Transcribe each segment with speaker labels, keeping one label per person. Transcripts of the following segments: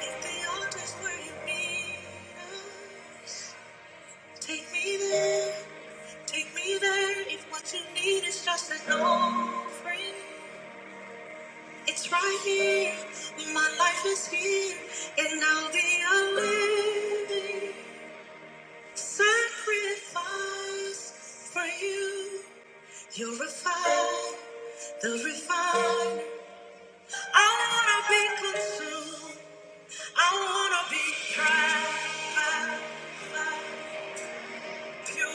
Speaker 1: If the altar's where you need us, take me there, take me there. If what you need is just an offering, it's right here. My life is here, and I'll be a living sacrifice for you. You're refined, the refined. I wanna be consumed. I wanna be tried. If your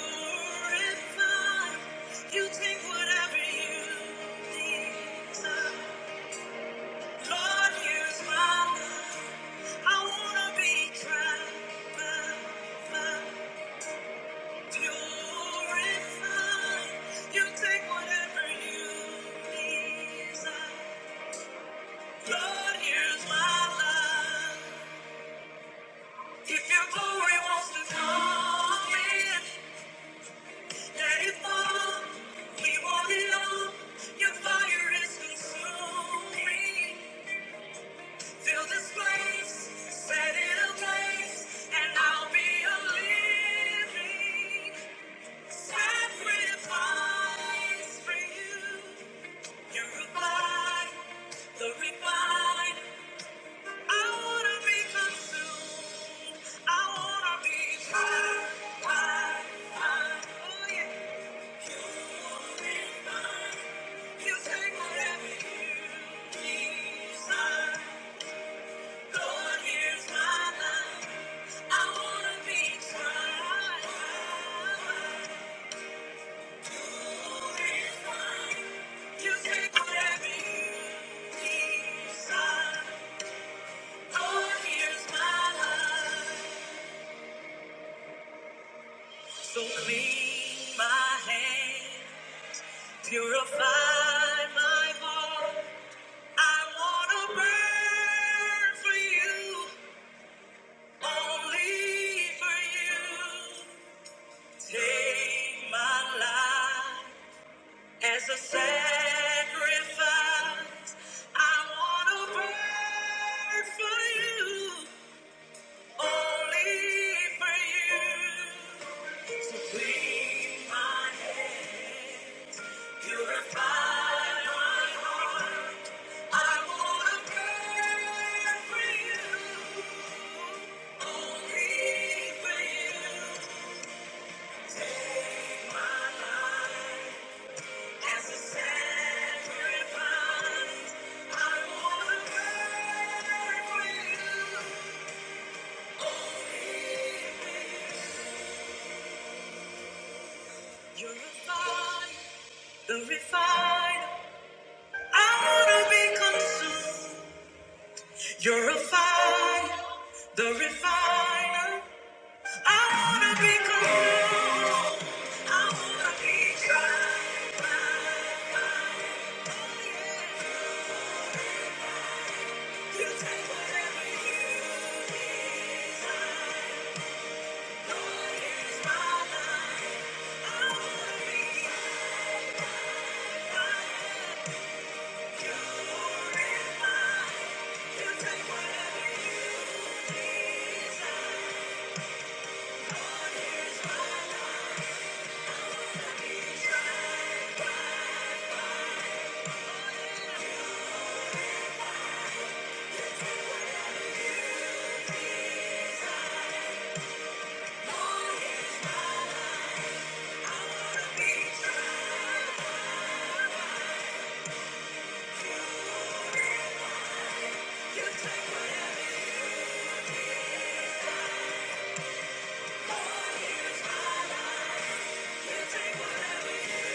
Speaker 1: glory wants to come in. The refine, I wanna be consumed. I wanna be tried, tried, tried. Oh yeah. So clean my hands, purify my heart. I wanna burn for you, only for you. Take my life as a sacrifice. I wanna burn for you, only for you. Clean my head, purify my You're a fire, I wanna be consumed. You're a fire, the refiner. I wanna be cool. I wanna be dry. You take whatever you desire. Lord, here's my life. I wanna be like you take whatever you desire. Lord, here's my life. Lord, here's wanna be dry. You take whatever you- Lord, here's my life. You take whatever you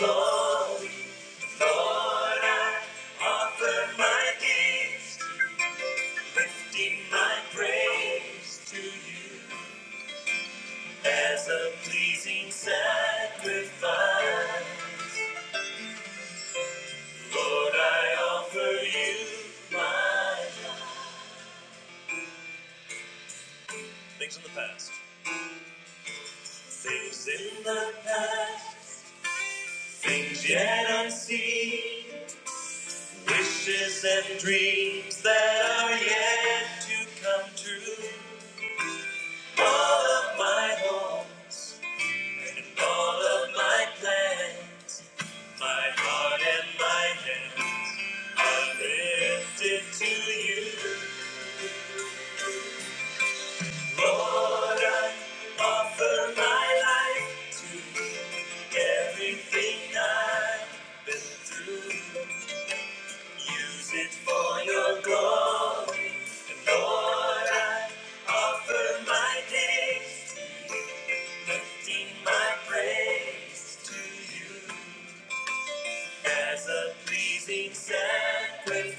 Speaker 1: Lord, Lord, Lord, I I offer offer my my my gifts, praise to You You as a pleasing sacrifice. Lord, I offer you my life. Things in the past, things in the past, things yet unseen. Wishes and dreams that are yet to come true. All of my hopes and all of my plans, my heart and my hands are lifted to you. Offer my life, everything I've been through. Use it for your glory. Offer my days, lifting my praise to you. as a pleasing sacrifice.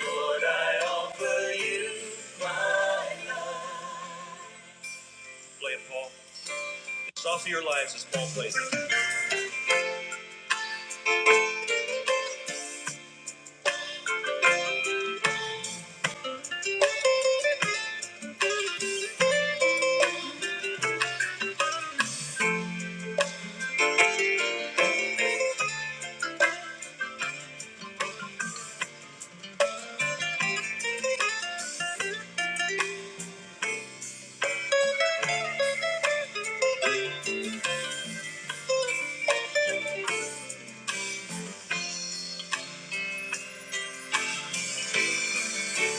Speaker 1: Lord, I offer you my. Play it, Paul. It's off of your lives as Paul plays it.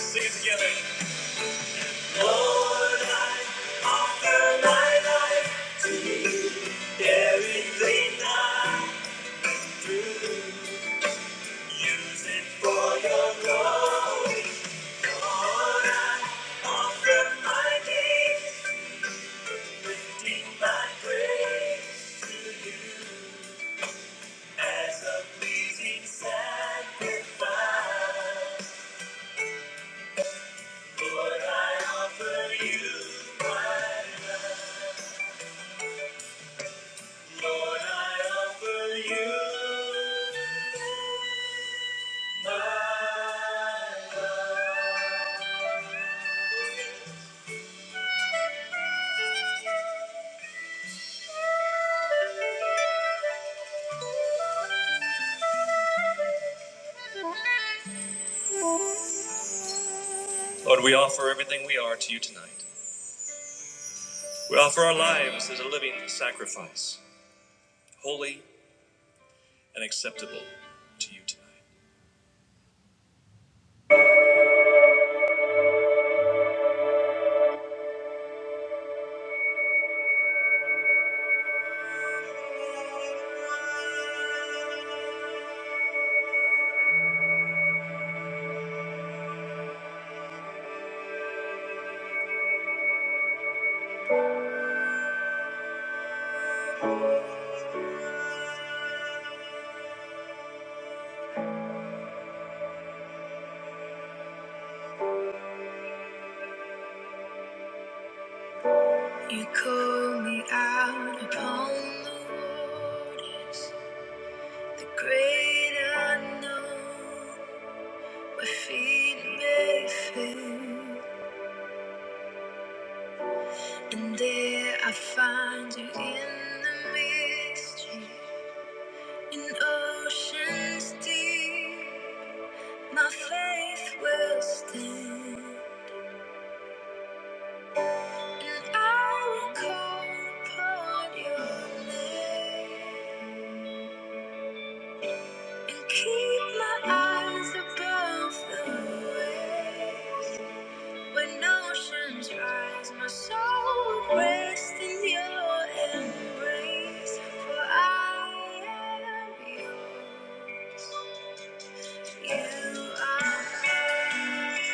Speaker 1: Sing it together. Lord, I offer my life to you. Everything I use it for your glory. Lord, I offer my days, lifting my praise to you. As a pleasing sacrifice, Lord, I offer you my, Lord, I offer you. Lord, we offer everything we are to you tonight. We offer our lives as a living sacrifice, holy and acceptable to you tonight. You call me out upon the waters, the great unknown. Feet bathing, and there I find you in the mystery, in oceans deep. My faith will stand, and I will call upon your name and keep my eyes above the waves. When oceans rise, my soul rests in your embrace. For I am yours. You are mine.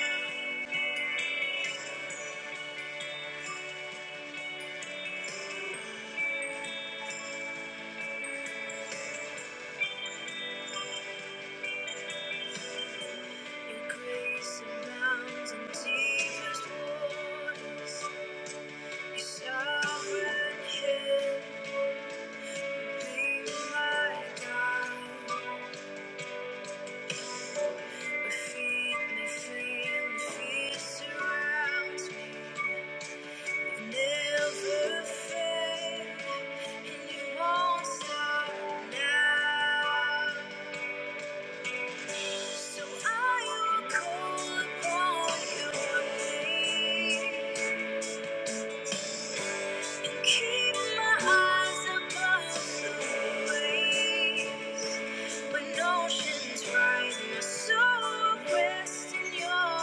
Speaker 1: Your grace abounds in deepest waters. Your sovereign hand, be my guide. My feet may fail, your fear surrounds me. Never fail, and you won't stop now. So I will call upon your name and keep my eyes above the waves. When oceans rise, my soul rests in your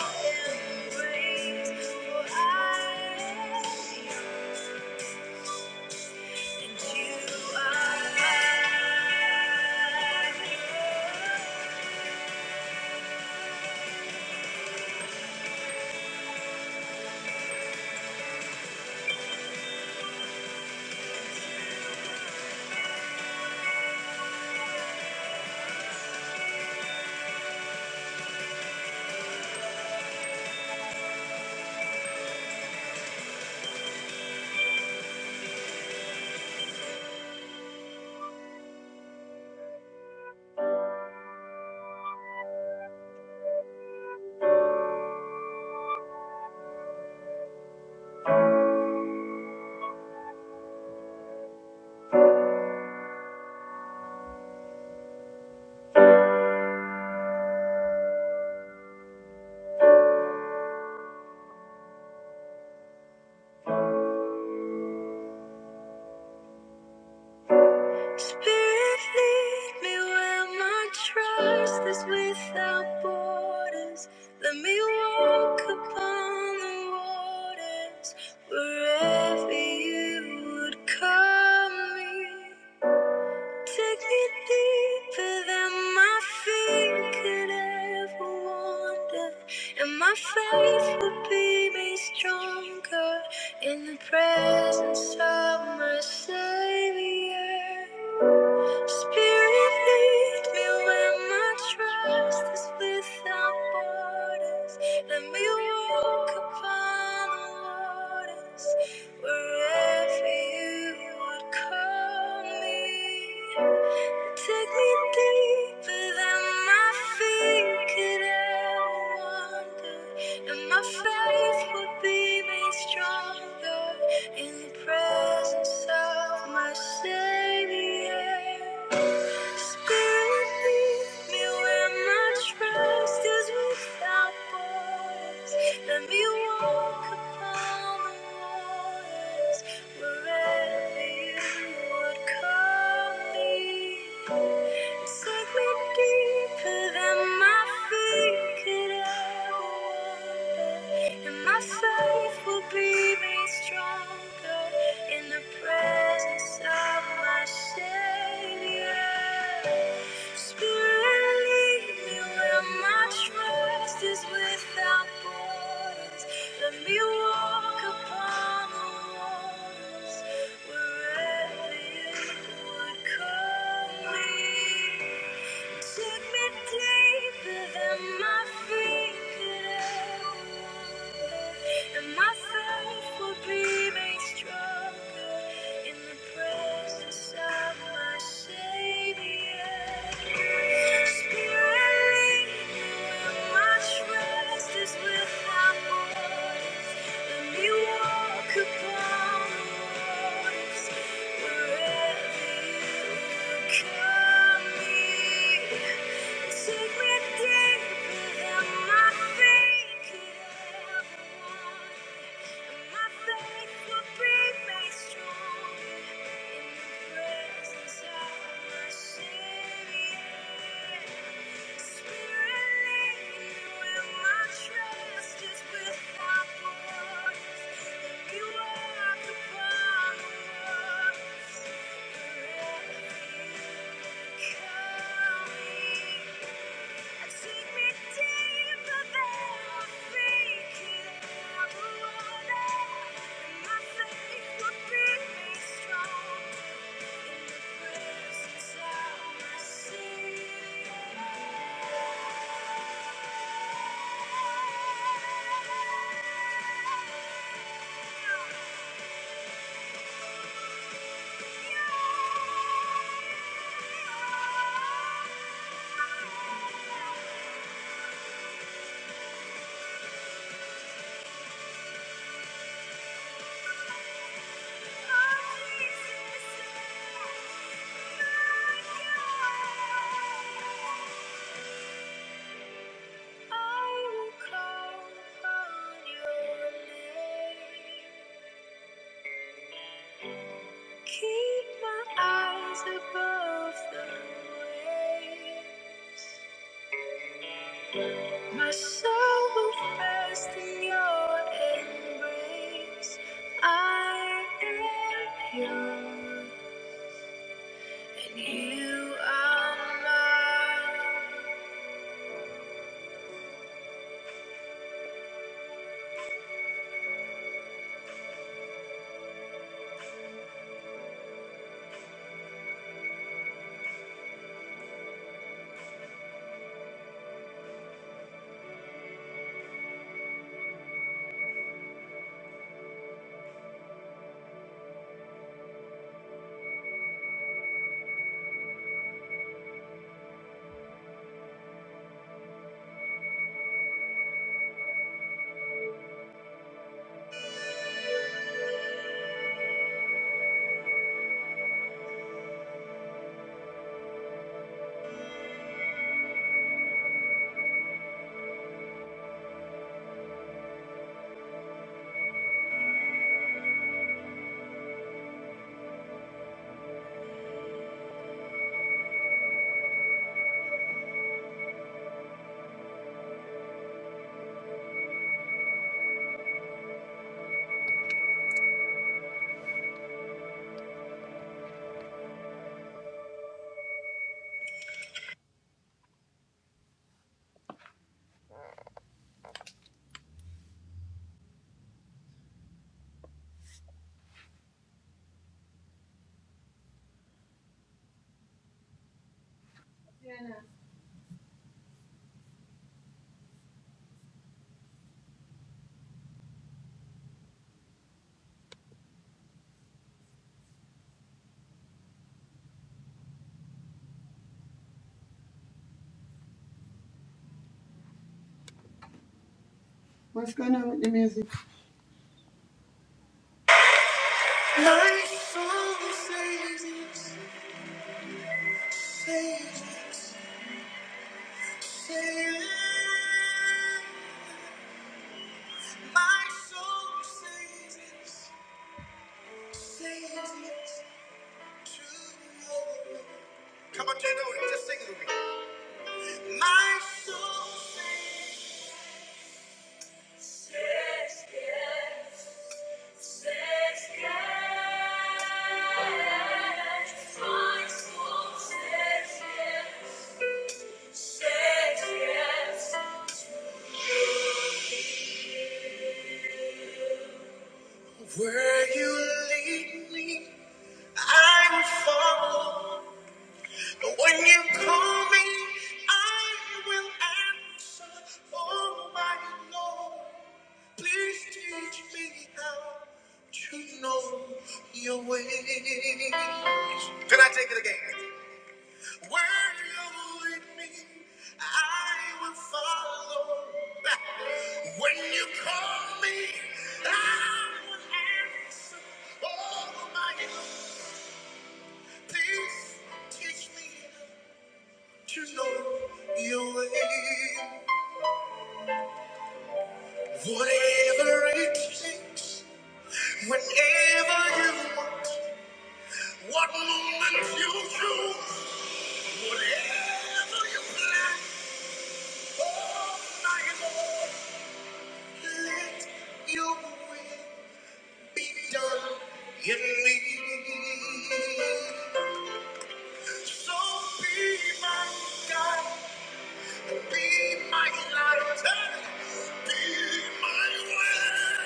Speaker 1: embrace. For I Spirit, lead me where my trust is without borders. Let me walk upon the waters wherever you would call me. Take me deeper than my feet could ever wander, and my faith will be made stronger in the presence of my Savior. Spirit, lead me where my trust is without borders. Let me walk upon the waters wherever you would call me. Take me deeper than my feet could ever wander, and my faith will be made stronger in the presence of my Savior. Spirit, lead me where my trust is without borders. Let me walk upon the waters wherever you would call me. Take me deeper than my feet could ever wander, and my faith will be made stronger in the presence of my Savior. Spirit, lead me where my trust is without borders. Let me walk upon the waters wherever You would call. me. Upon the waters, wherever you Thank you. Yeah. Keep my eyes above the waves. My soul will rest in your embrace. I am yours, and you are mine. What's going on with the music? Come on, Jay just sing it with me. Where you lead me, I will follow. When you call me, I will answer. Oh, my Lord, please teach me how to know your ways. Can I take it again? Where you lead me, I will follow. When you call me, I will answer. Oh, my peace, teach me to know your way. Whatever it takes, whenever you want, what moment you choose, whatever you plan. Oh, my Lord. Let your will be done in me. So be my guide, be my light, be my way,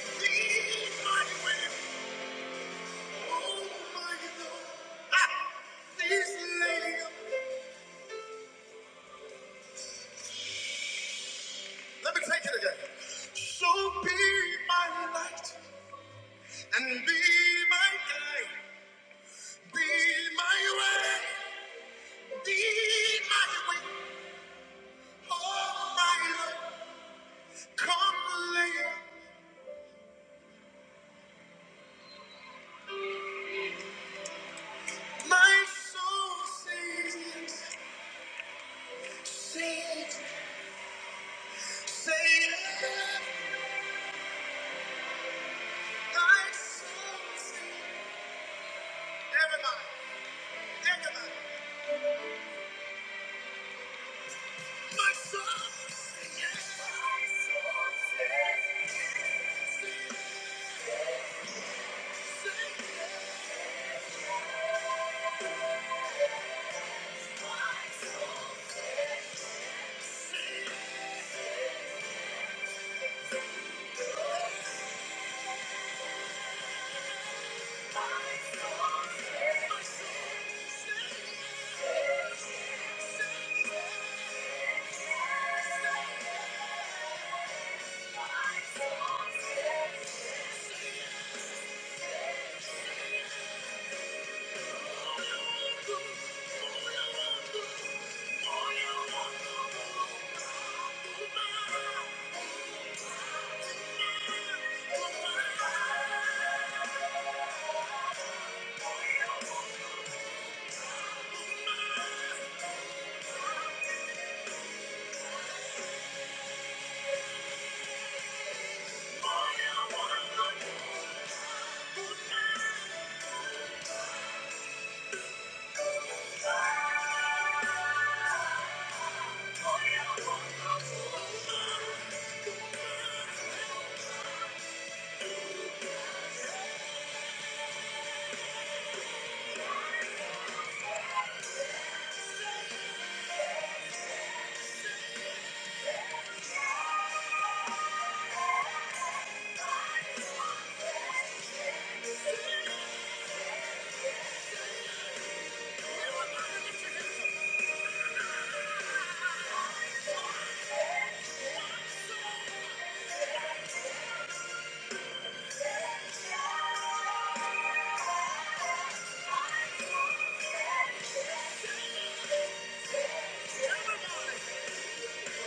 Speaker 1: be my way. Oh my Lord, ah, this lady. Let me take it again. So be my light and be my guide, be my way. Be my oh soul says yes. Say My soul says Everybody, everybody. My soul says yes. yes. Everybody!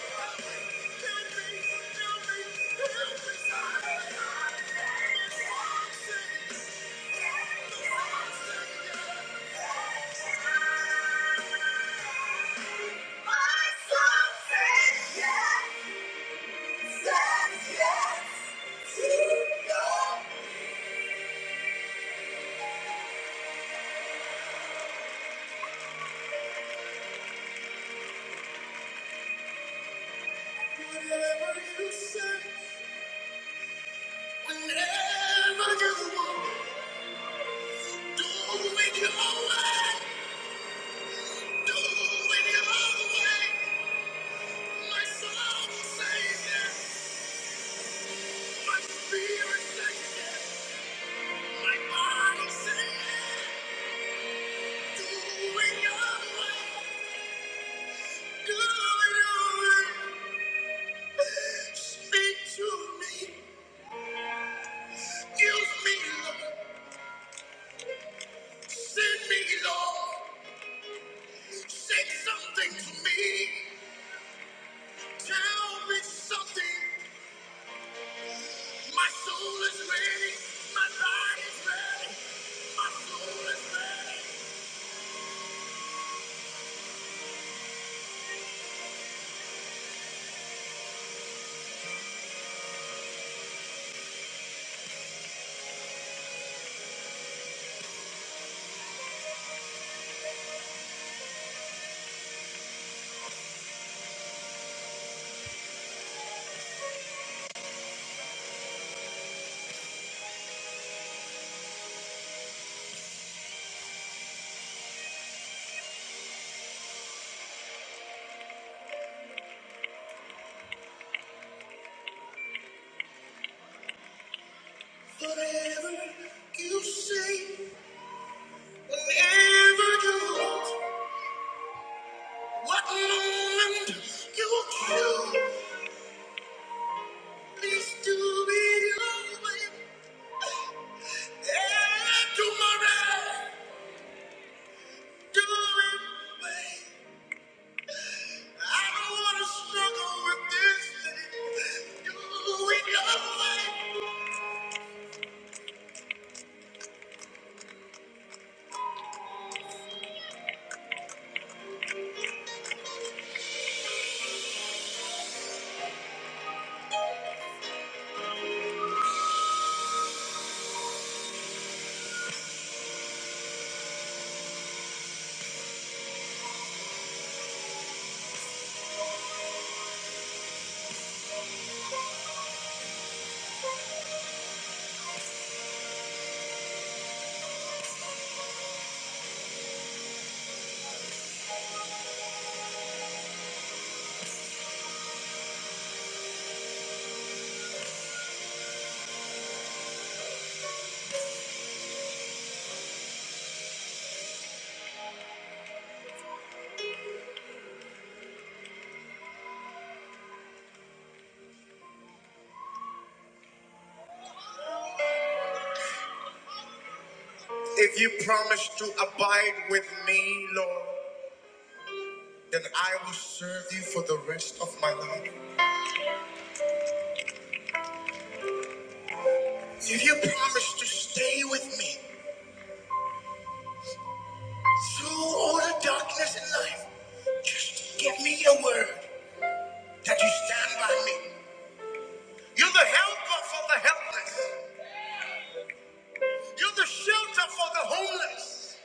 Speaker 1: My Spirit, thank you. Whatever you say, whatever you want. What moment you kill, please do it your way. And tomorrow, do it way. I don't want to struggle with this thing. Do it your way. If you promise to abide with me, Lord, then I will serve you for the rest of my life. If you promise to stay with me through all the darkness in life, just give me your word. that you stand by me. You're the helper for the helpless. You're the shelter for the homeless.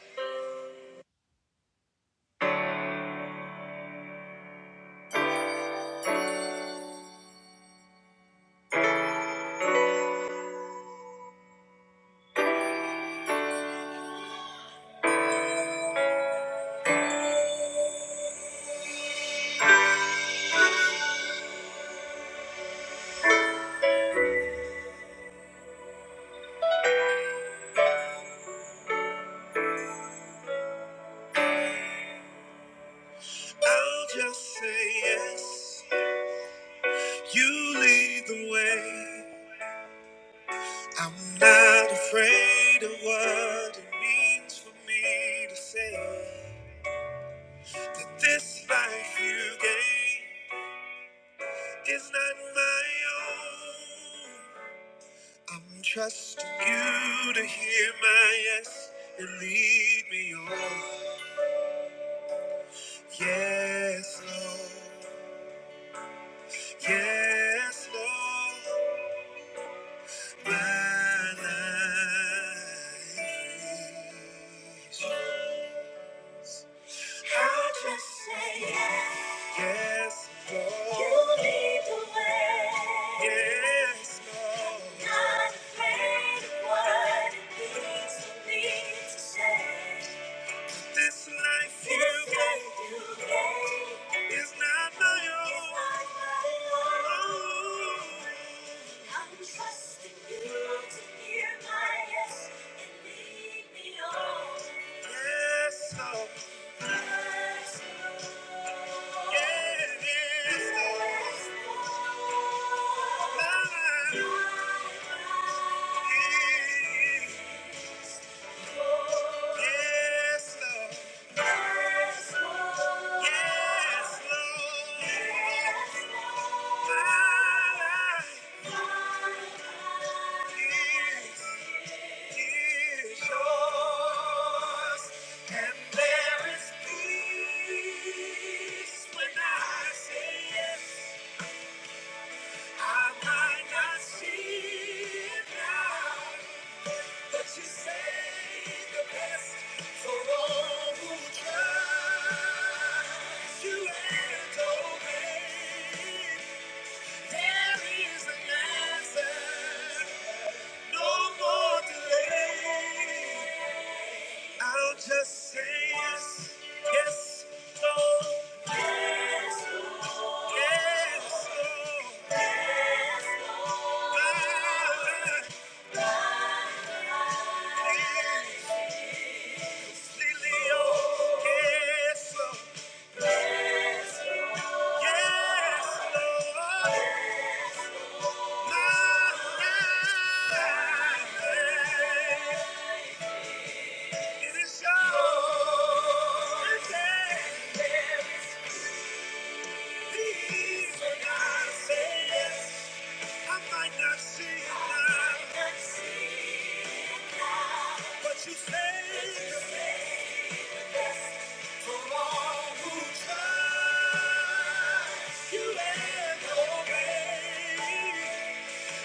Speaker 1: I'll just say yes. You lead the way. I'm not afraid of what it means for me to say that this life you gave is not my own. I'm trusting you to hear my yes and lead me on. Yes, Lord. Yes. I just say yes. You lead the way. Not afraid of what it means for me to say. This day you gave. It's not my own. It's not my own. I'm trusting you to hear my yes and lead me on. Yes, yes, Lord. You are. Yes. There is peace in the best for all who trust you and There is an answer, no more delay. I'll just say yes, yes, no, yes, no, yes, Lily, oh, yes, no, yes, no. I might not see. it now, But You say for all who trust you and obey.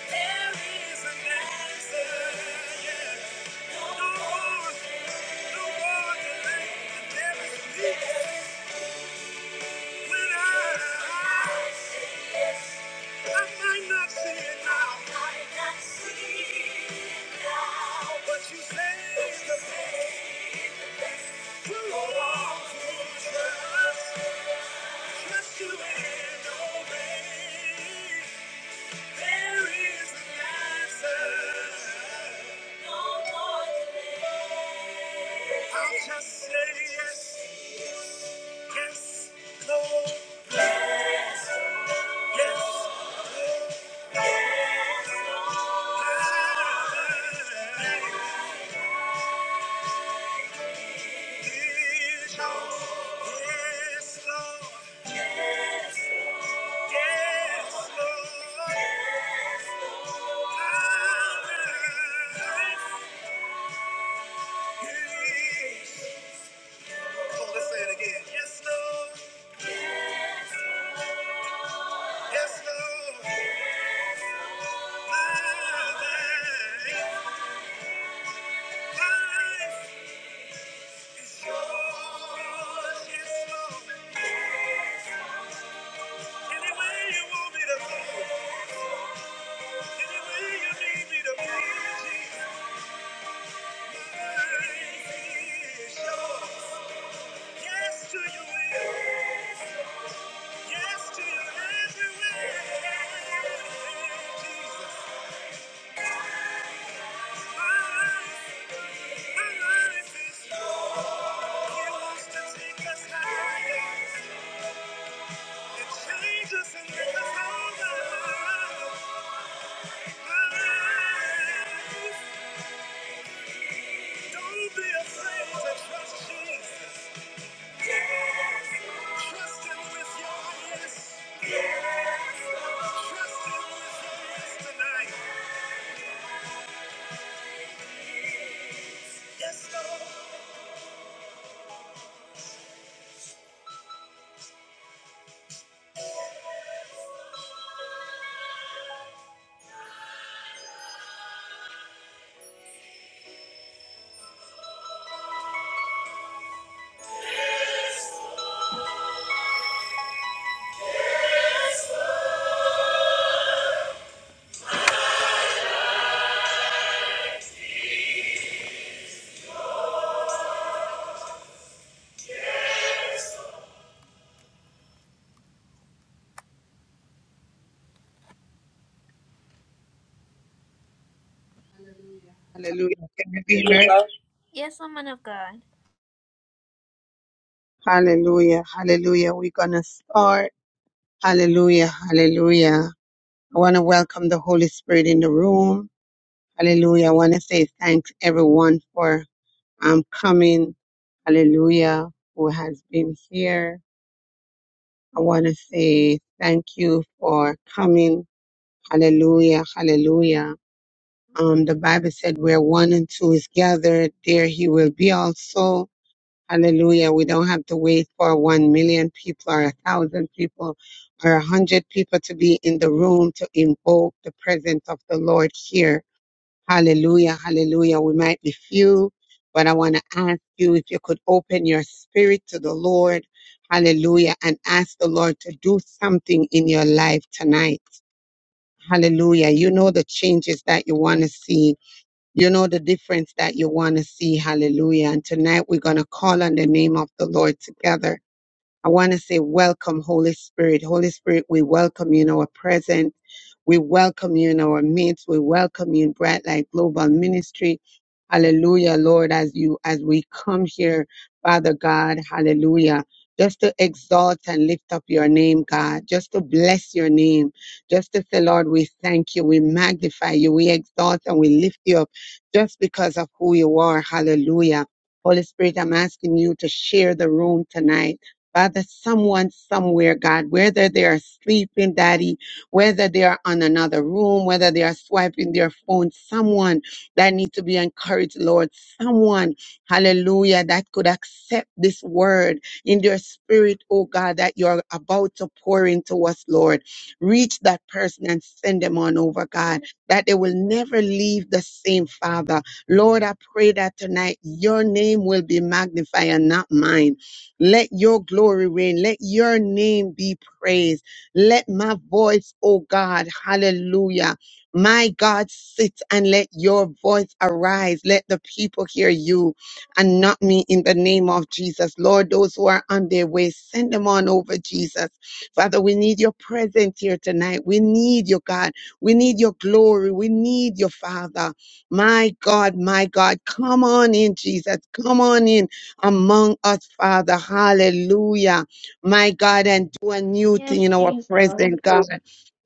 Speaker 1: There is an answer. Yeah. No more I'll Just say yes, yes, no, yes. Yes, Lord. Any way you want me to move, any way you need me to be, Jesus, my life is yours. Yes to your will, yes to your every way, Jesus. My life, my life is yours. He wants to take us higher and change us and make us all My life. Don't be afraid to trust Jesus. Yes. Trust Him with your yes. Yes. Trust Him with your yes tonight. Yes, Lord.
Speaker 2: Hallelujah. Can you be heard?
Speaker 1: Yes, woman of God.
Speaker 2: Hallelujah. Hallelujah. We're going to start. Hallelujah. Hallelujah. I want to welcome the Holy Spirit in the room. Hallelujah. I want to say thanks everyone for um, coming. Hallelujah. Who has been here. I want to say thank you for coming. Hallelujah. Hallelujah. Um, the Bible said where one and two is gathered, there he will be also. Hallelujah. We don't have to wait for 1 million people or a 1,000 people or a 100 people to be in the room to invoke the presence of the Lord here. Hallelujah. Hallelujah. We might be few, but I want to ask you if you could open your spirit to the Lord. Hallelujah. And ask the Lord to do something in your life tonight. Hallelujah. You know the changes that you want to see. You know the difference that you want to see. Hallelujah. And tonight we're going to call on the name of the Lord together I want to say, welcome, Holy Spirit. Holy Spirit, we welcome you in our presence. We welcome you in our midst. We welcome you in Bright Light Global Ministry. Hallelujah, Lord, as you, as we come here, Father God, hallelujah. Just to exalt and lift up your name, God. Just to bless your name. Just to say, Lord, we thank you. We magnify you. We exalt and we lift you up just because of who you are. Hallelujah. Holy Spirit, I'm asking you to share the room tonight Father, someone somewhere, God, whether they are sleeping, Daddy, whether they are on another room, whether they are swiping their phone, someone that needs to be encouraged, Lord, someone, hallelujah, that could accept this word in their spirit, oh God, that you're about to pour into us, Lord. Reach that person and send them on over, God, that they will never leave the same, Father. Lord, I pray that tonight your name will be magnified and not mine. Let your glory reign. Let your name be praised. Let my voice, oh God, hallelujah. My God, sit and let your voice arise. Let the people hear you and not me in the name of Jesus. Lord, those who are on their way, send them on over, Jesus. Father, we need your presence here tonight. We need your God. We need your glory. We need your Father. My God, my God, come on in, Jesus. Come on in among us, Father. Hallelujah. My God, and do a new thing
Speaker 3: Yes,
Speaker 2: in our
Speaker 3: Jesus.
Speaker 2: present, God.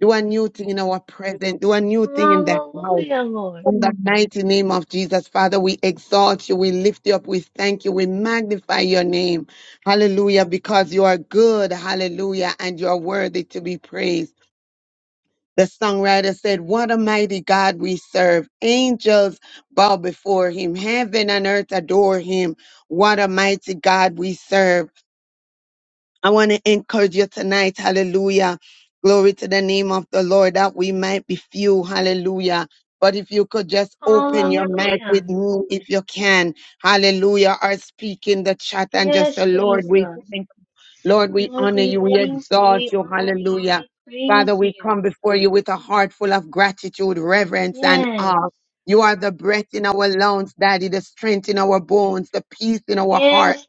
Speaker 2: Do a new thing in our present. Do a new thing in that house.
Speaker 3: Hallelujah, Lord.
Speaker 2: In the mighty name of Jesus, Father, we exalt you, we lift you up, we thank you, we magnify your name. Hallelujah, because you are good. Hallelujah, and you are worthy to be praised. The songwriter said, What a mighty God we serve. Angels bow before him. Heaven and earth adore him. What a mighty God we serve. I want to encourage you tonight. Hallelujah. Glory to the name of the Lord that we might be few. Hallelujah. But if you could just open your mic
Speaker 3: Hallelujah.
Speaker 2: with me if you can. Hallelujah. Or speak in the chat and just the
Speaker 3: Yes,
Speaker 2: Lord, we
Speaker 3: Jesus.
Speaker 2: thank you Lord, we
Speaker 3: Lord,
Speaker 2: honor
Speaker 3: we
Speaker 2: you. We
Speaker 3: thank you.
Speaker 2: exalt
Speaker 3: We
Speaker 2: you.
Speaker 3: honor you.
Speaker 2: Hallelujah.
Speaker 3: We
Speaker 2: Father,
Speaker 3: praise
Speaker 2: we come
Speaker 3: you.
Speaker 2: before you with a heart full of gratitude, reverence, and
Speaker 3: Yes.
Speaker 2: awe. You are the breath in our lungs, Daddy, the strength in our bones, the peace in our heart.
Speaker 3: Yes,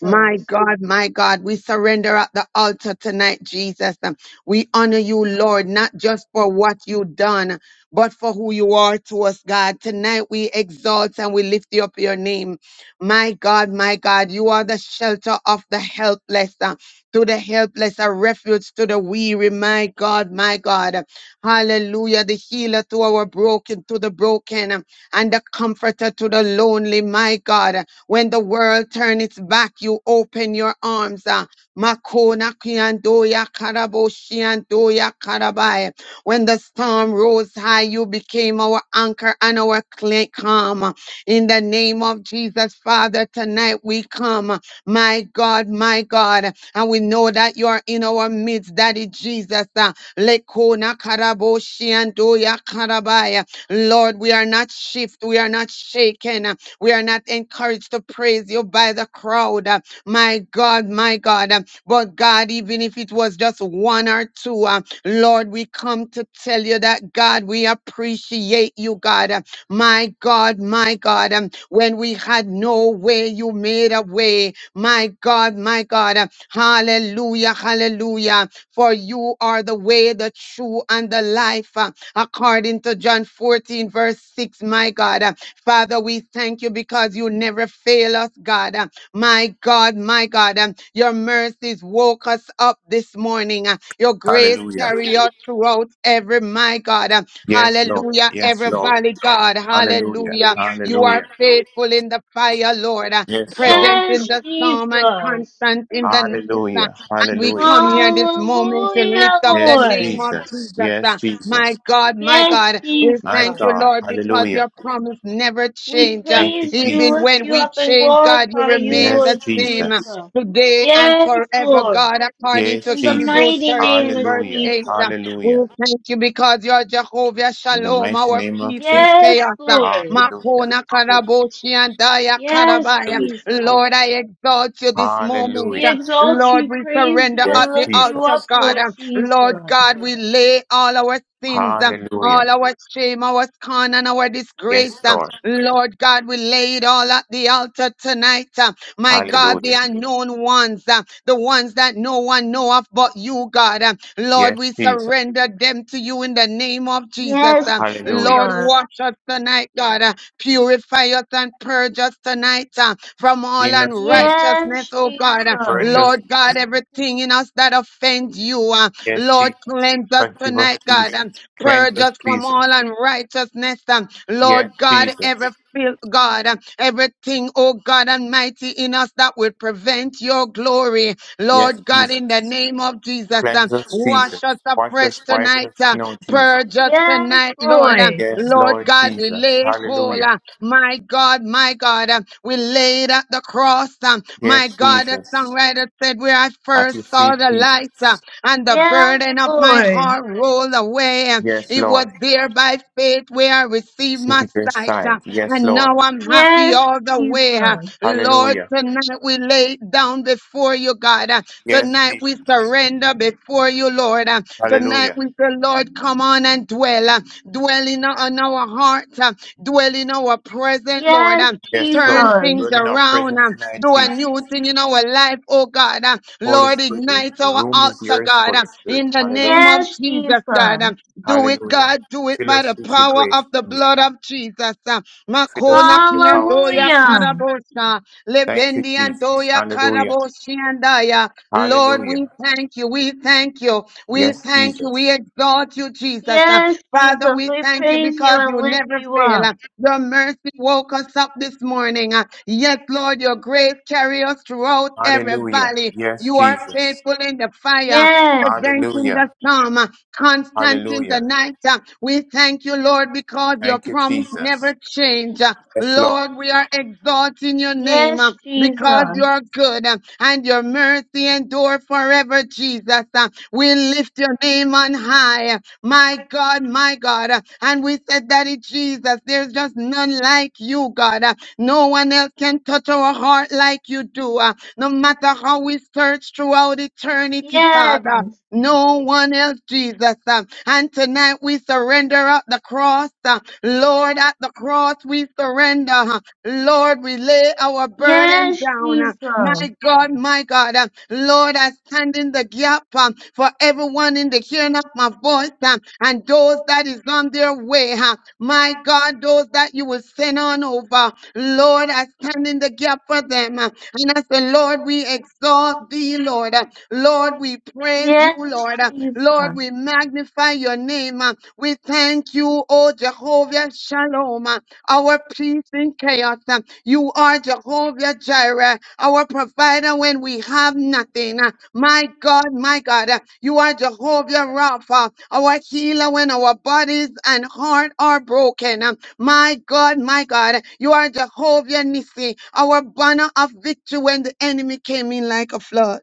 Speaker 2: My God, my God, we surrender at the altar tonight, Jesus. Um, We honor you, Lord, not just for what you have done, but for who you are to us, God. Tonight we exalt and we lift you up your name. My God, my God, you are the shelter of the helpless, uh, to the helpless, a refuge to the weary. My God, my God. Hallelujah. The healer to our broken, to the broken, um, and the comforter to the lonely. My God. When the world turns its back, you open your arms. ah. Makona kiandoya karaboshi andoya karabai. When the storm rose high, you became our anchor and our cl- calm. In the name of Jesus, Father, tonight we come. My God, my God. And we know that you are in our midst, Daddy Jesus. ah. Lekona karaboshi andoya karabai. Lord, we are not shift, we are not shaken. We are not encouraged to praise you by the crowd. uh, My God, my God. uh, But God, even if it was just one or two, uh, Lord, we come to tell you that, God, we appreciate you, God. uh, My God, my God. um, When we had no way, you made a way. My God, my God. uh, Hallelujah, hallelujah. For you are the way, the true, and the life. uh, According to John 14, verse 6, my God. Uh, Father, we thank you because you never fail us, God. Uh, My God, my God, um, your mercies woke us up this morning. Uh, Your grace
Speaker 4: Hallelujah.
Speaker 2: carry us throughout every, my God. uh,
Speaker 4: Yes, Lord.
Speaker 2: Hallelujah,
Speaker 4: Yes,
Speaker 2: every
Speaker 4: Lord.
Speaker 2: valley, God.
Speaker 4: Hallelujah.
Speaker 2: Hallelujah. You are
Speaker 4: Hallelujah.
Speaker 2: faithful in the fire, Lord. uh,
Speaker 4: Yes, Lord.
Speaker 2: Present in
Speaker 3: Yes,
Speaker 2: the storm and
Speaker 3: Jesus.
Speaker 2: constant in the night. uh,
Speaker 4: Hallelujah.
Speaker 2: And we
Speaker 4: Hallelujah.
Speaker 2: come here this moment to
Speaker 3: Hallelujah,
Speaker 2: lift up the
Speaker 4: Yes,
Speaker 2: name
Speaker 3: Lord.
Speaker 2: of
Speaker 4: Jesus.
Speaker 2: Jesus. uh,
Speaker 4: Yes, Jesus.
Speaker 2: my God, my
Speaker 3: Yes,
Speaker 2: God, we
Speaker 3: Jesus.
Speaker 4: My
Speaker 2: thank you,
Speaker 4: God.
Speaker 2: Lord, because
Speaker 4: Hallelujah.
Speaker 2: your promise never
Speaker 3: We
Speaker 2: change. Uh,
Speaker 4: Thank you,
Speaker 3: praise you,
Speaker 2: Even
Speaker 4: Jesus.
Speaker 3: lift
Speaker 2: when
Speaker 3: you
Speaker 2: we
Speaker 3: up, and
Speaker 2: change, God, you
Speaker 3: glorify you,
Speaker 2: remain
Speaker 4: Yes,
Speaker 2: the
Speaker 3: Lord
Speaker 2: same uh,
Speaker 4: Jesus.
Speaker 3: Jesus.
Speaker 2: today and
Speaker 3: Yes,
Speaker 2: forever,
Speaker 3: Lord.
Speaker 2: God, according
Speaker 4: Yes,
Speaker 2: to
Speaker 3: In the
Speaker 2: Hebrew
Speaker 4: Jesus.
Speaker 3: mighty name
Speaker 2: 13,
Speaker 3: of
Speaker 2: verse
Speaker 4: Hallelujah.
Speaker 2: 8.
Speaker 3: Jesus.
Speaker 2: Uh, We
Speaker 4: Hallelujah.
Speaker 2: thank you because you're Jehovah
Speaker 4: In the
Speaker 2: Shalom,
Speaker 4: mighty
Speaker 2: our
Speaker 4: name of
Speaker 2: peace in
Speaker 4: Jesus.
Speaker 3: Yes,
Speaker 2: chaos. Uh,
Speaker 3: Lord.
Speaker 4: Hallelujah.
Speaker 2: Makona
Speaker 4: Hallelujah.
Speaker 2: Karaboshi and Daya
Speaker 3: Yes,
Speaker 2: Karabaya.
Speaker 4: Hallelujah.
Speaker 3: Jesus.
Speaker 2: Lord, I exalt you this moment.
Speaker 3: We
Speaker 4: Hallelujah.
Speaker 2: Uh,
Speaker 3: exalt
Speaker 2: Lord,
Speaker 3: you,
Speaker 2: we
Speaker 3: praise
Speaker 2: surrender
Speaker 3: you,
Speaker 4: Yes,
Speaker 2: at
Speaker 3: and
Speaker 2: the
Speaker 3: lift you
Speaker 2: altar,
Speaker 4: Jesus.
Speaker 3: up,
Speaker 2: God.
Speaker 3: Lord
Speaker 2: Lord
Speaker 3: Jesus.
Speaker 2: God, we lay all our sins, um,
Speaker 4: Hallelujah.
Speaker 2: all our shame, our scorn, and our
Speaker 4: Yes,
Speaker 2: disgrace. um,
Speaker 4: Lord.
Speaker 2: Lord God, we lay it all at the altar tonight. um, My God, the
Speaker 4: Hallelujah.
Speaker 2: unknown ones, um, the ones that no one know of but you, God. um, Lord,
Speaker 4: Yes,
Speaker 2: we
Speaker 4: Jesus.
Speaker 2: surrender them to you in the name of Jesus.
Speaker 3: Yes,
Speaker 2: um,
Speaker 4: Hallelujah.
Speaker 2: Lord,
Speaker 3: Jesus.
Speaker 2: wash us tonight, God. uh, Purify us and purge us tonight uh, from all
Speaker 4: Clean us, Jesus.
Speaker 2: unrighteousness,
Speaker 3: Yes,
Speaker 2: oh God. uh,
Speaker 4: Purge
Speaker 3: Jesus.
Speaker 4: us,
Speaker 2: Lord God, everything in us that offends you. uh,
Speaker 4: yes,
Speaker 2: Lord,
Speaker 4: Jesus.
Speaker 2: cleanse us
Speaker 4: Forgive us,
Speaker 2: tonight, God,
Speaker 4: Jesus.
Speaker 2: and
Speaker 4: Cleanse
Speaker 2: purge
Speaker 4: us,
Speaker 2: us from
Speaker 4: Jesus.
Speaker 2: all unrighteousness. And
Speaker 4: Yes,
Speaker 2: Lord God, every
Speaker 4: Jesus.
Speaker 2: filth, God, and everything, oh God Almighty, in us that will prevent your glory.
Speaker 4: Yes,
Speaker 2: Lord God, in the
Speaker 4: Jesus.
Speaker 2: name of Jesus,
Speaker 4: Cleanse
Speaker 2: and
Speaker 4: us, Jesus.
Speaker 2: wash us
Speaker 4: Wash us
Speaker 2: afresh
Speaker 4: white as
Speaker 2: tonight. uh,
Speaker 4: snow, Jesus.
Speaker 2: Purge us
Speaker 3: Yes,
Speaker 2: tonight, Lord.
Speaker 3: Lord.
Speaker 2: and
Speaker 4: Yes,
Speaker 2: Lord
Speaker 4: Lord
Speaker 2: God, we
Speaker 4: Jesus.
Speaker 2: lay whole.
Speaker 4: Hallelujah.
Speaker 2: uh, My God, my God, uh, we laid at the cross. um, My
Speaker 4: Yes,
Speaker 2: God, the
Speaker 4: Jesus.
Speaker 2: songwriter said, Where I
Speaker 4: At
Speaker 2: first
Speaker 4: your
Speaker 2: saw
Speaker 4: feet,
Speaker 2: the light
Speaker 4: Jesus.
Speaker 2: and the
Speaker 3: Yes,
Speaker 2: burden of my
Speaker 3: Lord.
Speaker 2: heart rolled away.
Speaker 4: Yes,
Speaker 2: It was
Speaker 4: Lord.
Speaker 2: there by faith where I received
Speaker 4: See
Speaker 2: my
Speaker 4: this
Speaker 2: sight, uh,
Speaker 4: side. Yes,
Speaker 2: and
Speaker 4: Lord.
Speaker 2: now I'm happy
Speaker 3: Yes,
Speaker 2: all the way. uh.
Speaker 3: Jesus.
Speaker 2: Lord,
Speaker 4: Hallelujah.
Speaker 2: tonight we lay down before you, God. uh,
Speaker 4: Yes,
Speaker 2: Tonight we
Speaker 4: Jesus.
Speaker 2: surrender before you, Lord. uh, Tonight
Speaker 4: Hallelujah.
Speaker 2: we say, Lord, come on and dwell. uh, Dwell in our, on our heart. uh, Dwell in our present, Lord.
Speaker 3: Yes,
Speaker 2: uh
Speaker 4: Yes,
Speaker 2: turn
Speaker 4: Lord.
Speaker 3: Jesus.
Speaker 4: you
Speaker 2: things
Speaker 4: in our
Speaker 2: around
Speaker 4: presence
Speaker 2: and
Speaker 4: tonight,
Speaker 2: do a
Speaker 4: Jesus.
Speaker 2: new thing in our life, oh God. Uh,
Speaker 4: Holy
Speaker 2: Lord,
Speaker 4: Spirit,
Speaker 2: ignite
Speaker 4: the
Speaker 2: our
Speaker 4: room is
Speaker 2: altar,
Speaker 4: yours,
Speaker 2: God,
Speaker 4: Holy
Speaker 2: uh, in
Speaker 4: Spirit.
Speaker 2: the name
Speaker 4: Hallelujah.
Speaker 2: of
Speaker 3: Yes,
Speaker 2: Jesus, God.
Speaker 3: Jesus.
Speaker 2: Uh, Do it,
Speaker 4: Hallelujah.
Speaker 2: God, do it
Speaker 4: Fill
Speaker 2: by
Speaker 4: us
Speaker 2: the
Speaker 4: with your
Speaker 2: power
Speaker 4: grace,
Speaker 2: of the
Speaker 4: Jesus.
Speaker 2: blood of Jesus. Uh,
Speaker 4: Fill us
Speaker 2: Makona
Speaker 4: with your power,
Speaker 2: kiandoya
Speaker 4: Jesus.
Speaker 3: Hallelujah.
Speaker 2: karabosa,
Speaker 4: Thank you,
Speaker 2: lebendi
Speaker 4: Jesus.
Speaker 2: andoya
Speaker 4: Hallelujah.
Speaker 2: karabosi andaya. Lord, we
Speaker 4: Hallelujah.
Speaker 2: thank you, we thank you, we
Speaker 4: Yes,
Speaker 2: thank you,
Speaker 4: Jesus.
Speaker 2: we exalt you, Jesus. Uh,
Speaker 3: Yes,
Speaker 2: Father,
Speaker 3: Jesus,
Speaker 2: we
Speaker 3: we
Speaker 2: thank you
Speaker 3: praise you
Speaker 2: because
Speaker 3: and
Speaker 2: you
Speaker 3: lift
Speaker 2: never
Speaker 3: you up.
Speaker 2: fail. Your mercy woke us up this morning. Uh, Yes, Lord, your grace carry us throughout every
Speaker 4: Hallelujah.
Speaker 2: valley.
Speaker 4: Yes,
Speaker 2: You are
Speaker 4: Jesus.
Speaker 2: faithful in the fire,
Speaker 3: Yes,
Speaker 2: present in
Speaker 4: Hallelujah.
Speaker 2: the storm, uh, constant in the
Speaker 4: Hallelujah.
Speaker 2: night. Uh, We thank you, Lord, because your
Speaker 4: Thank you,
Speaker 2: promise
Speaker 4: Jesus.
Speaker 2: never change. Uh,
Speaker 4: Yes, Lord.
Speaker 2: Lord, we are exalting your name uh,
Speaker 3: yes,
Speaker 2: because you
Speaker 3: Jesus.
Speaker 2: are good uh, and your mercy endure forever, Jesus. Uh, We lift your name on high. My God, my God. Uh, And we said, Daddy Jesus, there's just none like you, God. Uh, No one else can touch our heart like you do. Uh, No matter how we search throughout eternity, Father.
Speaker 3: Yes,
Speaker 2: No one else, Jesus. Uh, And tonight we surrender at the cross. Uh, Lord, at the cross we surrender. Lord, we lay our burden
Speaker 3: yes,
Speaker 2: down. uh, My
Speaker 3: Jesus.
Speaker 2: God, my God. uh, Lord, I stand in the gap um, for everyone in the hearing of my voice um, and those that is on their way. huh. My God, those that you will send on over. Lord, I stand in the gap for them. uh, And I say, Lord, we exalt thee, Lord. uh, Lord, we praise you,
Speaker 3: Yes,
Speaker 2: Lord. uh,
Speaker 3: Jesus.
Speaker 2: Lord, we magnify your name. uh, We thank you, O Jehovah Shalom. uh, our peace in chaos. Uh, You are Jehovah Jireh, our provider when we have nothing. Uh, My God, my God, uh, you are Jehovah Rapha, our healer when our bodies and heart are broken. Uh, My God, my God, you are Jehovah Nissi, our banner of victory when the enemy came in like a flood.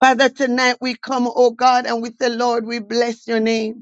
Speaker 2: Father, tonight we come, oh God, and we say, Lord, we bless your name.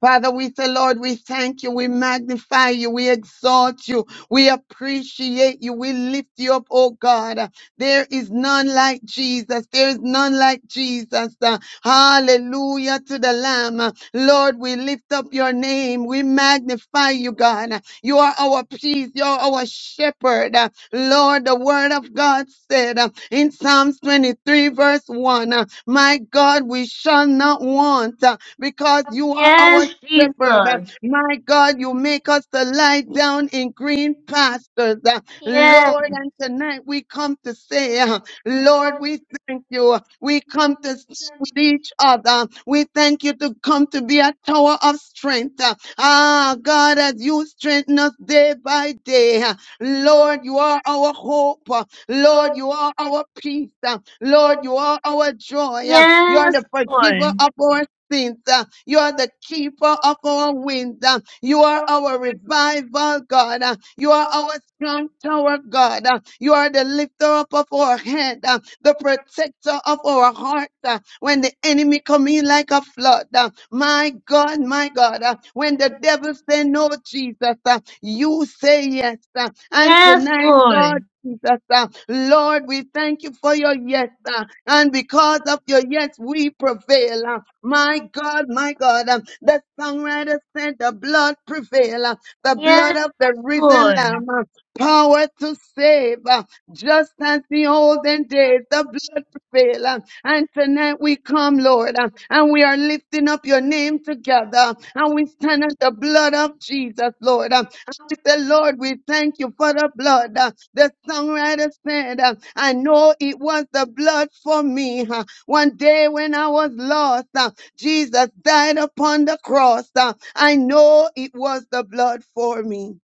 Speaker 2: Father, we say, Lord, we thank you, we magnify you, we exalt you, we appreciate you, we lift you up, oh God. There is none like Jesus, there is none like Jesus. Uh, Hallelujah to the Lamb. Lord, we lift up your name, we magnify you, God. You are our peace, you are our shepherd. Uh, Lord, the word of God said uh, in Psalms 23, verse 1, uh, My God, we shall not want. uh, because you are
Speaker 3: Yes,
Speaker 2: our shepherd. Uh,
Speaker 3: Jesus.
Speaker 2: My God, you make us to lie down in green pastures. uh,
Speaker 3: Yes,
Speaker 2: Lord, and tonight we come to say, uh, Lord, we thank you. We come to s- with each other. We thank you to come to be a tower of strength. uh, Ah, God, as you strengthen us day by day. uh, Lord, you are our hope. uh, Lord, you are our peace. uh, Lord, you are our joy. uh, You are
Speaker 3: yes,
Speaker 2: the forgiver
Speaker 3: Lord.
Speaker 2: of our sins. Uh, You are the keeper of our wind. Uh, You are our revival, God. Uh, You are our strong tower, God. Uh, You are the lifter up of our head, uh, the protector of our heart. uh, When the enemy come in like a flood, uh, my God, my God, uh, when the devil say no, Jesus, uh, you say yes. uh, And
Speaker 3: Yes,
Speaker 2: tonight, God,
Speaker 3: Lord.
Speaker 2: Jesus. Uh, Lord, we thank you for your yes. uh, and because of your yes, we prevail. Uh, my God, my God, um, the songwriter said the blood prevail, uh, the blood
Speaker 3: Yes,
Speaker 2: of the risen
Speaker 3: Lord.
Speaker 2: lamb, uh, power to save, uh, just as the olden days, the blood prevail. uh, And tonight we come, Lord, uh, and we are lifting up your name together, and we stand at the blood of Jesus, Lord. uh, And we say, Lord, we thank you for the blood. uh, The songwriter said, uh, I know it was the blood for me. uh, One day when I was lost, uh, Jesus died upon the cross. Uh, I know it was the blood for me.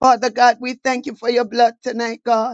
Speaker 2: Father God, we thank you for your blood tonight, God.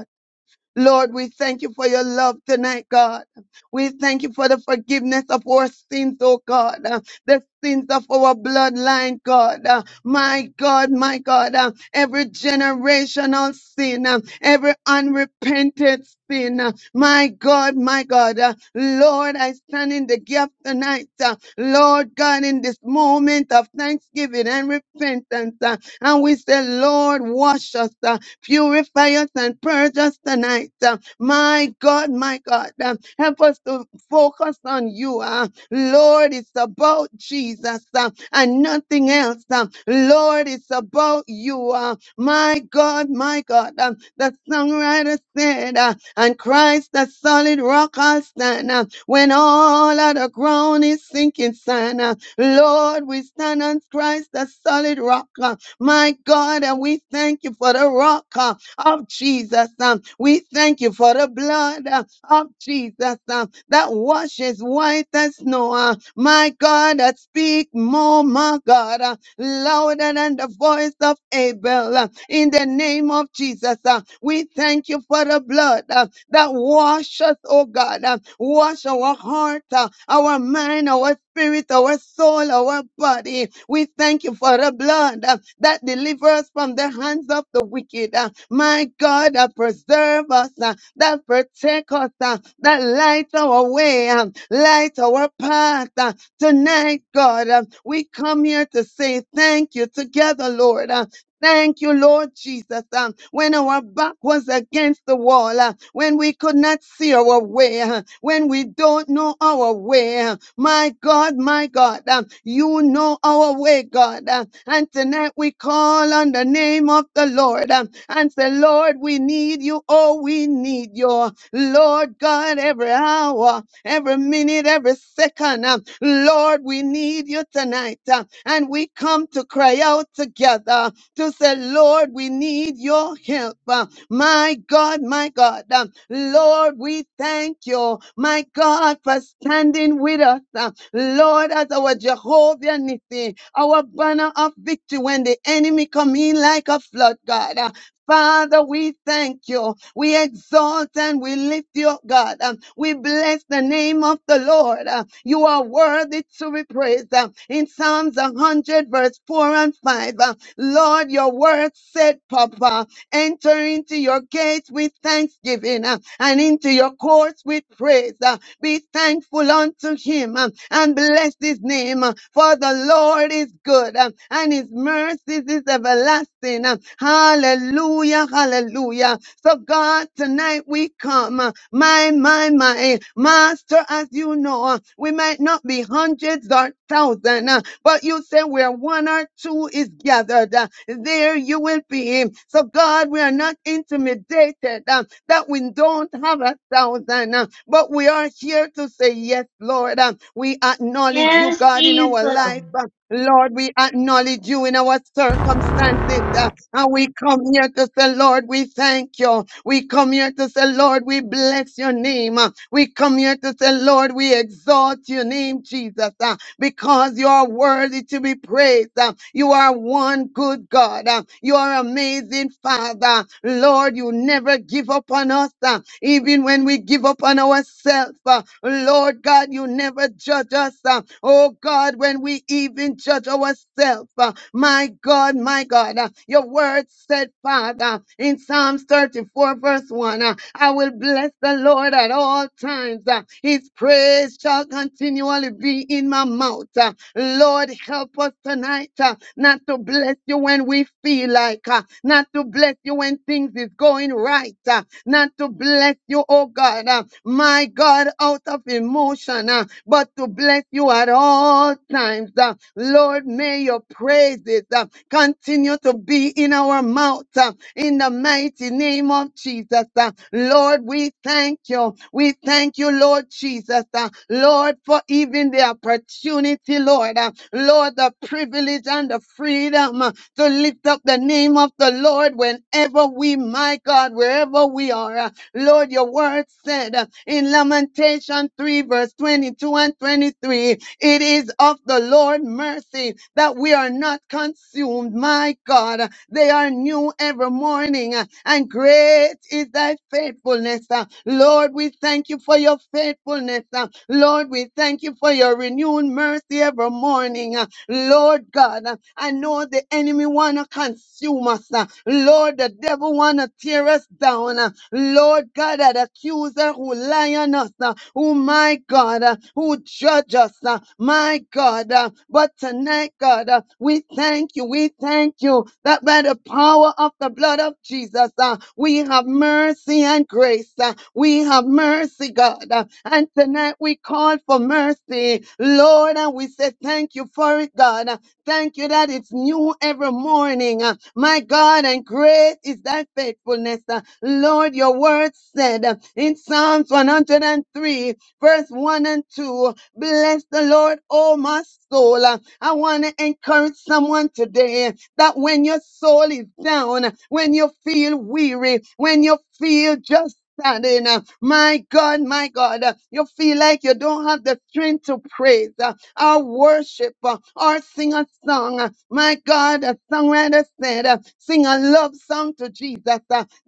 Speaker 2: Lord, we thank you for your love tonight, God. We thank you for the forgiveness of our sins, oh God, uh, the sins of our bloodline, God. Uh, My God, my God, uh, every generational sin, uh, every unrepented sin, uh, my God, my God. uh, Lord, I stand in the gap tonight, uh, Lord God, in this moment of thanksgiving and repentance. uh, And we say, Lord, wash us. uh, Purify us and purge us tonight. uh, My God, my God, uh, help us to focus on you. uh, Lord, it's about Jesus uh, and nothing else. uh, Lord, it's about you. uh, My God, my God. uh, The songwriter said, uh, and Christ, the solid rock, I'll stand. uh, When all other ground is sinking sand, uh, Lord, we stand on Christ, the solid rock. uh, my God, and we thank you for the rock uh, of Jesus. um, We thank you for the blood uh, of Jesus um, that washes white as snow. uh, My God, that speak more, my God, uh, louder than the voice of Abel. uh, In the name of Jesus, uh, we thank you for the blood. uh, that wash us, oh God, uh, wash our heart, uh, our mind, our spirit, our soul, our body. We thank you for the blood uh, that delivers from the hands of the wicked. uh, my God, that preserve us, uh, that protect us, uh, that light our way, um, light our path. uh, tonight, God, uh, we come here to say thank you together, Lord. uh, Thank you, Lord Jesus. Um, when our back was against the wall, uh, when we could not see our way, uh, when we don't know our way, uh, my God, my God, um, you know our way, God. uh, and tonight we call on the name of the Lord um, and say, Lord, we need you. Oh, we need you. Lord God, every hour, every minute, every second. um, Lord, we need you tonight. uh, and we come to cry out together to say, Lord, we need your help. Uh, My God, my God. Uh, Lord, we thank you, my God, for standing with us. Uh, Lord, as our Jehovah Nissi, our banner of victory when the enemy come in like a flood, God. Uh, Father, we thank you. We exalt and we lift you up, God. Um, we bless the name of the Lord. Uh, you are worthy to be praised. Uh, in Psalms 100, verse 4 and 5, uh, Lord, your word said, Papa, enter into your gates with thanksgiving uh, and into your courts with praise. uh, Be thankful unto him uh, and bless his name, uh, for the Lord is good uh, and his mercies is everlasting. uh, Hallelujah, hallelujah. So, God, tonight we come. uh, My, my, my, Master, as you know, uh, we might not be hundreds or thousands, but you say where one or two is gathered, uh, there you will be. So, God, we are not intimidated uh, that we don't have a thousand, uh, but we are here to say, Yes, Lord. uh, We acknowledge you,
Speaker 3: Yes,
Speaker 2: God, in our
Speaker 3: Jesus.
Speaker 2: life. uh, Lord, we acknowledge you in our circumstances. uh, and we come here to say, Lord, we thank you. We come here to say, Lord, we bless your name. Uh, We come here to say, Lord, we exalt your name, Jesus, uh, because you are worthy to be praised. Uh, You are one good God. Uh, You are amazing, Father. Lord, you never give up on us, uh, even when we give up on ourselves. uh, Lord God, you never judge us. uh, Oh God. God, when we even judge ourselves. Uh, My God, my God, uh, your word said, Father, in Psalms 34, verse 1, uh, I will bless the Lord at all times. uh, His praise shall continually be in my mouth. Uh, Lord, help us tonight uh, not to bless you when we feel like, uh, not to bless you when things is going right. uh, not to bless you, oh God, uh, my God, out of emotion, uh, but to bless you at all times. uh. Lord, may your praises uh, continue to be in our mouth uh, in the mighty name of Jesus. uh. Lord, we thank you. We thank you, Lord Jesus. uh, Lord, for even the opportunity, Lord. uh, Lord, the privilege and the freedom. uh, to lift up the name of the Lord whenever we, my God, wherever we are. Uh, Lord, your word said uh, in Lamentation 3, verse 22 and 23, it is of the Lord mercy that we are not consumed, my God. They are new every morning, uh, and great is thy faithfulness. Uh, Lord, we thank you for your faithfulness. Uh, Lord, we thank you for your renewed mercy every morning. Uh, Lord God, uh, I know the enemy wanna consume us. uh, Lord, the devil wanna tear us down. uh, Lord God, that accuser who lie on us, uh, who my God, uh, who judge us, uh, my God. uh, But tonight my God, uh, we thank you. We thank you that by the power of the blood of Jesus, uh, we have mercy and grace. uh, we have mercy, God. uh, and tonight we call for mercy, Lord, and we say thank you for it, God. uh, thank you that it's new every morning. uh, my God, and great is thy faithfulness. uh, Lord, your word said uh, in Psalms 103, verse 1 and 2, bless the Lord, O my soul. uh, I want to encourage someone today that when your soul is down, when you feel weary, when you feel just standing, uh, my God, my God, uh, you feel like you don't have the strength to praise uh, or worship uh, or sing a song. Uh, My God, a songwriter said, uh, sing a love song to Jesus.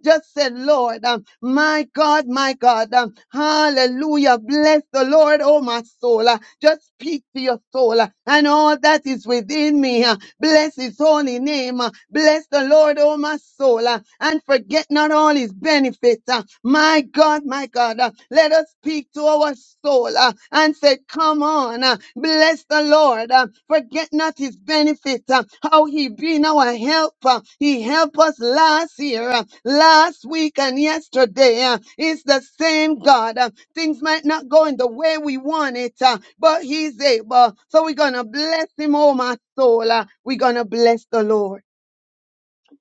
Speaker 2: Just said, Lord, um, my God, my God, um, hallelujah. Bless the Lord, oh my soul. uh, just speak to your soul uh, and all that is within me. uh, bless his holy name. uh, bless the Lord, oh my soul, uh, and forget not all his benefits. uh, my God, my God, uh, let us speak to our soul uh, and said, Come on, uh, bless the Lord. uh, forget not his benefit, uh, how he been our help. uh, he helped us last year, uh, last week, and yesterday. uh, it's the same God. uh, things might not go in the way we want it, uh, but he's able. So we're going to bless him, oh my soul. uh, we're going to bless the Lord.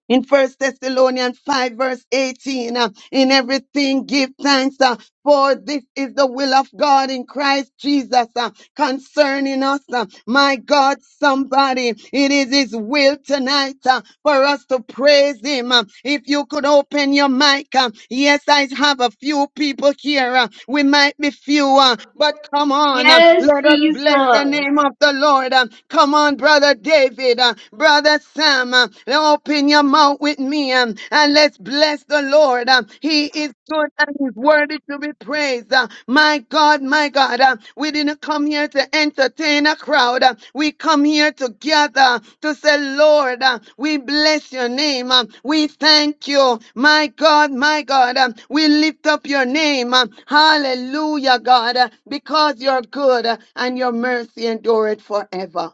Speaker 2: In First Thessalonians 5, verse 18, uh, in everything give thanks, uh, for this is the will of God in Christ Jesus uh, concerning us. uh, my God, somebody, it is His will tonight uh, for us to praise Him. Uh, if you could open your mic, uh, yes, I have a few people here. uh, we might be few, uh, but come on, uh,
Speaker 3: Yes,
Speaker 2: let us bless the
Speaker 3: Jesus.
Speaker 2: name of the Lord. uh, come on, brother David, uh, brother Sam, uh, open your mouth with me me um, and let's bless the Lord. Um, he is good and he's worthy to be praised. Uh, my God, my God, uh, we didn't come here to entertain a crowd. Uh, we come here together to say, Lord, uh, we bless your name. Um, we thank you. My God, my God, um, we lift up your name. Um, hallelujah, God, uh, because you're good uh, and your mercy endureth forever.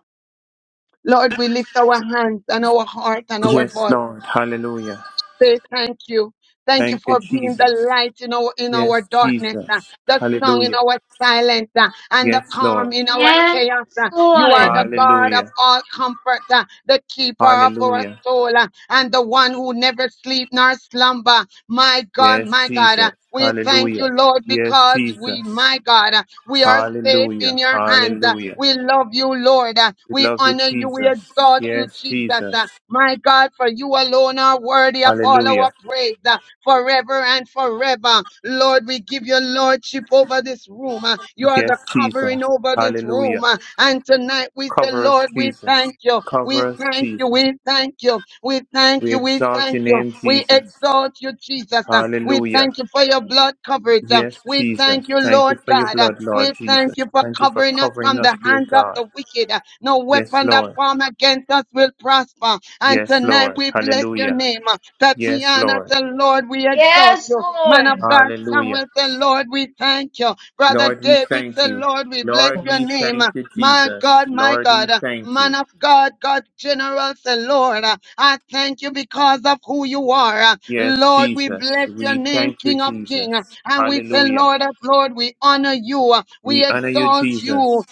Speaker 2: Lord, we lift our hands and our heart and our
Speaker 4: Yes,
Speaker 2: voice
Speaker 4: Lord. Hallelujah.
Speaker 2: say thank you. Thank you
Speaker 4: Thank you,
Speaker 2: for being
Speaker 4: Jesus.
Speaker 2: the light in our in
Speaker 4: Yes,
Speaker 2: our darkness, uh,
Speaker 4: Jesus.
Speaker 2: the song in
Speaker 4: Hallelujah.
Speaker 2: our silence, uh, and the
Speaker 4: Yes,
Speaker 2: calm
Speaker 4: Lord.
Speaker 2: in our
Speaker 3: Yes,
Speaker 2: chaos. uh. You are the
Speaker 3: Lord.
Speaker 2: God of
Speaker 4: Hallelujah.
Speaker 2: all comfort, uh, the keeper of our
Speaker 4: Hallelujah.
Speaker 2: soul, uh, and the one who never sleep nor slumber. My God,
Speaker 4: Yes,
Speaker 2: my God,
Speaker 4: Jesus.
Speaker 2: uh, we thank
Speaker 4: Hallelujah.
Speaker 2: you, Lord,
Speaker 4: Yes,
Speaker 2: because
Speaker 4: Jesus.
Speaker 2: we, my God. uh, we are safe
Speaker 4: Hallelujah.
Speaker 2: in your hands. Uh,
Speaker 4: Hallelujah.
Speaker 2: We love you, Lord. Uh,
Speaker 4: We
Speaker 2: We
Speaker 4: love you,
Speaker 2: honor you. We
Speaker 4: Jesus.
Speaker 2: exalt you,
Speaker 4: Yes,
Speaker 2: Jesus.
Speaker 4: Jesus.
Speaker 2: Uh, My God, for you alone are worthy of all
Speaker 4: Hallelujah.
Speaker 2: our praise uh, forever and forever. Lord, we give you lordship over this room. Uh, You are the
Speaker 4: Yes, Jesus.
Speaker 2: covering over this room.
Speaker 4: Hallelujah.
Speaker 2: Uh, And tonight we say,
Speaker 4: Cover us,
Speaker 2: Lord, we
Speaker 4: Jesus.
Speaker 2: thank you.
Speaker 4: Cover
Speaker 2: We
Speaker 4: us,
Speaker 2: thank you.
Speaker 4: Jesus.
Speaker 2: We thank you. We thank
Speaker 4: We
Speaker 2: you. We
Speaker 4: exalt your
Speaker 2: thank you.
Speaker 4: name,
Speaker 2: We
Speaker 4: Jesus.
Speaker 2: exalt you, Jesus. Uh, We
Speaker 4: Hallelujah.
Speaker 2: thank you for your blood blood coverage. Uh,
Speaker 4: Yes,
Speaker 2: We
Speaker 4: Jesus.
Speaker 2: thank you,
Speaker 4: Thank you
Speaker 2: Lord
Speaker 4: for your
Speaker 2: God. Uh,
Speaker 4: blood,
Speaker 2: We
Speaker 4: Lord Jesus.
Speaker 2: thank you for
Speaker 4: Thank you for
Speaker 2: covering us
Speaker 4: covering
Speaker 2: from
Speaker 4: us,
Speaker 2: the
Speaker 4: dear
Speaker 2: hands of
Speaker 4: God.
Speaker 2: the wicked. Uh, No
Speaker 4: Yes,
Speaker 2: weapon that
Speaker 4: Lord.
Speaker 2: form against us will prosper. And
Speaker 4: Yes,
Speaker 2: tonight
Speaker 4: Lord.
Speaker 2: we bless your
Speaker 4: Hallelujah.
Speaker 2: name. Uh,
Speaker 4: Yes,
Speaker 2: Tatiana,
Speaker 4: Lord.
Speaker 2: the Lord, we exalt
Speaker 3: Yes,
Speaker 2: you. Man of
Speaker 3: Lord.
Speaker 2: God,
Speaker 4: Hallelujah.
Speaker 2: Samuel, the Lord, we thank you. Brother
Speaker 4: Lord, we
Speaker 2: David,
Speaker 4: thank
Speaker 2: the
Speaker 4: you.
Speaker 2: Lord, we bless
Speaker 4: Lord,
Speaker 2: your
Speaker 4: we
Speaker 2: name. Uh,
Speaker 4: thank you,
Speaker 2: my
Speaker 4: Jesus.
Speaker 2: God, my
Speaker 4: Lord, we
Speaker 2: God, uh,
Speaker 4: thank you.
Speaker 2: man of God, God general, say, Lord, uh, I thank you because of who you are. uh,
Speaker 4: Yes,
Speaker 2: Lord, we
Speaker 4: Jesus.
Speaker 2: bless your
Speaker 4: We
Speaker 2: name,
Speaker 4: thank you,
Speaker 2: King of
Speaker 4: Jesus.
Speaker 2: King. uh, And we say,
Speaker 4: Hallelujah.
Speaker 2: Lord of Lord, we honor you. uh, We
Speaker 4: We honor you,
Speaker 2: exalt
Speaker 4: Jesus.
Speaker 2: you.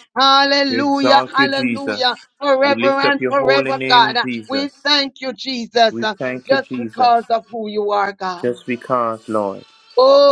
Speaker 4: We
Speaker 2: Hallelujah,
Speaker 4: exalt you, Jesus.
Speaker 2: hallelujah.
Speaker 4: We
Speaker 2: Forever
Speaker 4: lift up
Speaker 2: and
Speaker 4: your holy
Speaker 2: forever, God.
Speaker 4: name,
Speaker 2: uh, We
Speaker 4: Jesus.
Speaker 2: thank you, Jesus,
Speaker 4: We
Speaker 2: uh,
Speaker 4: thank you,
Speaker 2: just
Speaker 4: Jesus,
Speaker 2: because of who you are, God.
Speaker 4: just because, Lord,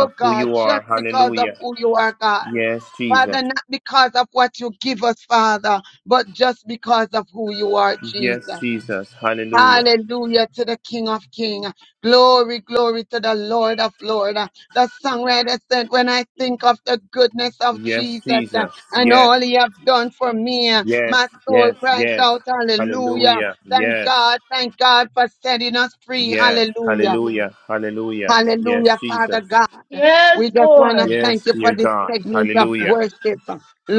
Speaker 4: of who
Speaker 2: God,
Speaker 4: you are.
Speaker 2: just because of
Speaker 4: Hallelujah.
Speaker 2: who you are, God.
Speaker 4: Yes, Jesus.
Speaker 2: Father, not because of what you give us, Father, but just because of who you are,
Speaker 4: Yes,
Speaker 2: Jesus.
Speaker 4: Jesus. Hallelujah.
Speaker 2: Hallelujah to the King of Kings. Glory, glory to the Lord of Lords. The songwriter said, when I think of the goodness of
Speaker 4: Yes,
Speaker 2: Jesus uh,
Speaker 4: Jesus.
Speaker 2: and
Speaker 4: Yes,
Speaker 2: all he have done for me, uh,
Speaker 4: yes,
Speaker 2: my soul
Speaker 4: yes,
Speaker 2: cries
Speaker 4: yes.
Speaker 2: out, hallelujah.
Speaker 4: Hallelujah.
Speaker 2: Thank
Speaker 4: Yes.
Speaker 2: God, thank God for setting us free.
Speaker 4: Yes.
Speaker 2: Hallelujah.
Speaker 4: Hallelujah. Hallelujah. Yes,
Speaker 2: Hallelujah, Father
Speaker 4: Jesus.
Speaker 2: God.
Speaker 3: Yes,
Speaker 2: We just want to
Speaker 3: Lord.
Speaker 4: Yes,
Speaker 2: thank you for
Speaker 4: dear
Speaker 2: this
Speaker 4: God.
Speaker 2: segment of
Speaker 4: Hallelujah.
Speaker 2: worship.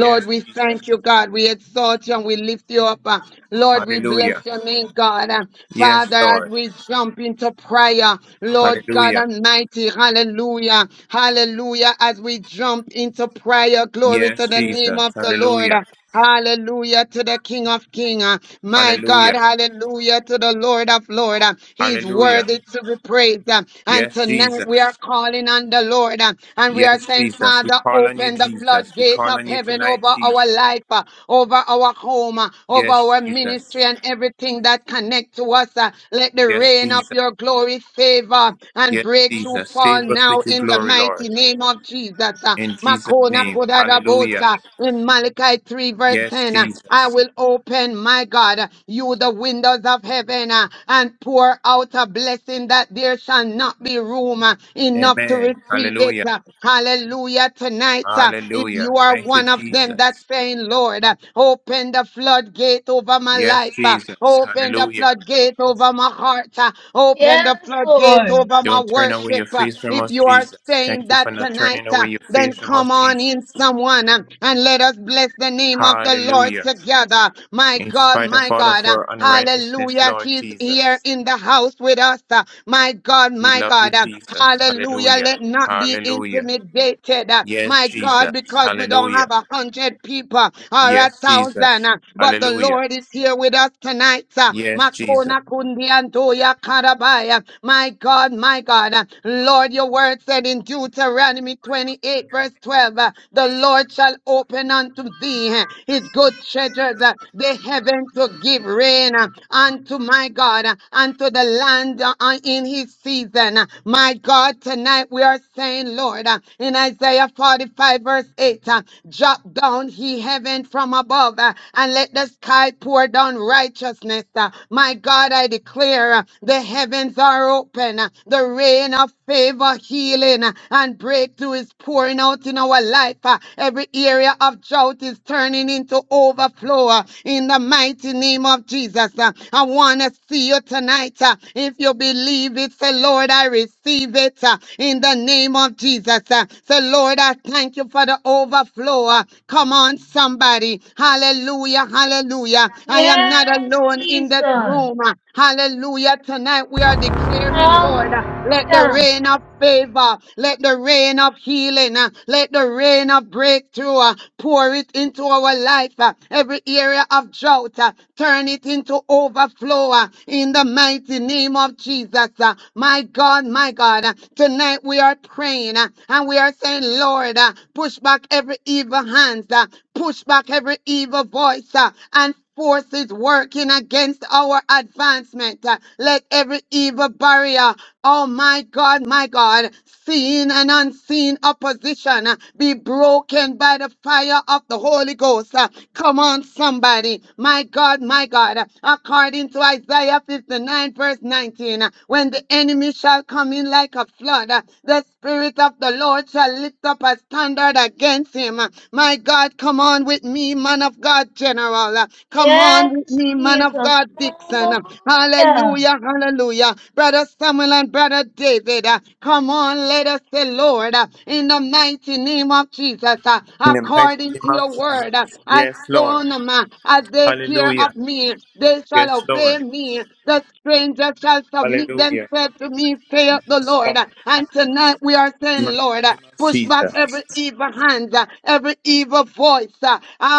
Speaker 4: Yes,
Speaker 2: we
Speaker 4: Jesus.
Speaker 2: thank you, God. We exalt you and we lift you up. Uh, Lord, we
Speaker 4: Hallelujah.
Speaker 2: bless your name, God. Uh,
Speaker 4: Yes,
Speaker 2: Father, as
Speaker 4: Lord.
Speaker 2: we jump into prayer, Lord God
Speaker 4: Hallelujah.
Speaker 2: Almighty, hallelujah, hallelujah, as we jump into prayer, glory
Speaker 4: Yes,
Speaker 2: to the name
Speaker 4: Jesus.
Speaker 2: of the
Speaker 4: Hallelujah.
Speaker 2: Lord. Hallelujah to the King of King. uh, My God,
Speaker 4: Hallelujah.
Speaker 2: hallelujah to the Lord of Lord. uh, He's
Speaker 4: Hallelujah.
Speaker 2: worthy to be praised. uh, And
Speaker 4: Yes,
Speaker 2: tonight we are
Speaker 4: Jesus.
Speaker 2: calling on the Lord uh, and we are
Speaker 4: Yes,
Speaker 2: saying,
Speaker 4: Jesus. We
Speaker 2: Father,
Speaker 4: call on you,
Speaker 2: open the
Speaker 4: Jesus. We
Speaker 2: floodgate
Speaker 4: call
Speaker 2: of
Speaker 4: on you
Speaker 2: heaven
Speaker 4: tonight,
Speaker 2: over our
Speaker 4: Jesus.
Speaker 2: life, uh, over our home, uh, over
Speaker 4: Yes,
Speaker 2: our ministry
Speaker 4: Jesus.
Speaker 2: and everything that connects to us. uh, Let the
Speaker 4: Yes,
Speaker 2: rain of
Speaker 4: Jesus.
Speaker 2: your glory favor and
Speaker 4: Yes,
Speaker 2: breakthrough
Speaker 4: Jesus.
Speaker 2: fall
Speaker 4: Save us
Speaker 2: now
Speaker 4: with your
Speaker 2: in the
Speaker 4: glory,
Speaker 2: mighty
Speaker 4: Lord.
Speaker 2: name of Jesus. uh,
Speaker 4: In Jesus'
Speaker 2: Makona
Speaker 4: name.
Speaker 2: both
Speaker 4: Hallelujah.
Speaker 2: uh, in Malachi 3, verse
Speaker 4: Yes,
Speaker 2: 10. uh, I
Speaker 4: Jesus.
Speaker 2: will open, my God, uh, you the windows of heaven uh, and pour out a blessing that there shall not be room uh, enough to
Speaker 4: Amen.
Speaker 2: receive it.
Speaker 4: Hallelujah.
Speaker 2: uh, Hallelujah. Tonight, uh, if you
Speaker 4: Hallelujah.
Speaker 2: are
Speaker 4: Thank you,
Speaker 2: one of them
Speaker 4: Jesus.
Speaker 2: that's saying, Lord, uh, open the floodgate over my
Speaker 4: Yes,
Speaker 2: life, uh,
Speaker 4: Jesus.
Speaker 2: open the
Speaker 4: Hallelujah.
Speaker 2: floodgate over my heart, uh, open the
Speaker 3: Yes,
Speaker 2: floodgate
Speaker 3: Lord.
Speaker 2: over my
Speaker 4: Don't turn away
Speaker 2: worship,
Speaker 4: your
Speaker 2: uh,
Speaker 4: face from
Speaker 2: if
Speaker 4: us,
Speaker 2: you are
Speaker 4: Jesus.
Speaker 2: saying
Speaker 4: Thank you for
Speaker 2: that
Speaker 4: not
Speaker 2: tonight,
Speaker 4: turning away
Speaker 2: uh,
Speaker 4: your
Speaker 2: then
Speaker 4: face from us,
Speaker 2: come on
Speaker 4: Jesus.
Speaker 2: in, someone, uh, and let us bless the name of the Lord
Speaker 4: Hallelujah.
Speaker 2: together. My
Speaker 4: In
Speaker 2: God,
Speaker 4: spite of
Speaker 2: my
Speaker 4: all
Speaker 2: God.
Speaker 4: of
Speaker 2: uh,
Speaker 4: our unrighteousness,
Speaker 2: Hallelujah.
Speaker 4: Lord
Speaker 2: He's here
Speaker 4: Jesus,
Speaker 2: in the house with us. uh, My God,
Speaker 4: we
Speaker 2: my
Speaker 4: love you,
Speaker 2: God. uh,
Speaker 4: Jesus.
Speaker 2: Hallelujah.
Speaker 4: Hallelujah.
Speaker 2: Let not be
Speaker 4: Hallelujah.
Speaker 2: intimidated. uh,
Speaker 4: Yes,
Speaker 2: My God,
Speaker 4: Jesus.
Speaker 2: because we don't
Speaker 4: Hallelujah.
Speaker 2: have a hundred people or a
Speaker 4: Yes,
Speaker 2: thousand,
Speaker 4: Jesus.
Speaker 2: uh, but the
Speaker 4: Hallelujah.
Speaker 2: Lord is here with us tonight. uh,
Speaker 4: Yes, Jesus.
Speaker 2: Makona kundi andoya karabaya. My God, God, my God. Uh, Lord, your word said in Deuteronomy 28, verse 12, uh, the Lord shall open unto thee uh, his good treasures, uh, the heaven to give rain uh, unto my God, uh, unto the land uh, uh, in his season. Uh, My God, tonight we are saying, Lord, uh, in Isaiah 45, verse 8, uh, drop down he heaven from above uh, and let the sky pour down righteousness. uh, My God, I declare uh, the heaven heavens are open. The rain of favor, healing, and breakthrough is pouring out in our life. Every area of drought is turning into overflow in the mighty name of Jesus. I want to see you tonight. If you believe it, say, Lord, I receive it in the name of Jesus. Say, Lord, I thank you for the overflow. Come on, somebody. Hallelujah, hallelujah. I am not
Speaker 3: Yes,
Speaker 2: alone in that
Speaker 3: Jesus.
Speaker 2: room. Hallelujah. Tonight we are declaring, Lord,
Speaker 3: Hallelujah.
Speaker 2: uh, let the rain of favor, let the rain of healing, uh, let the rain of breakthrough uh, pour it into our life. uh, Every area of drought, uh, turn it into overflow uh, in the mighty name of Jesus. uh, My God, my God, uh, tonight we are praying uh, and we are saying, Lord, uh, push back every evil hand, uh, push back every evil voice, uh, and forces working against our advancement. Uh, Let every evil barrier, oh my God, my God, seen and unseen opposition uh, be broken by the fire of the Holy Ghost. Uh, Come on, somebody. My God, my God. According to Isaiah 59, verse 19, uh, when the enemy shall come in like a flood, uh, the Spirit of the Lord shall lift up a standard against him. Uh, My God, come on with me, man of God general. Uh, Come on
Speaker 3: Yes,
Speaker 2: with me, man of
Speaker 3: Jesus.
Speaker 2: God, Dixon. Uh,
Speaker 3: Hallelujah.
Speaker 2: Hallelujah, hallelujah. Brother Samuel and Brother David, uh, come on, let us say, Lord, uh, in the mighty name of Jesus, uh,
Speaker 4: In the mighty
Speaker 2: according
Speaker 4: name
Speaker 2: to
Speaker 4: of
Speaker 2: your
Speaker 4: Jesus.
Speaker 2: word, uh, as
Speaker 4: Yes, Lord.
Speaker 2: soon um, uh, as they hear
Speaker 4: Hallelujah.
Speaker 2: of me, they shall
Speaker 4: Yes, Lord.
Speaker 2: obey me. The stranger shall submit
Speaker 4: Hallelujah.
Speaker 2: themselves to me, saith the
Speaker 4: Yes,
Speaker 2: Lord.
Speaker 4: Lord.
Speaker 2: And tonight we are saying,
Speaker 4: Mighty
Speaker 2: Lord,
Speaker 4: name of
Speaker 2: push back
Speaker 4: Jesus.
Speaker 2: every evil hand, every evil voice.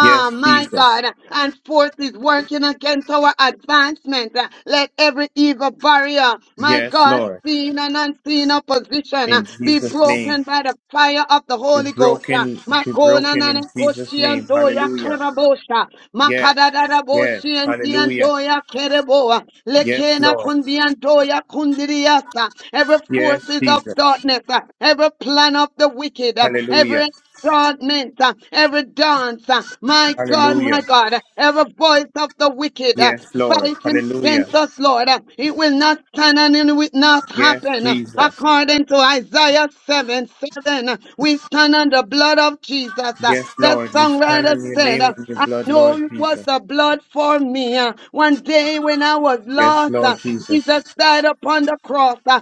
Speaker 4: Yes,
Speaker 2: my
Speaker 4: Jesus.
Speaker 2: God. And forces working against our advancement. Let every evil barrier, my
Speaker 4: Yes,
Speaker 2: God,
Speaker 4: Lord.
Speaker 2: seen and unseen opposition,
Speaker 4: In
Speaker 2: be
Speaker 4: Jesus' name.
Speaker 2: broken by the fire of the
Speaker 4: Be
Speaker 2: Holy Ghost.
Speaker 4: broken, be
Speaker 2: Makona
Speaker 4: broken
Speaker 2: nana
Speaker 4: in Jesus' name.
Speaker 2: koshianto ya
Speaker 4: Hallelujah.
Speaker 2: karabosha.
Speaker 4: Yes.
Speaker 2: Makadadada
Speaker 4: Yes. Hallelujah.
Speaker 2: boshiantianto ya kereboa.
Speaker 4: Yes,
Speaker 2: Lekena
Speaker 4: Lord.
Speaker 2: kundianto ya kundiriasa. Every
Speaker 4: Yes,
Speaker 2: forces of
Speaker 4: Jesus.
Speaker 2: darkness, uh, every plan of the wicked, uh,
Speaker 4: Hallelujah.
Speaker 2: every Godment, every dance, uh, my God,
Speaker 4: Hallelujah.
Speaker 2: my God, uh, every voice of the wicked uh,
Speaker 4: Yes, Lord.
Speaker 2: fighting
Speaker 4: Hallelujah.
Speaker 2: against us, Lord. Uh, It will not stand and it will not
Speaker 4: Yes,
Speaker 2: happen. Uh,
Speaker 4: Jesus.
Speaker 2: According to Isaiah 7 7, uh, we stand on the blood of Jesus. Uh,
Speaker 4: Yes,
Speaker 2: The
Speaker 4: Lord. We stand
Speaker 2: songwriter
Speaker 4: on your
Speaker 2: said,
Speaker 4: name
Speaker 2: uh,
Speaker 4: and your
Speaker 2: I
Speaker 4: blood,
Speaker 2: know
Speaker 4: Lord
Speaker 2: it was
Speaker 4: Jesus.
Speaker 2: the blood for me. Uh, One day when I was
Speaker 4: Yes,
Speaker 2: lost, uh,
Speaker 4: Lord Jesus.
Speaker 2: Jesus died upon the cross. Uh,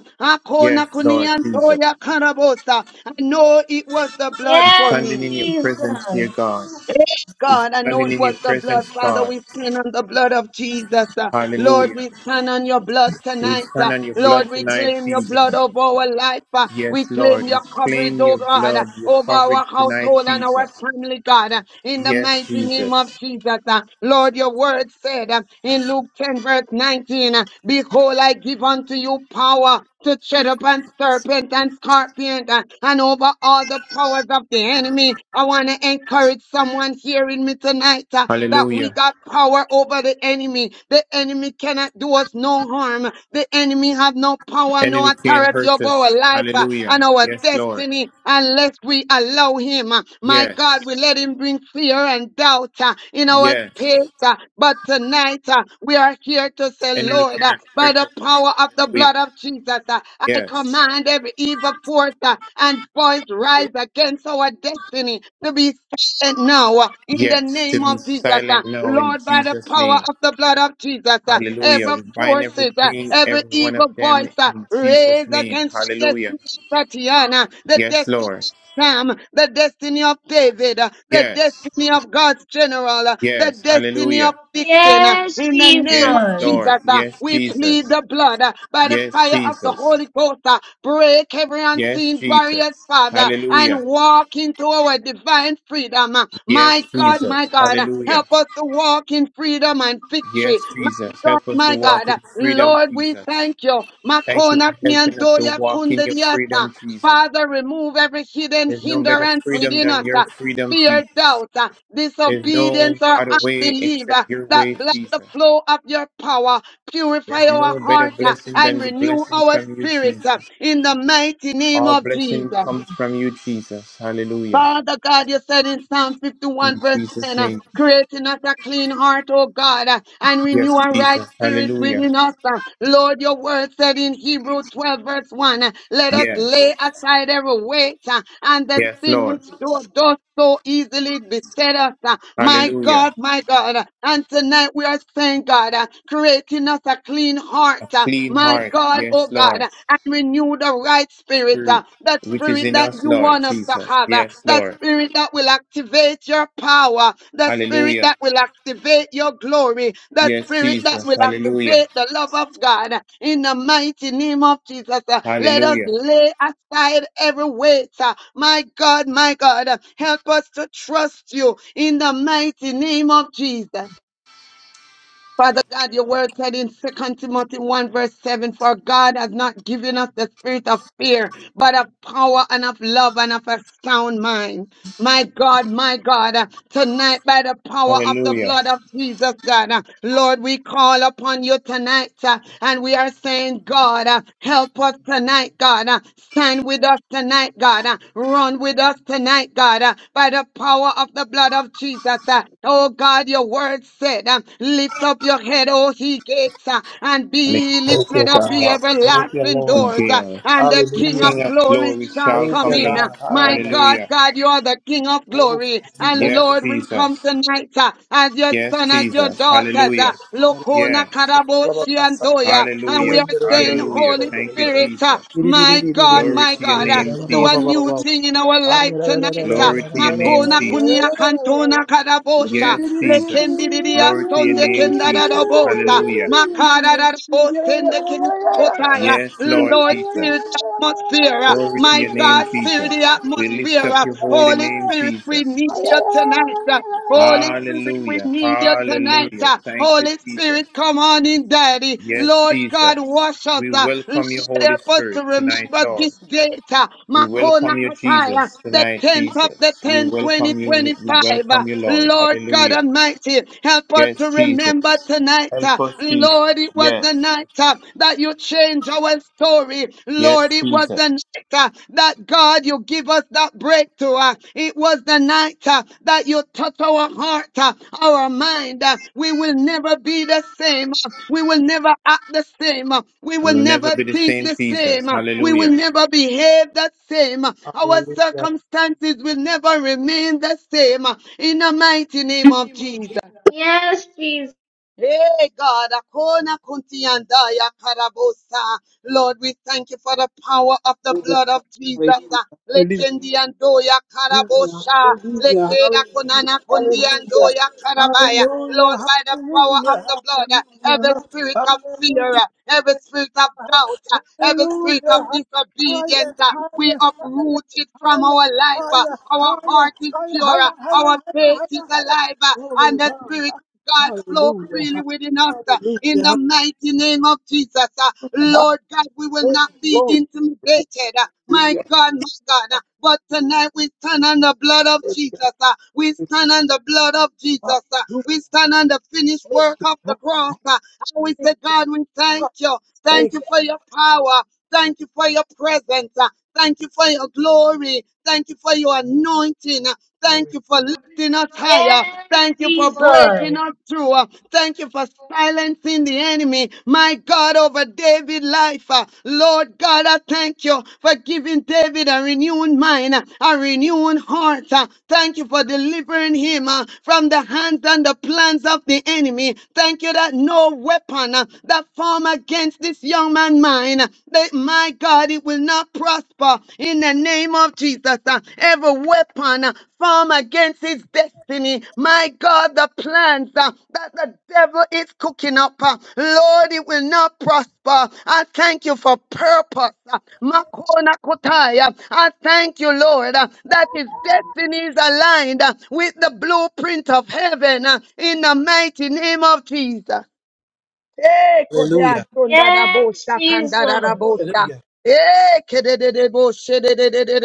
Speaker 4: Yes,
Speaker 2: Akona
Speaker 4: Lord Jesus.
Speaker 2: kuniantoya karabosa. I know it was the blood
Speaker 4: We're
Speaker 2: for
Speaker 3: Yes,
Speaker 4: standing
Speaker 2: me.
Speaker 4: in your presence, dear
Speaker 3: Jesus.
Speaker 4: God.
Speaker 2: Yes,
Speaker 4: We
Speaker 2: God, I know
Speaker 4: standing
Speaker 2: it
Speaker 4: in your
Speaker 2: was the blood,
Speaker 4: presence,
Speaker 2: Father.
Speaker 4: God.
Speaker 2: We stand on the blood of Jesus. uh. Lord,
Speaker 4: Hallelujah.
Speaker 2: we stand on your blood
Speaker 4: We
Speaker 2: tonight.
Speaker 4: stand
Speaker 2: uh.
Speaker 4: on your blood
Speaker 2: Lord, we
Speaker 4: tonight,
Speaker 2: claim your blood
Speaker 4: Jesus.
Speaker 2: over our life. uh.
Speaker 4: Yes,
Speaker 2: We
Speaker 4: Lord.
Speaker 2: claim
Speaker 4: We
Speaker 2: your coverage,
Speaker 4: claim
Speaker 2: oh
Speaker 4: your
Speaker 2: God, uh,
Speaker 4: blood, your
Speaker 2: over
Speaker 4: coverage
Speaker 2: our
Speaker 4: tonight,
Speaker 2: household and our
Speaker 4: Jesus.
Speaker 2: family, God, uh, in the
Speaker 4: Yes,
Speaker 2: mighty name of
Speaker 4: Jesus.
Speaker 2: Jesus. uh. Lord, your word said uh, in Luke 10, verse 19, uh, Behold, I give unto you power to shed upon serpent and scorpion uh, and over all the powers of the enemy. I want to encourage someone hearing me tonight uh, that we
Speaker 4: Hallelujah.
Speaker 2: got power over the enemy. The enemy cannot do us no harm. The enemy have no power, no
Speaker 4: Enemy can't
Speaker 2: authority
Speaker 4: hurt
Speaker 2: over our
Speaker 4: us.
Speaker 2: life uh,
Speaker 4: Hallelujah.
Speaker 2: and our
Speaker 4: Yes, Lord.
Speaker 2: destiny unless we allow him. uh, My God,
Speaker 4: Yes.
Speaker 2: we let him bring fear and doubt uh, in our space.
Speaker 4: Yes.
Speaker 2: uh, But tonight uh, we are here to say,
Speaker 4: Enemy
Speaker 2: Lord, uh,
Speaker 4: cannot
Speaker 2: by
Speaker 4: hurt
Speaker 2: the
Speaker 4: us.
Speaker 2: power of the
Speaker 4: Hallelujah.
Speaker 2: blood of Jesus, uh, I
Speaker 4: Yes.
Speaker 2: command every evil force uh, and voice rise against our destiny to be silent now uh, in the
Speaker 4: Yes. To
Speaker 2: name
Speaker 4: be
Speaker 2: of Jesus. uh,
Speaker 4: silent now in
Speaker 2: Lord, by the
Speaker 4: Jesus'
Speaker 2: power
Speaker 4: name.
Speaker 2: of the blood of Jesus, uh,
Speaker 4: Hallelujah.
Speaker 2: every
Speaker 4: We bind
Speaker 2: forces, uh,
Speaker 4: everything,
Speaker 2: every
Speaker 4: every one of
Speaker 2: evil
Speaker 4: them
Speaker 2: voice uh,
Speaker 4: in Jesus'
Speaker 2: raised
Speaker 4: name.
Speaker 2: against the
Speaker 4: Hallelujah.
Speaker 2: destiny of Tatiana, the
Speaker 4: Yes, Lord.
Speaker 2: destiny. Sam, the destiny of David, uh, the
Speaker 4: Yes.
Speaker 2: destiny of God's general, uh, the
Speaker 4: Yes.
Speaker 2: destiny of
Speaker 4: Hallelujah.
Speaker 2: Dixon. uh,
Speaker 3: Yes,
Speaker 2: In the name
Speaker 4: Yes,
Speaker 2: of
Speaker 3: Jesus.
Speaker 4: Lord.
Speaker 2: Jesus, uh,
Speaker 4: Yes,
Speaker 2: we plead
Speaker 4: Jesus.
Speaker 2: the blood uh, by the
Speaker 4: Yes,
Speaker 2: fire of the
Speaker 4: Jesus.
Speaker 2: Holy Ghost. uh, Break every
Speaker 4: Yes,
Speaker 2: unseen
Speaker 4: Jesus.
Speaker 2: barriers, Father, and
Speaker 4: Hallelujah.
Speaker 2: walk into our divine freedom. uh,
Speaker 4: Yes,
Speaker 2: My God,
Speaker 4: Jesus.
Speaker 2: my God, uh,
Speaker 4: Hallelujah.
Speaker 2: help us to walk in freedom and
Speaker 4: Yes,
Speaker 2: victory.
Speaker 4: Jesus.
Speaker 2: God,
Speaker 4: Help us to
Speaker 2: my
Speaker 4: walk
Speaker 2: God.
Speaker 4: in freedom,
Speaker 2: Lord, we
Speaker 4: Jesus.
Speaker 2: thank you.
Speaker 4: Thank you
Speaker 2: Makona
Speaker 4: for helping us to
Speaker 2: kniandoya
Speaker 4: walk in your
Speaker 2: kundadiata.
Speaker 4: freedom, Jesus.
Speaker 2: Father, remove every hidden
Speaker 4: There's no better
Speaker 2: hindrance
Speaker 4: freedom
Speaker 2: within
Speaker 4: than
Speaker 2: us.
Speaker 4: your
Speaker 2: uh,
Speaker 4: freedom,
Speaker 2: Fear,
Speaker 4: Jesus.
Speaker 2: doubt, uh,
Speaker 4: There's no
Speaker 2: disobedience, or
Speaker 4: other way
Speaker 2: unbelief
Speaker 4: except
Speaker 2: uh,
Speaker 4: your
Speaker 2: that
Speaker 4: way,
Speaker 2: block the
Speaker 4: Jesus.
Speaker 2: flow of your power. Purify
Speaker 4: There's
Speaker 2: our
Speaker 4: no better
Speaker 2: heart uh,
Speaker 4: blessing than
Speaker 2: and
Speaker 4: the
Speaker 2: renew
Speaker 4: blessing
Speaker 2: our
Speaker 4: from you,
Speaker 2: spirit
Speaker 4: Jesus.
Speaker 2: uh, in the mighty name
Speaker 4: All
Speaker 2: of
Speaker 4: blessing
Speaker 2: Jesus.
Speaker 4: comes from you, Jesus. Hallelujah.
Speaker 2: Father God, you said in Psalm
Speaker 4: In
Speaker 2: 51 verse
Speaker 4: Jesus'
Speaker 2: 10, uh,
Speaker 4: name.
Speaker 2: create in us a clean heart, O God, uh, and
Speaker 4: Yes,
Speaker 2: renew a right
Speaker 4: Jesus.
Speaker 2: spirit
Speaker 4: Hallelujah.
Speaker 2: within us. uh. Lord, your word said in Hebrew 12 verse 1, uh, let us
Speaker 4: Yes.
Speaker 2: lay aside every weight uh, and the
Speaker 4: Yes,
Speaker 2: sin
Speaker 4: Lord.
Speaker 2: which doeth us so easily beset us. uh, My
Speaker 4: Hallelujah.
Speaker 2: God, my God. uh, And tonight we are saying, God, uh, create in us a clean heart.
Speaker 4: A
Speaker 2: uh,
Speaker 4: clean
Speaker 2: My
Speaker 4: heart.
Speaker 2: God,
Speaker 4: Yes,
Speaker 2: oh God,
Speaker 4: Lord.
Speaker 2: uh, and renew the right spirit,
Speaker 4: Spirit,
Speaker 2: uh, that
Speaker 4: which is
Speaker 2: spirit
Speaker 4: in
Speaker 2: that
Speaker 4: us,
Speaker 2: you
Speaker 4: Lord
Speaker 2: want us to
Speaker 4: Jesus.
Speaker 2: have, uh,
Speaker 4: Yes,
Speaker 2: that
Speaker 4: Lord.
Speaker 2: spirit that will activate your power, the spirit
Speaker 4: Hallelujah.
Speaker 2: that will activate your glory, the
Speaker 4: Yes,
Speaker 2: spirit that
Speaker 4: Jesus.
Speaker 2: will
Speaker 4: Hallelujah.
Speaker 2: activate the love of God. In the mighty name of Jesus, uh, let us
Speaker 4: Hallelujah.
Speaker 2: lay aside every weight. uh, My God, my God, uh, help us to trust you in the mighty name of Jesus. Father God, your word said in Second Timothy 1, verse 7, for God has not given us the spirit of fear, but of power and of love and of a sound mind. My God, my God, uh, tonight by the power of the
Speaker 4: Hallelujah.
Speaker 2: blood of Jesus, God, uh, Lord, we call upon you tonight uh, and we are saying, God, uh, help us tonight, God. uh, Stand with us tonight, God. uh, Run with us tonight, God, uh, by the power of the blood of Jesus. uh, Oh God, your word said, uh, lift up your head, O he gates, uh, and
Speaker 4: And the
Speaker 2: be
Speaker 4: King
Speaker 5: Thank you,
Speaker 2: lifted up, ye
Speaker 5: God.
Speaker 4: of
Speaker 5: Thank you,
Speaker 2: everlasting
Speaker 5: Lord.
Speaker 4: the
Speaker 2: doors, uh,
Speaker 4: gale.
Speaker 2: and the
Speaker 4: The
Speaker 2: King
Speaker 5: Hallelujah.
Speaker 2: of
Speaker 4: King of
Speaker 2: glory
Speaker 4: glory
Speaker 2: light shall
Speaker 4: shall
Speaker 5: Thank
Speaker 2: come
Speaker 5: you,
Speaker 4: come
Speaker 2: in.
Speaker 4: in.
Speaker 2: Uh,
Speaker 5: God.
Speaker 2: My
Speaker 5: Hallelujah.
Speaker 2: God,
Speaker 4: Hallelujah.
Speaker 2: God, you are the King of
Speaker 5: Oh,
Speaker 2: glory.
Speaker 5: God, we
Speaker 2: And
Speaker 5: thank
Speaker 4: Yes,
Speaker 2: Lord, we come
Speaker 4: Jesus.
Speaker 2: tonight uh, as your
Speaker 4: Yes,
Speaker 2: son, as your
Speaker 4: Jesus.
Speaker 2: daughters. uh,
Speaker 4: Hallelujah.
Speaker 5: you. Hallelujah.
Speaker 2: Lokona
Speaker 4: Yes.
Speaker 2: Karaboshi and Toya. And we
Speaker 4: Hallelujah.
Speaker 2: are saying,
Speaker 4: Hallelujah.
Speaker 2: Holy
Speaker 5: Hallelujah.
Speaker 4: Thank you,
Speaker 2: Spirit, uh,
Speaker 4: Jesus.
Speaker 5: Hallelujah.
Speaker 2: my God,
Speaker 5: Hallelujah.
Speaker 4: Glory
Speaker 2: my
Speaker 4: to your
Speaker 2: God, uh,
Speaker 4: name,
Speaker 5: Hallelujah.
Speaker 2: do a
Speaker 4: Jesus.
Speaker 2: new
Speaker 5: Hallelujah.
Speaker 2: thing in our life
Speaker 5: Hallelujah.
Speaker 2: tonight. uh,
Speaker 4: Glory to your name,
Speaker 2: Makona kunia
Speaker 4: Jesus.
Speaker 2: kantona kadabosha,
Speaker 4: Yes, Jesus.
Speaker 2: lekendiria
Speaker 4: Glory to your
Speaker 2: sonde
Speaker 4: name, Jesus.
Speaker 2: kendarabosa,
Speaker 4: Hallelujah.
Speaker 2: makarabosa, sende kemi. kotaya.
Speaker 4: Yes, Lord
Speaker 2: Lord, fill
Speaker 4: Jesus.
Speaker 2: atmosphere. uh,
Speaker 4: Glory to
Speaker 2: My
Speaker 4: your name,
Speaker 2: God, fill the
Speaker 4: Jesus. We lift
Speaker 2: atmosphere.
Speaker 4: up
Speaker 2: uh,
Speaker 4: your holy
Speaker 2: Holy
Speaker 4: name,
Speaker 2: Spirit, we
Speaker 4: Jesus.
Speaker 2: need you tonight. uh, Holy Spirit, we
Speaker 4: Hallelujah.
Speaker 2: need you tonight.
Speaker 4: Hallelujah.
Speaker 2: uh,
Speaker 4: Thank you,
Speaker 2: Holy
Speaker 4: Jesus.
Speaker 2: Spirit, come on in, Daddy.
Speaker 4: Yes,
Speaker 2: Lord God,
Speaker 4: Jesus.
Speaker 2: wash us.
Speaker 4: We
Speaker 2: uh, Lord,
Speaker 4: welcome your Holy
Speaker 2: help us to
Speaker 4: Spirit tonight,
Speaker 2: remember
Speaker 4: Lord.
Speaker 2: this date. uh,
Speaker 4: We
Speaker 2: Makona
Speaker 4: welcome you,
Speaker 2: Kataya.
Speaker 4: Jesus,
Speaker 2: The
Speaker 4: tonight,
Speaker 2: 10th of the
Speaker 4: Jesus. We
Speaker 2: tenth,
Speaker 4: welcome you, we
Speaker 2: 2025. uh,
Speaker 4: welcome you, Lord.
Speaker 2: Lord God
Speaker 4: Hallelujah.
Speaker 2: Almighty, help us
Speaker 4: Yes,
Speaker 2: to
Speaker 4: Jesus.
Speaker 2: remember tonight.
Speaker 4: Help
Speaker 2: uh,
Speaker 4: us, Jesus.
Speaker 2: Lord, it was was
Speaker 4: Yes.
Speaker 2: the night uh, that you changed our story.
Speaker 4: Yes,
Speaker 2: Lord, it was
Speaker 4: Jesus.
Speaker 2: the night uh, that God, you give us that breakthrough. uh, It was the night uh, that you touch our heart, uh, our mind. uh, We will never be the same. uh, We will never act the same. uh, We
Speaker 4: We
Speaker 2: will
Speaker 4: will never
Speaker 2: never
Speaker 4: be the
Speaker 2: think
Speaker 4: same,
Speaker 2: the
Speaker 4: Jesus.
Speaker 2: same. uh, We will
Speaker 4: Hallelujah.
Speaker 2: never behave the same. uh, Our circumstances will never remain the same. uh, In the mighty name of Jesus.
Speaker 3: Yes, Jesus.
Speaker 2: Hey God, Akona Kuntiandaya Karabosa. Lord, we thank you for the power of the blood of Jesus. Ah,
Speaker 5: Hallelujah.
Speaker 2: Lekendiandoya
Speaker 5: Hallelujah, hallelujah,
Speaker 2: Karabosha.
Speaker 5: hallelujah,
Speaker 2: Lekeda Konana
Speaker 5: hallelujah,
Speaker 2: Kundiandoya Karabaya. Lord,
Speaker 5: hallelujah,
Speaker 2: by the
Speaker 5: hallelujah,
Speaker 2: power of
Speaker 5: hallelujah,
Speaker 2: the blood, ah, every spirit of fear, ah, every spirit of doubt, ah, every spirit
Speaker 5: hallelujah,
Speaker 2: of
Speaker 5: higher,
Speaker 2: disobedience, ah, we
Speaker 5: higher,
Speaker 2: uproot it from our
Speaker 5: higher,
Speaker 2: life. ah.
Speaker 5: higher, higher, higher,
Speaker 2: Our heart is
Speaker 5: higher,
Speaker 2: pure, ah, our
Speaker 5: higher, higher,
Speaker 2: faith is
Speaker 5: higher, higher.
Speaker 2: alive, ah,
Speaker 5: Glory to
Speaker 2: and the
Speaker 5: God.
Speaker 2: spirit God, flow
Speaker 5: Hallelujah, hallelujah,
Speaker 2: freely within us uh, in the
Speaker 5: hallelujah,
Speaker 2: mighty name of Jesus. uh, Lord God, we will not be
Speaker 5: glory,
Speaker 2: intimidated. uh, My
Speaker 5: hallelujah,
Speaker 2: God, my God. uh, But tonight we stand on the blood of Jesus. uh, We stand on the blood of Jesus. uh,
Speaker 5: hallelujah.
Speaker 2: We stand on the finished work of the cross. uh, And we say, God, we thank you. Thank
Speaker 5: Thank
Speaker 2: you
Speaker 5: you,
Speaker 2: for your power. Thank you for your presence. uh, Thank you for your glory. Thank you for your anointing. uh, Thank
Speaker 5: glory.
Speaker 2: you for lifting us higher.
Speaker 3: Yes,
Speaker 2: Thank you for breaking
Speaker 3: Jesus.
Speaker 2: us through. Uh, Thank you for silencing the enemy. My God, over David's life. uh, Lord God, I thank you for giving David a renewed mind, uh, a renewed heart. uh. Thank you for delivering him uh, from the hands and the plans of the enemy. Thank you that no weapon uh, that form against this young man mine, uh, that my God, it will not prosper in the name of Jesus. Uh, Every weapon uh, formed against his destiny, my God, the plans uh, that the devil is cooking up, uh, Lord, it will not prosper. I thank you for purpose. uh, Makona Kotaya. I thank you, Lord, uh, that his destiny is aligned uh, with the blueprint of heaven uh, in the mighty name of Jesus. Eh, kodea
Speaker 5: Hallelujah,
Speaker 2: sonda da
Speaker 3: Yes,
Speaker 2: bosa, kanda da da
Speaker 3: Jesus.
Speaker 2: bosa.
Speaker 5: hallelujah,
Speaker 2: Eh, kede de de bo, shede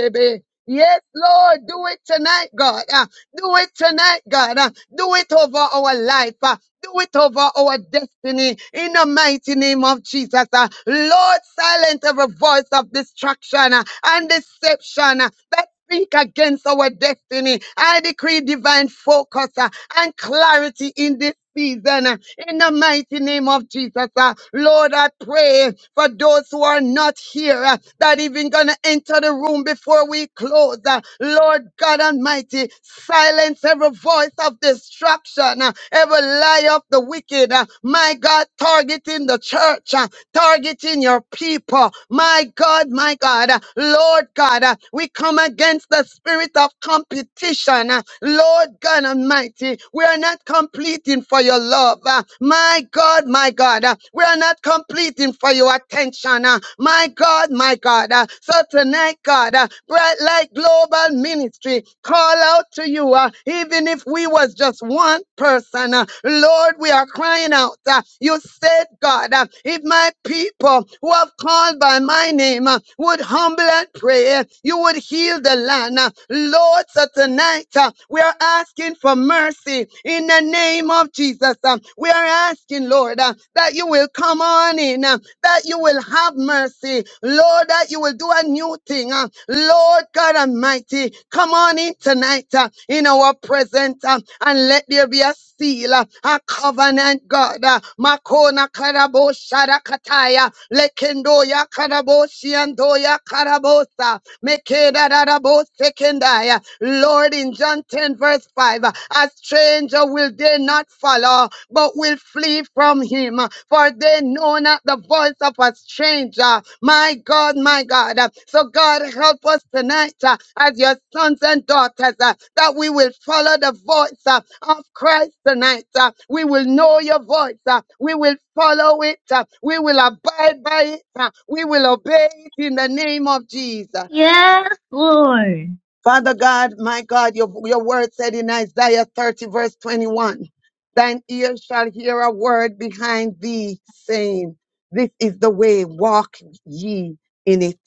Speaker 2: be. Yes, Lord, do it tonight, God. Ah, do it tonight, God. Ah, do it over our life. Ah, do it over our destiny in the mighty name of Jesus. Ah, Lord, silence every voice of distraction ah, and deception ah, speak against our destiny. I decree divine focus uh, and clarity in this season uh, in the mighty name of Jesus. uh. Lord, I pray for those who are not here uh, that even gonna enter the room before we close. uh. Lord God Almighty, silence every voice of destruction, uh, every lie of the wicked. uh. My God, targeting the church, uh, targeting your people. My God, my God, uh, Lord God, uh, we come come against the spirit of competition. uh, Lord God Almighty, we are not completing for your love. uh, My God, my God, uh, we are not completing for your attention. uh, My God, my God. uh, So tonight, God, uh, bright light global ministry, call out to you, uh, even if we was just one person. uh, Lord, we are crying out. uh, You said, God, uh, if my people who have called by my name uh, would humble and pray, you would would heal the land. Uh, Lord, so tonight uh, we are asking for mercy in the name of Jesus. Uh, We are asking, Lord, uh, that you will come on in, uh, that you will have mercy. Lord, that you will do a new thing. uh, Lord God Almighty, come on in tonight uh, in our present uh, and let there be a seal, uh, a covenant, God. uh, Makona karabo shara kataya, sharakataya, ya karabo shiandoya karabosa. Mekedadadabostekendaya. Lord, in John 10, verse 5, a stranger will they not follow, but will flee from him, for they know not the voice of a stranger. My God, my God. So, God, help us tonight uh, as your sons and daughters uh, that we will follow the voice uh, of Christ tonight. uh, We will know your voice. uh, We will follow it. uh, We will abide by it. uh, We will obey it in the name of Jesus.
Speaker 3: Yes, Lord.
Speaker 2: Father God, my God, your, your word said in Isaiah 30, verse 21, thine ear shall hear a word behind thee saying, This is the way, walk ye in it.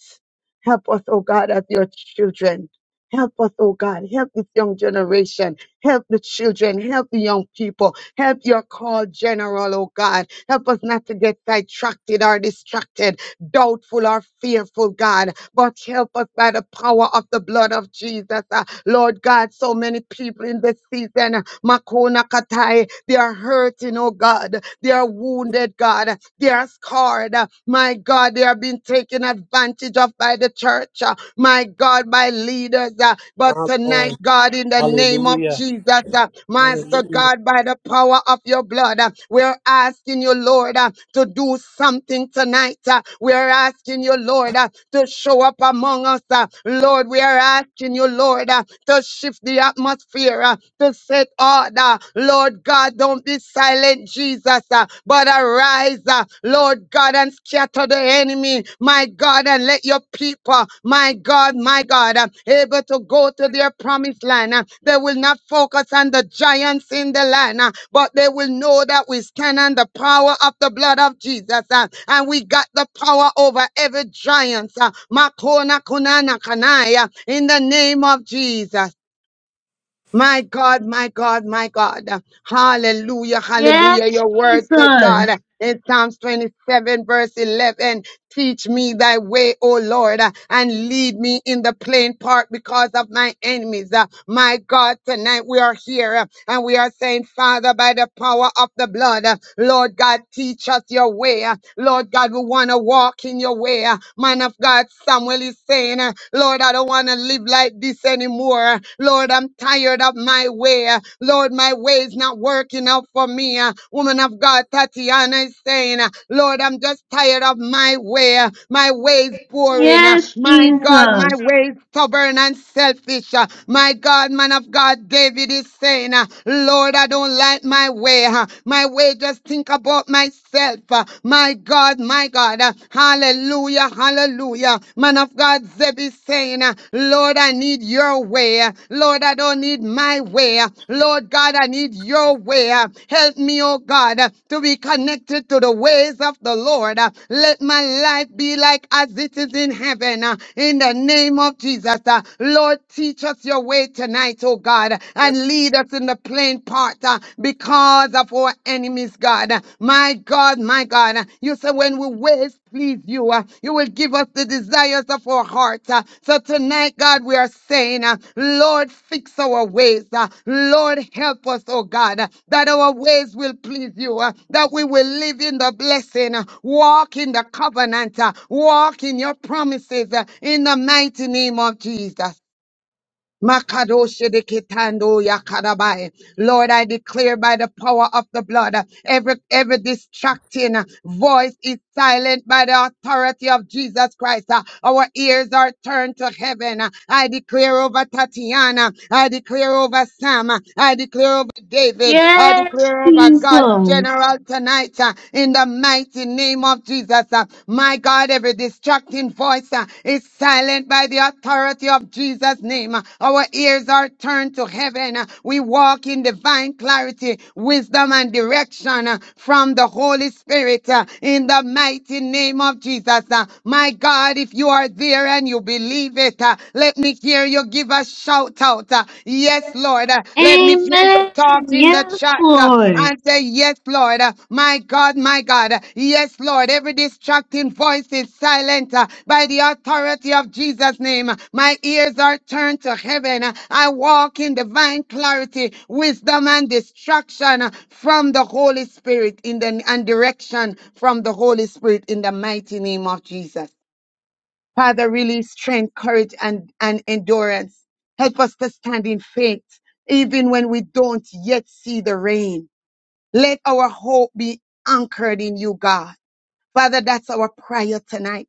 Speaker 2: Help us, oh God, as your children. Help us, oh God. Help this young generation. Help the children. Help the young people. Help your call general, oh God. Help us not to get sidetracked or distracted doubtful or fearful, God, but help us by the power of the blood of Jesus. Uh, Lord God, so many people in this season, uh, Makona Katai, they are hurting, oh God. They are wounded, God. They are scarred. Uh, My God, they are being taken advantage of by the church. uh, My God, by leaders. uh,
Speaker 5: my
Speaker 2: But
Speaker 5: Lord,
Speaker 2: tonight, God, in the name name of
Speaker 5: hallelujah.
Speaker 2: Jesus. uh, Master
Speaker 5: Hallelujah.
Speaker 2: God, by the power of your blood, uh, we're asking you, Lord, uh, to do something tonight. uh, We're asking you, Lord, uh, to show up among us. uh, Lord, we are asking you, Lord, uh, to shift the atmosphere, uh, to set order. Lord God, don't be silent, Jesus, uh, but arise, uh, Lord God. God, and scatter the enemy, my God, and let your people, my God, my God, uh, able to go to their promised land. uh, They will not focus on the giants in the land, uh, but they will know that we stand on the power of the blood of Jesus, uh, and we got the power over every giant. uh, Makona kunana kanaya, In the name of Jesus. My God, my God, my God. Hallelujah, hallelujah.
Speaker 3: Yes,
Speaker 2: Your word said, God,
Speaker 3: Jesus.
Speaker 2: in Psalms 27, verse 11. Teach me thy way, O Lord, uh, and lead me in the plain part because of my enemies. Uh, My God, tonight we are here uh, and we are saying, Father, by the power of the blood, uh, Lord God, teach us your way. uh, Lord God, we want to walk in your way. uh, Man of God, Samuel is saying, uh, Lord, I don't want to live like this anymore. uh, Lord, I'm tired of my way. uh, Lord, my my ways not working out for me. Uh, woman of God, Tatiana is saying, uh, Lord, I'm just tired of my way. Uh, my ways boring. Uh,
Speaker 3: Yes,
Speaker 2: my God, my
Speaker 3: Jesus.
Speaker 2: ways stubborn and selfish. Uh, my God, man of God, David is saying, uh, Lord, I don't like my way. Uh, my way just think about myself. Uh, my God, my God. Uh, hallelujah, hallelujah. Man of of God, Zebby saying, uh, Lord, I need your way. uh, Lord, I don't need my way. uh, Lord God, I need your way. uh, Help me, oh God, uh, to be connected to the ways of the Lord. uh, Let my life be like as it is in heaven. uh, In the name of Jesus, uh, Lord, teach us your way tonight, oh God, and lead us in the plain path uh, because of our enemies, God. My God, my God, you say when we waste please you. uh, You will give us the desires of our heart. uh. So tonight, God, we are saying, uh, Lord, fix our ways. uh, Lord, help us, oh God, uh, that our ways will please you, uh, that we will live in the blessing, uh, walk in the covenant, uh, walk in your promises uh, in the mighty name of Jesus. Makadoshedeketando yakadabai. Lord, I declare by the power of the blood, uh, every every distracting uh, voice is silent by the authority of Jesus Christ. Uh, Our ears are turned to heaven. Uh, I declare over Tatiana. I declare over Sam. Uh, I declare over David. I
Speaker 3: Yes,
Speaker 2: declare over God
Speaker 3: Jesus.
Speaker 2: general tonight uh, in the mighty name of Jesus. uh. My God, every distracting voice uh, is silent by the authority of Jesus' name. Uh, Our ears are turned to heaven. Uh, We walk in divine clarity, wisdom, and direction uh, from the Holy Spirit uh, in the mighty name of Jesus. uh. My God, if you are there and you believe it, uh, let me hear you give a shout out out. Uh, Yes, Lord. Uh, Let me hear you
Speaker 3: Amen.
Speaker 2: talk in the
Speaker 3: Yes,
Speaker 2: chat uh,
Speaker 3: Lord.
Speaker 2: and say, Yes, Lord. Uh, My God, my God. Uh, Yes, Lord. Every distracting voice is silent uh, by the authority of Jesus' name. Uh, My ears are turned to heaven. Uh, I walk in divine clarity, wisdom, and destruction uh, from the Holy Spirit in the and direction from the Holy Spirit in the mighty name of Jesus. Father, release strength, courage, and, and endurance. Help us to stand in faith, even when we don't yet see the rain. Let our hope be anchored in you, God. Father, that's our prayer tonight.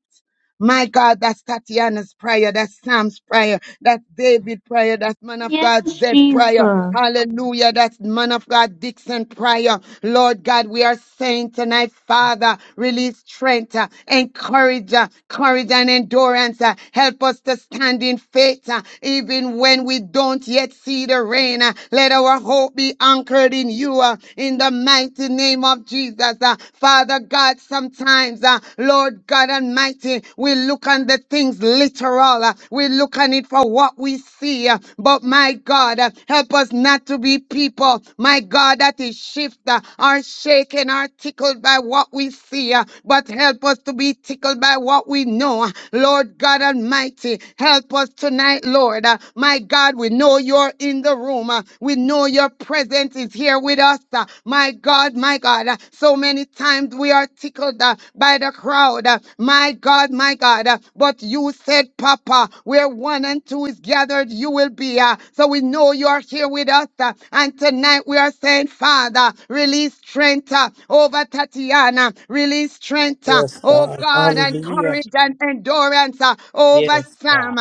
Speaker 2: My God, that's Tatiana's prayer, that's Sam's prayer, that's David's prayer, that's man of God's
Speaker 3: Yes,
Speaker 2: Zed prayer.
Speaker 3: Jesus.
Speaker 2: Hallelujah. That's man of God, Dixon Pryor. Lord God, we are saying tonight, Father, release strength, uh, encourage, uh, courage and endurance. uh, Help us to stand in faith, uh, even when we don't yet see the rain. uh, Let our hope be anchored in you, uh, in the mighty name of Jesus. uh, Father God, sometimes, uh, Lord God Almighty, we look on the things literal. uh, We look on it for what we we see. uh, But my God, uh, help us not to be people, my God, that is shifted or shaken or tickled by what we see, uh, but help us to be tickled by what we know. Lord God Almighty, help us tonight, Lord. Uh, My God, we know you're in the room. Uh, We know your presence is here with us. Uh, My God, my God, uh, so many times we are tickled uh, by the crowd. Uh, My God, my God, uh, but what you said, Papa. Where one and two is gathered, you will be. uh, so we know you are here with us. uh, and tonight we are saying, Father, release strength uh, over Tatiana. Release strength, uh,
Speaker 5: Yes,
Speaker 2: oh
Speaker 5: God.
Speaker 2: God, and
Speaker 5: Hallelujah.
Speaker 2: courage and endurance uh, over
Speaker 5: Yes, God.
Speaker 2: Sam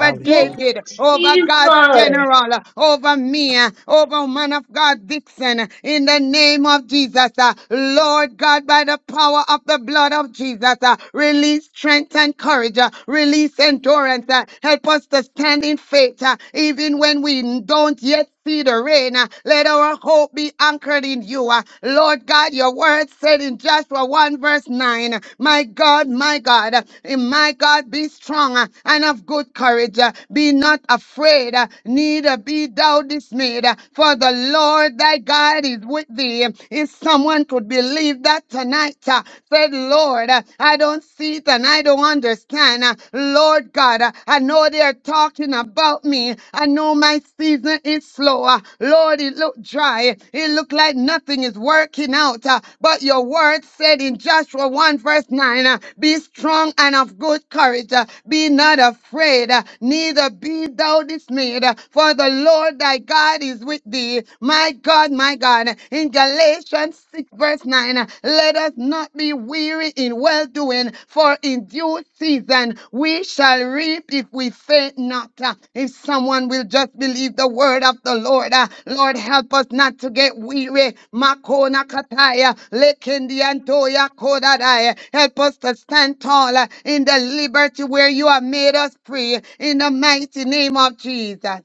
Speaker 2: over
Speaker 3: Yes,
Speaker 2: David, over God's
Speaker 3: Jesus.
Speaker 2: general, over me, over man of God Dixon, in the name of Jesus. uh, Lord God, by the power of the blood of Jesus, uh, release strength and courage, uh, release endurance, uh, help us to stand in faith, uh, even when we don't yet see the rain. uh, Let our hope be anchored in you. uh, Lord God, your word said in Joshua 1 verse 9, uh, my God, my God, uh, in my God, be strong uh, and of good courage. uh, Be not afraid, uh, neither be thou dismayed, uh, for the Lord thy God is with thee. If someone could believe that tonight, uh, said, Lord, uh, I don't see it and I don't understand mine. Uh, Lord God, uh, I know they're talking about me. I know my season is slow. Uh, Lord, it looked dry. It looked like nothing is working out. Uh, But your word said in Joshua 1 verse 9, uh, be strong and of good courage. Uh, Be not afraid, uh, neither be thou dismayed. Uh, For the Lord thy God is with thee. My God, my God. In Galatians verse 9 uh, let us not be weary in well doing for in due season we shall reap if we faint not Uh, if someone will just believe the word of the lord uh, lord help us not to get weary makona kataya lekendi antoya kodadaya help us to stand tall uh, in the liberty where you have made us free in the mighty name of jesus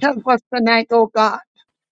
Speaker 2: help us tonight oh god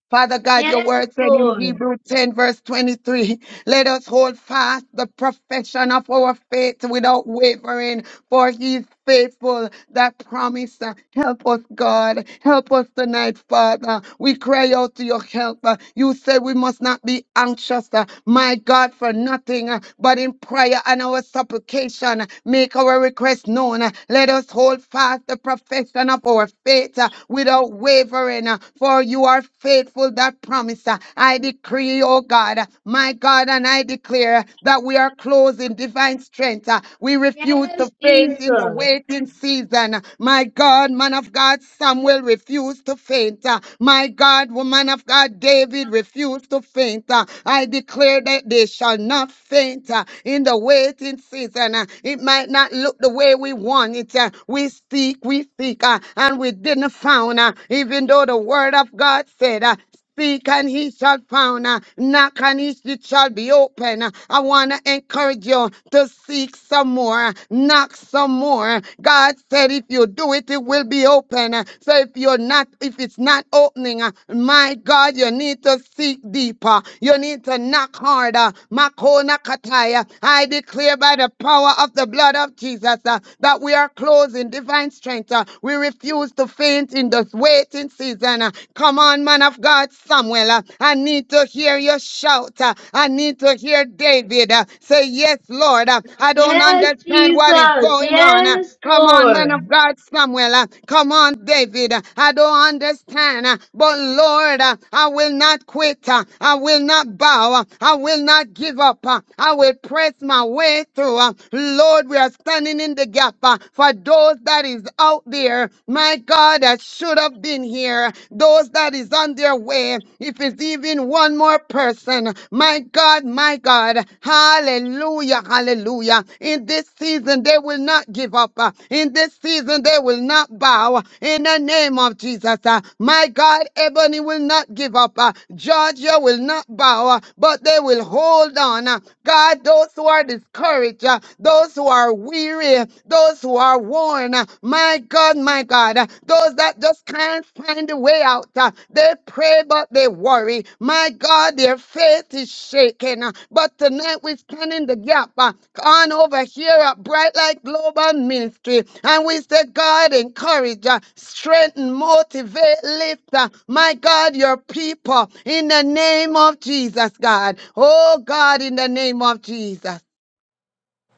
Speaker 2: Father God, your
Speaker 3: Yes,
Speaker 2: word said in
Speaker 3: Lord.
Speaker 2: Hebrew 10, verse 23. Let us hold fast the profession of our faith without wavering, for he is faithful that promise. uh, Help us, God. Help us tonight, Father. We cry out to your help. uh, You said we must not be anxious, uh, my God, for nothing, uh, but in prayer and our supplication, uh, make our request known. uh, Let us hold fast the profession of our faith uh, without wavering, uh, for you are faithful that promise. uh, I I decree, oh God, my God, and I declare that we are clothed in divine strength. Uh, We refuse
Speaker 3: Yes,
Speaker 2: to faint in the
Speaker 3: Jesus.
Speaker 2: waiting season. My God, man of God, Samuel refused to faint. Uh, My God, woman of God, David refused to faint. Uh, I declare that they shall not faint uh, in the waiting season. Uh, It might not look the way we want it. Uh, We speak, we speak, uh, and we didn't found, uh, even though the word of God said, uh, Speak and he shall found. uh, Knock and he, it shall be open. Uh, I want to encourage you to seek some more. uh, Knock some more. God said if you do it, it will be open. Uh, So if you're not, if it's not opening, uh, my God, you need to seek deeper. You need to knock harder. Makona kataya. I declare by the power of the blood of Jesus uh, that we are closed in divine strength. uh, We refuse to faint in this way waiting season. uh, Come on, man of God, Samuel. uh, I need to hear your shout. uh, I need to hear David uh, say, Yes, Lord. uh, I don't
Speaker 3: Yes,
Speaker 2: understand what is
Speaker 3: Jesus.
Speaker 2: going on. uh,
Speaker 3: Yes,
Speaker 2: Come on, man
Speaker 3: Lord.
Speaker 2: of God, Samuel. uh, Come on, David. uh, I don't understand. uh, But Lord, uh, I will not quit. uh, I will not bow. uh, I will not give up. uh, I will press my way through. uh, Lord, we are standing in the gap uh, for those that is out there, my God, that should have been here, those that is on their way, if it's even one more person, my God, my God, hallelujah, hallelujah. In this season, they will not give up. Uh, In this season, they will not bow. In the name of Jesus, uh, my God, Ebony will not give up. Uh, Georgia will not bow, uh, but they will hold on. Uh, God, those who are discouraged, uh, those who are weary, weary, those who are worn. uh, My God, my God, uh, those that just can't find a way out. uh, They pray, but they worry. My God, their faith is shaken. uh, But tonight we stand in the gap uh, on over here at Bright Light Global Ministry. And we say, God, encourage, uh, strengthen, motivate, lift, uh, my God, your people in the name of Jesus, God. Oh, God, in the name of Jesus.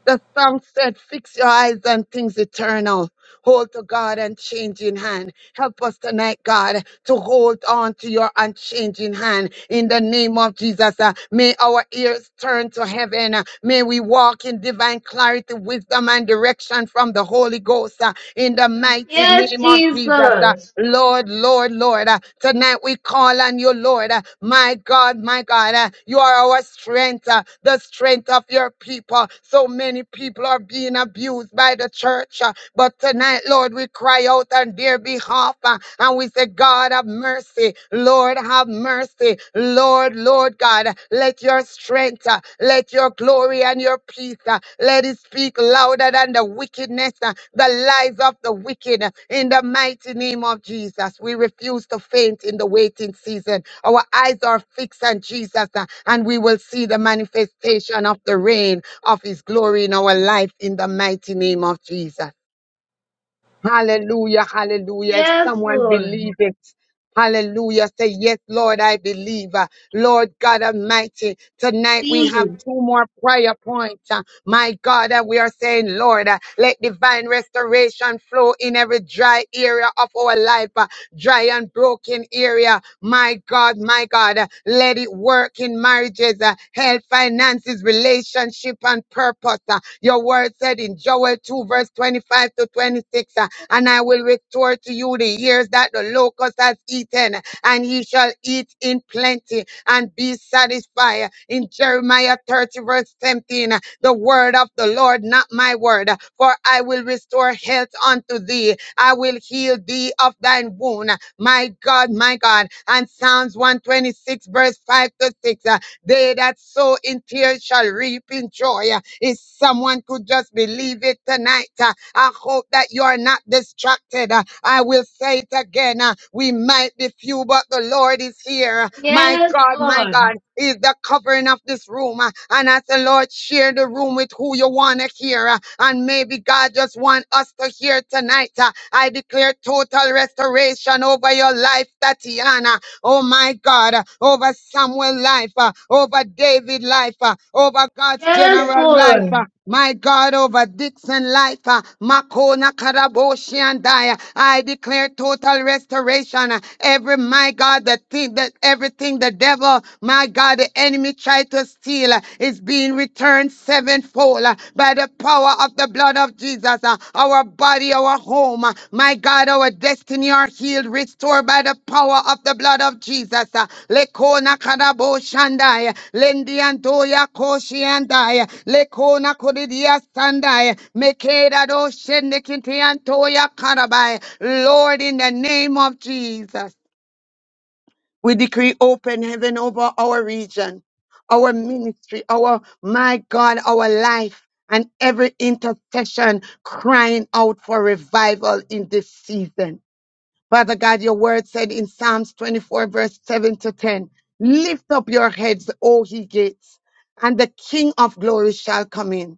Speaker 2: The song said, Fix your eyes on things eternal. Hold to God unchanging hand. Help us tonight, God, to hold on to your unchanging hand. In the name of Jesus, uh, may our ears turn to heaven. Uh, may we walk in divine clarity, wisdom, and direction from the Holy Ghost. uh, in the mighty
Speaker 3: Yes,
Speaker 2: name of Jesus, uh,
Speaker 3: Jesus.
Speaker 2: Lord, Lord, Lord, uh, tonight we call on you, Lord. uh, my God, my God, uh, you are our strength, uh, the strength of your people. So many people are being abused by the church, uh, but but tonight, Lord, we cry out on their behalf uh, and we say, God, have mercy. Lord, have mercy. Lord, Lord God, let your strength, uh, let your glory and your peace, uh, let it speak louder than the wickedness, uh, the lies of the wicked. In the mighty name of Jesus, we refuse to faint in the waiting season. Our eyes are fixed on Jesus, uh, and we will see the manifestation of the rain of his glory in our life in the mighty name of Jesus. Hallelujah, hallelujah. If
Speaker 3: Yes,
Speaker 2: someone
Speaker 3: Lord.
Speaker 2: believes it, hallelujah, say, Yes, Lord, I believe. Uh, Lord God Almighty, tonight we have
Speaker 3: Please.
Speaker 2: two more prayer points. Uh, My God, uh, we are saying, Lord, uh, let divine restoration flow in every dry area of our life, uh, dry and broken broken area. My God, my God, uh, let it work in marriages, uh, health, finances, relationship, and purpose. uh. Your word said in Joel 2, verse 25 to 26, uh, and I will restore to you the years that the locust has eaten and ye shall eat in plenty and be satisfied. In Jeremiah 30, verse 17, the word of the Lord, not my word, for I will restore health unto thee. I will heal thee of thine wound. My God, my God. And Psalms 126, verse 5 to 6. They that sow in tears shall reap in joy. Uh, If someone could just believe it tonight, uh, I hope that you are not distracted. Uh, I will say it again. uh, We might be few, but the Lord is here. My
Speaker 3: Yes,
Speaker 2: God, my
Speaker 3: Lord.
Speaker 2: God, is the covering of this room. uh, And as the Lord share the room with who you want to hear, uh, and maybe God just want us to hear tonight. uh, I declare total restoration over your life, Tatiana oh my God, uh, over Samuel life, uh, over David life, uh, over God's
Speaker 3: Yes,
Speaker 2: general life, uh,
Speaker 3: Lord.
Speaker 2: my God, over Dixon life, uh, Makona Karaboshi and I, uh, I declare total restoration. uh, Every, my God, the thing that everything the devil, my God, the enemy tried to steal uh, is being returned sevenfold uh, by by the power of the blood of Jesus. uh, Our body, our home, uh, my God, our destiny are healed, restored by the power of the blood of Jesus. uh, Lekona kadabo shandai, lendi antoya koshi andai, lekona kodidia sandai, mekeda do shende kinti antoya karabai. Lord, in the name of Jesus. We decree open heaven over our region, our ministry, our, my God, our life, and every intercession crying out for revival in this season. Father God, your word said in Psalms 24, verse 7 to 10, lift up your heads, O ye gates, and the King of glory shall come in.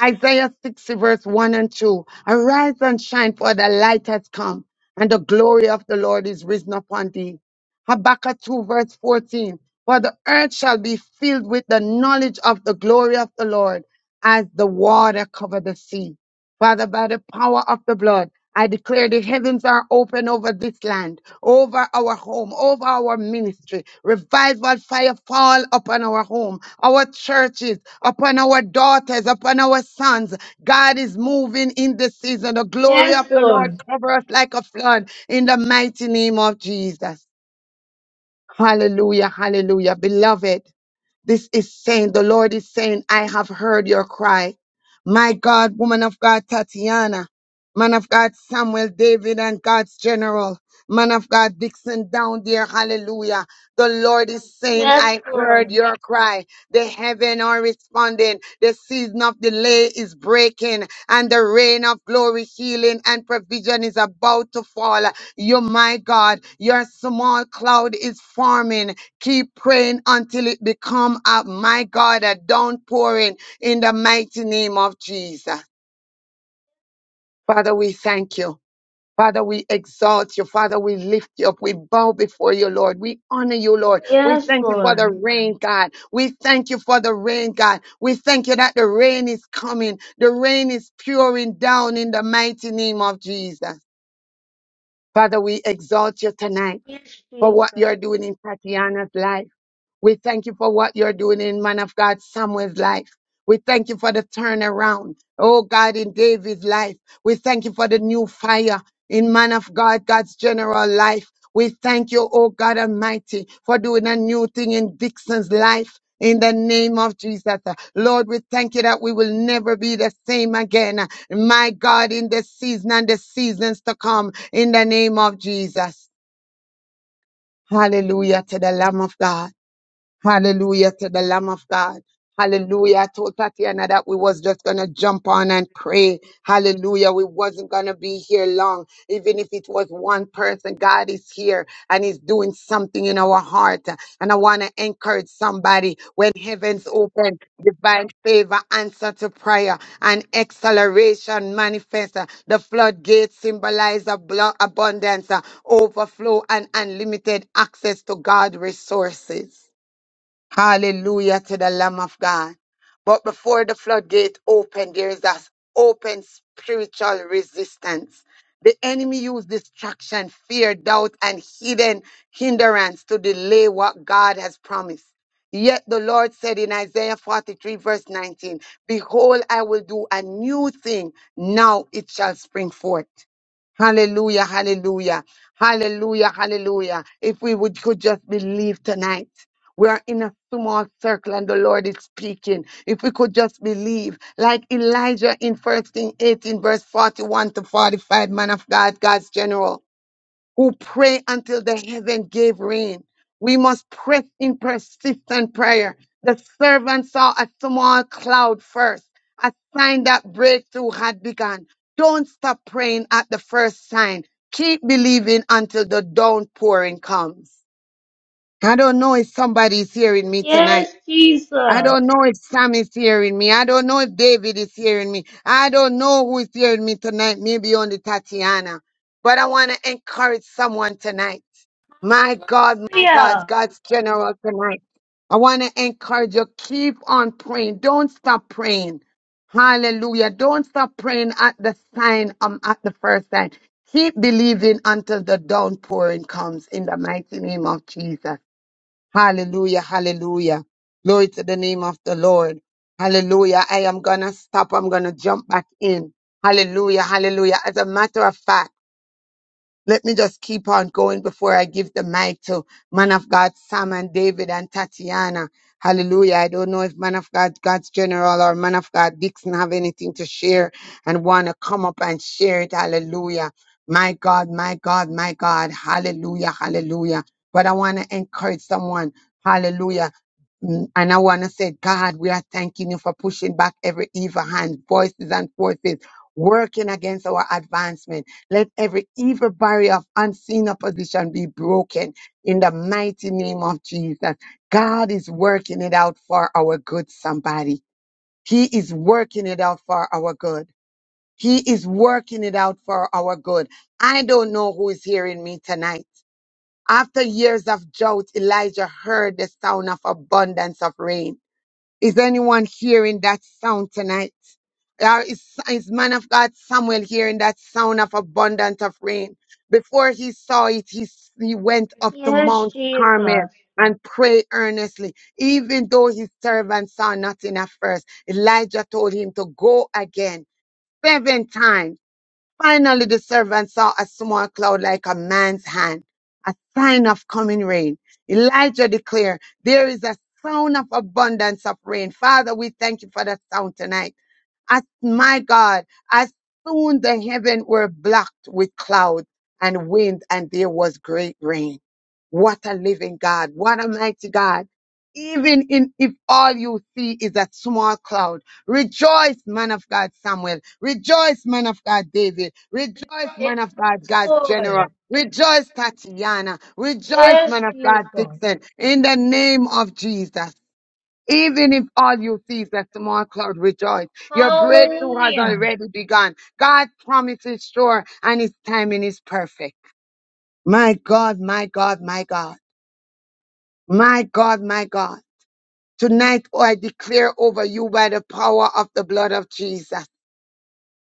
Speaker 2: Isaiah 60, verse 1 and 2, arise and shine, for the light has come, and the glory of the Lord is risen upon thee. Habakkuk 2, verse 14, for the earth shall be filled with the knowledge of the glory of the Lord as the water cover the sea. Father, by the power of the blood, I declare the heavens are open over this land, over our home, over our ministry. Revival fire fall upon our home, our churches, upon our daughters, upon our sons. God is moving in this season. The glory
Speaker 3: Yes,
Speaker 2: of the Lord
Speaker 3: Lord.
Speaker 2: cover us like a flood in the mighty name of Jesus. Hallelujah, hallelujah. Beloved, this is saying, the Lord is saying, I have heard your cry. My God, woman of God, Tatiana, man of God, Samuel, David, and God's general, man of God, Dixon down there, hallelujah. The Lord is saying,
Speaker 3: Yes,
Speaker 2: I heard
Speaker 3: Lord.
Speaker 2: your cry. The heaven are responding. The season of delay is breaking, and the rain of glory, healing, and provision is about to fall. You, my God, your small cloud is forming Keep praying until it become a my God a downpouring in the mighty name of Jesus. Father, we thank you. Father, we exalt you. Father, we lift you up. We bow before you, Lord. We honor you, Lord. We
Speaker 3: Yes,
Speaker 2: thank you for the
Speaker 3: Lord.
Speaker 2: rain, God. We thank you for the rain, God. We thank you that the rain is coming. The rain is pouring down in the mighty name of Jesus. Father, we exalt you tonight
Speaker 3: Yes,
Speaker 2: for what
Speaker 3: Jesus.
Speaker 2: you're doing in Tatiana's life. We thank you for what you're doing in man of God Samuel's life. We thank you for the turnaround. Oh God, in David's life. We thank you for the new fire in man of God, God's general life. We thank you, oh God Almighty, for doing a new thing in Dixon's life. In the name of Jesus. Lord, we thank you that we will never be the same again. My God, in this season and the seasons to come, in the name of Jesus. Hallelujah to the Lamb of God. Hallelujah to the Lamb of God. Hallelujah. I told Tatiana that we was just gonna jump on and pray. Hallelujah. We wasn't gonna be here long. Even if it was one person, God is here and He's doing something in our heart. And I wanna encourage somebody when heavens open, divine favor, answer to prayer, and acceleration manifest. The floodgates symbolize ablo- abundance, uh, overflow, and unlimited access to God resources. Hallelujah to the Lamb of God. But before the floodgate opened, there is that open spiritual resistance. The enemy used distraction, fear, doubt, and hidden hindrance to delay what God has promised. Yet the Lord said in Isaiah 43, verse 19, Behold, I will do a new thing. Now it shall spring forth. Hallelujah, hallelujah, hallelujah, hallelujah. If we would could just believe tonight. We are in a small circle and the Lord is speaking. If we could just believe, like Elijah in First King 18, verse 41 to 45, man of God, God's general, who pray until the heaven gave rain. We must press in persistent prayer. The servant saw a small cloud first, a sign that breakthrough had begun. Don't stop praying at the first sign. Keep believing until the downpouring comes. I don't know if somebody is hearing me tonight.
Speaker 3: Yes,
Speaker 2: I
Speaker 3: Jesus.
Speaker 2: don't know if Sam is hearing me. I don't know if David is hearing me. I don't know who is hearing me tonight, maybe only Tatiana. But I want to encourage someone tonight. My God, my God,
Speaker 3: Hallelujah.
Speaker 2: God's general tonight. I want to encourage you. Keep on praying. Don't stop praying. Hallelujah. Don't stop praying at the sign, um, at the first sign. Keep believing until the downpouring comes in the mighty name of Jesus. Hallelujah, hallelujah. Glory to the name of the Lord. Hallelujah. I am going to stop. I'm going to jump back in. Hallelujah, hallelujah. As a matter of fact, let me just keep on going before I give the mic to man of God, Sam and David and Tatiana. Hallelujah. I don't know if man of God, God's general or man of God, Dixon have anything to share and want to come up and share it. Hallelujah. My God, my God, my God. Hallelujah. Hallelujah. But I want to encourage someone. Hallelujah. Mm, And I want to say, God, we are thanking you for pushing back every evil hand, voices and forces working against our advancement. Let every evil barrier of unseen opposition be broken in the mighty name of Jesus. God is working it out for our good, somebody. He is working it out for our good. He is working it out for our good. I don't know who is hearing me tonight. After years of drought, Elijah heard the sound of abundance of rain. Is anyone hearing that sound tonight? Or is, is man of God Samuel hearing that sound of abundant of rain? Before he saw it, he, s- he went up to
Speaker 3: Yes,
Speaker 2: Mount Carmel
Speaker 3: Jesus.
Speaker 2: and prayed earnestly. Even though his servant saw nothing at first, Elijah told him to go again seven times. Finally, the servant saw a small cloud like a man's hand, a sign of coming rain. Elijah declared, There is a sound of abundance of rain. Father, we thank you for that sound tonight. As my God, as soon the heaven were blocked with clouds and wind, and there was great rain. What a living God. What a mighty God. Even in, if all you see is a small cloud. Rejoice, man of God, Samuel. Rejoice, man of God, David. Rejoice, man of God,
Speaker 3: Yes,
Speaker 2: God's general.
Speaker 3: Lord.
Speaker 2: Rejoice, Tatiana. Rejoice,
Speaker 3: Yes,
Speaker 2: man of God,
Speaker 3: Jesus.
Speaker 2: Dixon. In the name of Jesus. Even if all you see is a small cloud, rejoice. Your breakthrough has
Speaker 3: Hallelujah.
Speaker 2: already begun. God promises sure, and His timing is perfect. My God, my God, my God. My God, my God. Tonight, oh, I declare over you by the power of the blood of Jesus.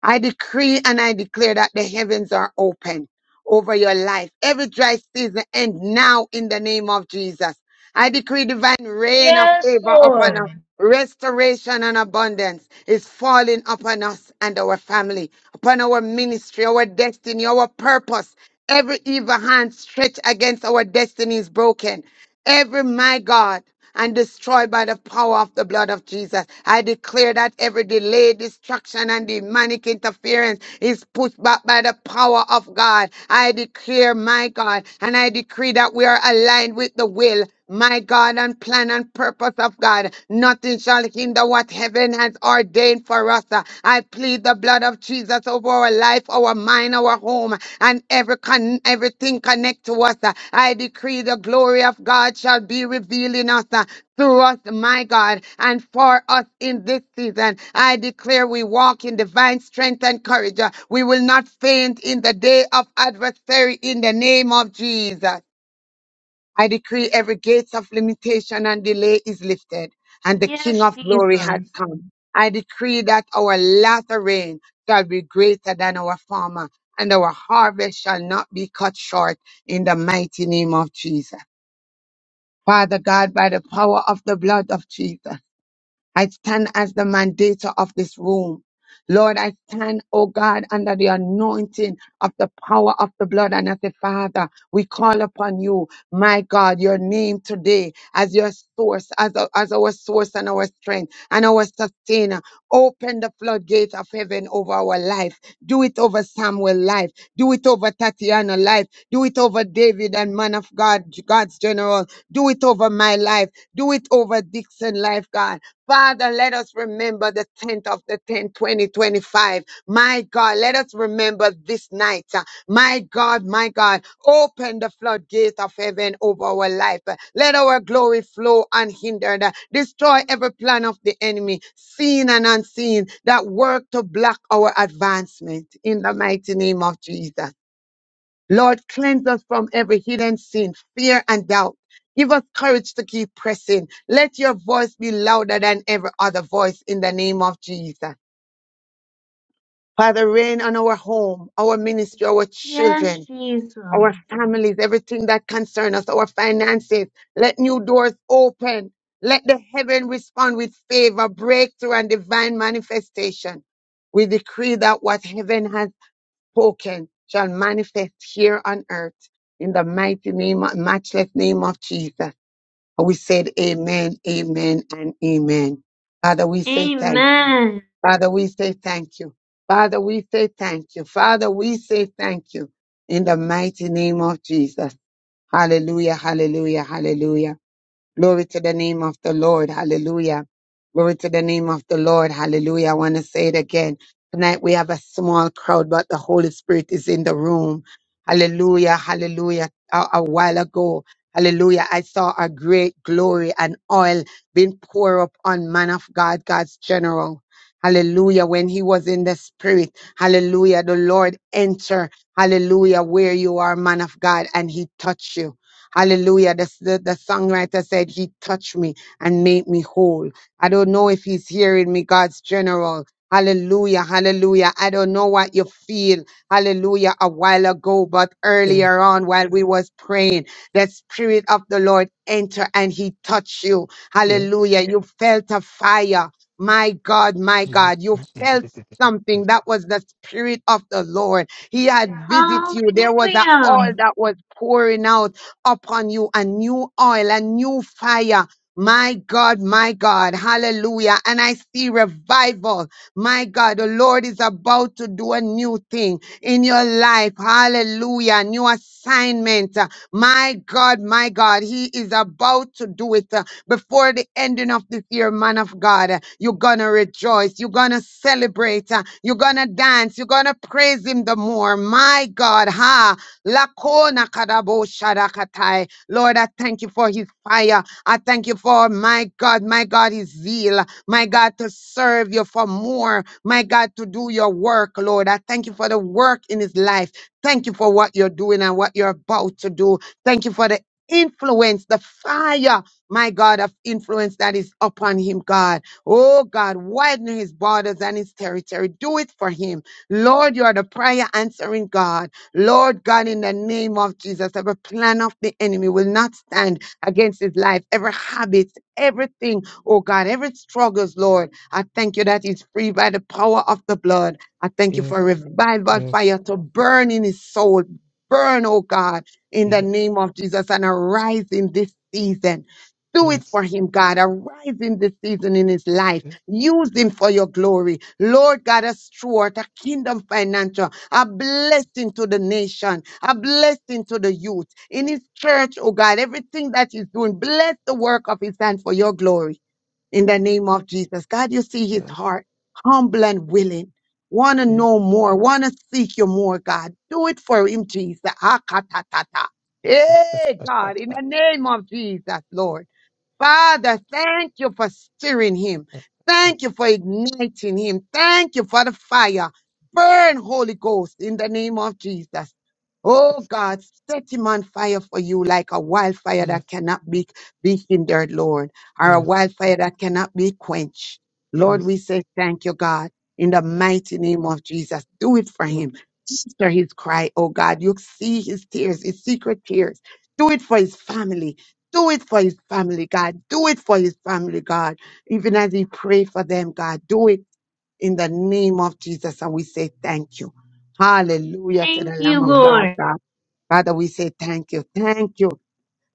Speaker 2: I decree and I declare that the heavens are open over your life. Every dry season end now in the name of Jesus. I decree divine rain of
Speaker 3: Yes,
Speaker 2: favor upon us.
Speaker 3: Lord.
Speaker 2: Restoration and abundance is falling upon us and our family, upon our ministry, our destiny, our purpose. Every evil hand stretched against our destiny is broken. Every, my God, and destroyed by the power of the blood of Jesus. I declare that every delay, destruction, and demonic interference is pushed back by the power of God. I declare, my God, and I decree that we are aligned with the will. My God and plan and purpose of God. Nothing shall hinder what heaven has ordained for us. I plead the blood blood of Jesus over our life, our mind, our home, and every con- everything connect to us. Uh, I decree the glory of God shall be revealed in us. uh, through us, my God, and for us in this season. I declare we walk in divine strength and courage. Uh, We will not faint in the day of adversary in the name of Jesus. I decree every gates of limitation and delay is lifted, and the King
Speaker 3: Yes,
Speaker 2: of glory has
Speaker 3: Jesus.
Speaker 2: come. I decree that our latter rain shall be greater than our former, and our harvest shall not be cut short in the mighty name of Jesus. Father God, by the power of the blood of Jesus. I stand as the mandator of this room. Lord, I stand, oh God, under the anointing of the power of the blood. And as a father, we call upon you, my God, your name today as your source, as, our- as our source and our strength and our sustainer. Open the floodgate of heaven over our life. Do it over Samuel's life. Do it over Tatiana's life. Do it over David and man of God, God's general. Do it over my life. Do it over Dixon Life, God. Father, let us remember the 10th of the 10th, 2025. My God, let us remember this night. uh, My God, my God, open the floodgate of heaven over our life. Uh, Let our glory flow unhindered. Uh, Destroy every plan of the enemy, seen and unseen, that work to block our advancement. In the mighty name of Jesus. Lord, cleanse us from every hidden sin, fear, and doubt. Give us courage to keep pressing. Let your voice be louder than every other voice in the name of Jesus. Father, reign on our home, our ministry, our
Speaker 3: Yes,
Speaker 2: children,
Speaker 3: Jesus.
Speaker 2: our families, everything that concerns us, our finances. Let new doors open. Let the heaven respond with favor, breakthrough, and divine manifestation. We decree that what heaven has spoken shall manifest here on earth in the mighty name, matchless name of Jesus. And we said, Amen, Amen, and Amen. Father, we say thank.
Speaker 3: Amen.
Speaker 2: Father, we say thank you. Father, we say thank you. Father, we say thank you in the mighty name of Jesus. Hallelujah, hallelujah, hallelujah. Glory to the name of the Lord. Hallelujah. Glory to the name of the Lord. Hallelujah. I want to say it again. Tonight we have a small crowd, but the Holy Spirit is in the room. Hallelujah. Hallelujah. A, a while ago. Hallelujah. I saw a great glory and oil being poured up on man of God, God's general. Hallelujah. When he was in the spirit. Hallelujah. The Lord enter. Hallelujah. Where you are, man of God, and he touched you. Hallelujah. The, the, the songwriter said, He touched me and made me whole. I don't know if He's hearing me, God's general. Hallelujah, hallelujah. I don't know what you feel, hallelujah, a while ago, but
Speaker 5: Yes,
Speaker 2: earlier on while we was praying, the Spirit of the Lord enter and He touched you.
Speaker 5: yes,
Speaker 2: Hallelujah. You felt a fire. My God, my
Speaker 5: yes,
Speaker 2: God, you
Speaker 5: yes, yes, yes, yes, yes, yes, yes, yes, yes,
Speaker 2: felt something that was the spirit of the Lord. He had visited you. There was a oil
Speaker 3: Hallelujah.
Speaker 2: that was pouring out upon you a new oil, a new fire. My God, my God, hallelujah. And I see revival. My God, the Lord is about to do a new thing in your life. Hallelujah. New assignment. Uh, My God, my God, He is about to do it uh, before the ending of this year, man of God. Uh, You're gonna rejoice. You're gonna celebrate. uh, You're gonna dance. You're gonna praise Him the more. My God, ha. Lakona kadabo sharakatai. Lord, I thank you for his fire. I thank you for my God, my God, his zeal. My God, to serve you for more. My God, to do your work, Lord. I thank you for the work in his life. Thank you for what you're doing and what you're about to do. Thank you for the influence, the fire, my God, of influence that is upon him, God. Oh God, widen his borders and his territory. Do it for him. Lord, you are the prayer answering God. Lord God, in the name of Jesus, every plan of the enemy will not stand against his life, every habit, everything, oh God, every struggles, Lord. I thank you that he's free by the power of the blood. I thank you for revival fire to burn in his soul. Burn, oh God, in the name of Jesus, and arise in this season. Do it for him, God. Arise in this season in his life. Use him for your glory. Lord God, a steward, a kingdom financial a blessing to the nation, a blessing to the youth, in his church, oh God, everything that he's doing, bless the work of his hand for your glory in the name of Jesus. God, you see his heart, humble and willing. Want to know more, want to seek you more, God. Do it for him, Jesus. Akatatata.
Speaker 5: yes, yes,
Speaker 2: Hey, God, in the name of Jesus, Lord. Father, thank you for stirring him. Thank you for igniting him. Thank you for the fire. Burn, Holy Ghost, in the name of Jesus. Oh
Speaker 5: yes,
Speaker 2: God, set him on fire for you like a wildfire that cannot be, be hindered, Lord, or a wildfire that cannot be quenched. Lord,
Speaker 5: yes,
Speaker 2: we say thank you, God, in the mighty name of Jesus. Do it for
Speaker 5: thank-
Speaker 2: him. Answer his cry, oh God. You see his tears, his secret tears. Do it for his family. Do it for his family, God. Do it for his family, God. Even as he pray for them, God, do it in the name of Jesus. And we say thank you. Hallelujah to the
Speaker 3: Thank you,
Speaker 2: Lamb of
Speaker 5: yes,
Speaker 2: God,
Speaker 3: Lord.
Speaker 2: God. Father, we say thank you. Thank you.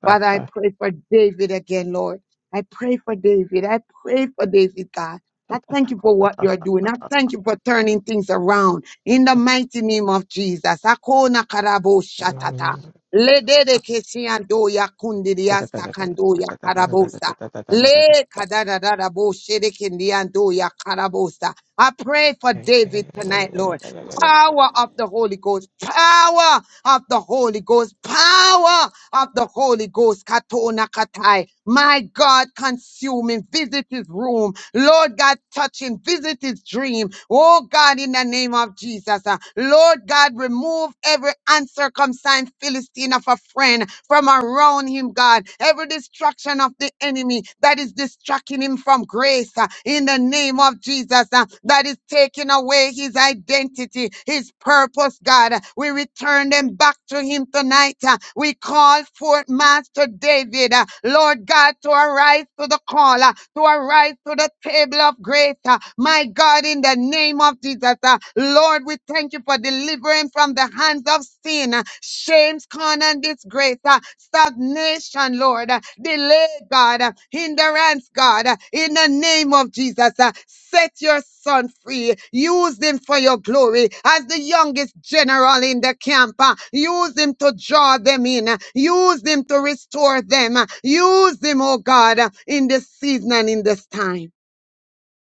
Speaker 2: Father, I
Speaker 5: Tata,
Speaker 2: pray for David again, Lord. I pray for David. I pray for David, God. I thank you for what
Speaker 5: tata,
Speaker 2: you're doing. I thank you for turning things around in the mighty name of Jesus. Akona karabo shatata. Ledede kesiando ya kundiri astakando ya karabosa. Le kadadadadabo shedekindiando ya karabosa. I pray for David tonight, Lord. Power of the Holy Ghost. Power of the Holy Ghost. Power of the Holy Ghost. Katona katai. My God, consume him. Visit his room. Lord God, touch him. Visit his dream. Oh God, in the name of Jesus. uh, Lord God, remove every uncircumcised Philistine of a friend from around him, God. Every distraction of the enemy that is distracting him from grace. uh, In the name of of Jesus uh, that is taking away his identity, his purpose, God. We return them back to him tonight. uh, We call forth Master David, uh, Lord God, to arise to the call, uh, to arise to the table of grace. uh, My God, in the name of Jesus, uh, Lord, we thank you for delivering from the hands of sin, uh, shame, James, Con, and disgrace, uh, stagnation, Lord, uh, delay, God, uh, hindrance, God, uh, in the name of Jesus. uh, Set your son free. Use him for your glory as the youngest general in the camp. uh, Use him to draw them in. uh, Use him to restore them. uh, Use him, oh God, uh, in this season and in this time.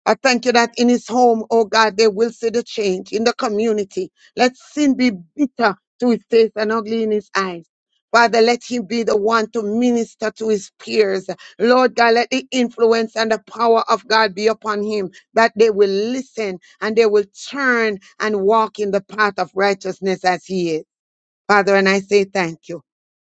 Speaker 2: I thank you that in his home, oh God, they will see the change in the community. Let sin be bitter to his taste and ugly in his eyes. Father, let him be the one to minister to his peers. Lord God, let the influence and the power of God be upon him, that they will listen and they will turn and walk in the path of righteousness as he is. Father, and I say thank you.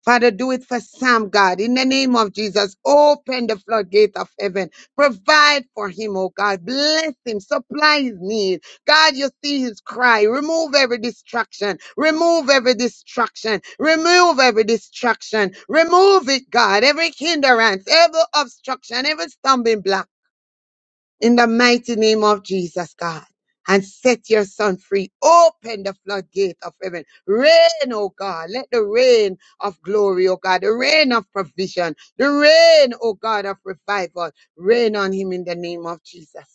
Speaker 2: Father, do it for Sam, God. In the name of Jesus, open the floodgate of heaven. Provide for him, oh God. Bless him. Supply his need. God, you see his cry. Remove every distraction. Remove every distraction. Remove every distraction. Remove it, God. Every hindrance, every obstruction, every stumbling block in the mighty name of Jesus, God, and set your son free. Open the floodgate of heaven. Rain, oh God. Let the rain of glory, oh God, the rain of provision, the rain, oh God, of revival, rain on him in the name of Jesus.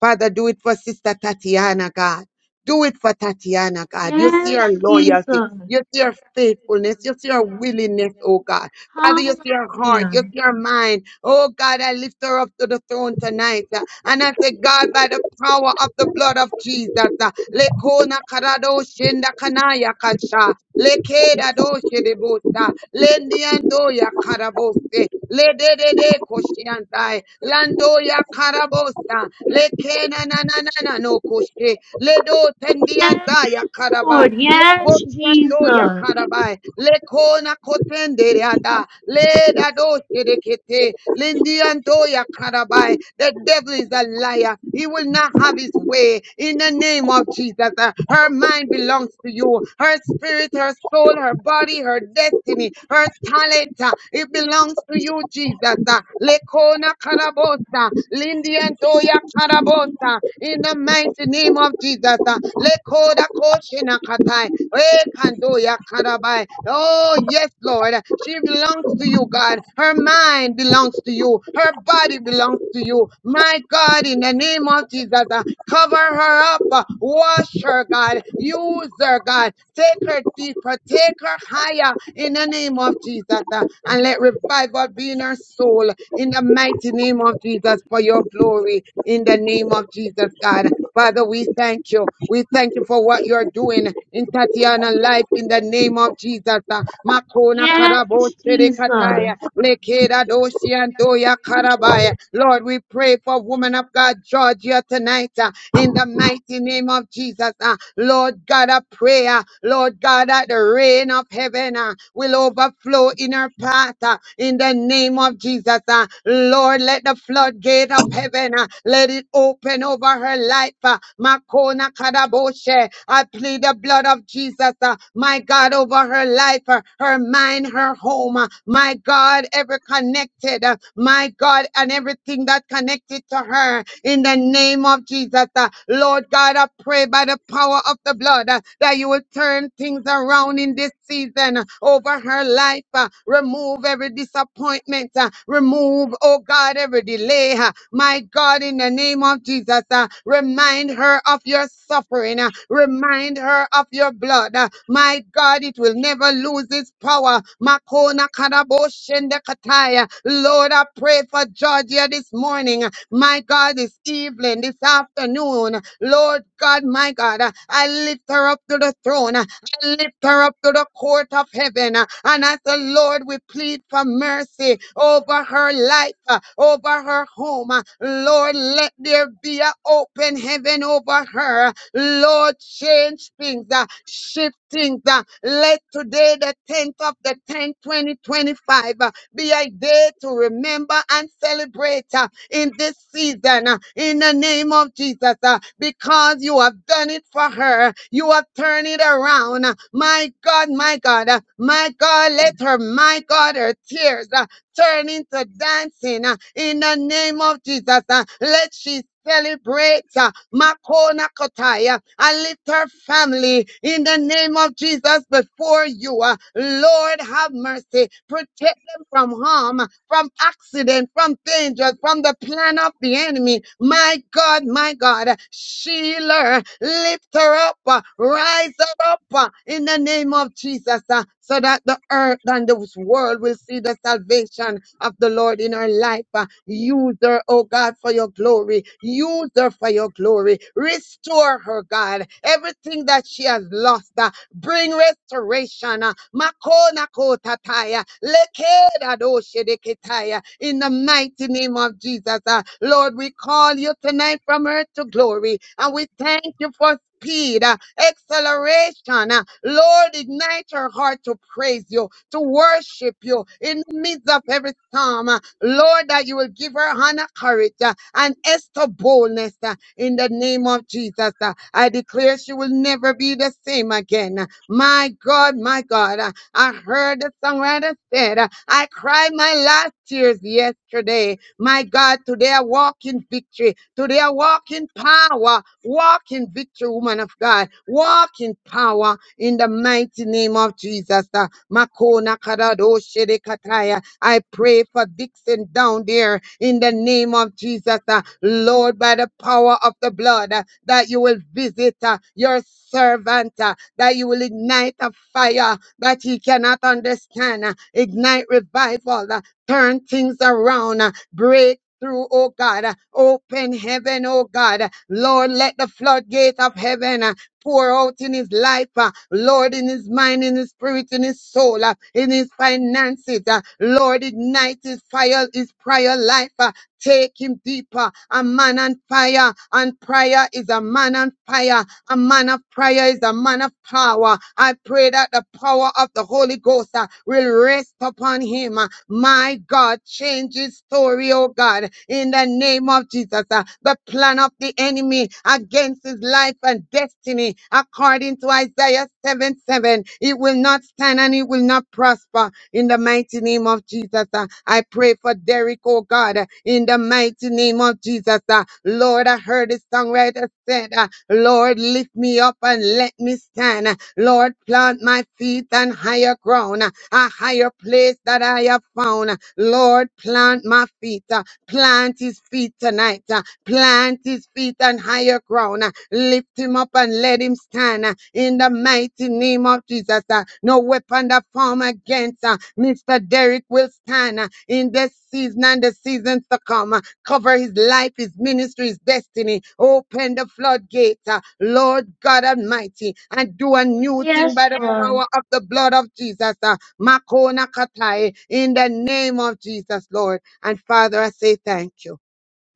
Speaker 2: Father, do it for Sister Tatiana, God. Do it for Tatiana, God. You see
Speaker 3: Yes,
Speaker 2: her loyalty.
Speaker 3: Jesus.
Speaker 2: You see her faithfulness. You see her willingness, oh God. Father, you
Speaker 3: Hallelujah.
Speaker 2: see her heart. You see her mind. Oh God, I lift her up to the throne tonight. uh, And I say, God, by the power of the blood of Jesus, uh, Lekona Karado Shenda Kanaya Kasha. Lekeda doshe de bosa, lendianto ya karabose, le de de de koshiantai, lando ya karabosa, lekena na na na na no koshe, le do tendianta ya
Speaker 3: Yes,
Speaker 2: karaba,
Speaker 3: Lord.
Speaker 2: le
Speaker 3: Yes,
Speaker 2: bondianto ya
Speaker 3: Jesus.
Speaker 2: karabai, le kona kotende yada, le da doshe de kete, lendianto ya karabai. The devil is a liar. He will not have his way in the name of Jesus. Uh, Her mind belongs to you. Her spirit spirit, her soul, her body, her destiny, her talent. uh, It belongs to you, Jesus. uh, Lekona Karabosa, Lindy and Toya Karabosa, in the mighty name of Jesus. uh, Lekoda Koshina Katai, Rekandoya Karabai. Oh, yes, Lord. She belongs to you, God. Her mind belongs to you. Her body belongs to you. My God, in the name of Jesus, uh, cover her up. uh, Wash her, God. Use her, God. Take her her deep. Take her higher in the name of Jesus. uh, And let revival be in her soul in the mighty name of Jesus for your glory in the name of Jesus, God. Father, we thank you. We thank you for what you're doing in Tatiana's life in the name of Jesus. uh, Makona
Speaker 3: Yes,
Speaker 2: karabo
Speaker 3: Jesus.
Speaker 2: serekataya, lekeda doshi andoya karabaya. Lord, we pray for woman of God, Georgia, tonight uh, in the mighty name of Jesus. uh, Lord God, a prayer. Lord Lord God, that the rain of heaven uh, will overflow in her path uh, in the name of Jesus. uh. Lord, let the floodgate of heaven uh, let it open over her life. uh. Makona kadaboshe. I plead the blood of Jesus, uh, my God, over her life, uh, her mind, her home. uh, My God, ever connected, uh, my God, and everything that connected to her in the name of Jesus. uh. Lord God, I pray by the power of the blood uh, that you will turn turn things around in this season uh, over her life. uh, Remove every disappointment. uh, Remove, oh God, every delay. uh, My God, in the name of Jesus, uh, remind her of your suffering. uh, Remind her of your blood. uh, My God, it will never lose its power. Makona karabo shende kataya. Lord, I pray for Georgia this morning. uh, My God, this evening, this afternoon. Lord God, my God, I lift her up to the throne. I lift her up to the court of heaven. uh, And as the Lord, we plead for mercy over her life, uh, over her home. uh, Lord, let there be an open heaven over her. Lord, change things, uh, shift things. uh, Let today, the 10th of the 10th, 2025, uh, be a day to remember and celebrate. uh, in this season uh, in the name of Jesus uh, because you have done it for her. You have turned it around. uh, My God, my God, uh, my God, let her, my God, her tears. uh, turn into dancing uh, in the name of Jesus. uh, Let she celebrate uh, Makona Kotaya and lift her family in the name of Jesus before you. uh, Lord, have mercy. Protect them from harm, from accident, from danger, from the plan of the enemy. My God. God, my God, shield her, lift her up, uh, rise her up uh, in the name of Jesus, uh, so that the earth and this world will see the salvation of the Lord in her life. uh. Use her, oh God, for your glory. Use her for your glory. Restore her, God, everything that she has lost. uh, Bring restoration. uh, Makona kotataya, lekeda doshedeketaya, In the mighty name of Jesus, uh, Lord, we call you tonight from earth to glory, and we thank you for speed, uh, acceleration. uh, Lord, ignite her heart to praise you, to worship you in the midst of every storm. uh, Lord, that you will give her Hannah courage, uh, and Esther boldness uh, in the name of Jesus. uh. I declare she will never be the same again. My God, my God, uh, I heard the songwriter said, uh, I cried my last tears yesterday. My God, today I walk in victory. Today I walk in power. Walk in victory, woman of God. Walk in power in the mighty name of Jesus. Uh, Makona Karado de kataya. I pray for Dixon down there in the name of Jesus, uh, Lord, by the power of the blood, uh, that you will visit uh, your servant, uh, that you will ignite a fire that he cannot understand, uh, ignite revival, uh, turn things around, uh, break. Through, oh God, uh, open heaven, oh God. uh, Lord, let the floodgate of heaven, uh, pour out in his life, uh, Lord, in his mind, in his spirit, in his soul, uh, in his finances. uh, Lord, ignite his fire, his prayer life. uh, Take him deeper. A man on fire, and prayer is a man on fire. A man of prayer is a man of power. I pray that the power of the Holy Ghost uh, will rest upon him. uh, My God, change his story, oh God, in the name of Jesus. uh, The plan of the enemy against his life and death destiny according to Isaiah 7 7. It will not stand and it will not prosper in the mighty name of Jesus. uh, I pray for Derek, oh God, uh, in the mighty name of Jesus. uh, Lord, I heard the songwriter said, uh, Lord, lift me up and let me stand. uh, Lord, plant my feet on higher ground. uh, a higher place that I have found. Lord, plant my feet, uh, plant his feet tonight, uh, plant his feet on higher ground, uh, lift him up and let him stand uh, in the mighty name of Jesus. uh, No weapon that form against uh, Mr. Derek will stand uh, in this season and the seasons to come. uh, Cover his life, his ministry, his destiny. Open the floodgate, uh, Lord God Almighty, and do a new thing
Speaker 3: Yes,
Speaker 2: by the
Speaker 3: Lord.
Speaker 2: power of the blood of Jesus. uh, Makona Katai, in the name of Jesus, Lord. And Father, I say thank you.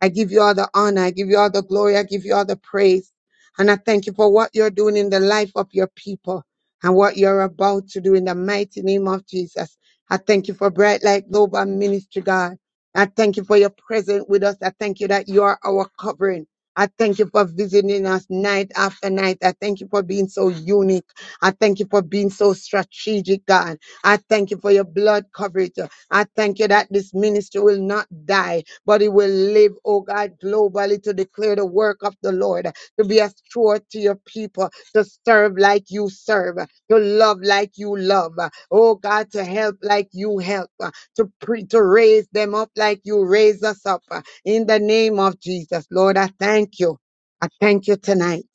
Speaker 2: I give you all the honor. I give you all the glory. I give you all the praise. And I thank you for what you're doing in the life of your people and what you're about to do in the mighty name of Jesus. I thank you for Bright Light Global Ministry, God. I thank you for your presence with us. I thank you that you are our covering. I thank you for visiting us night after night. I thank you for being so unique. I thank you for being so strategic, God. I thank you for your blood coverage. I thank you that this ministry will not die but it will live, oh God, globally to declare the work of the Lord, to be a steward to your people, to serve like you serve, to love like you love, oh God, to help like you help, to, pre- to raise them up like you raise us up. In the name of Jesus, Lord, I thank you. I thank you tonight.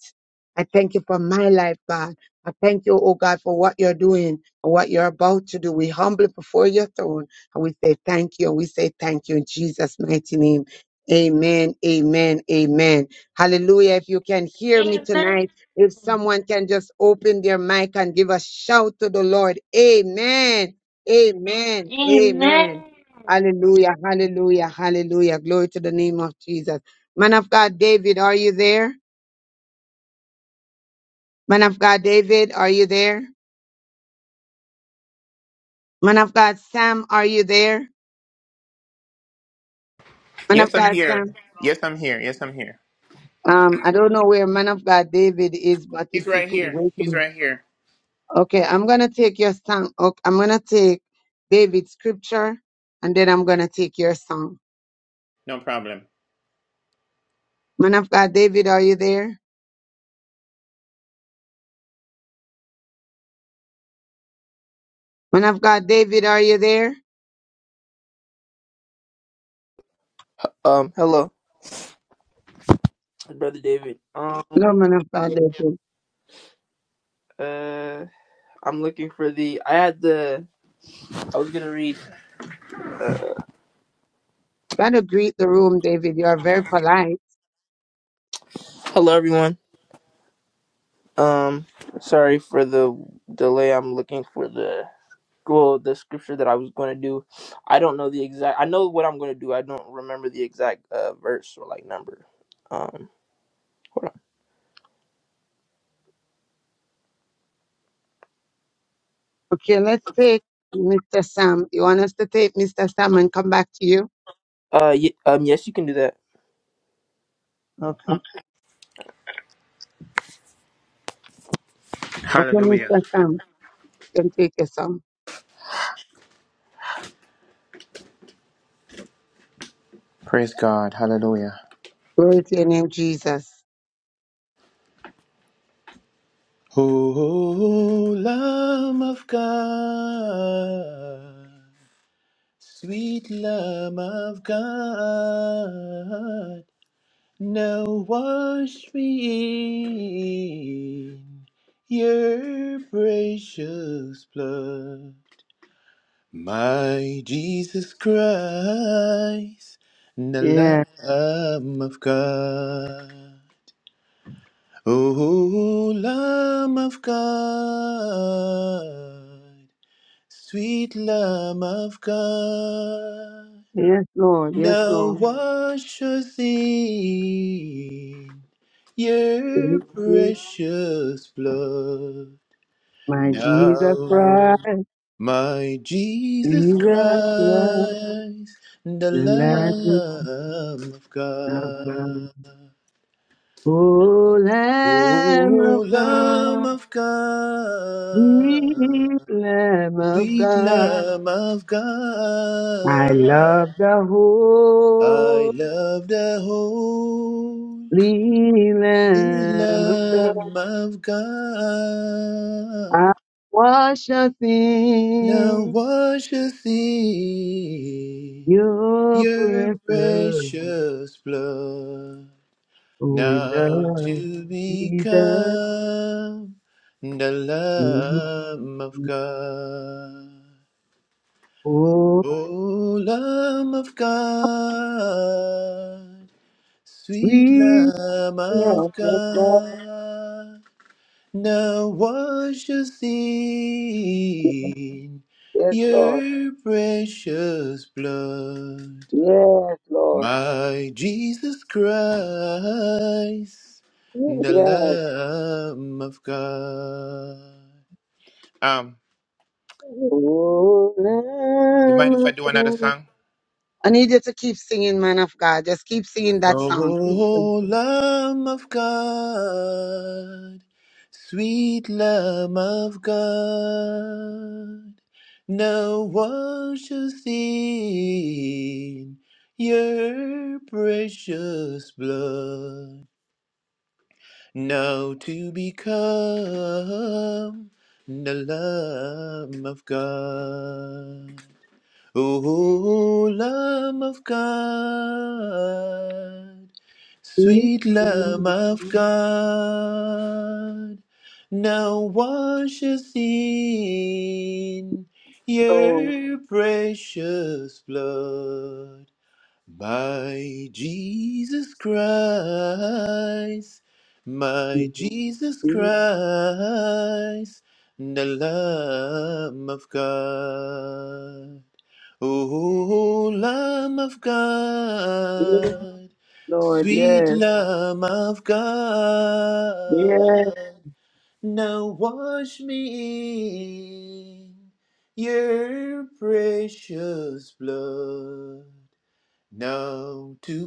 Speaker 2: I thank you for my life, God. I thank you, oh God, for what you're doing and what you're about to do. We humble before your throne and we say thank you. And we say thank you in Jesus' mighty name. Amen. Amen. Amen. Hallelujah. If you can hear me
Speaker 3: Amen.
Speaker 2: tonight, if someone can just open their mic and give a shout to the Lord. Amen. Amen.
Speaker 3: Amen.
Speaker 2: Amen. Hallelujah. Hallelujah. Hallelujah. Glory to the name of Jesus. Man of God, David, are you there? Man of God, David, are you there? Man of God, Sam, are you there? Man of
Speaker 4: Yes, I'm
Speaker 2: God,
Speaker 4: here.
Speaker 2: Sam.
Speaker 4: Yes, I'm here. Yes, I'm here.
Speaker 2: Um, I don't know where man of God David is, but if
Speaker 4: He's
Speaker 2: he
Speaker 4: right
Speaker 2: could
Speaker 4: here.
Speaker 2: wait. a
Speaker 4: He's
Speaker 2: minute.
Speaker 4: right here.
Speaker 2: Okay, I'm gonna take your song. Okay, I'm gonna take David's scripture, and then I'm gonna take your song.
Speaker 4: No problem.
Speaker 2: Man of God David, are you there? Man of God David, are you there?
Speaker 6: Um, hello, brother David. Um,
Speaker 2: No, man of God David.
Speaker 6: uh, I'm looking for the. I had the. I was gonna read.
Speaker 2: You gotta greet the room, David. You are very polite.
Speaker 6: Hello, everyone. Um, sorry for the delay. I'm looking for the well, the scripture that I was gonna do. I don't know the exact. I know what I'm gonna do. I don't remember the exact uh verse or like number. Um, hold
Speaker 2: Okay, let's take Mr. Sam. You want us to take Mr. Sam and come back to you?
Speaker 6: on. Uh, y- um, yes, you can do that.
Speaker 2: Okay. Okay,
Speaker 4: Hallelujah.
Speaker 2: Mr. Sam, you can take your song.
Speaker 4: Praise God. Hallelujah.
Speaker 2: Glory to your name, Jesus.
Speaker 4: Oh, Lamb of God. Sweet love of God, now wash me in your precious blood. My Jesus Christ, the Lamb of God. Oh, Lamb of God, sweet Lamb of God.
Speaker 2: Yes, Lord. Yes,
Speaker 4: No
Speaker 2: Lord.
Speaker 4: one should see your
Speaker 2: Mhm.
Speaker 4: precious blood.
Speaker 2: My Jesus
Speaker 4: Now,
Speaker 2: Christ,
Speaker 4: my Jesus Christ,
Speaker 2: Jesus Christ,
Speaker 4: the
Speaker 2: the Lamb
Speaker 4: Lamb of
Speaker 2: of
Speaker 4: God.
Speaker 2: God. Oh, Lamb of
Speaker 4: Oh, Lamb
Speaker 2: God,
Speaker 4: of God,
Speaker 2: sweet Lamb of
Speaker 4: sweet
Speaker 2: God.
Speaker 4: Lamb of
Speaker 2: I
Speaker 4: God,
Speaker 2: love the
Speaker 4: I love the whole.
Speaker 2: holy
Speaker 4: The
Speaker 2: Lamb of God.
Speaker 4: Lamb of God,
Speaker 2: I worship
Speaker 4: now
Speaker 2: in
Speaker 4: washes in
Speaker 2: your
Speaker 4: your
Speaker 2: presence.
Speaker 4: precious blood,
Speaker 2: Oh, we
Speaker 4: now
Speaker 2: love
Speaker 4: to
Speaker 2: Jesus.
Speaker 4: become the Lamb of God.
Speaker 2: Oh,
Speaker 4: O Lamb of God, sweet
Speaker 2: sweet.
Speaker 4: Lamb of
Speaker 2: Lord. Yes, Lord.
Speaker 4: God. Now wash us in
Speaker 2: Yes, Lord.
Speaker 4: your precious blood,
Speaker 2: Yes, Lord.
Speaker 4: my Jesus Christ, the
Speaker 2: Yes.
Speaker 4: Lamb of God. Um,
Speaker 2: Oh,
Speaker 4: you mind if
Speaker 2: Lamb
Speaker 4: I
Speaker 2: of
Speaker 4: do another
Speaker 2: God.
Speaker 4: song?
Speaker 2: I need you to keep singing, man of God. Just keep singing that song. Keep singing.
Speaker 4: Oh, Lamb of God, sweet Lamb of God, now one shall sin your precious blood, now to become the Lamb of God. O Lamb of God, sweet Lamb of God, now wash us in
Speaker 2: Oh,
Speaker 4: your precious blood. My Jesus Christ, my Jesus
Speaker 2: yes,
Speaker 4: Christ, the Lamb of God. O Lamb of God,
Speaker 2: Lord,
Speaker 4: sweet
Speaker 2: yes,
Speaker 4: Lamb of
Speaker 2: yes.
Speaker 4: God, now wash me in your precious blood, now to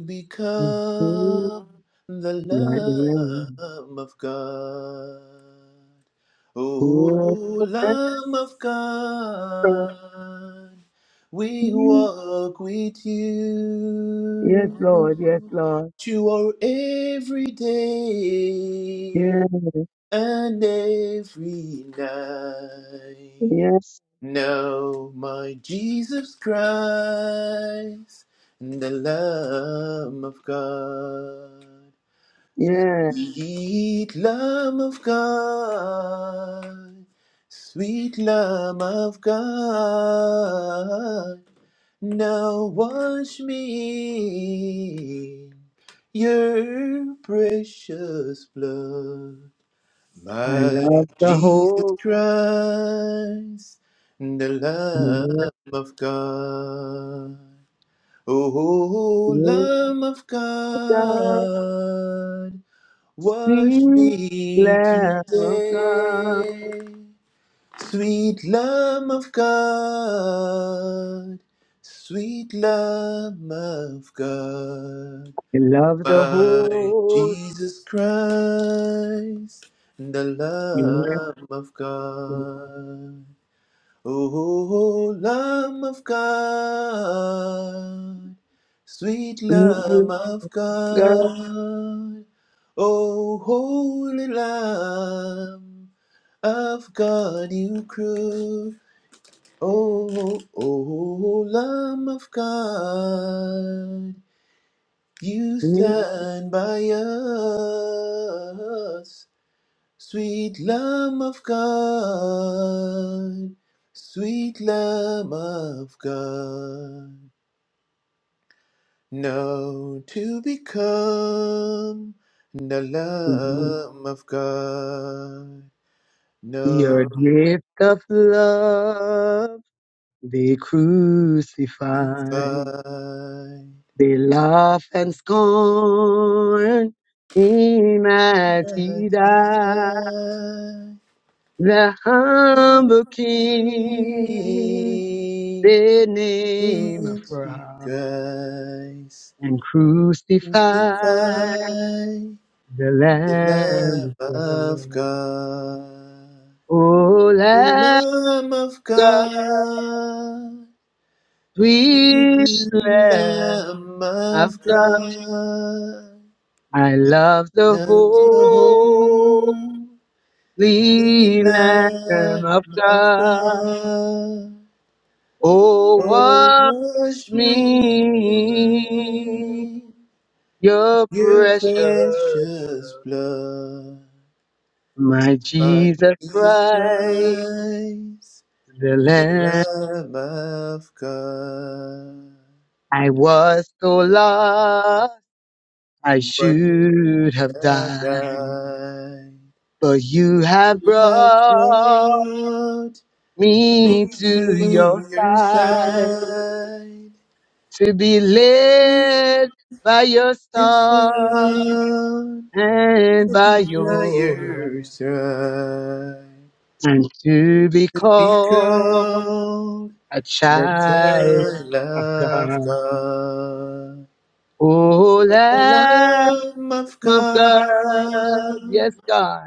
Speaker 2: Sweet
Speaker 4: become the
Speaker 2: Lord, yes.
Speaker 4: Lamb of God.
Speaker 2: Oh,
Speaker 4: O Lamb of God, we walk with
Speaker 2: Yes,
Speaker 4: you
Speaker 2: Lord, yes, Lord.
Speaker 4: to our every day
Speaker 2: Yes,
Speaker 4: and every night.
Speaker 2: yes.
Speaker 4: Now, my Jesus Christ, the Lamb of God.
Speaker 2: Yeah,
Speaker 4: Sweet Lamb of God, sweet Lamb of God, now wash me in your precious blood.
Speaker 2: I
Speaker 4: My
Speaker 2: love the
Speaker 4: Jesus
Speaker 2: hope
Speaker 4: Christ, the
Speaker 2: that
Speaker 4: Lamb of God. Oh,
Speaker 2: in
Speaker 4: Lamb of
Speaker 2: the
Speaker 4: God. Wash
Speaker 2: sweet
Speaker 4: me
Speaker 2: Lamb of God.
Speaker 4: today, sweet Lamb of God, sweet Lamb of God,
Speaker 2: I love the
Speaker 4: by
Speaker 2: hope
Speaker 4: Jesus Christ, the
Speaker 2: that
Speaker 4: Lamb of
Speaker 2: in the
Speaker 4: God. Oh, Lamb of God, sweet
Speaker 2: sweet Lamb
Speaker 4: Lamb
Speaker 2: of
Speaker 4: of
Speaker 2: God.
Speaker 4: God, oh, holy Lamb of God, you crew. Oh, oh, oh, Lamb of God, you
Speaker 2: sweet
Speaker 4: stand by us. Sweet Lamb of God, sweet Lamb of God, now to become the
Speaker 2: Lamb.
Speaker 4: Lamb of God,
Speaker 2: Your
Speaker 4: notified
Speaker 2: gift of love, they crucify. They laugh and scorn. Him as
Speaker 4: that
Speaker 2: he died,
Speaker 4: desire
Speaker 2: the
Speaker 4: to
Speaker 2: humble king.
Speaker 4: sing,
Speaker 2: the name of
Speaker 4: sweet
Speaker 2: Christ
Speaker 4: Christ,
Speaker 2: and crucified
Speaker 4: crucified.
Speaker 2: the
Speaker 4: The
Speaker 2: Lamb of
Speaker 4: Lamb of
Speaker 2: God.
Speaker 4: God,
Speaker 2: O
Speaker 4: the
Speaker 2: Lamb of
Speaker 4: Lamb of
Speaker 2: God,
Speaker 4: God, sweet
Speaker 2: sweet Lamb
Speaker 4: Lamb
Speaker 2: of
Speaker 4: of
Speaker 2: God,
Speaker 4: God,
Speaker 2: I love the
Speaker 4: now the
Speaker 2: holy
Speaker 4: holy
Speaker 2: Lamb of
Speaker 4: Lamb of
Speaker 2: God.
Speaker 4: God,
Speaker 2: Oh,
Speaker 4: oh
Speaker 2: what is
Speaker 4: wash me
Speaker 2: me your
Speaker 4: your
Speaker 2: precious
Speaker 4: precious
Speaker 2: blood,
Speaker 4: blood,
Speaker 2: my
Speaker 4: by
Speaker 2: Jesus
Speaker 4: Jesus
Speaker 2: Christ.
Speaker 4: Christ.
Speaker 2: The land
Speaker 4: love of God,
Speaker 2: I was so lost, I
Speaker 4: but
Speaker 2: should have
Speaker 4: love
Speaker 2: died.
Speaker 4: God
Speaker 2: But you have
Speaker 4: has
Speaker 2: brought
Speaker 4: brought
Speaker 2: me
Speaker 4: me
Speaker 2: to your
Speaker 4: to your
Speaker 2: side
Speaker 4: side.
Speaker 2: to be led by your
Speaker 4: Yes,
Speaker 2: song
Speaker 4: Lord,
Speaker 2: and by
Speaker 4: by
Speaker 2: your
Speaker 4: your side.
Speaker 2: and to be called
Speaker 4: Because
Speaker 2: a
Speaker 4: the
Speaker 2: child
Speaker 4: child
Speaker 2: of
Speaker 4: of
Speaker 2: God.
Speaker 4: God,
Speaker 2: Oh, Lamb
Speaker 4: the Lamb of
Speaker 2: of God, yes,
Speaker 4: God.
Speaker 2: God.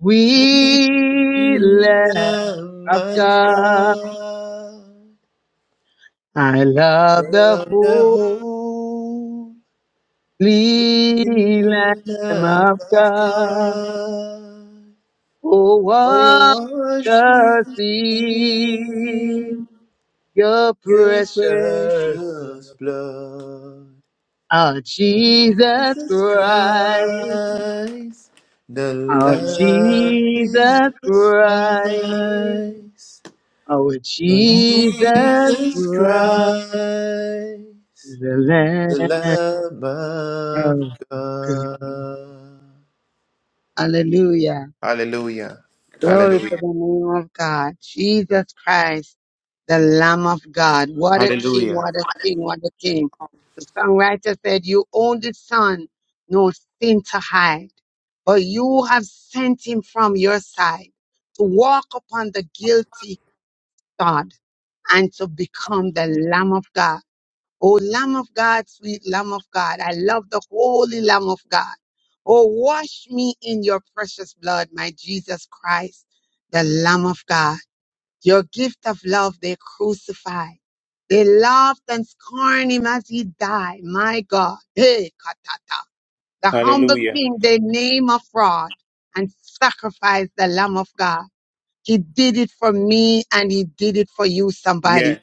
Speaker 2: We Lamb
Speaker 4: Lamb
Speaker 2: of
Speaker 4: of
Speaker 2: God,
Speaker 4: God,
Speaker 2: I love the
Speaker 4: from the holy
Speaker 2: Holy Lamb
Speaker 4: Lamb
Speaker 2: of
Speaker 4: of
Speaker 2: God.
Speaker 4: God,
Speaker 2: Oh, what
Speaker 4: oh wash me
Speaker 2: just
Speaker 4: in
Speaker 2: your
Speaker 4: your
Speaker 2: precious
Speaker 4: precious
Speaker 2: blood.
Speaker 4: blood
Speaker 2: Our
Speaker 4: of
Speaker 2: Jesus
Speaker 4: Jesus Christ,
Speaker 2: Christ,
Speaker 4: the
Speaker 2: our
Speaker 4: Lamb
Speaker 2: Jesus
Speaker 4: Jesus
Speaker 2: Christ,
Speaker 4: Christ.
Speaker 2: our
Speaker 4: Lord
Speaker 2: Jesus
Speaker 4: Jesus Christ,
Speaker 2: Christ, the Lamb
Speaker 4: the Lamb
Speaker 2: of
Speaker 4: of
Speaker 2: God.
Speaker 4: God.
Speaker 2: Hallelujah.
Speaker 4: Hallelujah.
Speaker 2: Glory to
Speaker 4: Hallelujah.
Speaker 2: the name of God. Jesus Christ, the Lamb of God. What a king,
Speaker 4: Hallelujah.
Speaker 2: what a king, what a king. The songwriter said, You own the Son, no sin to hide, but you have sent him from your side to walk upon the guilty God and to become the Lamb of God. O Lamb of God, sweet Lamb of God, I love the holy Lamb of God. Oh, wash me in your precious blood, my Jesus Christ, the Lamb of God. Your gift of love they crucified. They laughed and scorned him as he died. My God. Hey, katata. The humble
Speaker 4: Hallelujah.
Speaker 2: king they name a fraud and sacrifice the Lamb of God. He did it for me and he did it for you, somebody.
Speaker 4: Yes.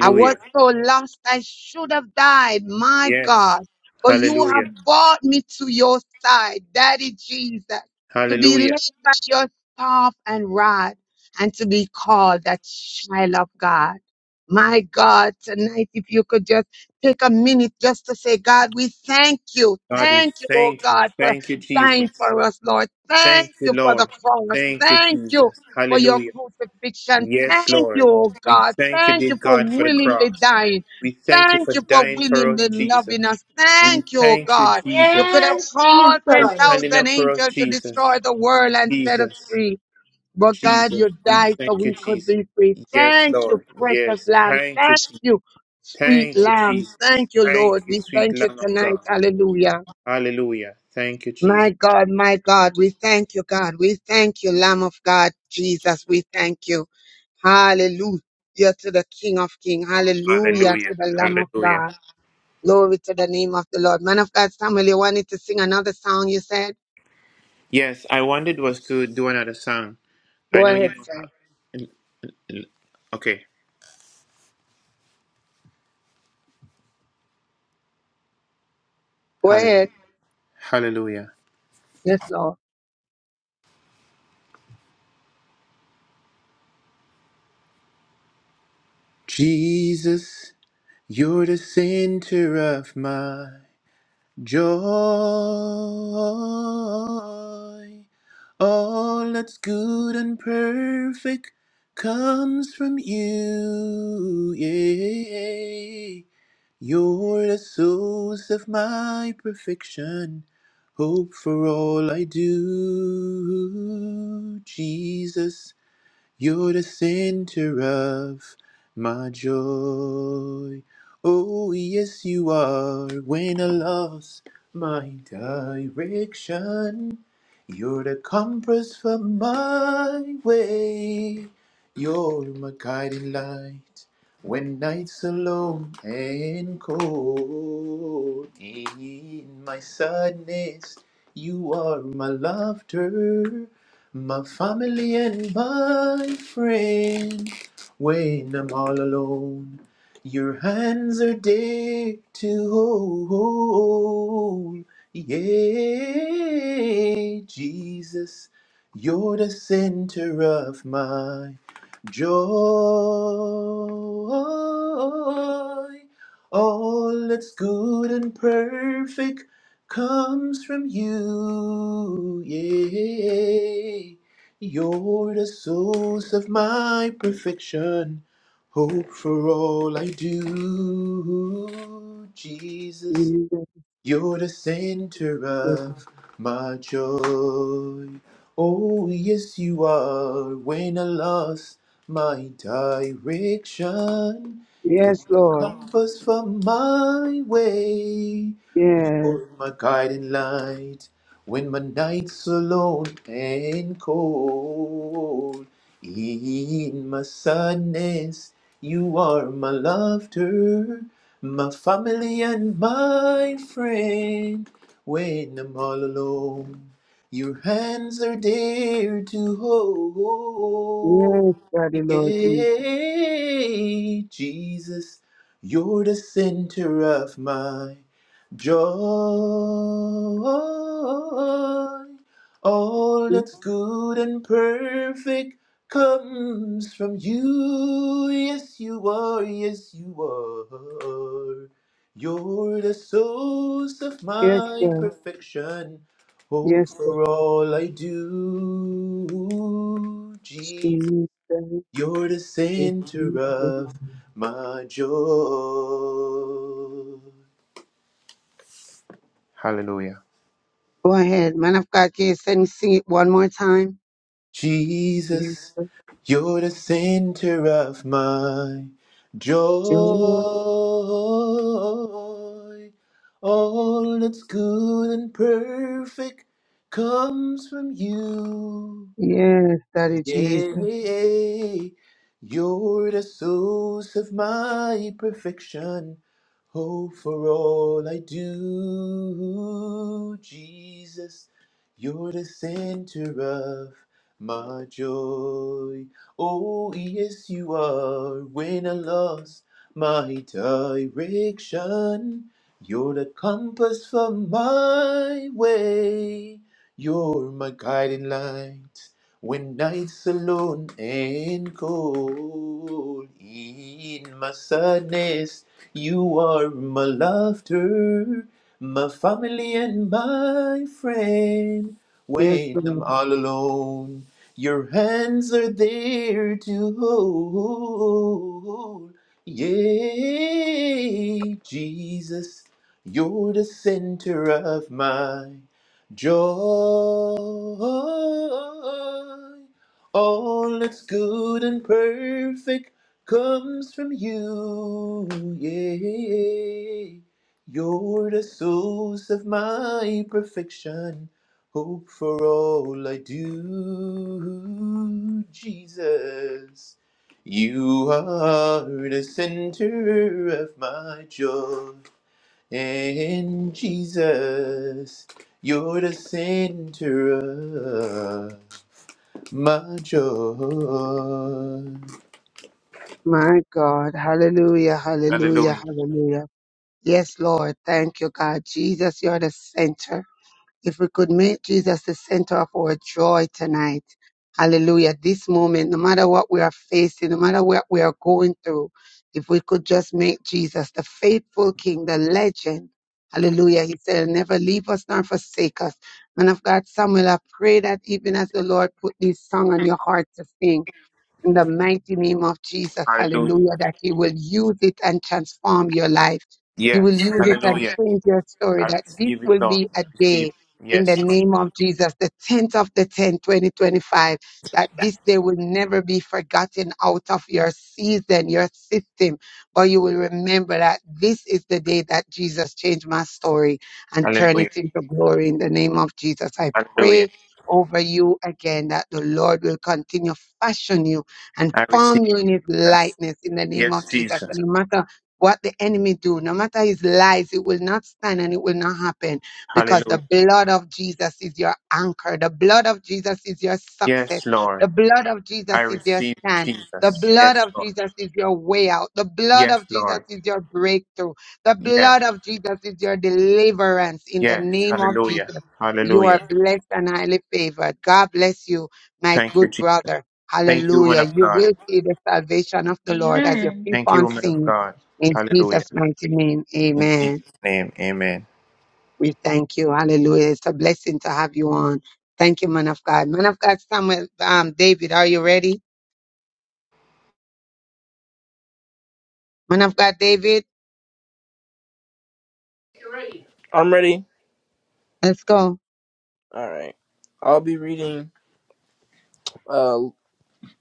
Speaker 2: I was so lost, I should have died. My
Speaker 4: Yes.
Speaker 2: God. But you have
Speaker 4: Hallelujah.
Speaker 2: brought me to your side, Daddy Jesus, to be led
Speaker 4: Hallelujah.
Speaker 2: by your staff and rod and to be called that child of God. My God, tonight, if you could just take a minute just to say, God, we thank you.
Speaker 4: God, we
Speaker 2: Thank you, oh
Speaker 4: thank you.
Speaker 2: God, for
Speaker 4: Thank you,
Speaker 2: dying
Speaker 4: Jesus.
Speaker 2: for us, Lord.
Speaker 4: Thank
Speaker 2: Thank
Speaker 4: you,
Speaker 2: you for the
Speaker 4: Lord.
Speaker 2: cross.
Speaker 4: Thank you,
Speaker 2: Thank you for your
Speaker 4: Jesus.
Speaker 2: crucifixion.
Speaker 4: Yes,
Speaker 2: Thank
Speaker 4: Lord.
Speaker 2: you, oh
Speaker 4: We
Speaker 2: God.
Speaker 4: thank you,
Speaker 2: Thank
Speaker 4: dear
Speaker 2: you for
Speaker 4: God, for the
Speaker 2: willingly
Speaker 4: cross.
Speaker 2: dying.
Speaker 4: We thank you for
Speaker 2: Thank you for
Speaker 4: dying for us,
Speaker 2: willingly
Speaker 4: Jesus.
Speaker 2: loving us.
Speaker 4: We
Speaker 2: Thank you, oh
Speaker 4: thank you,
Speaker 2: God. You could have
Speaker 4: Jesus,
Speaker 3: Yes,
Speaker 2: called
Speaker 4: for
Speaker 3: Jesus.
Speaker 4: standing
Speaker 2: 10,000
Speaker 4: up for us,
Speaker 2: angels to
Speaker 4: Jesus.
Speaker 2: destroy the world and set us
Speaker 4: Jesus,
Speaker 2: free. But God,
Speaker 4: Jesus,
Speaker 2: you
Speaker 4: we
Speaker 2: died so
Speaker 4: thank you,
Speaker 2: we could
Speaker 4: Jesus.
Speaker 2: be free.
Speaker 4: Yes,
Speaker 2: Thank you,
Speaker 4: Lord.
Speaker 2: precious
Speaker 4: Yes,
Speaker 2: Lamb.
Speaker 4: thank you,
Speaker 2: Thank
Speaker 4: Jesus.
Speaker 2: you, sweet
Speaker 4: Thank you,
Speaker 2: Lamb.
Speaker 4: Jesus.
Speaker 2: Thank you,
Speaker 4: Thank
Speaker 2: Lord.
Speaker 4: you,
Speaker 2: We
Speaker 4: sweet
Speaker 2: thank you
Speaker 4: Lamb of God.
Speaker 2: tonight. Hallelujah.
Speaker 4: Hallelujah. Thank you,
Speaker 2: My
Speaker 4: Jesus.
Speaker 2: God, my God, we thank you, God. We thank you, Lamb of God, Jesus. We thank you. Hallelujah to the King of Kings. Hallelujah
Speaker 4: Hallelujah.
Speaker 2: to the Lamb of
Speaker 4: Hallelujah.
Speaker 2: God. Glory to the name of the Lord. Man of God, Samuel, you wanted to sing another song, you said?
Speaker 4: Yes, I wanted was to do another song. I
Speaker 2: Go
Speaker 4: know you
Speaker 2: ahead,
Speaker 4: don't
Speaker 2: sir.
Speaker 4: have. Okay.
Speaker 2: Go ahead.
Speaker 4: Hallelujah.
Speaker 2: Yes, Lord.
Speaker 4: Jesus, you're the center of my joy. All that's good and perfect comes from you. Yeah. You're the source of my perfection. Hope for all I do. Jesus. You're the center of my joy. Oh, yes, you are. When I lost my direction, you're the compass for my way. You're my guiding light when nights alone and cold. In my sadness, you are my laughter. My family and my friend, when I'm all alone, your hands are there to hold. Yeah, Jesus, you're the center of my joy. All that's good and perfect comes from you. Yeah, you're the source of my perfection, hope for all I do. Jesus,
Speaker 2: Yes,
Speaker 4: you're the center
Speaker 2: Lord.
Speaker 4: of my joy. Oh, yes, you are. When I lost my direction, you're
Speaker 2: Yes,
Speaker 4: the
Speaker 2: Lord.
Speaker 4: compass for my way.
Speaker 2: Yes.
Speaker 4: Lord, my guiding light. When my night's alone and cold, in my sadness, you are my laughter, my family and my friend. When I'm all alone, your hands are there to hold.
Speaker 2: Yes, Daddy Lord Jesus.
Speaker 4: Yeah, Jesus, you're the center of my Joy, all that's good and perfect comes from you. Yes, you are. Yes, you are. You're the source of
Speaker 2: Yes,
Speaker 4: my
Speaker 2: sir.
Speaker 4: perfection. Hope
Speaker 2: Yes, sir.
Speaker 4: for all I do. Jesus,
Speaker 2: Jesus.
Speaker 4: you're the
Speaker 2: yes,
Speaker 4: center of
Speaker 2: Jesus.
Speaker 4: my joy. Hallelujah.
Speaker 2: Go ahead, man of God. Can you sing, sing it one more time? Yes,
Speaker 4: Jesus, you're the center of my joy.
Speaker 2: Lord.
Speaker 4: All that's good and perfect comes from you.
Speaker 2: Yes, Daddy Jesus.
Speaker 4: Yea, you're the source of my perfection. Oh, for all I do, Jesus, you're the center of my joy. Oh, yes, you are. When I lost my direction, you're the compass for my way. You're my guiding light. When nights alone and cold, in my sadness, you are my laughter, my family and my friend.
Speaker 2: Yes,
Speaker 4: When I'm
Speaker 2: Lord.
Speaker 4: all alone, your hands are there to hold. Yay, Jesus, you're the center of my Joy, all that's good and perfect comes from you. Yeah, you're the source of my perfection. Hope for all I do, Jesus. You are the center of my joy. And Jesus, you're the center of my joy.
Speaker 2: My God. Hallelujah, hallelujah,
Speaker 4: Hallelujah.
Speaker 2: hallelujah. Yes, Lord. Thank you, God. Jesus, you're the center. If we could make Jesus the center of our joy tonight, hallelujah, this moment, no matter what we are facing, no matter what we are going through, if we could just make Jesus the faithful King, the legend, hallelujah, he said, "He'll never leave us nor forsake us. Man of God, Samuel, I pray that even as the Lord put this song on your heart to sing, in the mighty name of Jesus,
Speaker 4: Hallelujah.
Speaker 2: hallelujah, that He will use it and transform your life. He will
Speaker 4: Yes.
Speaker 2: use it and
Speaker 4: Hallelujah.
Speaker 2: change your story,
Speaker 4: I
Speaker 2: that this
Speaker 4: receive it,
Speaker 2: will
Speaker 4: Lord.
Speaker 2: be
Speaker 4: I
Speaker 2: a
Speaker 4: receive
Speaker 2: day
Speaker 4: it.
Speaker 2: in
Speaker 4: Yes,
Speaker 2: the
Speaker 4: Lord.
Speaker 2: name of Jesus, the 10th of the 10th, 2025, that this day will never be forgotten out of your season, your system, but you will remember that this is the day that Jesus changed my story and turn
Speaker 4: Hallelujah.
Speaker 2: it into glory in the name of Jesus. I
Speaker 4: Hallelujah.
Speaker 2: pray over you again that the Lord will continue to fashion you and
Speaker 4: I receive
Speaker 2: form you in his
Speaker 4: that.
Speaker 2: likeness in the name
Speaker 4: Yes,
Speaker 2: of Jesus.
Speaker 4: Jesus.
Speaker 2: And no matter what the enemy do, no matter his lies, it will not stand and it will not happen because the
Speaker 4: Hallelujah.
Speaker 2: blood of Jesus is your anchor. The blood of Jesus is your success.
Speaker 4: Yes, Lord.
Speaker 2: The blood of
Speaker 4: I
Speaker 2: Jesus is your
Speaker 4: receive
Speaker 2: stand. The
Speaker 4: Jesus.
Speaker 2: blood
Speaker 4: Yes,
Speaker 2: of
Speaker 4: Lord.
Speaker 2: Jesus is your way out. The blood
Speaker 4: Yes,
Speaker 2: of Jesus
Speaker 4: Lord.
Speaker 2: is your breakthrough. The
Speaker 4: Yes.
Speaker 2: blood of Jesus is your deliverance in the
Speaker 4: Yes.
Speaker 2: name of
Speaker 4: Hallelujah.
Speaker 2: Jesus. You are
Speaker 4: Hallelujah.
Speaker 2: blessed and highly favored. God bless you, my
Speaker 4: Thank you,
Speaker 2: good
Speaker 4: Jesus.
Speaker 2: brother.
Speaker 4: Thank you, woman
Speaker 2: Hallelujah.
Speaker 4: of
Speaker 2: You
Speaker 4: God.
Speaker 2: will see the salvation of the Lord as you
Speaker 3: Amen.
Speaker 2: keep
Speaker 4: Thank you,
Speaker 2: on
Speaker 4: woman of
Speaker 2: singing.
Speaker 4: God.
Speaker 2: In
Speaker 4: Hallelujah.
Speaker 2: Jesus' mighty name,
Speaker 4: In
Speaker 2: amen.
Speaker 4: Jesus' name, amen.
Speaker 2: We thank you. Hallelujah. It's a blessing to have you on. Thank you, man of God. Man of God, Samuel, um, David, are you ready? Man of God, David,
Speaker 6: I'm ready.
Speaker 2: let's go.
Speaker 6: All right. I'll be reading uh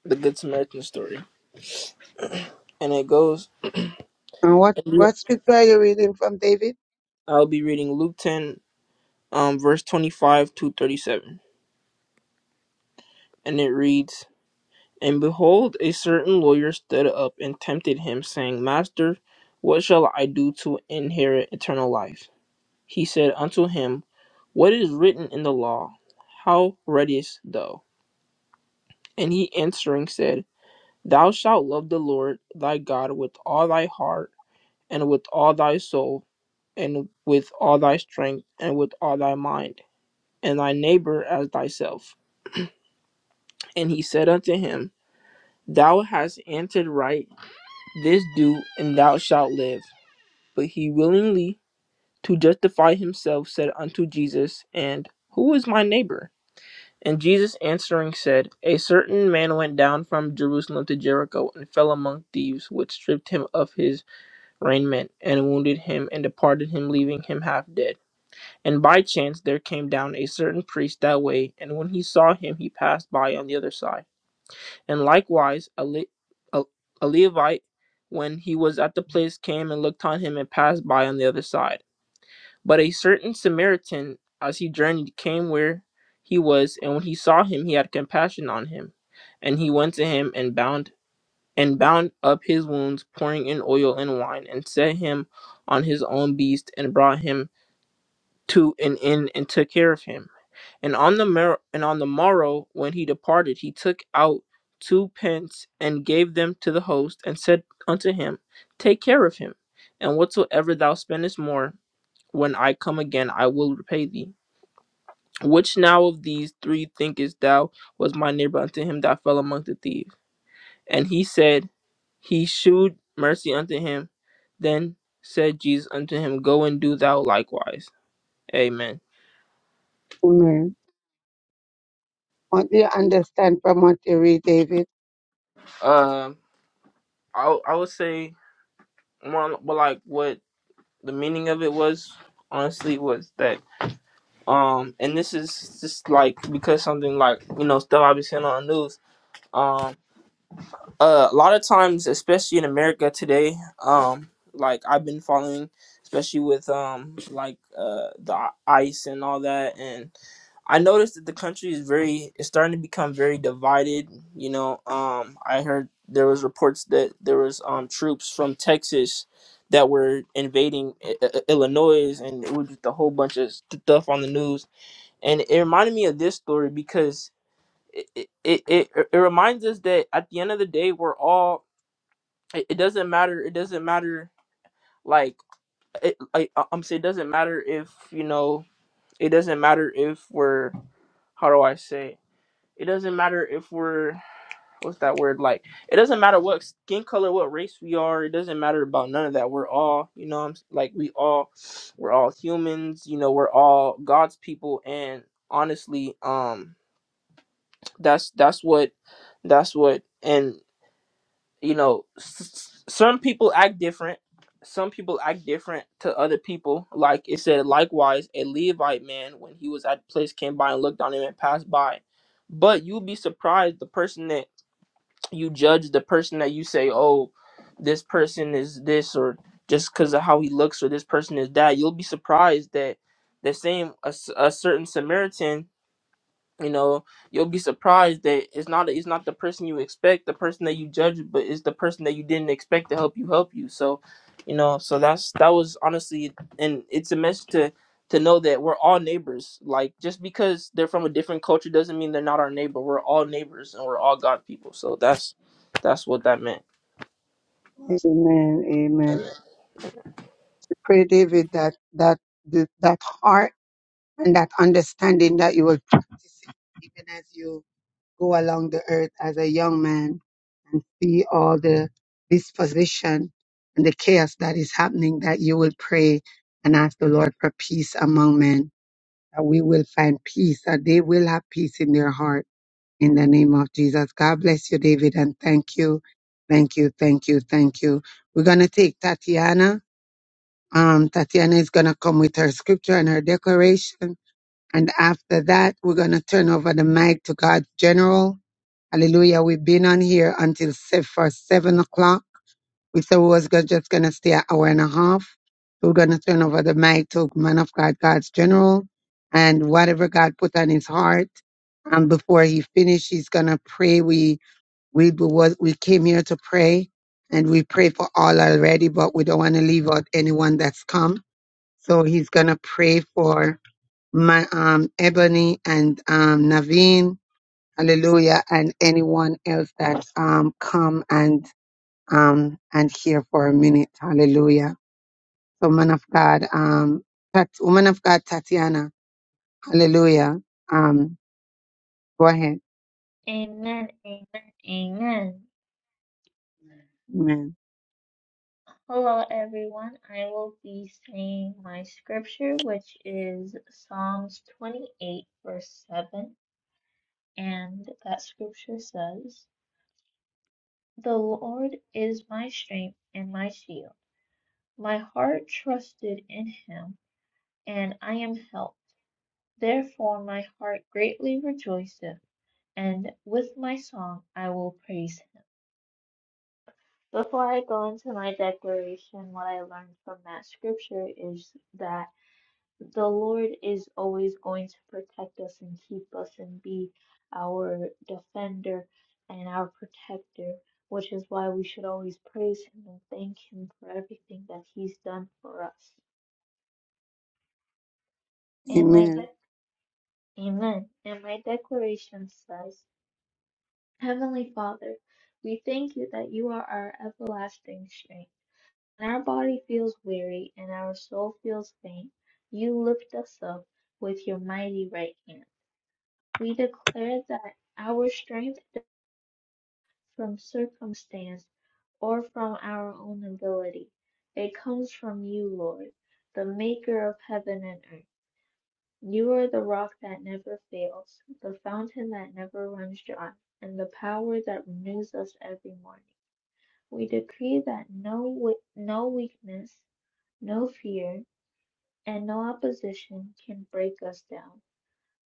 Speaker 6: the Good Samaritan story, and it goes.
Speaker 2: And what, what
Speaker 6: I'll
Speaker 2: scripture are you reading from, David?
Speaker 6: be reading Luke 10 um, verse 25 to 37. And it reads, And behold, a certain lawyer stood up and tempted him, saying, Master, what shall I do to inherit eternal life? He said unto him, What is written in the law? How readest thou? And he answering said, Thou shalt love the Lord thy God with all thy heart, and with all thy soul, and with all thy strength, and with all thy mind, and thy neighbor as thyself. And he said unto him, Thou hast answered right, this do, and thou shalt live. But he willingly, to justify himself, said unto Jesus, And who is my neighbor? And Jesus answering said, A certain man went down from Jerusalem to Jericho, and fell among thieves, which stripped him of his raiment, and wounded him, and departed him, leaving him half dead. And by chance there came down a certain priest that way, and when he saw him, he passed by on the other side. And likewise, a, Le- a, a Levite, when he was at the place, came and looked on him and passed by on the other side. But a certain Samaritan, as he journeyed, came where he was, and when he saw him, he had compassion on him, and he went to him and bound and bound up his wounds, pouring in oil and wine, and set him on his own beast, and brought him to an inn and took care of him. And on the mer- and on the morrow when he departed, he took out two pence and gave them to the host, and said unto him, Take care of him, and whatsoever thou spendest more, when I come again, I will repay thee. Which now of these three thinkest thou was my neighbor unto him that fell among the thieves? And he said, He shewed mercy unto him. Then said Jesus unto him, Go and do thou likewise. Amen.
Speaker 2: Amen. What do you understand from what you read, David?
Speaker 6: Um, I I would say more on- but like what the meaning of it was honestly was that um and this is just like because something like you know stuff I've been seeing on the news. um uh, a lot of times, especially in America today, um, like I've been following, especially with um, like uh, the ICE and all that, and I noticed that the country is very, it's starting to become very divided. You know, um, I heard there was reports that there was um troops from Texas that were invading I- I- Illinois, and it was just a whole bunch of stuff on the news, and it reminded me of this story because it it, it it reminds us that at the end of the day we're all it, it doesn't matter it doesn't matter like it, like I- i'm saying it doesn't matter if you know it doesn't matter if we're how do i say it doesn't matter if we're what's that word like it doesn't matter what skin color what race we are it doesn't matter about none of that we're all you know what i'm s- like we all we're all humans you know we're all god's people and honestly um that's that's what that's what and you know s- some people act different some people act different to other people like it said likewise a levite man when he was at the place came by and looked on him and passed by but you'll be surprised the person that you judge the person that you say oh this person is this or just because of how he looks or this person is that you'll be surprised that the same a, s- a certain samaritan you know you'll be surprised that it's not it's not the person you expect the person that you judge but it's the person that you didn't expect to help you help you so you know so that's that was honestly and it's a message to to know that we're all neighbors like just because they're from a different culture doesn't mean they're not our neighbor we're all neighbors and we're all god people so that's that's what that meant
Speaker 2: Amen. Amen. Pray, David, that, that, that heart and that understanding that you will practice it even as you go along the earth as a young man, see all the disposition and the chaos that is happening, that you will pray and ask the Lord for peace among men, that we will find peace, that they will have peace in their heart. In the name of Jesus. God bless you, David, and thank you. Thank you, thank you, thank you. We're gonna take Tatiana. Um, Tatiana is gonna come with her scripture and her declaration and after that, we're going to turn over the mic to God's general. Hallelujah. We've been on here until se- for seven o'clock. We said we was go- just going to stay an hour and a half. We're going to turn over the mic to man of God, God's general. And whatever God put on his heart, and before he finished, he's going to pray. We, we, was, we came here to pray and we pray for all already, but we don't want to leave out anyone that's come. So he's going to pray for my um Ebony and um Naveen, hallelujah, and anyone else that um come and um and here for a minute, hallelujah. So man of God, um Tat- woman of God Tatiana, hallelujah. Um go ahead.
Speaker 3: Amen. Amen. Amen.
Speaker 2: Amen.
Speaker 3: Hello, everyone. I will be saying my scripture, which is Psalms 28, verse 7. And that scripture says, The Lord is my strength and my shield. My heart trusted in him, and I am helped. Therefore, my heart greatly rejoiceth, and with my song I will praise him. Before I go into my declaration, what I learned from that scripture is that the Lord is always going to protect us and keep us and be our defender and our protector, which is why we should always praise Him and thank Him for everything that He's done for us. And my
Speaker 2: Amen.
Speaker 3: de- Amen. And my declaration says, Heavenly Father, we thank you that you are our everlasting strength. When our body feels weary and our soul feels faint, you lift us up with your mighty right hand. We declare that our strength is from circumstance or from our own ability. It comes from you, Lord, the maker of heaven and earth. You are the rock that never fails, the fountain that never runs dry, and the power that renews us every morning. We decree that no wi- no weakness, no fear, and no opposition can break us down,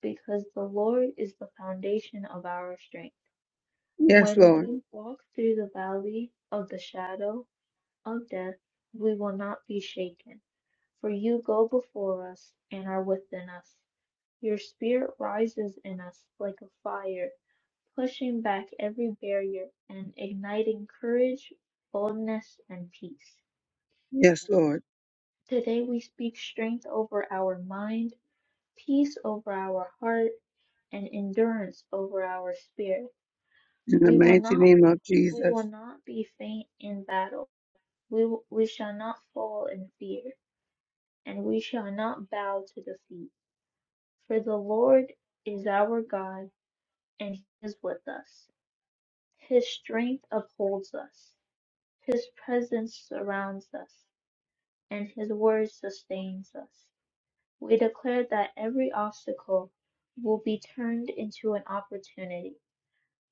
Speaker 3: because the Lord is the foundation of our strength.
Speaker 2: Yes,
Speaker 3: When
Speaker 2: Lord.
Speaker 3: we walk through the valley of the shadow of death, we will not be shaken, for you go before us and are within us. Your spirit rises in us like a fire, pushing back every barrier and igniting courage, boldness, and peace.
Speaker 2: Yes, Lord.
Speaker 3: Today we speak strength over our mind, peace over our heart, and endurance over our spirit.
Speaker 2: In the
Speaker 3: We will
Speaker 2: mighty
Speaker 3: not
Speaker 2: name of
Speaker 3: we will
Speaker 2: Jesus.
Speaker 3: not be faint in battle We, w- we shall not fall in fear, and we shall not bow to defeat. For the Lord is our God, and He is with us. His strength upholds us, His presence surrounds us, and His word sustains us. We declare that every obstacle will be turned into an opportunity,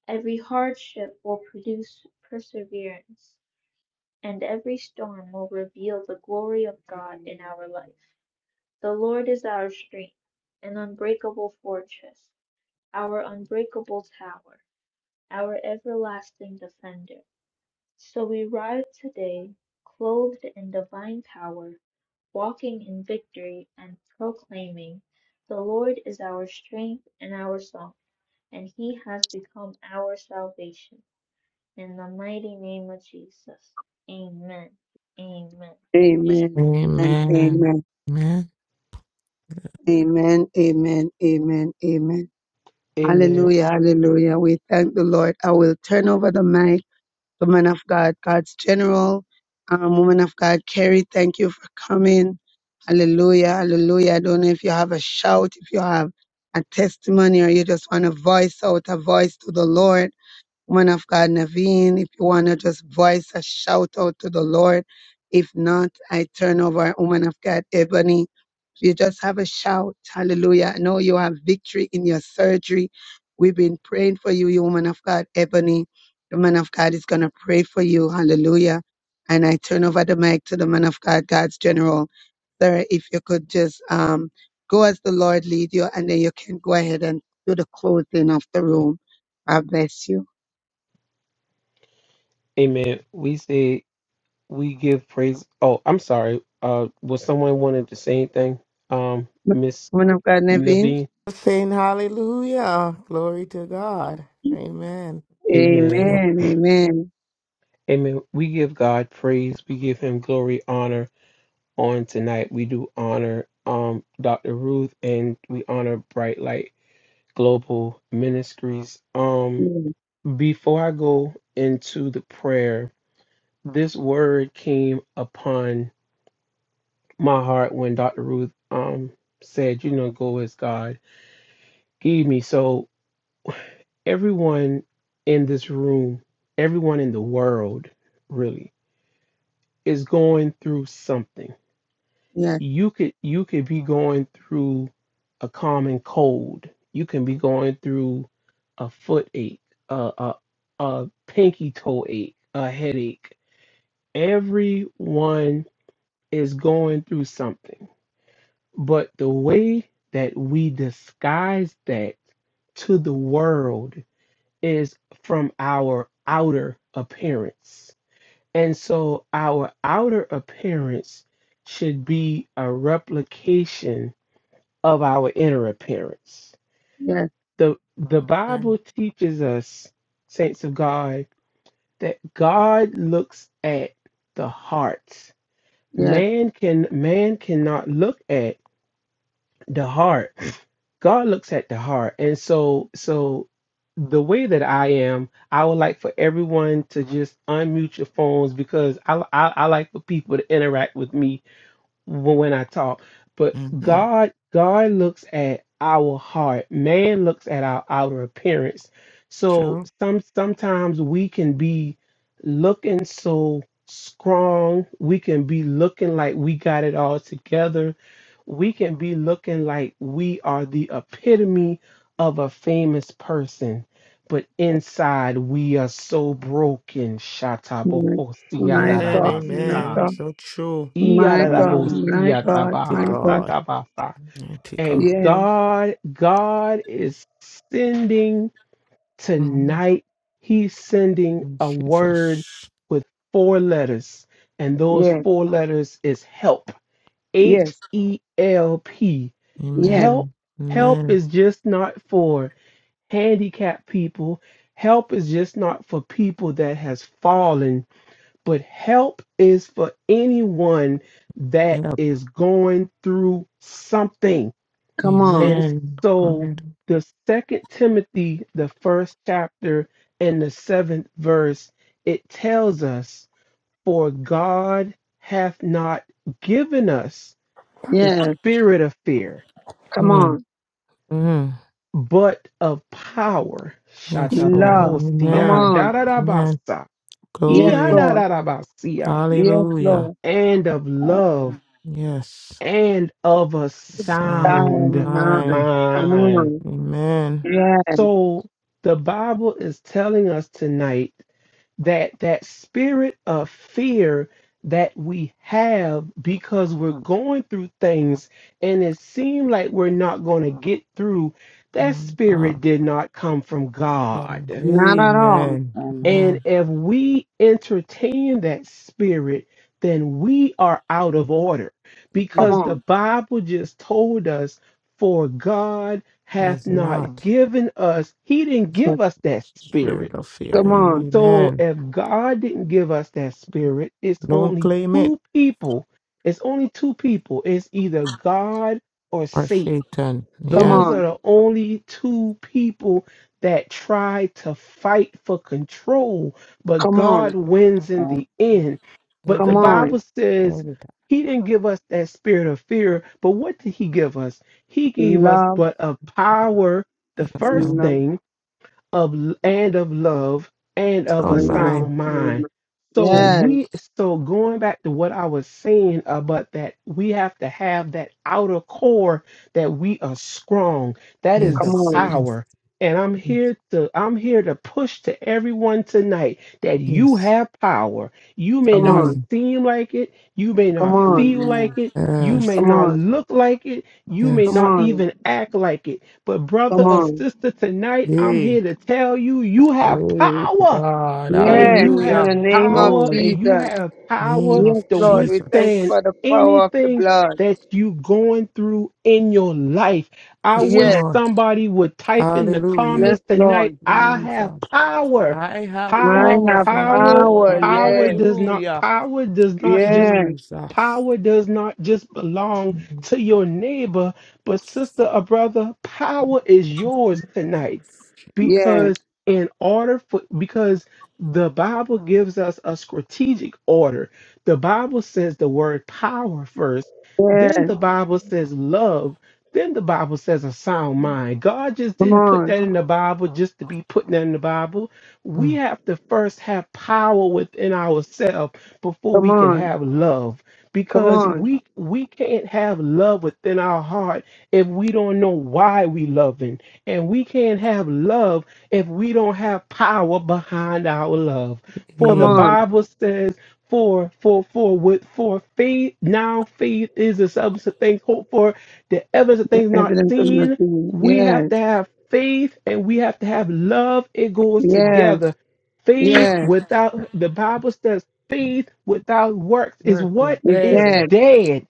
Speaker 3: every hardship will produce perseverance, and every storm will reveal the glory of God in our life. The Lord is our strength, an unbreakable fortress, our unbreakable tower, our everlasting defender. So we rise today, clothed in divine power, walking in victory and proclaiming, The Lord is our strength and our song, and he has become our salvation. In the mighty name of Jesus. Amen. Amen. Amen.
Speaker 2: Amen and
Speaker 7: Amen.
Speaker 2: amen.
Speaker 7: Amen.
Speaker 2: Amen. Amen. Amen. Amen.
Speaker 5: Amen.
Speaker 2: Hallelujah, hallelujah. We thank the Lord. I will turn over the mic to man of God, God's general, um, woman of God, Carrie. Thank you for coming. Hallelujah, hallelujah. I don't know if you have a shout, if you have a testimony, or you just want to voice out a voice to the Lord. Woman of God, Naveen, if you want to just voice a shout out to the Lord. If not, I turn over, woman of God, Ebony. You just have a shout. Hallelujah. I know you have victory in your surgery. We've been praying for you, you woman of God, Ebony. The man of God is going to pray for you. Hallelujah. And I turn over the mic to the man of God, God's general. Sir, if you could just um, go as the Lord lead you, and then you can go ahead and do the closing of the room. I bless you.
Speaker 5: Amen. We say we give praise. Oh, I'm sorry. Uh, was someone wanted to say anything? Um, Miss
Speaker 2: Woman of God, Naveen.
Speaker 5: Naveen.
Speaker 7: Saying hallelujah. Glory to God. Amen.
Speaker 5: Amen.
Speaker 2: Amen. Amen.
Speaker 5: Amen. We give God praise. We give Him glory, honor on tonight. We do honor um Dr. Ruth and we honor Bright Light Global Ministries. Um, before I go into the prayer, this word came upon my heart when Dr. Ruth um said, "You know, go as God." Give me so. everyone in this room, everyone in the world, really, is going through something.
Speaker 2: Yes,
Speaker 5: You could you could be going through a common cold. You can be going through a foot ache, a a, a pinky toe ache, a headache. Everyone is going through something, but the way that we disguise that to the world is from our outer appearance. And so our outer appearance should be a replication of our inner appearance.
Speaker 2: yes,
Speaker 5: The the Bible teaches us, saints of God, that God looks at the heart.
Speaker 2: yes.
Speaker 5: Man can man cannot look at the heart god looks at the heart and so so the way that i am i would like for everyone to just unmute your phones because i i, I like for people to interact with me when I talk. But
Speaker 7: Mm-hmm.
Speaker 5: God, God looks at our heart. Man looks at our outer appearance. So
Speaker 7: True.
Speaker 5: some sometimes we can be looking so strong. We can be looking like we got it all together. We can be looking like we are the epitome of a famous person. But inside we are so broken.
Speaker 2: yes. My my
Speaker 7: Amen.
Speaker 2: God, my
Speaker 5: Shatabohosiadarabasa
Speaker 7: Amen.
Speaker 2: God,
Speaker 7: So true.
Speaker 2: my God,
Speaker 8: Amen.
Speaker 2: my God,
Speaker 7: To
Speaker 2: my God.
Speaker 7: God.
Speaker 5: Iyarabosiyatabahasatabaha.
Speaker 7: To
Speaker 5: And
Speaker 7: God.
Speaker 2: Yes,
Speaker 5: God, God is sending
Speaker 7: Mhm.
Speaker 5: tonight, He's sending
Speaker 7: In
Speaker 5: a word
Speaker 7: Jesus.
Speaker 5: with four letters. And those
Speaker 2: yes,
Speaker 5: four letters is help. H
Speaker 2: yes,
Speaker 5: E L P.
Speaker 2: yes.
Speaker 5: Help.
Speaker 7: Amen.
Speaker 5: Help
Speaker 7: Amen.
Speaker 5: is just not for handicapped people. Help is just not for people that has fallen but help is for anyone that
Speaker 7: Yep.
Speaker 5: is going through something.
Speaker 2: Come on.
Speaker 5: And
Speaker 7: Amen.
Speaker 5: so
Speaker 7: God.
Speaker 5: the second Timothy, the first chapter and the seventh verse, it tells us, For God hath not given us the
Speaker 2: Yes,
Speaker 5: spirit of fear,
Speaker 2: come
Speaker 7: Mm.
Speaker 2: on.
Speaker 7: Mm.
Speaker 5: but of power.
Speaker 7: Yes,
Speaker 2: Love.
Speaker 7: Lord.
Speaker 2: Come
Speaker 5: Shatabohosia,
Speaker 7: Amen.
Speaker 2: on.
Speaker 7: Amen.
Speaker 5: dadadabasa,
Speaker 2: Yes,
Speaker 7: Glory.
Speaker 2: Lord.
Speaker 5: iadadadabasia,
Speaker 2: Yes,
Speaker 7: Hallelujah.
Speaker 2: Lord.
Speaker 5: and of love
Speaker 7: Yes.
Speaker 5: and of a
Speaker 2: Thy
Speaker 7: Psalm
Speaker 5: sound
Speaker 2: mind.
Speaker 7: 9.
Speaker 2: Come
Speaker 5: mind.
Speaker 2: on.
Speaker 7: Amen.
Speaker 2: Yes,
Speaker 5: So the Bible is telling us tonight that that spirit of fear that we have because we're going through things and it seemed like we're not going to get through
Speaker 7: Oh
Speaker 5: that
Speaker 7: my God.
Speaker 5: spirit did not come from
Speaker 7: God.
Speaker 5: God
Speaker 2: not at all.
Speaker 7: Amen.
Speaker 8: Amen.
Speaker 5: and
Speaker 7: Amen.
Speaker 5: if we entertain that spirit, then we are out of order
Speaker 2: Come
Speaker 7: He
Speaker 5: because the
Speaker 2: on.
Speaker 5: Bible just told us, for God hath
Speaker 7: has not
Speaker 5: not given us, He didn't
Speaker 7: the
Speaker 5: give us that spirit.
Speaker 7: spirit of fear.
Speaker 2: Come on.
Speaker 5: So
Speaker 7: Amen.
Speaker 5: if God didn't give us that spirit, it's
Speaker 7: Don't
Speaker 5: only
Speaker 7: claim it
Speaker 5: two people. It's only two people. It's either God or
Speaker 7: or
Speaker 5: Satan.
Speaker 7: Satan.
Speaker 2: Come
Speaker 7: Yeah.
Speaker 5: Those are
Speaker 2: on.
Speaker 5: the only two people that try to fight for control, but
Speaker 2: Come on.
Speaker 5: God wins in
Speaker 8: Amen.
Speaker 5: the end. But the
Speaker 2: Come
Speaker 7: Every
Speaker 2: on.
Speaker 7: time.
Speaker 5: Bible says
Speaker 7: Every
Speaker 5: he didn't give us that spirit of fear, but what did he give us? He gave us
Speaker 2: Love
Speaker 5: but a power, the
Speaker 7: time.
Speaker 2: No,
Speaker 7: That's not,
Speaker 5: first
Speaker 2: no,
Speaker 5: thing, of and of love and
Speaker 7: it's
Speaker 5: of
Speaker 7: not
Speaker 5: a
Speaker 2: no,
Speaker 7: mine.
Speaker 5: sound
Speaker 2: no.
Speaker 5: mind.
Speaker 2: no.
Speaker 5: So
Speaker 7: Mm.
Speaker 2: Yes,
Speaker 5: we so going back to what I was saying about that we have to have that outer core that we are strong. That is
Speaker 2: come
Speaker 5: the
Speaker 7: Yes.
Speaker 2: on,
Speaker 7: Yes.
Speaker 5: power. And I'm
Speaker 7: Yes.
Speaker 5: here to I'm here to push to everyone tonight that you
Speaker 7: Yes.
Speaker 5: have power. You may
Speaker 2: come
Speaker 5: not
Speaker 2: on,
Speaker 7: Yea.
Speaker 5: seem like it, you may
Speaker 2: come
Speaker 5: not
Speaker 2: on,
Speaker 5: feel like
Speaker 8: Amen.
Speaker 5: it, you may
Speaker 7: Yes.
Speaker 2: come
Speaker 5: not
Speaker 2: on,
Speaker 5: look like it, you may
Speaker 2: come
Speaker 7: Yes.
Speaker 5: not
Speaker 2: on,
Speaker 5: even act like it but,
Speaker 2: come
Speaker 5: brother or
Speaker 2: on.
Speaker 5: sister, tonight I'm
Speaker 7: Yea.
Speaker 5: here to tell you you have
Speaker 7: Glory to
Speaker 5: power,
Speaker 7: God.
Speaker 5: and
Speaker 2: Yes,
Speaker 8: Amen.
Speaker 5: you
Speaker 2: in
Speaker 5: have
Speaker 7: Hallelujah.
Speaker 2: the name of
Speaker 5: power,
Speaker 7: Glory.
Speaker 5: and you
Speaker 2: Jesus.
Speaker 5: have power
Speaker 7: Name
Speaker 2: Yes,
Speaker 7: of
Speaker 5: to
Speaker 2: Lord, we thank you
Speaker 5: withstand
Speaker 7: Jesus.
Speaker 2: for the power of the
Speaker 5: anything
Speaker 2: blood.
Speaker 5: that you going through in your life. I
Speaker 7: Yes,
Speaker 5: wish
Speaker 2: Yes,
Speaker 7: Lord.
Speaker 5: somebody would type in the
Speaker 7: Hallelujah.
Speaker 2: yes,
Speaker 5: comments tonight
Speaker 2: Lord.
Speaker 5: I have
Speaker 7: Jesus.
Speaker 5: power.
Speaker 7: I have
Speaker 2: I
Speaker 5: Power,
Speaker 7: power,
Speaker 2: have
Speaker 7: sir.
Speaker 8: Mhm.
Speaker 5: power,
Speaker 2: power.
Speaker 7: Lord.
Speaker 8: Amen.
Speaker 5: power
Speaker 2: Yes,
Speaker 5: does not
Speaker 7: Hallelujah.
Speaker 5: power does not just
Speaker 2: yes,
Speaker 7: Jesus.
Speaker 5: Power does not just belong to your neighbor, but
Speaker 7: Jesus.
Speaker 5: sister or brother, power is yours tonight.
Speaker 7: Jesus.
Speaker 2: yes,
Speaker 5: Because in order for because the Bible gives us a strategic order. The Bible says the word power first,
Speaker 2: yes.
Speaker 5: then the Bible says love, then the Bible says a sound mind. God just
Speaker 2: Come
Speaker 5: didn't put
Speaker 2: on,
Speaker 5: that in the Bible just to be putting that in the Bible. We
Speaker 7: Mm.
Speaker 5: have to first have power within ourselves before
Speaker 2: come
Speaker 5: we can
Speaker 2: on,
Speaker 5: have love
Speaker 2: come
Speaker 5: because
Speaker 2: on,
Speaker 5: we we can't have love within our heart if we don't know why we loving and we can't have love if we don't have power behind our love for
Speaker 2: come
Speaker 5: the
Speaker 7: Pain.
Speaker 2: on.
Speaker 5: bible says for for for with for faith now faith is the substance of things hoped for the evidence of things not
Speaker 2: Evidence of
Speaker 5: seen
Speaker 2: nothing.
Speaker 5: we have
Speaker 2: Yes,
Speaker 5: to have faith and we have to have love it goes
Speaker 2: yes,
Speaker 5: together faith
Speaker 2: yes.
Speaker 5: without the bible says faith without works is
Speaker 7: Work is
Speaker 5: what
Speaker 2: He's
Speaker 5: is
Speaker 7: dead.
Speaker 2: dead.
Speaker 5: dead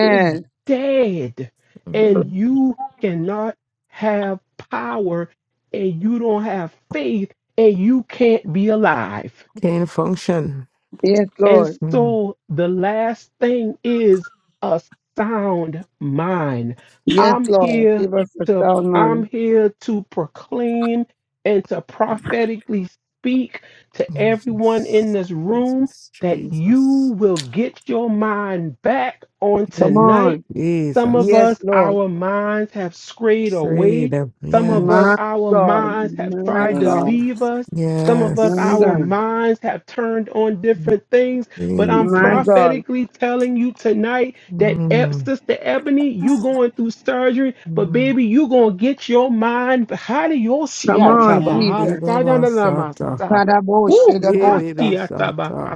Speaker 5: is dead and
Speaker 7: Mhm.
Speaker 5: you cannot have power and you don't have faith and you can't be alive
Speaker 7: Can't function.
Speaker 2: Yes,
Speaker 5: and
Speaker 2: Lord.
Speaker 7: Mm.
Speaker 5: so the last thing is a sound mind.
Speaker 2: Yes,
Speaker 5: I'm
Speaker 2: Lord.
Speaker 5: here
Speaker 2: Give us a
Speaker 5: to
Speaker 2: sound
Speaker 5: I'm
Speaker 2: mind.
Speaker 5: here to proclaim and to prophetically speak to everyone in
Speaker 7: Jesus.
Speaker 5: this
Speaker 7: Jesus.
Speaker 5: room that you
Speaker 7: Jesus.
Speaker 5: will get your mind back on
Speaker 2: Come
Speaker 7: Pain.
Speaker 5: tonight.
Speaker 2: on.
Speaker 5: Some of
Speaker 2: Yes,
Speaker 7: Jesus.
Speaker 5: us
Speaker 2: Lord.
Speaker 5: our minds have strayed away.
Speaker 7: Freedom.
Speaker 5: Some of us
Speaker 2: My
Speaker 7: Yes.
Speaker 5: our
Speaker 2: God.
Speaker 5: minds have
Speaker 2: My
Speaker 5: tried to
Speaker 8: Amen.
Speaker 2: God.
Speaker 5: leave us some of us,
Speaker 2: My
Speaker 7: Yes.
Speaker 5: our
Speaker 2: God.
Speaker 5: minds have turned on different things, but I'm
Speaker 2: My
Speaker 7: Jesus.
Speaker 2: God.
Speaker 5: prophetically telling you tonight that Eb-
Speaker 7: Mm.
Speaker 5: Sister Ebony, you going through surgery, but
Speaker 7: Mm.
Speaker 5: baby, you gonna get your mind.
Speaker 2: Come
Speaker 5: Hallelujah.
Speaker 2: on, Jesus.
Speaker 7: Ibaba
Speaker 5: Woo!
Speaker 2: Saraboshe da
Speaker 7: Yeah, baby,
Speaker 2: bosa.
Speaker 7: Sata.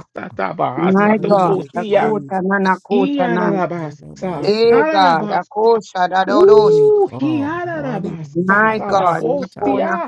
Speaker 2: My
Speaker 8: Amen.
Speaker 7: Thank
Speaker 2: God.
Speaker 7: you,
Speaker 2: Akota na
Speaker 7: Jesus.
Speaker 2: nakota na.
Speaker 7: Baba
Speaker 2: Eh,
Speaker 7: say,
Speaker 2: God.
Speaker 5: Iyarabasa.
Speaker 2: Akosha da
Speaker 7: hey,
Speaker 2: doroshi.
Speaker 5: Ooh, he
Speaker 7: God.
Speaker 5: had a
Speaker 7: Hallelujah,
Speaker 2: My
Speaker 7: Baba
Speaker 2: God.
Speaker 7: Sata.
Speaker 2: Makona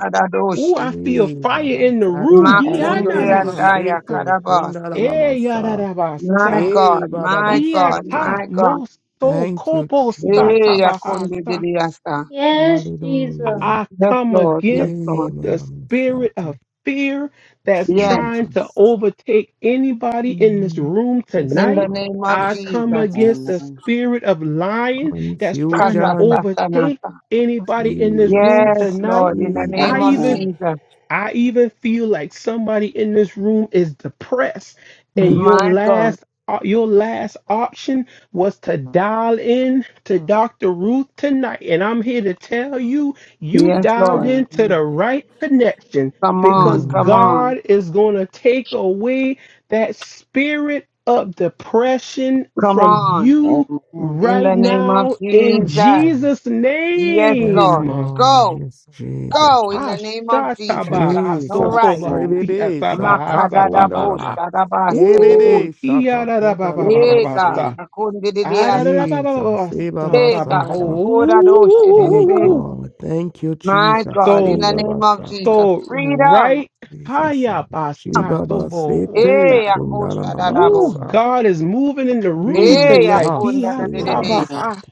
Speaker 5: Ooh,
Speaker 2: kadadoshi.
Speaker 5: I feel
Speaker 7: Hey,
Speaker 5: fire
Speaker 7: Baba
Speaker 5: in the room.
Speaker 7: Sata.
Speaker 5: He
Speaker 8: Amen. Amen. Amen.
Speaker 5: had
Speaker 2: Makunde
Speaker 7: Kundala
Speaker 2: andaya
Speaker 5: a
Speaker 7: Maseto. Kundala
Speaker 2: karabasi.
Speaker 5: Eh,
Speaker 7: Mamasa.
Speaker 5: yada
Speaker 2: My
Speaker 7: Hey,
Speaker 2: God.
Speaker 7: Baba
Speaker 2: My God.
Speaker 7: Basata.
Speaker 2: My God.
Speaker 7: Thank you,
Speaker 2: Hey,
Speaker 7: Jesus.
Speaker 2: Akonde Didiasa.
Speaker 3: Yes, Jesus.
Speaker 7: Hallelujah.
Speaker 5: I
Speaker 2: Yes,
Speaker 5: come
Speaker 2: Lord. Yes,
Speaker 5: against
Speaker 7: Hey,
Speaker 2: Lord.
Speaker 5: the
Speaker 7: Mama
Speaker 5: spirit
Speaker 7: Sata.
Speaker 5: of fear that's
Speaker 2: Yes.
Speaker 5: trying to
Speaker 7: Jesus.
Speaker 5: overtake anybody in this
Speaker 7: Mm,
Speaker 5: room
Speaker 7: Yes,
Speaker 2: In the
Speaker 5: tonight.
Speaker 7: Lord.
Speaker 2: name of
Speaker 5: I
Speaker 7: Yes,
Speaker 5: come
Speaker 2: Jesus.
Speaker 8: Amen.
Speaker 5: against the
Speaker 7: Jesus.
Speaker 5: spirit of lying that's trying to
Speaker 2: Kata
Speaker 7: Confusion.
Speaker 5: overtake
Speaker 2: Satanasa.
Speaker 5: anybody in this room
Speaker 2: Yes,
Speaker 7: Jesus,
Speaker 5: tonight.
Speaker 2: Lord. In the
Speaker 5: I
Speaker 2: name of
Speaker 5: even
Speaker 7: Jesus.
Speaker 2: Jesus.
Speaker 5: I even feel like somebody in this room is depressed, and
Speaker 7: Mm,
Speaker 5: your
Speaker 2: My God.
Speaker 5: last uh, your last option was to dial in to Dr. Ruth tonight. And I'm here to tell you, you
Speaker 2: Yes,
Speaker 5: dialed
Speaker 2: Lord.
Speaker 5: into the right connection
Speaker 2: Come on.
Speaker 5: because
Speaker 2: Come
Speaker 7: mm,
Speaker 2: on.
Speaker 5: God is going to take away that spirit of depression
Speaker 2: Come
Speaker 5: from
Speaker 7: mm.
Speaker 2: on.
Speaker 5: you
Speaker 8: Amen.
Speaker 2: In
Speaker 5: right
Speaker 2: the name of
Speaker 5: now in
Speaker 7: Yes,
Speaker 2: Jesus.
Speaker 7: Lord.
Speaker 5: Jesus'
Speaker 2: Yes,
Speaker 7: yes,
Speaker 2: Lord.
Speaker 5: name.
Speaker 7: Lord,
Speaker 2: Go.
Speaker 7: yes, Jesus,
Speaker 2: Go. In the
Speaker 5: Ha
Speaker 2: name of Jesus.
Speaker 5: shataba
Speaker 2: You have
Speaker 5: ha
Speaker 2: no
Speaker 7: Jesus.
Speaker 2: right.
Speaker 5: sokoba
Speaker 8: Amen.
Speaker 5: si
Speaker 7: Ebebe
Speaker 5: ataba ha
Speaker 2: Makadada
Speaker 5: sataba
Speaker 2: Bosh.
Speaker 7: satakundalama,
Speaker 5: ha.
Speaker 2: Dadabas.
Speaker 5: Ooh,
Speaker 2: Sedebe.
Speaker 7: ebebe
Speaker 5: he ada da ba ba ba ba
Speaker 7: satakundalababa
Speaker 2: Hey,
Speaker 5: ba
Speaker 2: God.
Speaker 5: sta.
Speaker 7: se.
Speaker 2: Akonde
Speaker 5: Ada da da
Speaker 2: Didiasa.
Speaker 5: da ba ba ba ba
Speaker 7: Jesus,
Speaker 5: ba, sta
Speaker 7: ebaba
Speaker 2: Hey
Speaker 5: taba.
Speaker 2: God, I
Speaker 7: sata.
Speaker 2: pour that ocean in
Speaker 7: Hey
Speaker 5: Ooh.
Speaker 7: God, thank you,
Speaker 2: my
Speaker 7: Jesus.
Speaker 2: God, in
Speaker 5: So
Speaker 2: the name
Speaker 7: Ebaba
Speaker 2: of
Speaker 7: sata,
Speaker 2: Jesus,
Speaker 5: so
Speaker 2: freedom.
Speaker 5: right
Speaker 7: Jesus,
Speaker 5: haya ba sta
Speaker 7: Shibaba
Speaker 5: tobo
Speaker 7: sete
Speaker 2: Hey,
Speaker 5: sta.
Speaker 2: Akosha
Speaker 7: kundalamama
Speaker 2: Dadabo.
Speaker 5: Ooh,
Speaker 7: sa.
Speaker 5: God is moving in the room
Speaker 2: Hey,
Speaker 5: tonight. He
Speaker 2: Akonda
Speaker 5: ha
Speaker 2: Dadede.
Speaker 5: taba
Speaker 7: Jesus,
Speaker 8: Amen.
Speaker 5: ha.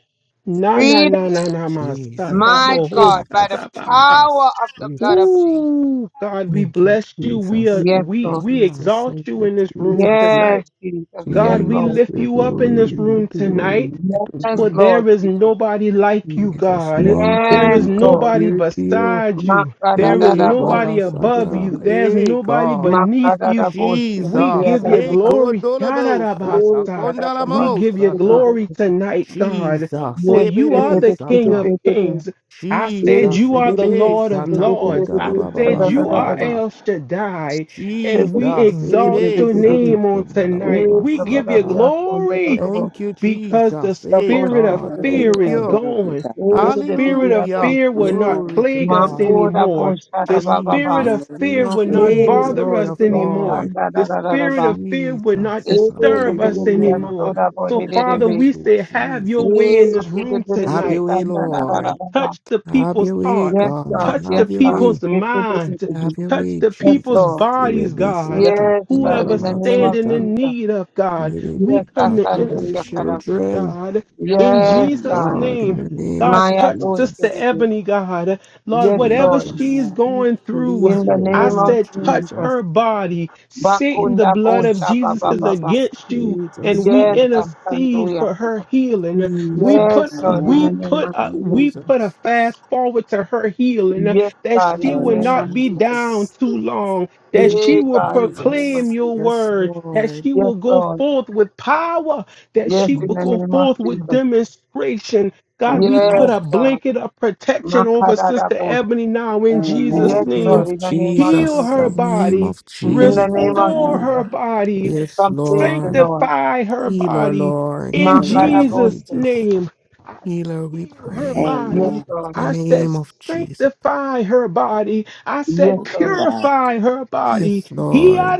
Speaker 5: Na na
Speaker 2: Freedom,
Speaker 5: na na na ma sta
Speaker 7: Jesus,
Speaker 2: my
Speaker 5: tabo ho
Speaker 2: God,
Speaker 5: sta
Speaker 2: by the
Speaker 7: Jesus,
Speaker 5: taba.
Speaker 2: power
Speaker 7: Jesus,
Speaker 2: of the blood of
Speaker 7: Jesus.
Speaker 2: Jesus.
Speaker 5: Ooh, God, we
Speaker 7: Thank you,
Speaker 5: bless you. We are
Speaker 7: Jesus.
Speaker 2: Yes,
Speaker 7: Thank
Speaker 5: we
Speaker 7: you,
Speaker 2: Lord.
Speaker 5: we
Speaker 7: Jesus.
Speaker 5: exalt
Speaker 7: Thank
Speaker 5: you
Speaker 7: you,
Speaker 5: in this room
Speaker 7: Jesus.
Speaker 5: tonight.
Speaker 2: Yes, Jesus.
Speaker 5: God,
Speaker 2: Yes,
Speaker 5: we
Speaker 2: Lord.
Speaker 7: Jesus,
Speaker 5: lift
Speaker 7: we
Speaker 5: you up in
Speaker 7: glory,
Speaker 5: this
Speaker 7: we
Speaker 5: room
Speaker 7: glory,
Speaker 5: tonight.
Speaker 7: we
Speaker 2: Yes,
Speaker 5: For
Speaker 7: glory.
Speaker 2: Lord
Speaker 5: there is
Speaker 2: Jesus.
Speaker 5: nobody like you,
Speaker 7: Jesus,
Speaker 5: God.
Speaker 7: none can
Speaker 5: There
Speaker 2: Yes,
Speaker 5: is
Speaker 7: be
Speaker 2: Lord.
Speaker 5: nobody
Speaker 7: compared to you.
Speaker 5: beside you. There is
Speaker 7: Hey,
Speaker 2: Makadadadabo.
Speaker 7: Baba
Speaker 5: nobody above
Speaker 7: Sata.
Speaker 5: you. There's
Speaker 7: Hey,
Speaker 5: nobody
Speaker 7: God.
Speaker 5: beneath you. We
Speaker 7: Jesus.
Speaker 5: give you
Speaker 7: Hey,
Speaker 2: Makadadabo.
Speaker 5: glory.
Speaker 7: Kodolabo Sata.
Speaker 2: Yes,
Speaker 5: Yadarabasa.
Speaker 2: da da da
Speaker 5: We
Speaker 2: da.
Speaker 7: Kondalamo
Speaker 5: give you
Speaker 7: Sata.
Speaker 5: glory tonight, God.
Speaker 7: Jesus.
Speaker 5: For
Speaker 2: Yes,
Speaker 7: Hey,
Speaker 5: you
Speaker 2: da
Speaker 5: are
Speaker 2: da
Speaker 7: baby
Speaker 2: da
Speaker 5: the
Speaker 2: da
Speaker 5: King
Speaker 2: da
Speaker 7: Sata.
Speaker 5: of
Speaker 2: da da.
Speaker 5: Kings. I said
Speaker 2: Yes,
Speaker 7: Jesus,
Speaker 5: you are
Speaker 2: da
Speaker 5: the
Speaker 2: da
Speaker 7: ebebe
Speaker 5: Lord of
Speaker 7: sata
Speaker 2: da
Speaker 5: Lords.
Speaker 7: konda la
Speaker 5: I
Speaker 7: baba
Speaker 2: da da da da da. Da
Speaker 5: said
Speaker 2: da da
Speaker 5: you
Speaker 2: da
Speaker 5: are
Speaker 2: da
Speaker 8: Amen.
Speaker 2: da.
Speaker 7: basata.
Speaker 5: El Shaddai. And we
Speaker 7: Jesus,
Speaker 5: exalt
Speaker 7: ebebe
Speaker 5: your
Speaker 7: sata
Speaker 5: name on
Speaker 7: konda la
Speaker 2: Yes,
Speaker 7: baba
Speaker 5: tonight. We
Speaker 2: da da
Speaker 5: give
Speaker 2: da da da da. Yes, da da
Speaker 5: you
Speaker 2: da
Speaker 7: basata.
Speaker 2: da
Speaker 5: glory
Speaker 2: da da.
Speaker 7: Thank you,
Speaker 5: because the
Speaker 7: Jesus.
Speaker 2: Da
Speaker 7: Hey,
Speaker 2: bosh
Speaker 5: spirit
Speaker 2: da
Speaker 5: of
Speaker 2: da
Speaker 7: God,
Speaker 2: da
Speaker 8: Thank you,
Speaker 5: fear
Speaker 2: da
Speaker 7: thank
Speaker 2: da
Speaker 8: O
Speaker 5: is
Speaker 2: da.
Speaker 7: you.
Speaker 8: Lord, to
Speaker 5: gone.
Speaker 8: God.
Speaker 5: The
Speaker 2: Yes, da da
Speaker 5: spirit
Speaker 2: da
Speaker 5: of
Speaker 2: da
Speaker 7: Hallelujah.
Speaker 5: fear
Speaker 2: da.
Speaker 5: will
Speaker 8: You
Speaker 5: not
Speaker 7: Glory
Speaker 8: are
Speaker 7: to
Speaker 5: plague
Speaker 2: Ma
Speaker 8: worthy.
Speaker 5: us
Speaker 7: God.
Speaker 2: ko da
Speaker 5: anymore.
Speaker 2: bosh da da
Speaker 5: The
Speaker 2: ba ba ba.
Speaker 5: spirit
Speaker 8: You
Speaker 5: of
Speaker 7: Jesus,
Speaker 8: make the
Speaker 7: King
Speaker 5: fear will
Speaker 7: of
Speaker 2: Yes,
Speaker 8: spirit of
Speaker 5: not
Speaker 7: kings,
Speaker 2: da da
Speaker 8: truth
Speaker 5: bother
Speaker 7: Lord of
Speaker 5: us anymore.
Speaker 7: lords.
Speaker 2: da da da da da da da da. Yes, da da da da
Speaker 5: The
Speaker 2: da da da da da. Yes, da da da da
Speaker 5: spirit of fear will not
Speaker 7: Jesus,
Speaker 5: disturb us
Speaker 8: come
Speaker 7: hallelujah.
Speaker 5: anymore. So,
Speaker 8: true.
Speaker 5: Father,
Speaker 7: Thank
Speaker 5: we
Speaker 7: you,
Speaker 5: say, have your way in
Speaker 7: Jesus.
Speaker 5: this room
Speaker 7: Have
Speaker 5: tonight
Speaker 7: your way,
Speaker 2: da da da
Speaker 7: Lord.
Speaker 2: da da.
Speaker 5: touch the
Speaker 7: Have
Speaker 5: people's
Speaker 7: your way,
Speaker 5: heart,
Speaker 2: Yes, God.
Speaker 7: God.
Speaker 5: touch the
Speaker 2: Yes,
Speaker 7: Have your
Speaker 2: God.
Speaker 7: way.
Speaker 5: people's
Speaker 2: Yes, it is,
Speaker 5: minds,
Speaker 2: it is.
Speaker 7: Have your
Speaker 5: touch
Speaker 7: way,
Speaker 5: the
Speaker 2: Yes,
Speaker 5: people's
Speaker 7: Jesus.
Speaker 2: Lord.
Speaker 5: bodies,
Speaker 7: Maybe
Speaker 5: God.
Speaker 7: Satan,
Speaker 2: Yes, God.
Speaker 5: Whoever
Speaker 2: In the
Speaker 7: Kundalama
Speaker 2: name of
Speaker 5: standing
Speaker 7: Satan,
Speaker 5: in
Speaker 2: Jesus.
Speaker 5: need of God,
Speaker 7: maybe
Speaker 5: we
Speaker 2: Yes, I
Speaker 5: come
Speaker 7: Satan,
Speaker 5: to
Speaker 2: stand
Speaker 7: my
Speaker 2: in your
Speaker 5: intercede,
Speaker 2: column.
Speaker 5: for them,
Speaker 7: children.
Speaker 5: God, in
Speaker 7: Oh
Speaker 2: Yes,
Speaker 8: Amen.
Speaker 5: Jesus'
Speaker 2: God.
Speaker 7: God, in
Speaker 5: name.
Speaker 7: the name
Speaker 5: God,
Speaker 7: of
Speaker 2: My
Speaker 5: touch
Speaker 2: atmosphere.
Speaker 5: Sister
Speaker 7: Jesus,
Speaker 5: Ebony, God. Lord,
Speaker 2: Yes,
Speaker 5: whatever
Speaker 2: Lord.
Speaker 7: Jesus,
Speaker 5: she's
Speaker 8: Amen.
Speaker 5: going through,
Speaker 7: please,
Speaker 2: In the
Speaker 7: right
Speaker 5: I
Speaker 2: name
Speaker 7: now,
Speaker 2: of
Speaker 5: said, touch
Speaker 2: Jesus.
Speaker 7: Jesus,
Speaker 5: her body. Satan, the
Speaker 2: Bakunda
Speaker 5: blood of
Speaker 2: Bosha
Speaker 7: Jesus,
Speaker 5: Jesus
Speaker 2: Baba
Speaker 5: is
Speaker 2: Baba.
Speaker 7: Jesus,
Speaker 5: against you, and
Speaker 7: Jesus,
Speaker 5: we
Speaker 2: Yes, I
Speaker 7: Jesus,
Speaker 2: stand
Speaker 5: intercede
Speaker 2: in your
Speaker 5: for her
Speaker 2: column.
Speaker 5: healing. We
Speaker 2: Yes,
Speaker 5: put
Speaker 7: Jesus,
Speaker 8: Amen.
Speaker 2: Lord. In
Speaker 5: we
Speaker 2: the
Speaker 8: Amen.
Speaker 2: name
Speaker 5: put
Speaker 2: of
Speaker 5: a
Speaker 2: Jesus.
Speaker 5: we put a fast forward to her healing uh,
Speaker 2: Yes,
Speaker 5: that
Speaker 2: God. In
Speaker 5: she
Speaker 2: the
Speaker 5: will
Speaker 8: Amen.
Speaker 2: name
Speaker 7: Jesus,
Speaker 2: of
Speaker 5: not be
Speaker 2: Jesus.
Speaker 5: down
Speaker 7: Jesus.
Speaker 5: too long, that
Speaker 7: Thank
Speaker 5: she
Speaker 7: you,
Speaker 2: Hey,
Speaker 5: will
Speaker 2: God. In the name of
Speaker 5: proclaim
Speaker 7: Jesus.
Speaker 2: Jesus.
Speaker 5: your
Speaker 7: Yes,
Speaker 5: word, that
Speaker 7: Lord.
Speaker 5: she
Speaker 2: Yes,
Speaker 5: will go
Speaker 2: Lord.
Speaker 5: forth with power, that
Speaker 2: Yes,
Speaker 5: she
Speaker 2: in
Speaker 5: will
Speaker 2: the
Speaker 5: go
Speaker 2: name of
Speaker 5: forth
Speaker 2: Jesus.
Speaker 5: with demonstration. God, we put
Speaker 2: Yes,
Speaker 5: a
Speaker 2: God.
Speaker 5: blanket of protection over Sister
Speaker 2: Makadadabo.
Speaker 5: Ebony now in Jesus'
Speaker 8: Amen.
Speaker 2: Yes,
Speaker 7: name
Speaker 5: name.
Speaker 2: Lord,
Speaker 7: of
Speaker 2: in the name of
Speaker 5: Heal
Speaker 7: Jesus, in
Speaker 5: her
Speaker 2: Jesus.
Speaker 7: the name
Speaker 5: body,
Speaker 7: of
Speaker 2: In the name
Speaker 7: Jesus.
Speaker 2: of
Speaker 5: restore her
Speaker 2: Jesus.
Speaker 5: body,
Speaker 7: Yes,
Speaker 2: Completely,
Speaker 7: Lord.
Speaker 2: Lord.
Speaker 5: sanctify her
Speaker 7: Healer,
Speaker 5: body,
Speaker 7: Lord.
Speaker 5: in
Speaker 8: Amen.
Speaker 7: Healer,
Speaker 8: Amen.
Speaker 2: Makadabo.
Speaker 5: Jesus'
Speaker 7: Jesus.
Speaker 5: name, I
Speaker 7: Healer,
Speaker 5: said,
Speaker 7: we
Speaker 5: heal her
Speaker 7: pray.
Speaker 2: Yes,
Speaker 8: Amen.
Speaker 5: body.
Speaker 2: Lord.
Speaker 7: In the
Speaker 5: I said,
Speaker 7: name of Jesus.
Speaker 5: sanctify her body. I
Speaker 2: Yes,
Speaker 5: said,
Speaker 8: Thank you,
Speaker 2: Lord.
Speaker 8: God.
Speaker 5: purify her body.
Speaker 7: Yes, Lord.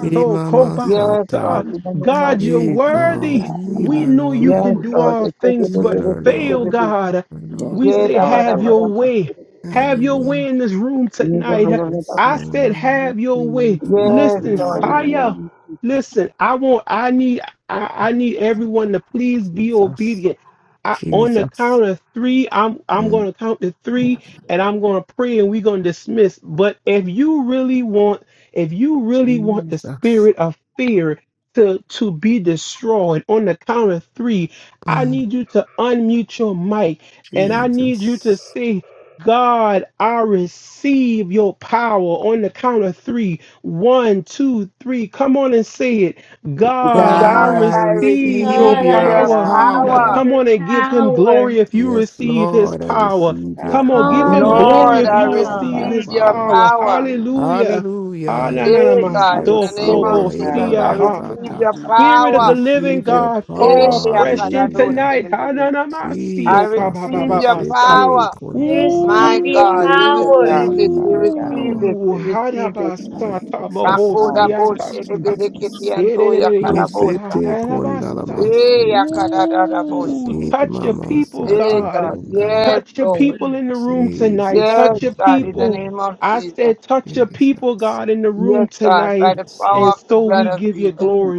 Speaker 7: Hey, Mama
Speaker 2: Yes,
Speaker 7: Sata.
Speaker 2: Lord, in the name of
Speaker 5: God, you're
Speaker 7: Hey,
Speaker 8: Protection,
Speaker 2: Jesus.
Speaker 8: Father
Speaker 7: God.
Speaker 5: worthy.
Speaker 8: God, in the
Speaker 5: We
Speaker 8: mighty
Speaker 7: Healer,
Speaker 5: know you
Speaker 7: Lord.
Speaker 5: can
Speaker 2: Yes,
Speaker 8: name.
Speaker 5: do
Speaker 2: Lord.
Speaker 5: all things but
Speaker 7: Healer,
Speaker 5: fail,
Speaker 7: Lord.
Speaker 2: Ekedededededededede.
Speaker 5: God.
Speaker 7: Healer, Lord.
Speaker 8: Yes,
Speaker 5: We
Speaker 8: you
Speaker 5: say,
Speaker 8: are.
Speaker 5: have
Speaker 8: Thank
Speaker 5: your
Speaker 8: you, God.
Speaker 5: way.
Speaker 2: Yedabadabadabadabada.
Speaker 7: Have
Speaker 5: Have
Speaker 7: your
Speaker 5: your
Speaker 7: way.
Speaker 5: way in this room tonight.
Speaker 7: Yes,
Speaker 2: Yedabadabadabada.
Speaker 5: I said,
Speaker 7: Lord. We
Speaker 5: have your way.
Speaker 7: plead,
Speaker 2: Yes,
Speaker 5: Listen,
Speaker 7: Jesus.
Speaker 2: Lord, in
Speaker 8: Amen.
Speaker 2: the name
Speaker 5: hiya.
Speaker 2: of Jesus.
Speaker 5: Listen, I want, I need. I, I need everyone to please be
Speaker 7: Jesus.
Speaker 5: obedient. I, on the
Speaker 7: Jesus.
Speaker 5: count of three, I'm I'm
Speaker 7: Mm,
Speaker 5: going to count to three, and I'm going to pray, and we're going to dismiss. But if you really want, if you really want the
Speaker 7: Jesus.
Speaker 5: spirit of fear to to be destroyed, on the count of three, I
Speaker 7: Mm,
Speaker 5: need you to unmute your mic, and I need you to
Speaker 7: Jesus.
Speaker 5: say. God, I receive your power on the count of three. One, two, three. Come on and say it. God,
Speaker 7: Lord,
Speaker 5: I
Speaker 8: God,
Speaker 2: God,
Speaker 7: I
Speaker 8: I
Speaker 2: I
Speaker 5: receive
Speaker 8: receive
Speaker 5: your
Speaker 7: receive
Speaker 3: God,
Speaker 2: receive
Speaker 3: I
Speaker 8: your
Speaker 7: your
Speaker 2: your
Speaker 3: receive
Speaker 5: power.
Speaker 8: power.
Speaker 5: Now
Speaker 2: power.
Speaker 7: power.
Speaker 5: come
Speaker 3: your
Speaker 5: on and give him
Speaker 3: power.
Speaker 5: glory if you
Speaker 7: Yes,
Speaker 5: receive his
Speaker 7: Lord, I
Speaker 5: power.
Speaker 7: receive your
Speaker 8: God,
Speaker 5: Come
Speaker 8: I
Speaker 5: on, give
Speaker 7: power,
Speaker 5: him
Speaker 8: receive your
Speaker 3: Hallelujah.
Speaker 5: glory
Speaker 2: Lord,
Speaker 7: Lord. I
Speaker 5: if
Speaker 2: I
Speaker 5: you
Speaker 8: power,
Speaker 7: receive
Speaker 5: receive
Speaker 7: your
Speaker 3: I
Speaker 2: receive
Speaker 8: Father
Speaker 5: his
Speaker 2: your
Speaker 8: God.
Speaker 7: power.
Speaker 8: in
Speaker 5: power.
Speaker 8: the
Speaker 2: power.
Speaker 8: mighty name of Jesus.
Speaker 5: Hallelujah.
Speaker 7: Hallelujah.
Speaker 5: Ah,
Speaker 7: I
Speaker 5: na, na, na,
Speaker 2: Hey
Speaker 5: my
Speaker 7: receive
Speaker 2: God, in
Speaker 7: your
Speaker 5: soul,
Speaker 2: the name
Speaker 8: I receive
Speaker 2: of
Speaker 5: kobo,
Speaker 7: power.
Speaker 8: your
Speaker 7: Hey,
Speaker 2: Jesus,
Speaker 5: see,
Speaker 8: power,
Speaker 5: ah,
Speaker 2: I
Speaker 7: Baba
Speaker 5: ha.
Speaker 8: Father
Speaker 2: receive
Speaker 7: Sata.
Speaker 8: God,
Speaker 2: your
Speaker 8: in the
Speaker 5: Spirit
Speaker 8: mighty
Speaker 5: of
Speaker 2: power.
Speaker 5: the
Speaker 8: name of
Speaker 5: living
Speaker 7: Receive your
Speaker 5: God,
Speaker 8: Jesus.
Speaker 2: Hey,
Speaker 5: fall
Speaker 7: power.
Speaker 5: fresh in
Speaker 2: Akadado,
Speaker 7: Hallelujah.
Speaker 5: tonight. Ah, na,
Speaker 2: Kedede.
Speaker 5: na, my see,
Speaker 2: I
Speaker 5: oh, ka, ba,
Speaker 7: Jesus.
Speaker 5: ba,
Speaker 2: receive
Speaker 5: ba,
Speaker 2: your
Speaker 5: ba, sa.
Speaker 7: Ibisete
Speaker 2: power.
Speaker 7: kundalama.
Speaker 8: I
Speaker 2: My
Speaker 3: receive your
Speaker 2: God,
Speaker 8: receive
Speaker 2: we
Speaker 8: your
Speaker 3: power.
Speaker 2: receive
Speaker 8: power,
Speaker 2: it,
Speaker 7: Receive
Speaker 2: we
Speaker 7: your
Speaker 8: Father God.
Speaker 2: receive
Speaker 7: power.
Speaker 2: it,
Speaker 5: Ooh,
Speaker 2: we
Speaker 5: ha, da,
Speaker 2: receive it.
Speaker 5: ba,
Speaker 8: I
Speaker 5: sa, ta,
Speaker 8: receive
Speaker 5: ba,
Speaker 8: your
Speaker 5: ho,
Speaker 7: Jesus,
Speaker 2: Bakoda
Speaker 5: see,
Speaker 8: power.
Speaker 5: ah,
Speaker 2: Bosh,
Speaker 5: ta,
Speaker 7: Jesus,
Speaker 2: Kedede, Kiti,
Speaker 7: Jesus.
Speaker 2: and Toya, Kadabosa.
Speaker 7: Ibisete
Speaker 5: Hererereriosaharabasa.
Speaker 7: kundalama.
Speaker 2: Hey,
Speaker 5: Ooh,
Speaker 2: Akadadadaboshi.
Speaker 7: Me,
Speaker 5: touch your
Speaker 7: Mama,
Speaker 5: people,
Speaker 2: Hey
Speaker 7: Sata,
Speaker 5: God.
Speaker 2: God,
Speaker 7: Pondala,
Speaker 2: yes,
Speaker 5: Touch your
Speaker 2: Lord.
Speaker 5: people in the room tonight.
Speaker 7: Jesus,
Speaker 2: Yes,
Speaker 7: thank
Speaker 5: Touch your
Speaker 2: God,
Speaker 7: you,
Speaker 2: in the
Speaker 5: people.
Speaker 7: Lord.
Speaker 2: name of
Speaker 5: I
Speaker 2: Jesus.
Speaker 5: said, touch your people,
Speaker 7: Jesus,
Speaker 5: God, in the room
Speaker 2: Yes, God,
Speaker 5: tonight.
Speaker 2: by the
Speaker 7: yes,
Speaker 2: power
Speaker 7: Lord,
Speaker 5: And
Speaker 2: of the
Speaker 5: so
Speaker 2: blood
Speaker 5: we
Speaker 2: of
Speaker 5: give you
Speaker 2: Jesus.
Speaker 5: glory.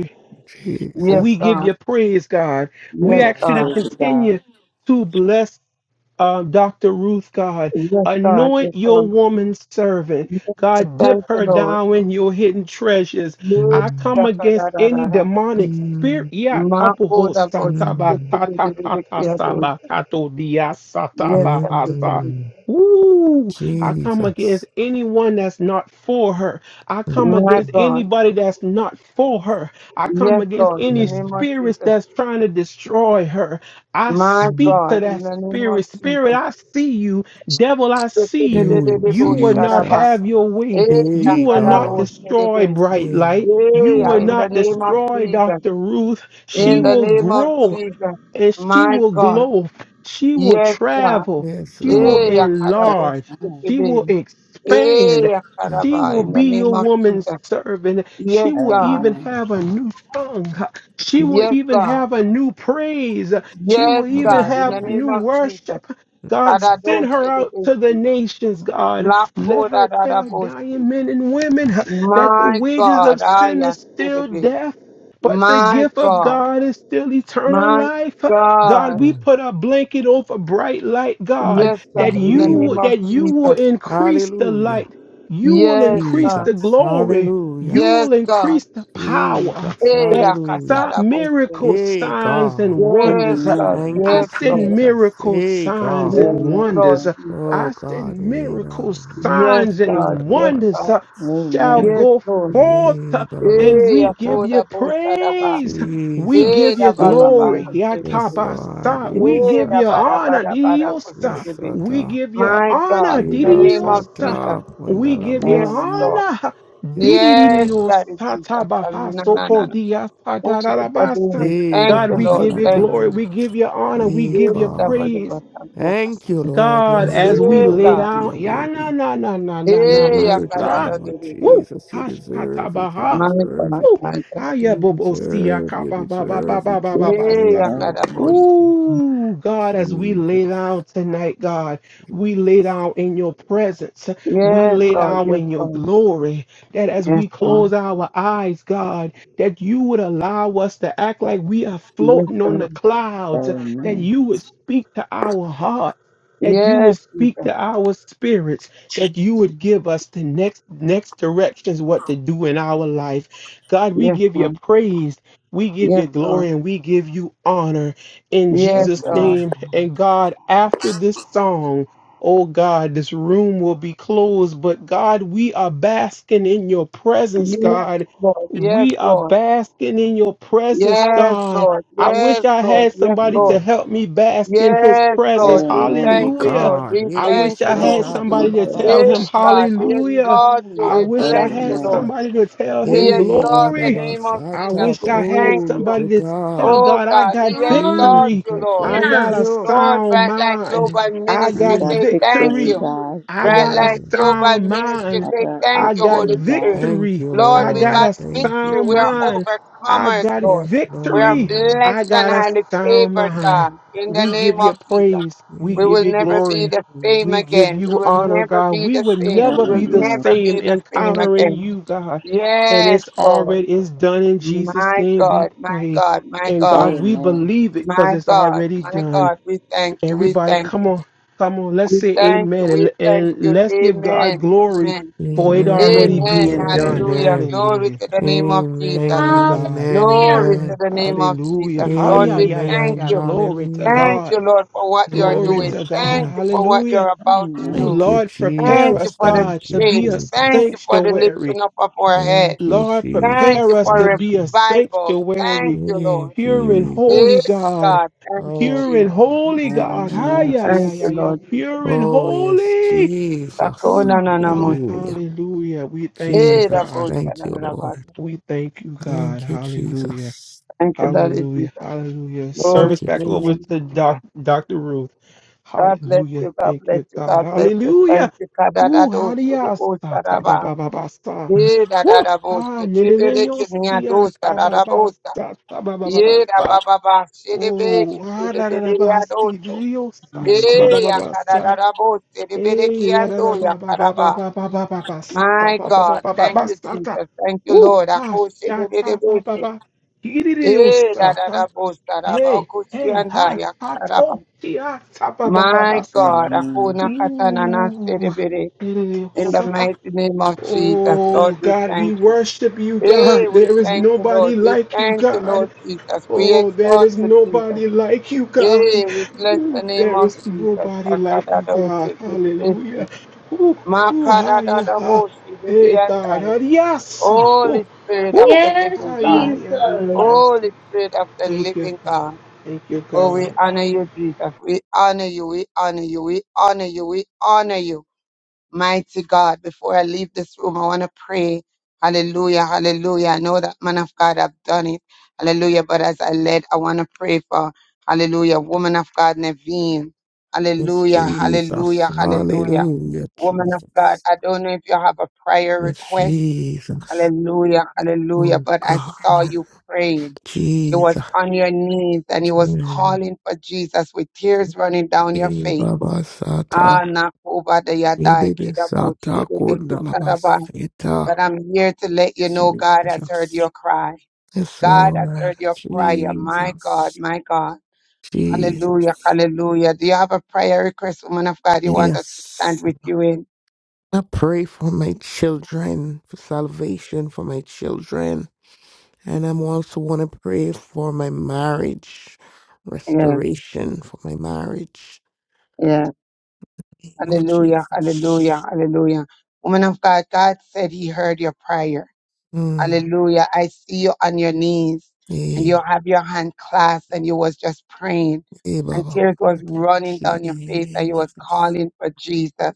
Speaker 2: Yes,
Speaker 5: We
Speaker 7: Jesus.
Speaker 5: give
Speaker 2: God.
Speaker 5: you praise, God. We
Speaker 2: Yes,
Speaker 8: You
Speaker 5: ask
Speaker 8: are
Speaker 5: you to
Speaker 2: God.
Speaker 8: worthy,
Speaker 5: continue
Speaker 8: God.
Speaker 5: to bless um, Dr. Ruth, God.
Speaker 2: Yes, God.
Speaker 5: Anoint
Speaker 2: Yes,
Speaker 5: your
Speaker 2: um,
Speaker 5: woman servant.
Speaker 2: yes,
Speaker 5: God, dip
Speaker 2: thank the
Speaker 5: her
Speaker 2: Lord.
Speaker 5: down in your hidden treasures.
Speaker 2: Yes,
Speaker 5: I
Speaker 7: Mm,
Speaker 5: come
Speaker 2: Shaka,
Speaker 5: against
Speaker 2: da, da,
Speaker 5: any
Speaker 2: da, da.
Speaker 5: demonic spirit.
Speaker 7: mm,
Speaker 5: Yeah,
Speaker 2: My God,
Speaker 5: tapuho
Speaker 2: I was-
Speaker 5: sataba
Speaker 7: mm,
Speaker 5: tata tata
Speaker 2: Yes, God.
Speaker 5: saba kato dia
Speaker 2: yes,
Speaker 5: sataba
Speaker 2: yes,
Speaker 5: asa.
Speaker 2: yes.
Speaker 7: mm,
Speaker 5: Ooh, I come against
Speaker 7: Jesus.
Speaker 5: anyone that's not for her. I come
Speaker 7: Mm,
Speaker 2: my
Speaker 5: against
Speaker 2: God.
Speaker 5: anybody that's not for her. I come
Speaker 2: Yes,
Speaker 5: against
Speaker 2: Lord, in the
Speaker 5: any
Speaker 2: name
Speaker 7: mm,
Speaker 2: of
Speaker 5: spirits
Speaker 2: Jesus.
Speaker 5: that's trying to destroy her. I
Speaker 2: My
Speaker 7: mm,
Speaker 5: speak to
Speaker 2: God, in
Speaker 5: that
Speaker 2: the name
Speaker 5: spirit.
Speaker 2: of
Speaker 5: Spirit,
Speaker 2: Jesus.
Speaker 5: I see you. Devil, I see you.
Speaker 7: mm,
Speaker 5: You will not
Speaker 2: Shaka-da-da-da-da-bo-sha-da-ba.
Speaker 7: Jesus.
Speaker 5: have your way.
Speaker 2: Eh,
Speaker 5: You
Speaker 7: Hey,
Speaker 5: will not
Speaker 7: God.
Speaker 2: shaka-da-bo-sha-da-ba.
Speaker 5: destroy Bright
Speaker 7: Hey,
Speaker 5: Light. You
Speaker 2: Eh, ah,
Speaker 5: will
Speaker 7: Jesus.
Speaker 2: In the
Speaker 5: not
Speaker 2: name of
Speaker 5: destroy
Speaker 2: Jesus.
Speaker 5: Dr. Ruth. She
Speaker 2: In the
Speaker 7: Mm,
Speaker 5: will
Speaker 2: name of
Speaker 5: grow
Speaker 2: Jesus.
Speaker 5: and she
Speaker 2: My
Speaker 5: will
Speaker 2: God.
Speaker 5: glow. She will
Speaker 2: Yes, God.
Speaker 5: travel.
Speaker 7: yes,
Speaker 5: She will
Speaker 2: Eh,
Speaker 7: Lord.
Speaker 2: Akarabo,
Speaker 5: enlarge.
Speaker 8: Amen.
Speaker 5: She will
Speaker 2: Shikebe.
Speaker 5: expand.
Speaker 2: Eh,
Speaker 7: Yes,
Speaker 5: She
Speaker 2: Akaraba,
Speaker 5: will
Speaker 2: in
Speaker 7: Lord.
Speaker 2: the
Speaker 5: be
Speaker 2: name
Speaker 5: your
Speaker 2: of
Speaker 5: woman's
Speaker 2: Jesus.
Speaker 5: servant. She
Speaker 2: Yes,
Speaker 5: will
Speaker 2: God.
Speaker 5: even
Speaker 8: Amen.
Speaker 5: have a new song. She will
Speaker 2: Yes,
Speaker 5: even
Speaker 2: God.
Speaker 5: have a new praise. She will
Speaker 2: Yes,
Speaker 5: even
Speaker 2: God,
Speaker 7: Mm,
Speaker 2: in
Speaker 5: have
Speaker 2: the
Speaker 5: new
Speaker 2: name of Jesus.
Speaker 5: worship. God,
Speaker 2: Kadado,
Speaker 5: send her out
Speaker 2: Shikebe.
Speaker 5: to the nations, God. Let
Speaker 2: Lako,
Speaker 5: her tell
Speaker 2: Dadadabo, Shik.
Speaker 5: dying men and women that the
Speaker 2: My
Speaker 5: wages of
Speaker 2: God,
Speaker 5: sin is
Speaker 2: I
Speaker 5: still
Speaker 2: Shikebe.
Speaker 5: death, but the
Speaker 2: My
Speaker 5: gift of
Speaker 2: God,
Speaker 5: God is still eternal
Speaker 2: my
Speaker 5: life.
Speaker 2: God.
Speaker 5: God, we
Speaker 7: mm,
Speaker 5: put a blanket over bright light, God,
Speaker 2: Yes,
Speaker 7: yes,
Speaker 2: God,
Speaker 5: that
Speaker 7: Lord.
Speaker 2: in the
Speaker 5: you
Speaker 7: Yeah.
Speaker 5: will,
Speaker 2: name of
Speaker 5: that you will
Speaker 2: Jesus.
Speaker 5: increase the
Speaker 7: Hallelujah.
Speaker 5: light. You will
Speaker 2: Yes,
Speaker 5: increase
Speaker 2: God.
Speaker 5: the
Speaker 7: Jesus,
Speaker 5: glory.
Speaker 7: hallelujah.
Speaker 5: You
Speaker 2: Yes,
Speaker 5: will
Speaker 2: God.
Speaker 5: increase the power.
Speaker 7: Jesus,
Speaker 2: Eh,
Speaker 5: That
Speaker 7: hallelujah.
Speaker 5: si-
Speaker 2: Akashadabo, Shik.
Speaker 5: miracles,
Speaker 7: Hey,
Speaker 5: signs,
Speaker 7: God.
Speaker 5: and
Speaker 2: Yes,
Speaker 5: wonders. Uh,
Speaker 2: God.
Speaker 8: Amen.
Speaker 7: Thank
Speaker 5: I
Speaker 7: you,
Speaker 2: Yes,
Speaker 5: said
Speaker 2: Lord.
Speaker 7: Jesus.
Speaker 5: miracles,
Speaker 7: Hey,
Speaker 5: signs,
Speaker 7: God.
Speaker 2: Yes,
Speaker 5: and
Speaker 8: Amen.
Speaker 2: Lord
Speaker 5: wonders. Uh,
Speaker 2: Jesus.
Speaker 7: Oh,
Speaker 5: I said
Speaker 7: God, lean on
Speaker 5: miracles,
Speaker 7: the
Speaker 2: Yes,
Speaker 5: signs,
Speaker 7: Jesus,
Speaker 2: God.
Speaker 7: I
Speaker 5: and
Speaker 7: don't
Speaker 2: Yes,
Speaker 7: want
Speaker 5: wonders
Speaker 2: God.
Speaker 5: uh,
Speaker 7: this.
Speaker 5: shall
Speaker 8: Amen.
Speaker 2: Yes,
Speaker 5: go
Speaker 2: Lord.
Speaker 5: forth
Speaker 7: Hey, Baba
Speaker 5: and
Speaker 2: Eh,
Speaker 5: we
Speaker 7: Sata.
Speaker 5: give you
Speaker 2: apoda bosa raba.
Speaker 5: praise. We
Speaker 2: Eh,
Speaker 5: give
Speaker 7: Jesus.
Speaker 5: you
Speaker 2: da
Speaker 8: Amen.
Speaker 2: ba ba ba
Speaker 5: glory.
Speaker 8: Amen.
Speaker 2: kosegebe.
Speaker 7: Yes, Lord.
Speaker 5: Yatabasa.
Speaker 7: Ibi
Speaker 5: We
Speaker 2: Eh,
Speaker 5: give
Speaker 2: da
Speaker 5: you
Speaker 2: ba
Speaker 7: Sata.
Speaker 2: raba
Speaker 5: honor.
Speaker 2: ba raba
Speaker 5: Didiosa.
Speaker 7: Yes,
Speaker 2: kosegebe.
Speaker 5: We
Speaker 7: Sata.
Speaker 5: give you
Speaker 2: My God,
Speaker 5: honor.
Speaker 2: in the
Speaker 7: Iba
Speaker 2: name of
Speaker 5: Didiosa.
Speaker 2: Jesus.
Speaker 7: Sata.
Speaker 5: We give you
Speaker 2: Yes,
Speaker 7: Kundalamas.
Speaker 8: Amen.
Speaker 2: Lord.
Speaker 5: honor.
Speaker 7: Yes,
Speaker 2: Yes,
Speaker 7: Lord.
Speaker 2: that is
Speaker 5: Didiosa
Speaker 2: Jesus. Ah,
Speaker 5: tabaha
Speaker 2: No, no, no,
Speaker 5: soko
Speaker 2: no. Thank you for doing
Speaker 5: diasadarabasa.
Speaker 2: it.
Speaker 7: Hey,
Speaker 2: Thank
Speaker 5: God,
Speaker 2: you,
Speaker 5: we
Speaker 7: Baba
Speaker 2: Lord.
Speaker 5: give you
Speaker 2: Thank
Speaker 7: Sata.
Speaker 5: glory.
Speaker 2: you.
Speaker 8: Amen.
Speaker 5: We give you honor. We
Speaker 7: Hey,
Speaker 5: give
Speaker 2: Eh,
Speaker 5: you
Speaker 2: da ba
Speaker 7: God.
Speaker 2: raba
Speaker 5: praise.
Speaker 7: Thank
Speaker 2: kasa.
Speaker 7: you, Lord. You're
Speaker 5: God, as
Speaker 7: worthy,
Speaker 5: we
Speaker 2: Eh,
Speaker 7: you're
Speaker 5: lay
Speaker 2: God.
Speaker 7: worthy, you're
Speaker 5: down, ya na
Speaker 7: worthy.
Speaker 5: na na na na
Speaker 7: You're
Speaker 5: na
Speaker 2: Eh, ya
Speaker 7: worthy,
Speaker 2: kada
Speaker 5: masa.
Speaker 2: da da
Speaker 7: Lord
Speaker 2: da da.
Speaker 5: Woo!
Speaker 7: Jesus. You deserve it, you
Speaker 5: Hashatabaha.
Speaker 2: My
Speaker 7: deserve
Speaker 2: God,
Speaker 7: it.
Speaker 5: Woo!
Speaker 2: my God.
Speaker 5: Hiya,
Speaker 7: You
Speaker 5: bobo, oh, see, ya,
Speaker 7: deserve,
Speaker 5: caught
Speaker 7: you
Speaker 5: ba ba ba ba
Speaker 7: deserve
Speaker 5: ba
Speaker 7: it,
Speaker 5: ba
Speaker 7: you
Speaker 5: ba ba.
Speaker 2: Yay,
Speaker 5: sa.
Speaker 7: deserve it,
Speaker 8: Amen.
Speaker 2: Akadabosh.
Speaker 7: Jesus.
Speaker 5: Ooh, God, as we lay
Speaker 7: Jesus.
Speaker 5: down tonight, God, we lay down in your presence. We
Speaker 2: Yes,
Speaker 5: lay
Speaker 2: Lord.
Speaker 5: down
Speaker 2: Yes,
Speaker 5: in your
Speaker 2: Lord.
Speaker 5: glory. That as
Speaker 2: Yes,
Speaker 5: we
Speaker 2: Lord.
Speaker 5: close our eyes, God, that you would allow us to act like we are
Speaker 2: Yes,
Speaker 5: floating on the
Speaker 2: Lord.
Speaker 5: clouds, that
Speaker 8: Amen.
Speaker 5: you would speak to our heart. That you would
Speaker 2: Yes,
Speaker 5: speak
Speaker 2: Jesus.
Speaker 5: to our spirits, that you would give us the next next directions what to do in our life. God, we
Speaker 2: Yes,
Speaker 5: give you
Speaker 2: Lord.
Speaker 5: praise, we give you
Speaker 2: Yes, Lord.
Speaker 5: glory, and we give you honor in
Speaker 2: Yes,
Speaker 5: Jesus'
Speaker 2: Lord.
Speaker 7: Jesus.
Speaker 5: name. And God, after this song, oh God, this room will be closed. But God, we are basking in your presence,
Speaker 2: Yes,
Speaker 5: God.
Speaker 2: Lord. Yes,
Speaker 5: We are
Speaker 2: Lord.
Speaker 5: basking in your presence,
Speaker 2: Yes,
Speaker 5: God.
Speaker 2: Lord.
Speaker 5: I wish
Speaker 2: Yes,
Speaker 5: I
Speaker 2: Lord.
Speaker 5: had
Speaker 2: Yes,
Speaker 5: somebody to
Speaker 2: Lord.
Speaker 5: help me bask in his
Speaker 2: Yes,
Speaker 8: Amen.
Speaker 5: presence.
Speaker 2: Lord. We
Speaker 8: Amen.
Speaker 7: Hey,
Speaker 2: thank you,
Speaker 5: Hallelujah.
Speaker 2: Lord.
Speaker 7: God,
Speaker 2: We
Speaker 7: it
Speaker 5: I
Speaker 7: is
Speaker 2: thank
Speaker 5: wish I
Speaker 2: you,
Speaker 8: Thank
Speaker 5: had
Speaker 2: Lord.
Speaker 7: Sata
Speaker 8: you,
Speaker 7: Baba
Speaker 5: somebody to
Speaker 8: Jesus.
Speaker 7: Baba,
Speaker 5: tell him,
Speaker 2: Yes,
Speaker 7: Sata.
Speaker 2: God. We
Speaker 5: Hallelujah.
Speaker 2: exalt you.
Speaker 5: I
Speaker 7: Hallelujah,
Speaker 2: We
Speaker 5: wish I
Speaker 2: bless you,
Speaker 5: had
Speaker 7: Jesus.
Speaker 8: Amen.
Speaker 2: Lord.
Speaker 5: somebody to tell him,
Speaker 2: We
Speaker 7: Hey, Baba
Speaker 2: exalt the
Speaker 5: Glory.
Speaker 7: Baba,
Speaker 2: name of
Speaker 5: I
Speaker 2: Jesus.
Speaker 7: Sata,
Speaker 5: wish
Speaker 2: We
Speaker 5: I had
Speaker 2: thank
Speaker 7: glory
Speaker 2: you.
Speaker 5: somebody
Speaker 7: to
Speaker 5: to
Speaker 7: God.
Speaker 5: tell
Speaker 2: Oh,
Speaker 5: God I
Speaker 2: God.
Speaker 5: got
Speaker 2: We
Speaker 3: Hallelujah.
Speaker 7: Jesus,
Speaker 2: exalt
Speaker 5: victory.
Speaker 2: you,
Speaker 7: I
Speaker 2: Lord.
Speaker 5: I
Speaker 7: thank
Speaker 5: got a
Speaker 7: you.
Speaker 2: Lord,
Speaker 5: sound
Speaker 2: Bright Light
Speaker 5: mind.
Speaker 2: Global
Speaker 7: Mm,
Speaker 5: I
Speaker 8: I
Speaker 2: Ministry,
Speaker 5: got
Speaker 7: Jesus.
Speaker 8: got
Speaker 2: say thank
Speaker 8: victory,
Speaker 5: victory.
Speaker 2: you.
Speaker 8: God.
Speaker 5: I
Speaker 2: Bright
Speaker 5: got a
Speaker 2: Light
Speaker 7: Mm. mm,
Speaker 5: sound
Speaker 2: Global
Speaker 7: mm.
Speaker 2: Ministry,
Speaker 5: mind.
Speaker 8: I
Speaker 2: say
Speaker 8: got
Speaker 2: thank
Speaker 5: I
Speaker 2: you,
Speaker 5: got
Speaker 2: Holy
Speaker 8: victory, God.
Speaker 2: Spirit.
Speaker 7: Thank
Speaker 5: victory.
Speaker 7: you,
Speaker 2: Lord,
Speaker 5: I
Speaker 2: we
Speaker 5: got
Speaker 7: Lord.
Speaker 2: got
Speaker 5: a
Speaker 7: Thank you,
Speaker 2: victory.
Speaker 5: sound
Speaker 2: We are
Speaker 7: Jesus.
Speaker 5: mind. I
Speaker 2: overcomers,
Speaker 5: got
Speaker 2: Lord.
Speaker 7: Yes,
Speaker 2: We are
Speaker 5: victory.
Speaker 7: Lord.
Speaker 5: I
Speaker 2: blessed and
Speaker 5: got a
Speaker 2: highly
Speaker 5: sound
Speaker 2: favored,
Speaker 5: mind.
Speaker 2: God, in the
Speaker 5: We give
Speaker 2: name
Speaker 5: you
Speaker 2: of Jesus.
Speaker 5: praise. We
Speaker 2: We
Speaker 5: give
Speaker 2: will
Speaker 5: you
Speaker 2: never
Speaker 7: Jesus.
Speaker 2: be
Speaker 5: glory.
Speaker 2: the same
Speaker 5: We
Speaker 7: Jesus.
Speaker 5: give
Speaker 2: again. We
Speaker 5: you
Speaker 2: will
Speaker 5: honor,
Speaker 2: never
Speaker 5: God.
Speaker 2: be
Speaker 5: We
Speaker 2: the
Speaker 5: would
Speaker 2: same. We
Speaker 5: never be
Speaker 2: will
Speaker 5: the
Speaker 8: Amen.
Speaker 2: never be
Speaker 5: same
Speaker 2: the same
Speaker 5: encountering
Speaker 2: again.
Speaker 5: you, God and
Speaker 2: Yes,
Speaker 5: it's
Speaker 2: Lord.
Speaker 5: already it's done in Jesus'
Speaker 2: My
Speaker 5: name. We
Speaker 2: God, my
Speaker 5: pray,
Speaker 2: God, my
Speaker 5: and
Speaker 2: God,
Speaker 5: God, we
Speaker 8: Amen. Amen.
Speaker 5: believe it because
Speaker 2: my
Speaker 5: it's
Speaker 2: God,
Speaker 5: already
Speaker 2: my
Speaker 5: done.
Speaker 2: God. We thank you. We
Speaker 5: Everybody,
Speaker 2: thank
Speaker 5: come
Speaker 2: you.
Speaker 5: on, come on, let's
Speaker 2: We
Speaker 5: say
Speaker 2: thank you.
Speaker 5: Amen, and,
Speaker 2: We thank
Speaker 5: and
Speaker 2: you.
Speaker 5: let's give God
Speaker 2: Amen.
Speaker 5: glory
Speaker 2: Amen.
Speaker 5: for it
Speaker 8: Amen.
Speaker 5: already
Speaker 7: Amen.
Speaker 2: Amen.
Speaker 5: being
Speaker 7: Amen.
Speaker 5: done.
Speaker 2: Hallelujah.
Speaker 7: Amen.
Speaker 2: Glory
Speaker 5: Hallelujah!
Speaker 2: to the name of Jesus.
Speaker 3: Ha-
Speaker 5: Thank you,
Speaker 7: Amen.
Speaker 5: God.
Speaker 7: Amen.
Speaker 2: Glory to
Speaker 7: Amen.
Speaker 2: the name of
Speaker 5: Hallelujah!
Speaker 2: Jesus.
Speaker 5: Hi,
Speaker 2: Lord,
Speaker 5: yeah,
Speaker 2: we
Speaker 5: yeah, yeah,
Speaker 2: thank
Speaker 7: Amen.
Speaker 5: yeah.
Speaker 2: you.
Speaker 5: Glory to
Speaker 7: Hallelujah.
Speaker 2: Thank you,
Speaker 5: God.
Speaker 2: Lord, for what you are
Speaker 5: Glory
Speaker 7: Hallelujah.
Speaker 2: doing.
Speaker 5: to God.
Speaker 2: Thank you for what
Speaker 5: Hallelujah.
Speaker 2: you're about to
Speaker 5: Ooh,
Speaker 2: do.
Speaker 7: Thank you,
Speaker 5: Lord, prepare
Speaker 2: Thank you
Speaker 5: us,
Speaker 7: Jesus.
Speaker 2: for the
Speaker 5: God,
Speaker 7: Thank
Speaker 5: to
Speaker 7: you,
Speaker 5: be a
Speaker 2: change. Thank
Speaker 7: Jesus.
Speaker 2: you for the
Speaker 5: sanctuary.
Speaker 2: lifting up of our head.
Speaker 7: Thank you,
Speaker 5: Lord,
Speaker 2: Thank
Speaker 5: prepare
Speaker 2: you
Speaker 7: Jesus.
Speaker 5: us
Speaker 2: for
Speaker 5: to
Speaker 7: Thank
Speaker 5: be a
Speaker 7: you.
Speaker 2: revival. Thank
Speaker 5: sanctuary,
Speaker 2: you, Lord.
Speaker 7: Hey,
Speaker 5: pure and holy
Speaker 2: Yes,
Speaker 7: Jesus.
Speaker 5: God,
Speaker 2: God. Thank you,
Speaker 7: Oh
Speaker 5: pure
Speaker 2: Jesus.
Speaker 5: and
Speaker 7: God, thank
Speaker 5: holy God. Hi,
Speaker 8: Amen.
Speaker 5: yeah, yeah,
Speaker 2: Thank you,
Speaker 5: yeah,
Speaker 7: Jesus.
Speaker 5: yeah,
Speaker 2: Lord Jesus.
Speaker 5: pure and
Speaker 7: Oh yes,
Speaker 5: holy.
Speaker 7: Jesus.
Speaker 2: Sakona
Speaker 5: Ooh,
Speaker 2: na na
Speaker 5: God,
Speaker 2: mosi.
Speaker 7: Hallelujah.
Speaker 5: hallelujah. We thank you,
Speaker 2: Hey,
Speaker 7: Jesus.
Speaker 5: God.
Speaker 2: Rabbo
Speaker 7: Thank you,
Speaker 2: Shanarabba.
Speaker 7: Lord.
Speaker 5: We thank you, God.
Speaker 7: Thank you,
Speaker 5: Hallelujah.
Speaker 7: Jesus.
Speaker 2: Thank you, Daddy
Speaker 5: Hallelujah.
Speaker 2: Jesus.
Speaker 5: Hallelujah.
Speaker 2: Glory
Speaker 7: Thank
Speaker 5: Service
Speaker 7: you,
Speaker 2: to the
Speaker 5: back
Speaker 2: name
Speaker 5: over
Speaker 7: Jesus.
Speaker 2: of
Speaker 5: to Doc,
Speaker 2: Jesus.
Speaker 5: Dr. Ruth.
Speaker 2: God bless
Speaker 5: Hallelujah.
Speaker 2: you, God
Speaker 5: Thank
Speaker 2: bless
Speaker 5: you,
Speaker 2: you,
Speaker 5: God.
Speaker 2: God bless you.
Speaker 5: Hallelujah.
Speaker 2: Thank you,
Speaker 5: Ooh,
Speaker 2: Kadadado,
Speaker 5: hallelujah.
Speaker 2: Sodebo,
Speaker 5: Ta ba
Speaker 2: Saraba.
Speaker 5: ba ba ba sa.
Speaker 2: Ye,
Speaker 5: Woo.
Speaker 2: Dadadabo,
Speaker 5: Ah, ne ne ne
Speaker 2: Shedebe,
Speaker 5: yo si ah,
Speaker 2: Kimiado,
Speaker 5: ta ba ba
Speaker 2: Sarabota.
Speaker 5: sa. Ta ba ba ba ba
Speaker 2: Ye,
Speaker 5: sa.
Speaker 2: Rabababa, Shedebe,
Speaker 5: Oh, ah, da da da
Speaker 2: Kibede,
Speaker 5: ba si. di,
Speaker 2: Adoso.
Speaker 5: di, yo sa.
Speaker 8: Amen.
Speaker 5: Ta ba ba
Speaker 2: Ye,
Speaker 5: ba ba sa.
Speaker 2: Yakadadabo, Shedebe,
Speaker 5: Hey, ah, da da
Speaker 2: Kiando,
Speaker 5: ba ba ba ba
Speaker 2: Yakaraba.
Speaker 5: ba ba ba ba ba sa. Ta
Speaker 2: My
Speaker 5: ba ba ba
Speaker 2: God,
Speaker 5: ba ba
Speaker 2: thank
Speaker 5: ba
Speaker 2: you,
Speaker 5: sa. Ta.
Speaker 2: Jesus. Thank you,
Speaker 5: Ooh,
Speaker 2: Lord.
Speaker 5: ah,
Speaker 2: Ako,
Speaker 5: sha
Speaker 2: Shedebe,
Speaker 5: ta ba ba ba. di di
Speaker 2: Eh, da, da,
Speaker 5: Hallelujah.
Speaker 2: da, bo, sa, da, ba,
Speaker 5: Hey,
Speaker 2: ko, si,
Speaker 5: hey, hot,
Speaker 2: ya,
Speaker 5: hot,
Speaker 2: da, ba.
Speaker 5: oh, ti, ha, ta, ba,
Speaker 2: My God,
Speaker 8: Amen.
Speaker 2: Akuna Katanana
Speaker 5: Ooh,
Speaker 2: Sedibiri,
Speaker 5: eh,
Speaker 2: in the
Speaker 5: sa.
Speaker 2: mighty name of Jesus,
Speaker 5: Oh,
Speaker 2: Lord, we
Speaker 5: God, we
Speaker 2: thank you.
Speaker 5: worship you,
Speaker 2: Hey,
Speaker 5: God.
Speaker 2: we
Speaker 5: There is
Speaker 2: thank you,
Speaker 5: nobody
Speaker 2: Lord. We
Speaker 5: like you,
Speaker 2: thank you,
Speaker 5: God.
Speaker 2: Lord Jesus. We
Speaker 5: Oh, there
Speaker 2: exalt
Speaker 5: is
Speaker 2: you, Jesus.
Speaker 5: nobody like you, God.
Speaker 2: Hey, we bless the
Speaker 5: Ooh,
Speaker 2: name
Speaker 5: there
Speaker 2: of
Speaker 5: is
Speaker 2: Jesus.
Speaker 5: nobody like you, God.
Speaker 2: Akadadosiki,
Speaker 5: Hallelujah. Ooh, ooh, ha, ya, ha.
Speaker 2: Makadadadaboshi,
Speaker 5: Hey, God. ha, ya, Ooh,
Speaker 2: Holy Spirit of
Speaker 5: ooh.
Speaker 2: the
Speaker 3: Yes,
Speaker 2: living
Speaker 5: Ah,
Speaker 2: God.
Speaker 5: yeah, yeah, yeah,
Speaker 3: Jesus.
Speaker 5: yeah.
Speaker 2: Holy Spirit of the
Speaker 5: Thank you,
Speaker 2: living
Speaker 5: God.
Speaker 2: God.
Speaker 5: Thank you,
Speaker 2: Oh,
Speaker 5: God.
Speaker 2: we honor you, Jesus. We honor you. We honor you. We honor you. We honor you. Mighty God, before I leave this room, I want to pray. Hallelujah, hallelujah. I know that man of God have done it. Hallelujah. But as I led, I want to pray for, hallelujah, woman of God, Naveen.
Speaker 7: Yes,
Speaker 2: Hallelujah,
Speaker 7: Jesus.
Speaker 2: hallelujah, hallelujah.
Speaker 7: Hallelujah,
Speaker 2: Woman of God,
Speaker 7: Jesus.
Speaker 2: I don't know if you have a prayer
Speaker 7: Yes,
Speaker 2: request.
Speaker 7: Jesus.
Speaker 2: Hallelujah, hallelujah.
Speaker 7: Oh
Speaker 2: But I saw
Speaker 7: God,
Speaker 2: you praying. You was
Speaker 7: Jesus.
Speaker 2: on your knees and you was
Speaker 7: Mm.
Speaker 2: calling for Jesus with tears running down your face.
Speaker 7: Baba Sata.
Speaker 2: Ah, Nakoba de
Speaker 7: Hey,
Speaker 2: Yadai,
Speaker 7: Baby
Speaker 2: Kedabo,
Speaker 7: Sata
Speaker 2: Chidebe, Kusaraba.
Speaker 7: Kundalabasita.
Speaker 2: But I'm here to let you know God has heard
Speaker 7: Jesus.
Speaker 2: your cry.
Speaker 7: Yes,
Speaker 2: God has
Speaker 7: Lord.
Speaker 2: heard your prayer. My God,
Speaker 7: Jesus.
Speaker 2: my God. Hallelujah,
Speaker 7: Jesus.
Speaker 2: hallelujah. Do you have a prayer request, woman of God, you want us to stand
Speaker 7: Yes.
Speaker 2: with you in?
Speaker 7: I pray for my children, for salvation for my children. And I'm also want to pray for my marriage,
Speaker 2: Yeah,
Speaker 7: restoration for my marriage.
Speaker 2: yeah.
Speaker 7: name Of
Speaker 2: Hallelujah, hallelujah,
Speaker 7: Jesus.
Speaker 2: hallelujah. Woman of God, God said he heard your prayer.
Speaker 7: Mm.
Speaker 2: Hallelujah. I see you on your knees and you
Speaker 7: Hey,
Speaker 2: have your hand clasped and you was just praying
Speaker 7: hey,
Speaker 2: and
Speaker 7: Baba.
Speaker 2: tears was
Speaker 7: Okay.
Speaker 2: running down your face and you was
Speaker 7: Jesus.
Speaker 2: calling for Jesus.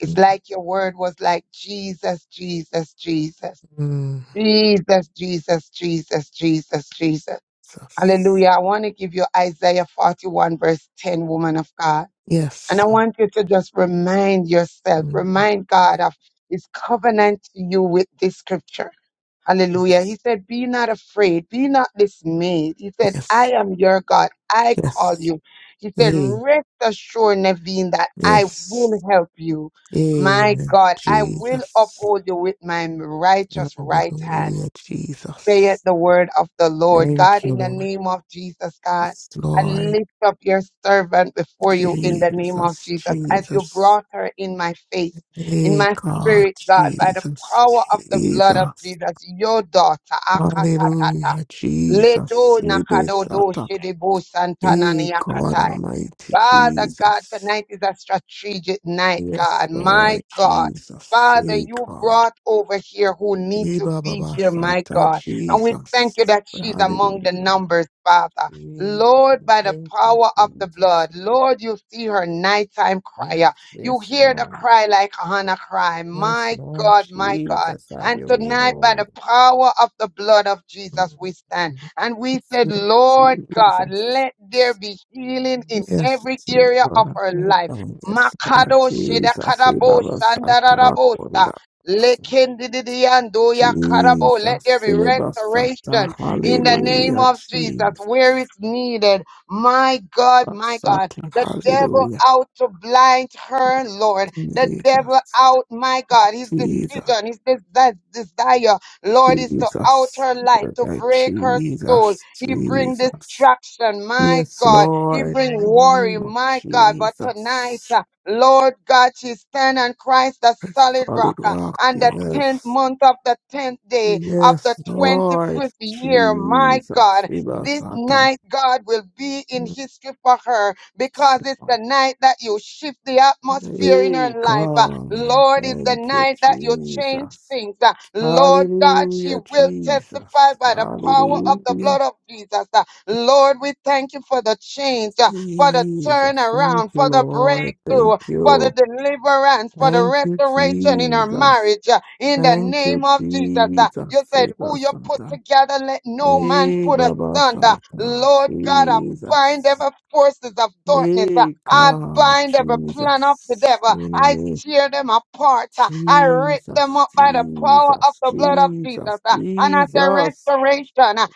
Speaker 2: It's like your word was like Jesus, Jesus, Jesus,
Speaker 7: Mm.
Speaker 2: Jesus, Jesus, Jesus, Jesus, Jesus. Hallelujah.
Speaker 7: Jesus.
Speaker 2: I want to give you Isaiah 41 verse 10, woman of God. And
Speaker 7: Yes.
Speaker 2: I want you to just remind yourself,
Speaker 7: Mm.
Speaker 2: remind God of his covenant to you with this scripture. Hallelujah. He said, Be not afraid, be not dismayed. He said,
Speaker 7: Yes.
Speaker 2: I am your God. I call
Speaker 7: Yes.
Speaker 2: you. He said,
Speaker 7: Hey,
Speaker 2: Rest assured, Naveen, that I will
Speaker 7: yes.
Speaker 2: help you. My
Speaker 7: Amen.
Speaker 2: God, I will
Speaker 7: Jesus.
Speaker 2: uphold you with my righteous right hand
Speaker 7: Hallelujah,
Speaker 2: saith
Speaker 7: Jesus.
Speaker 2: the word of the Lord. God,
Speaker 7: Thank you,
Speaker 2: in the
Speaker 7: Lord.
Speaker 2: name of Jesus, God,
Speaker 7: Yes,
Speaker 2: I
Speaker 7: Lord.
Speaker 2: lift up your servant before you in the name of
Speaker 7: Jesus,
Speaker 2: Jesus as you
Speaker 7: Jesus.
Speaker 2: brought her in my face, in
Speaker 7: Hey,
Speaker 2: my
Speaker 7: God,
Speaker 2: spirit, God, by the
Speaker 7: Jesus,
Speaker 2: power of the blood of
Speaker 7: Jesus.
Speaker 2: Jesus, your daughter, Akatatata.
Speaker 7: Hallelujah,
Speaker 2: Ledo
Speaker 7: Jesus. Hey,
Speaker 2: nakado do shedebo
Speaker 7: Hey,
Speaker 2: santana
Speaker 7: God Almighty,
Speaker 2: Father God,
Speaker 7: Jesus.
Speaker 2: tonight is a strategic night,
Speaker 7: Yes,
Speaker 2: God.
Speaker 7: Lord,
Speaker 2: My God.
Speaker 7: Jesus.
Speaker 2: Father,
Speaker 7: Hey,
Speaker 2: you
Speaker 7: God.
Speaker 2: brought over here who need
Speaker 7: Hey,
Speaker 2: to be
Speaker 7: Baba
Speaker 2: here, my
Speaker 7: Santa,
Speaker 2: God. And we thank you
Speaker 7: Jesus.
Speaker 2: that she's among the
Speaker 7: Hallelujah.
Speaker 2: numbers, Father.
Speaker 7: Jesus.
Speaker 2: Lord, by the
Speaker 7: Thank you,
Speaker 2: power of the
Speaker 7: Jesus.
Speaker 2: blood, Lord, you see her nighttime
Speaker 7: Yes,
Speaker 2: crier. You
Speaker 7: yes,
Speaker 2: hear the
Speaker 7: Lord.
Speaker 2: cry like Hannah cry.
Speaker 7: Yes,
Speaker 2: My
Speaker 7: Lord
Speaker 2: God, my God.
Speaker 7: Jesus. Have
Speaker 2: And
Speaker 7: your way,
Speaker 2: tonight, by the
Speaker 7: Lord.
Speaker 2: power of the blood of Jesus, we stand. And we said,
Speaker 7: Yes,
Speaker 2: Lord God,
Speaker 7: Jesus.
Speaker 2: let there be healing in
Speaker 7: Yes,
Speaker 2: every area of
Speaker 7: Lord.
Speaker 2: our life.
Speaker 7: Yes, Lord
Speaker 2: Makado
Speaker 7: Jesus.
Speaker 2: shedakarabo
Speaker 7: Ibaba Sata
Speaker 2: sandararabosa.
Speaker 7: Kunda.
Speaker 2: Lekendidiandoya karabo. Let there
Speaker 7: Jesus.
Speaker 2: be
Speaker 7: Ibaba Sata.
Speaker 2: restoration in the name
Speaker 7: Hallelujah,
Speaker 2: of Jesus where
Speaker 7: Jesus.
Speaker 2: it's needed. My God, my God.
Speaker 7: Basata.
Speaker 2: The devil
Speaker 7: Hallelujah,
Speaker 2: out to blind her, Lord. The devil
Speaker 7: Jesus.
Speaker 2: out, my God. His
Speaker 7: Jesus.
Speaker 2: decision, his des- desire, Lord, is to out
Speaker 7: Jesus,
Speaker 2: her life,
Speaker 7: Lord,
Speaker 2: to
Speaker 7: I-
Speaker 2: break her soul.
Speaker 7: Jesus,
Speaker 2: He bring
Speaker 7: Jesus.
Speaker 2: distraction, my
Speaker 7: Yes,
Speaker 2: God. He
Speaker 7: Lord, in
Speaker 2: bring
Speaker 7: the
Speaker 2: worry,
Speaker 7: name of
Speaker 2: my God. But tonight,
Speaker 7: Jesus.
Speaker 2: uh, Lord God, she stand on Christ, the solid
Speaker 7: Solid
Speaker 2: rock, uh,
Speaker 7: rock,
Speaker 2: and the tenth
Speaker 7: yes.
Speaker 2: month of the tenth day of the
Speaker 7: Yes, Lord,
Speaker 2: twenty-fifth year, my God.
Speaker 7: Jesus,
Speaker 2: This
Speaker 7: Ibasata.
Speaker 2: night, God will be in history for her
Speaker 7: Yes,
Speaker 2: because it's the
Speaker 7: Lord.
Speaker 2: night that you shift the atmosphere in her
Speaker 7: Hey,
Speaker 2: life. Uh,
Speaker 7: God, I
Speaker 2: Lord, it's the
Speaker 7: thank you,
Speaker 2: night that you change
Speaker 7: Jesus.
Speaker 2: things. Uh, Lord God, she
Speaker 7: Hallelujah,
Speaker 2: will testify
Speaker 7: Jesus.
Speaker 2: by the power of the
Speaker 7: Hallelujah,
Speaker 2: blood of Jesus. Uh, Lord, we thank you for the change, uh, for the
Speaker 7: Jesus. Thank
Speaker 2: turnaround,
Speaker 7: you,
Speaker 2: for the
Speaker 7: Lord.
Speaker 2: breakthrough
Speaker 7: Thank
Speaker 2: for the
Speaker 7: you.
Speaker 2: deliverance, for the
Speaker 7: Thank you,
Speaker 2: restoration in our
Speaker 7: Jesus.
Speaker 2: marriage. uh, In the
Speaker 7: Thank
Speaker 2: name
Speaker 7: you,
Speaker 2: of Jesus, Uh, you
Speaker 7: Jesus.
Speaker 2: said,
Speaker 7: Eba
Speaker 2: Who you put
Speaker 7: Sata.
Speaker 2: together, let no man
Speaker 7: Hey,
Speaker 2: put
Speaker 7: Baba
Speaker 2: asunder.
Speaker 7: Sata.
Speaker 2: Lord God, I bind
Speaker 7: Jesus.
Speaker 2: every forces of darkness. uh,
Speaker 7: Hey,
Speaker 2: I
Speaker 7: God,
Speaker 2: bind every plan of the
Speaker 7: Jesus.
Speaker 2: devil. I I
Speaker 7: Enemy.
Speaker 2: tear them apart. Uh, I rip them
Speaker 7: Jesus,
Speaker 2: up by the power of
Speaker 7: Jesus,
Speaker 2: the blood of Jesus.
Speaker 7: Jesus,
Speaker 2: Uh, And I say
Speaker 7: Jesus.
Speaker 2: restoration, uh,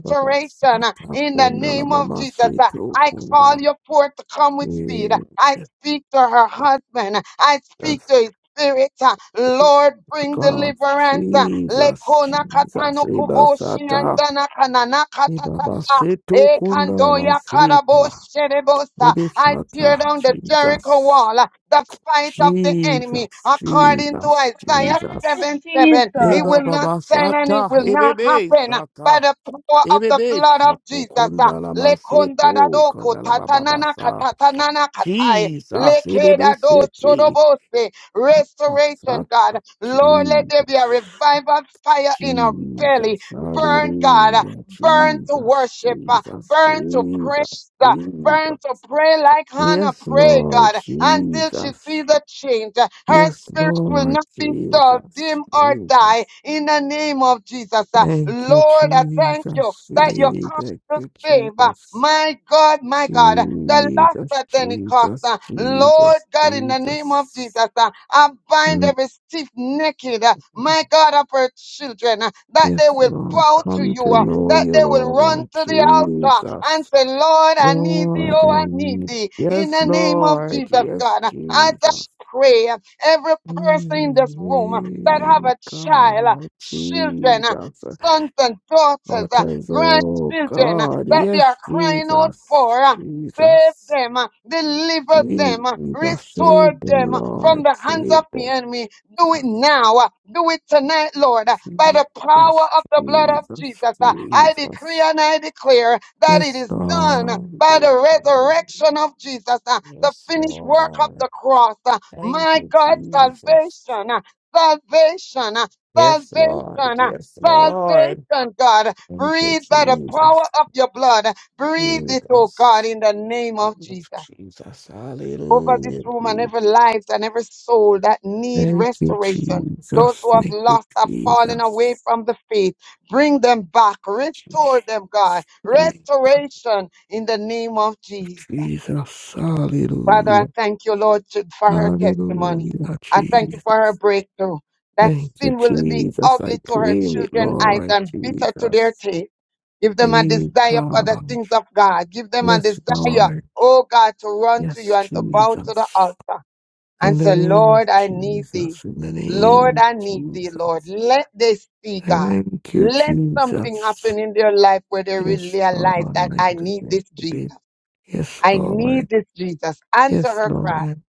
Speaker 7: Baba
Speaker 2: uh,
Speaker 7: Sata.
Speaker 2: in the
Speaker 7: Kundala
Speaker 2: name of
Speaker 7: Mama
Speaker 2: Jesus. Uh,
Speaker 7: Seto.
Speaker 2: I
Speaker 7: Kundala.
Speaker 2: call you forth to come with speed. Uh,
Speaker 7: Jesus,
Speaker 2: I speak to her husband. Uh, I speak to his spirit. Uh, Lord, bring
Speaker 7: God,
Speaker 2: deliverance. Uh,
Speaker 7: Jesus,
Speaker 2: Lekona
Speaker 7: Jesus,
Speaker 2: katano
Speaker 7: Eba
Speaker 2: kuboshi and
Speaker 7: Sata.
Speaker 2: dana kanana
Speaker 7: Ibabasito
Speaker 2: Ekandoya
Speaker 7: kundalamasita.
Speaker 2: karabosherebosa. I tear
Speaker 7: Ibisata.
Speaker 2: down the Jericho
Speaker 7: Jesus.
Speaker 2: wall, uh, the fight of the enemy,
Speaker 7: Jesus.
Speaker 2: according to
Speaker 7: Jesus.
Speaker 2: Isaiah
Speaker 7: Jesus.
Speaker 3: Yes,
Speaker 2: 7 7. It
Speaker 3: Jesus.
Speaker 2: will not stand and it
Speaker 7: Ibabasata.
Speaker 2: will not
Speaker 7: Ibebe
Speaker 2: happen uh, by
Speaker 7: sata.
Speaker 2: the power of the
Speaker 7: Ibebe
Speaker 2: blood of
Speaker 7: sato
Speaker 2: Jesus. uh.
Speaker 7: kundalamasito
Speaker 2: Lekondadadoko tatanana
Speaker 7: kundalababasa.
Speaker 2: katatanana katai.
Speaker 7: Jesus. Ibebe
Speaker 2: Lekedado
Speaker 7: siti.
Speaker 2: sorobose restoration,
Speaker 7: Basata.
Speaker 2: God. Lord, let there be
Speaker 7: Jesus,
Speaker 2: a revival fire in our belly.
Speaker 7: Jesus,
Speaker 2: Burn, God.
Speaker 7: hallelujah,
Speaker 2: Burn to
Speaker 7: Jesus,
Speaker 2: worship. uh,
Speaker 7: Jesus,
Speaker 2: Burn to praise.
Speaker 7: Jesus,
Speaker 2: uh,
Speaker 7: Jesus.
Speaker 2: Burn to pray like Hannah
Speaker 7: Yes,
Speaker 2: prayed,
Speaker 7: Lord
Speaker 2: God, until she
Speaker 7: Jesus.
Speaker 2: sees a change. Her
Speaker 7: Yes,
Speaker 2: spirit will
Speaker 7: Lord
Speaker 2: not be dull,
Speaker 7: Jesus.
Speaker 2: dim, or die
Speaker 7: Jesus.
Speaker 2: in the name of Jesus. Uh,
Speaker 7: Thank you,
Speaker 2: Lord, I thank you
Speaker 7: Jesus.
Speaker 2: that you
Speaker 7: Eh,
Speaker 2: come
Speaker 7: Thank
Speaker 2: to
Speaker 7: you,
Speaker 2: save. Uh,
Speaker 7: Jesus.
Speaker 2: My God, God, my God, the lost
Speaker 7: Jesus,
Speaker 2: at any cost.
Speaker 7: Jesus,
Speaker 2: uh, Lord
Speaker 7: Jesus,
Speaker 2: God, in the name of Jesus,
Speaker 7: Jesus.
Speaker 2: uh, I bind
Speaker 7: Mm,
Speaker 2: every stiff naked, uh, my God, of her children, uh, that
Speaker 7: Yes,
Speaker 2: they will
Speaker 7: Lord.
Speaker 2: bow to
Speaker 7: Come
Speaker 2: you,
Speaker 7: to
Speaker 2: uh,
Speaker 7: know
Speaker 2: that
Speaker 7: you,
Speaker 2: they will run
Speaker 7: Lord
Speaker 2: to the altar and
Speaker 7: Jesus.
Speaker 2: say, Lord, I need thee,
Speaker 7: Lord,
Speaker 2: oh,
Speaker 7: I
Speaker 2: I need
Speaker 7: need.
Speaker 2: thee. In
Speaker 7: Yes,
Speaker 2: the name of Jesus,
Speaker 7: Lord. Yes,
Speaker 2: God, uh, I
Speaker 7: Jesus.
Speaker 2: just pray uh, every person in this room uh, that have
Speaker 7: Mm,
Speaker 2: a child, uh,
Speaker 7: God,
Speaker 2: children. uh,
Speaker 7: Jesus,
Speaker 2: sons and daughters, uh,
Speaker 7: daughters, oh
Speaker 2: grandchildren uh,
Speaker 7: God,
Speaker 2: that they are
Speaker 7: yes,
Speaker 2: crying out
Speaker 7: Jesus,
Speaker 2: for. uh, Save
Speaker 7: Jesus,
Speaker 2: them, uh, deliver them, uh,
Speaker 7: Jesus,
Speaker 2: restore
Speaker 7: save them,
Speaker 2: them uh, from
Speaker 7: Lord,
Speaker 2: the hands
Speaker 7: save
Speaker 2: of the
Speaker 7: them,
Speaker 2: enemy. Do it now. uh, Do it tonight, Lord, uh, by the power
Speaker 7: Jesus,
Speaker 2: of the blood of Jesus.
Speaker 7: Jesus,
Speaker 2: uh, I decree
Speaker 7: Jesus,
Speaker 2: and I declare that it
Speaker 7: yes,
Speaker 2: is done uh, by
Speaker 7: Lord,
Speaker 2: the resurrection of Jesus, uh, the
Speaker 7: yes,
Speaker 2: finished work of
Speaker 7: Lord,
Speaker 2: the cross. uh,
Speaker 7: thank
Speaker 2: My
Speaker 7: you,
Speaker 2: God,
Speaker 7: Jesus,
Speaker 2: salvation, uh, salvation, uh,
Speaker 7: yes, Lord,
Speaker 2: salvation. uh,
Speaker 7: yes, Lord,
Speaker 2: salvation, God.
Speaker 7: thank you,
Speaker 2: Breathe by the power
Speaker 7: Jesus.
Speaker 2: of your blood. Breathe it, oh God,
Speaker 7: Jesus.
Speaker 2: in the name of Jesus.
Speaker 7: Jesus.
Speaker 2: Over this
Speaker 7: Hallelujah.
Speaker 2: room and
Speaker 7: Jesus.
Speaker 2: every life and every soul that need
Speaker 7: Thank you,
Speaker 2: restoration. Those
Speaker 7: Jesus.
Speaker 2: who have
Speaker 7: Thank you,
Speaker 2: lost, have fallen away
Speaker 7: Jesus.
Speaker 2: from the faith. Bring them back. Restore them, God.
Speaker 7: Jesus.
Speaker 2: Restoration in the name of Jesus.
Speaker 7: Jesus.
Speaker 2: Father, I
Speaker 7: Hallelujah.
Speaker 2: thank you, Lord, to- for her testimony.
Speaker 7: Hallelujah,
Speaker 2: I thank you
Speaker 7: Jesus.
Speaker 2: for her breakthrough. That
Speaker 7: Thank you,
Speaker 2: sin will be
Speaker 7: Jesus.
Speaker 2: ugly
Speaker 7: I
Speaker 2: to her
Speaker 7: claim it,
Speaker 2: children's eyes
Speaker 7: Lord
Speaker 2: and bitter to their
Speaker 7: Jesus.
Speaker 2: taste. Give them a
Speaker 7: Hey,
Speaker 2: desire for the
Speaker 7: God.
Speaker 2: things of God. Give them a
Speaker 7: Yes,
Speaker 2: desire,
Speaker 7: Lord.
Speaker 2: oh God, to run to you
Speaker 7: Yes,
Speaker 2: and to bow to the
Speaker 7: Jesus.
Speaker 2: altar
Speaker 7: In
Speaker 2: and
Speaker 7: the
Speaker 2: say,
Speaker 7: name of
Speaker 2: Lord, I need thee.
Speaker 7: Jesus. In the name
Speaker 2: Lord,
Speaker 7: of
Speaker 2: I need thee, Lord.
Speaker 7: Jesus.
Speaker 2: Let this be, God.
Speaker 7: Thank you,
Speaker 2: Let something
Speaker 7: Jesus.
Speaker 2: happen in their life where they really
Speaker 7: Yes, Lord.
Speaker 2: realize that
Speaker 7: Let
Speaker 2: I
Speaker 7: the
Speaker 2: need
Speaker 7: will
Speaker 2: this Jesus.
Speaker 7: be. Yes,
Speaker 2: I
Speaker 7: Lord.
Speaker 2: need this, Jesus. Answer
Speaker 7: Yes,
Speaker 2: her cry.
Speaker 7: Lord.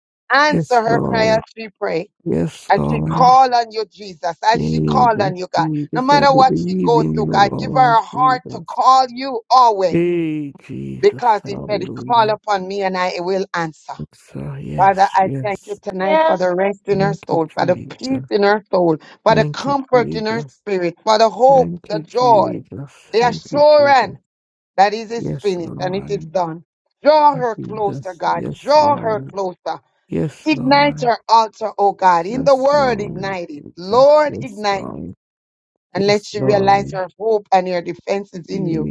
Speaker 7: Yes,
Speaker 2: Answer her cry
Speaker 7: Lord.
Speaker 2: as she pray.
Speaker 7: Yes,
Speaker 2: As she
Speaker 7: Lord.
Speaker 2: call on you, Jesus. As she call
Speaker 7: Jesus,
Speaker 2: on you, God. No
Speaker 7: Jesus, I
Speaker 2: matter what she
Speaker 7: believe
Speaker 2: go
Speaker 7: in
Speaker 2: through,
Speaker 7: you,
Speaker 2: God, give
Speaker 7: Lord
Speaker 2: her a heart to
Speaker 7: Jesus.
Speaker 2: call you always.
Speaker 7: Hey, Jesus.
Speaker 2: Because he said, call
Speaker 7: Hallelujah.
Speaker 2: upon me and I will answer.
Speaker 7: It's, uh,
Speaker 2: Father,
Speaker 7: yes,
Speaker 2: I thank
Speaker 7: yes.
Speaker 2: you tonight for the rest in her
Speaker 7: Thank you,
Speaker 2: soul, for the peace
Speaker 7: Jesus.
Speaker 2: in her soul, for the
Speaker 7: Thank you,
Speaker 2: comfort in her
Speaker 7: Jesus.
Speaker 2: spirit, for the hope,
Speaker 7: Thank
Speaker 2: the
Speaker 7: you,
Speaker 2: joy,
Speaker 7: Jesus.
Speaker 2: the
Speaker 7: Thank you,
Speaker 2: assurance.
Speaker 7: Jesus.
Speaker 2: That is is
Speaker 7: Yes,
Speaker 2: finished and it is
Speaker 7: Lord.
Speaker 2: done. Draw her closer,
Speaker 7: Jesus.
Speaker 2: God.
Speaker 7: Yes,
Speaker 2: Draw her
Speaker 7: Lord.
Speaker 2: closer.
Speaker 7: Yes,
Speaker 2: Ignite
Speaker 7: Lord.
Speaker 2: her altar, oh God. In the
Speaker 7: Yes,
Speaker 2: word,
Speaker 7: Lord.
Speaker 2: ignite it.
Speaker 7: Jesus.
Speaker 2: Lord,
Speaker 7: Yes,
Speaker 2: ignite.
Speaker 7: Lord.
Speaker 2: And let
Speaker 7: Yes,
Speaker 2: she realize
Speaker 7: Lord.
Speaker 2: her hope and her defense is in you.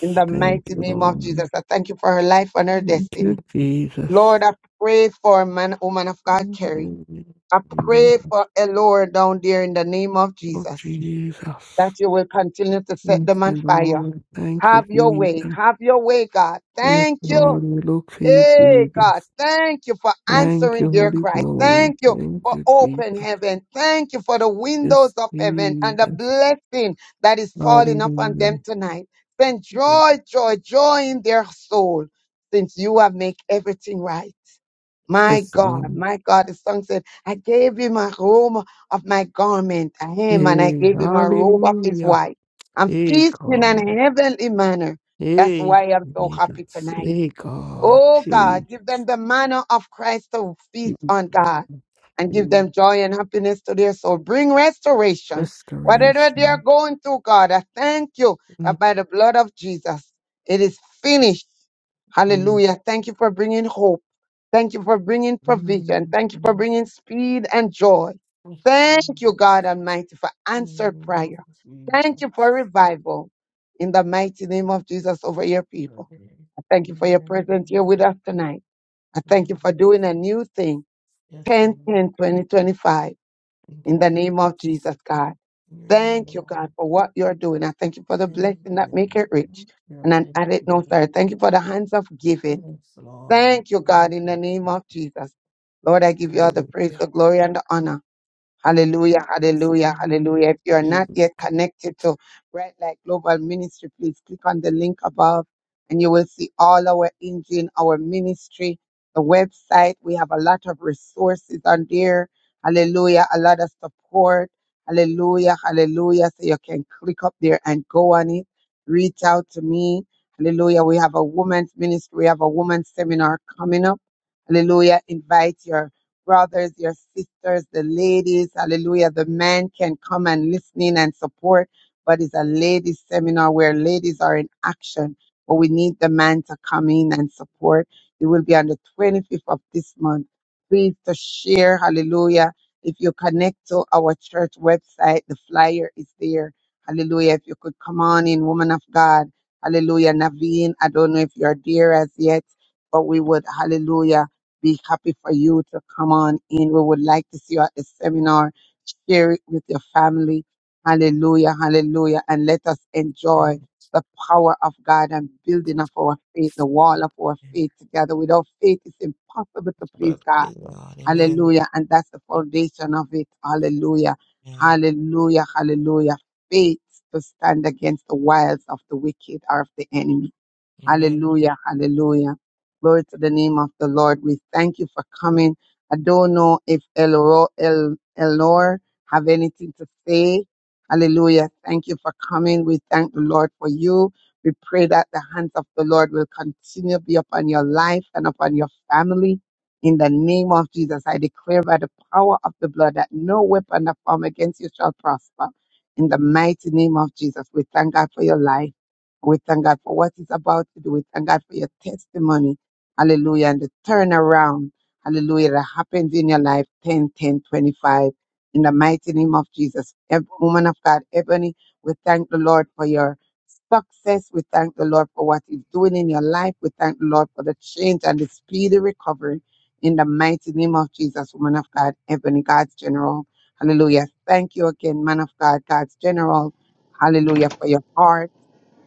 Speaker 2: In the
Speaker 7: Thank
Speaker 2: mighty
Speaker 7: you,
Speaker 2: name of
Speaker 7: Lord.
Speaker 2: Jesus, I thank you for her life and her
Speaker 7: Thank you,
Speaker 2: destiny.
Speaker 7: Jesus.
Speaker 2: Lord, I pray for man, woman of God, Carrie.
Speaker 7: Oh,
Speaker 2: I pray for Elora down there in the name of Jesus,
Speaker 7: Jesus.
Speaker 2: that you will continue to set
Speaker 7: Thank
Speaker 2: them on
Speaker 7: you,
Speaker 2: fire.
Speaker 7: Lord. Thank you,
Speaker 2: Have your way.
Speaker 7: Jesus.
Speaker 2: Have your way, God.
Speaker 7: Yes,
Speaker 2: Thank you.
Speaker 7: Lord. We look to you,
Speaker 2: Hey, God,
Speaker 7: Jesus.
Speaker 2: thank you for
Speaker 7: Thank you,
Speaker 2: answering their
Speaker 7: Holy
Speaker 2: cry.
Speaker 7: Ghost.
Speaker 2: Thank you
Speaker 7: Thank
Speaker 2: for
Speaker 7: you,
Speaker 2: open
Speaker 7: Jesus.
Speaker 2: heaven. Thank you for the windows
Speaker 7: Yes,
Speaker 2: of heaven and the
Speaker 7: Jesus.
Speaker 2: blessing that is falling upon
Speaker 7: Hallelujah.
Speaker 2: them tonight. Send joy, joy, joy in their soul since you have made everything right. My
Speaker 7: Yes,
Speaker 2: God,
Speaker 7: Lord.
Speaker 2: my God, the song said, I gave him a robe of my garment, a hem, and I
Speaker 7: Hey,
Speaker 2: gave him a robe of his
Speaker 7: hallelujah.
Speaker 2: wife. I'm
Speaker 7: Hey
Speaker 2: feasting in an
Speaker 7: God,
Speaker 2: heavenly manner. That's
Speaker 7: hey
Speaker 2: why I'm so happy
Speaker 7: Jesus,
Speaker 2: tonight.
Speaker 7: hey God,
Speaker 2: Oh
Speaker 7: Jesus,
Speaker 2: God, give them the manner of Christ to feast on God and give
Speaker 7: Mm,
Speaker 2: them joy and happiness to their soul. Bring restoration. Whatever they are
Speaker 7: restoration.
Speaker 2: going through, God, I thank you
Speaker 7: Mm,
Speaker 2: that by the blood of Jesus, it is finished
Speaker 7: mm,
Speaker 2: Hallelujah. Thank you for bringing hope. Thank you for bringing provision.
Speaker 7: mm,
Speaker 2: Thank you for
Speaker 7: mm,
Speaker 2: bringing speed and joy. Thank you,
Speaker 7: restoration.
Speaker 2: God Almighty, for
Speaker 7: In the
Speaker 2: answered
Speaker 7: name of
Speaker 2: prayer. Thank you for
Speaker 7: Jesus.
Speaker 2: revival in the mighty name of Jesus over your people.
Speaker 7: Okay.
Speaker 2: I thank you for your
Speaker 7: Amen.
Speaker 2: presence here with
Speaker 7: Amen.
Speaker 2: us tonight. I thank you for
Speaker 7: amen.
Speaker 2: doing a new thing
Speaker 7: Yes,
Speaker 2: Ten,
Speaker 7: Lord.
Speaker 2: ten, twenty, twenty-five.
Speaker 7: Thank
Speaker 2: in
Speaker 7: you,
Speaker 2: the name of
Speaker 7: Jesus.
Speaker 2: Jesus, God.
Speaker 7: In your name,
Speaker 2: Thank you, God,
Speaker 7: Lord.
Speaker 2: for what you're doing. I thank you for the
Speaker 7: Thank
Speaker 2: blessing that
Speaker 7: you.
Speaker 2: make it rich.
Speaker 7: Thank
Speaker 2: And I
Speaker 7: Thank
Speaker 2: add it no,
Speaker 7: you.
Speaker 2: sir. Thank you for the hands of giving.
Speaker 7: Yes, Lord.
Speaker 2: Thank you,
Speaker 7: Thank
Speaker 2: God, in the name
Speaker 7: you.
Speaker 2: of Jesus. Lord, I give you all the
Speaker 7: Hallelujah.
Speaker 2: praise, the glory, and the honor.
Speaker 7: But
Speaker 2: Hallelujah, hallelujah, hallelujah. If you are not yet connected to Bright Light Global Ministry, please click on the link above and you will see all our engine, our ministry, the website. We have a lot of resources on there. Hallelujah, a lot of support. Hallelujah, hallelujah. So you can click up there and go on it. Reach out to me. Hallelujah. We have a woman's ministry. We have a woman's seminar coming up. Hallelujah. Invite your brothers, your sisters, the ladies, hallelujah. The men can come and listen in and support, but it's a ladies seminar where ladies are in action. But we need the man to come in and support. It will be on the 25th of this month. Please to share, hallelujah. If you connect to our church website, the flyer is there. Hallelujah. If you could come on in, woman of God. Hallelujah. Naveen, I don't know if you're there as yet, but we would, hallelujah be happy for you to come on in. We would like to see you at the seminar. Share it with your family. Hallelujah, hallelujah. And let us enjoy the power of God and building of our faith, the wall of our faith together. Without faith, it's impossible to please God.
Speaker 7: God, amen.
Speaker 2: Hallelujah. And that's the foundation of it. Hallelujah.
Speaker 7: Amen.
Speaker 2: Hallelujah. Hallelujah. Faith to stand against the wiles of the wicked or of the enemy.
Speaker 7: Amen.
Speaker 2: Hallelujah. Hallelujah. Glory to the name of the Lord. We thank you for coming. I don't know if Elro, El, Elor have anything to say. Hallelujah. Thank you for coming. We thank the Lord for you. We pray that the hands of the Lord will continue to be upon your life and upon your family. In the name of Jesus, I declare by the power of the blood that no weapon that form against you shall prosper. In the mighty name of Jesus, we thank God for your life. We thank God for what He's about to do. We thank God for your testimony. Hallelujah. And the turnaround. Hallelujah. That happens in your life 10, 10, 25. In the mighty name of Jesus. Ev- Woman of God, Ebony, we thank the Lord for your success. We thank the Lord for what He's doing in your life. We thank the Lord for the change and the speedy recovery. In the mighty name of Jesus, woman of God, Ebony, God's general. Hallelujah. Thank you again, man of God, God's general. Hallelujah for your heart.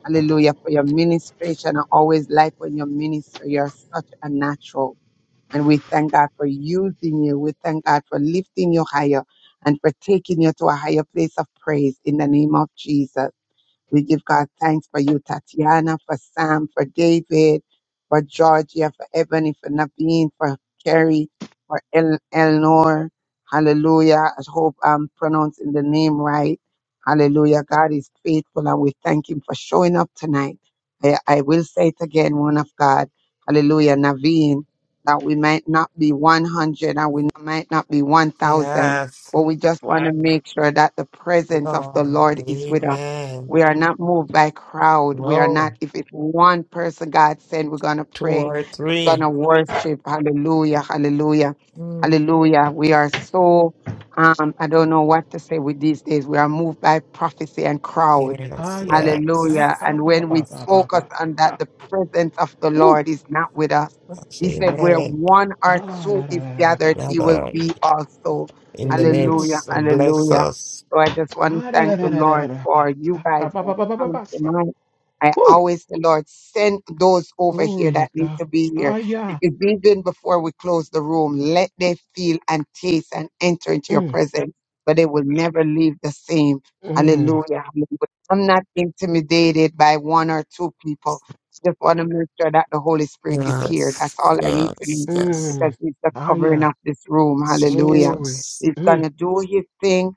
Speaker 2: Hallelujah for your ministration. I always like when you minister. You're such a natural. And we thank God for using you. We thank God for lifting you higher and for taking you to a higher place of praise in the name of Jesus. We give God thanks for you, Tatiana, for Sam, for David, for Georgia, for Ebony, for Naveen, for Carrie, for El- Eleanor. Hallelujah. I hope I'm pronouncing the name right. Hallelujah. God is faithful and we thank him for showing up tonight. I, I will say it again, one of God. Hallelujah. Naveen, that we might not be 100 and we might not be 1,000,
Speaker 7: Yes,
Speaker 2: but we just want to make sure that the presence of the
Speaker 7: Lord.
Speaker 2: Lord is with us
Speaker 7: Amen.
Speaker 2: we are not moved by crowd. We are
Speaker 7: No,
Speaker 2: not, if it's one person God sent, we're going to
Speaker 7: two
Speaker 2: pray
Speaker 7: or three.
Speaker 2: gonna worship. Hallelujah, hallelujah,
Speaker 7: Mm,
Speaker 2: hallelujah. We are so um, I don't know what to say with these days. We are moved by prophecy and crowd.
Speaker 7: Yes,
Speaker 5: Ah
Speaker 7: yes.
Speaker 2: Hallelujah.
Speaker 5: shaka
Speaker 2: And
Speaker 5: ba
Speaker 2: when
Speaker 5: ba
Speaker 2: we
Speaker 5: ba ba
Speaker 2: focus
Speaker 5: ba.
Speaker 2: on that,
Speaker 5: Ah,
Speaker 2: the presence of the
Speaker 5: Woo!
Speaker 2: Lord is not with us.
Speaker 7: Yes,
Speaker 2: He said, Where
Speaker 7: Amen.
Speaker 2: one or
Speaker 5: Ah,
Speaker 2: two
Speaker 5: da da
Speaker 2: is
Speaker 5: da da da ba.
Speaker 2: gathered, he will
Speaker 7: Father,
Speaker 2: be also.
Speaker 7: in the
Speaker 2: Hallelujah.
Speaker 7: midst,
Speaker 5: Eliosa.
Speaker 7: bless
Speaker 2: Hallelujah.
Speaker 7: us.
Speaker 2: So I just want to
Speaker 5: Ah, da da
Speaker 2: thank
Speaker 5: da
Speaker 2: the
Speaker 5: da da da
Speaker 2: Lord
Speaker 5: da ba.
Speaker 2: for you guys
Speaker 5: Shaka ba
Speaker 2: that
Speaker 5: ba ba ba ba ba. ba,
Speaker 2: come
Speaker 5: sa.
Speaker 2: tonight. I
Speaker 5: Woo!
Speaker 2: always, the Lord, send those over here
Speaker 5: Glory to
Speaker 2: that need
Speaker 5: God.
Speaker 2: to be here
Speaker 5: Ah Aya.
Speaker 2: if even before we close the room, let them feel and taste and enter into your
Speaker 5: Mm,
Speaker 2: presence, but they will never leave the same. Hallelujah.
Speaker 5: mm,
Speaker 2: Hallelujah. I'm not intimidated by one or two people. Just want to make sure that the Holy Spirit is here. That's
Speaker 7: Yes,
Speaker 2: all I need to
Speaker 7: yes,
Speaker 2: know
Speaker 7: yes.
Speaker 2: because
Speaker 5: mm.
Speaker 2: He's the
Speaker 5: Ah,
Speaker 2: covering
Speaker 5: yeah,
Speaker 2: of this room.
Speaker 7: Yes,
Speaker 2: Hallelujah.
Speaker 5: Glory.
Speaker 7: Jesus.
Speaker 2: He's going
Speaker 5: Mm.
Speaker 2: to do His thing.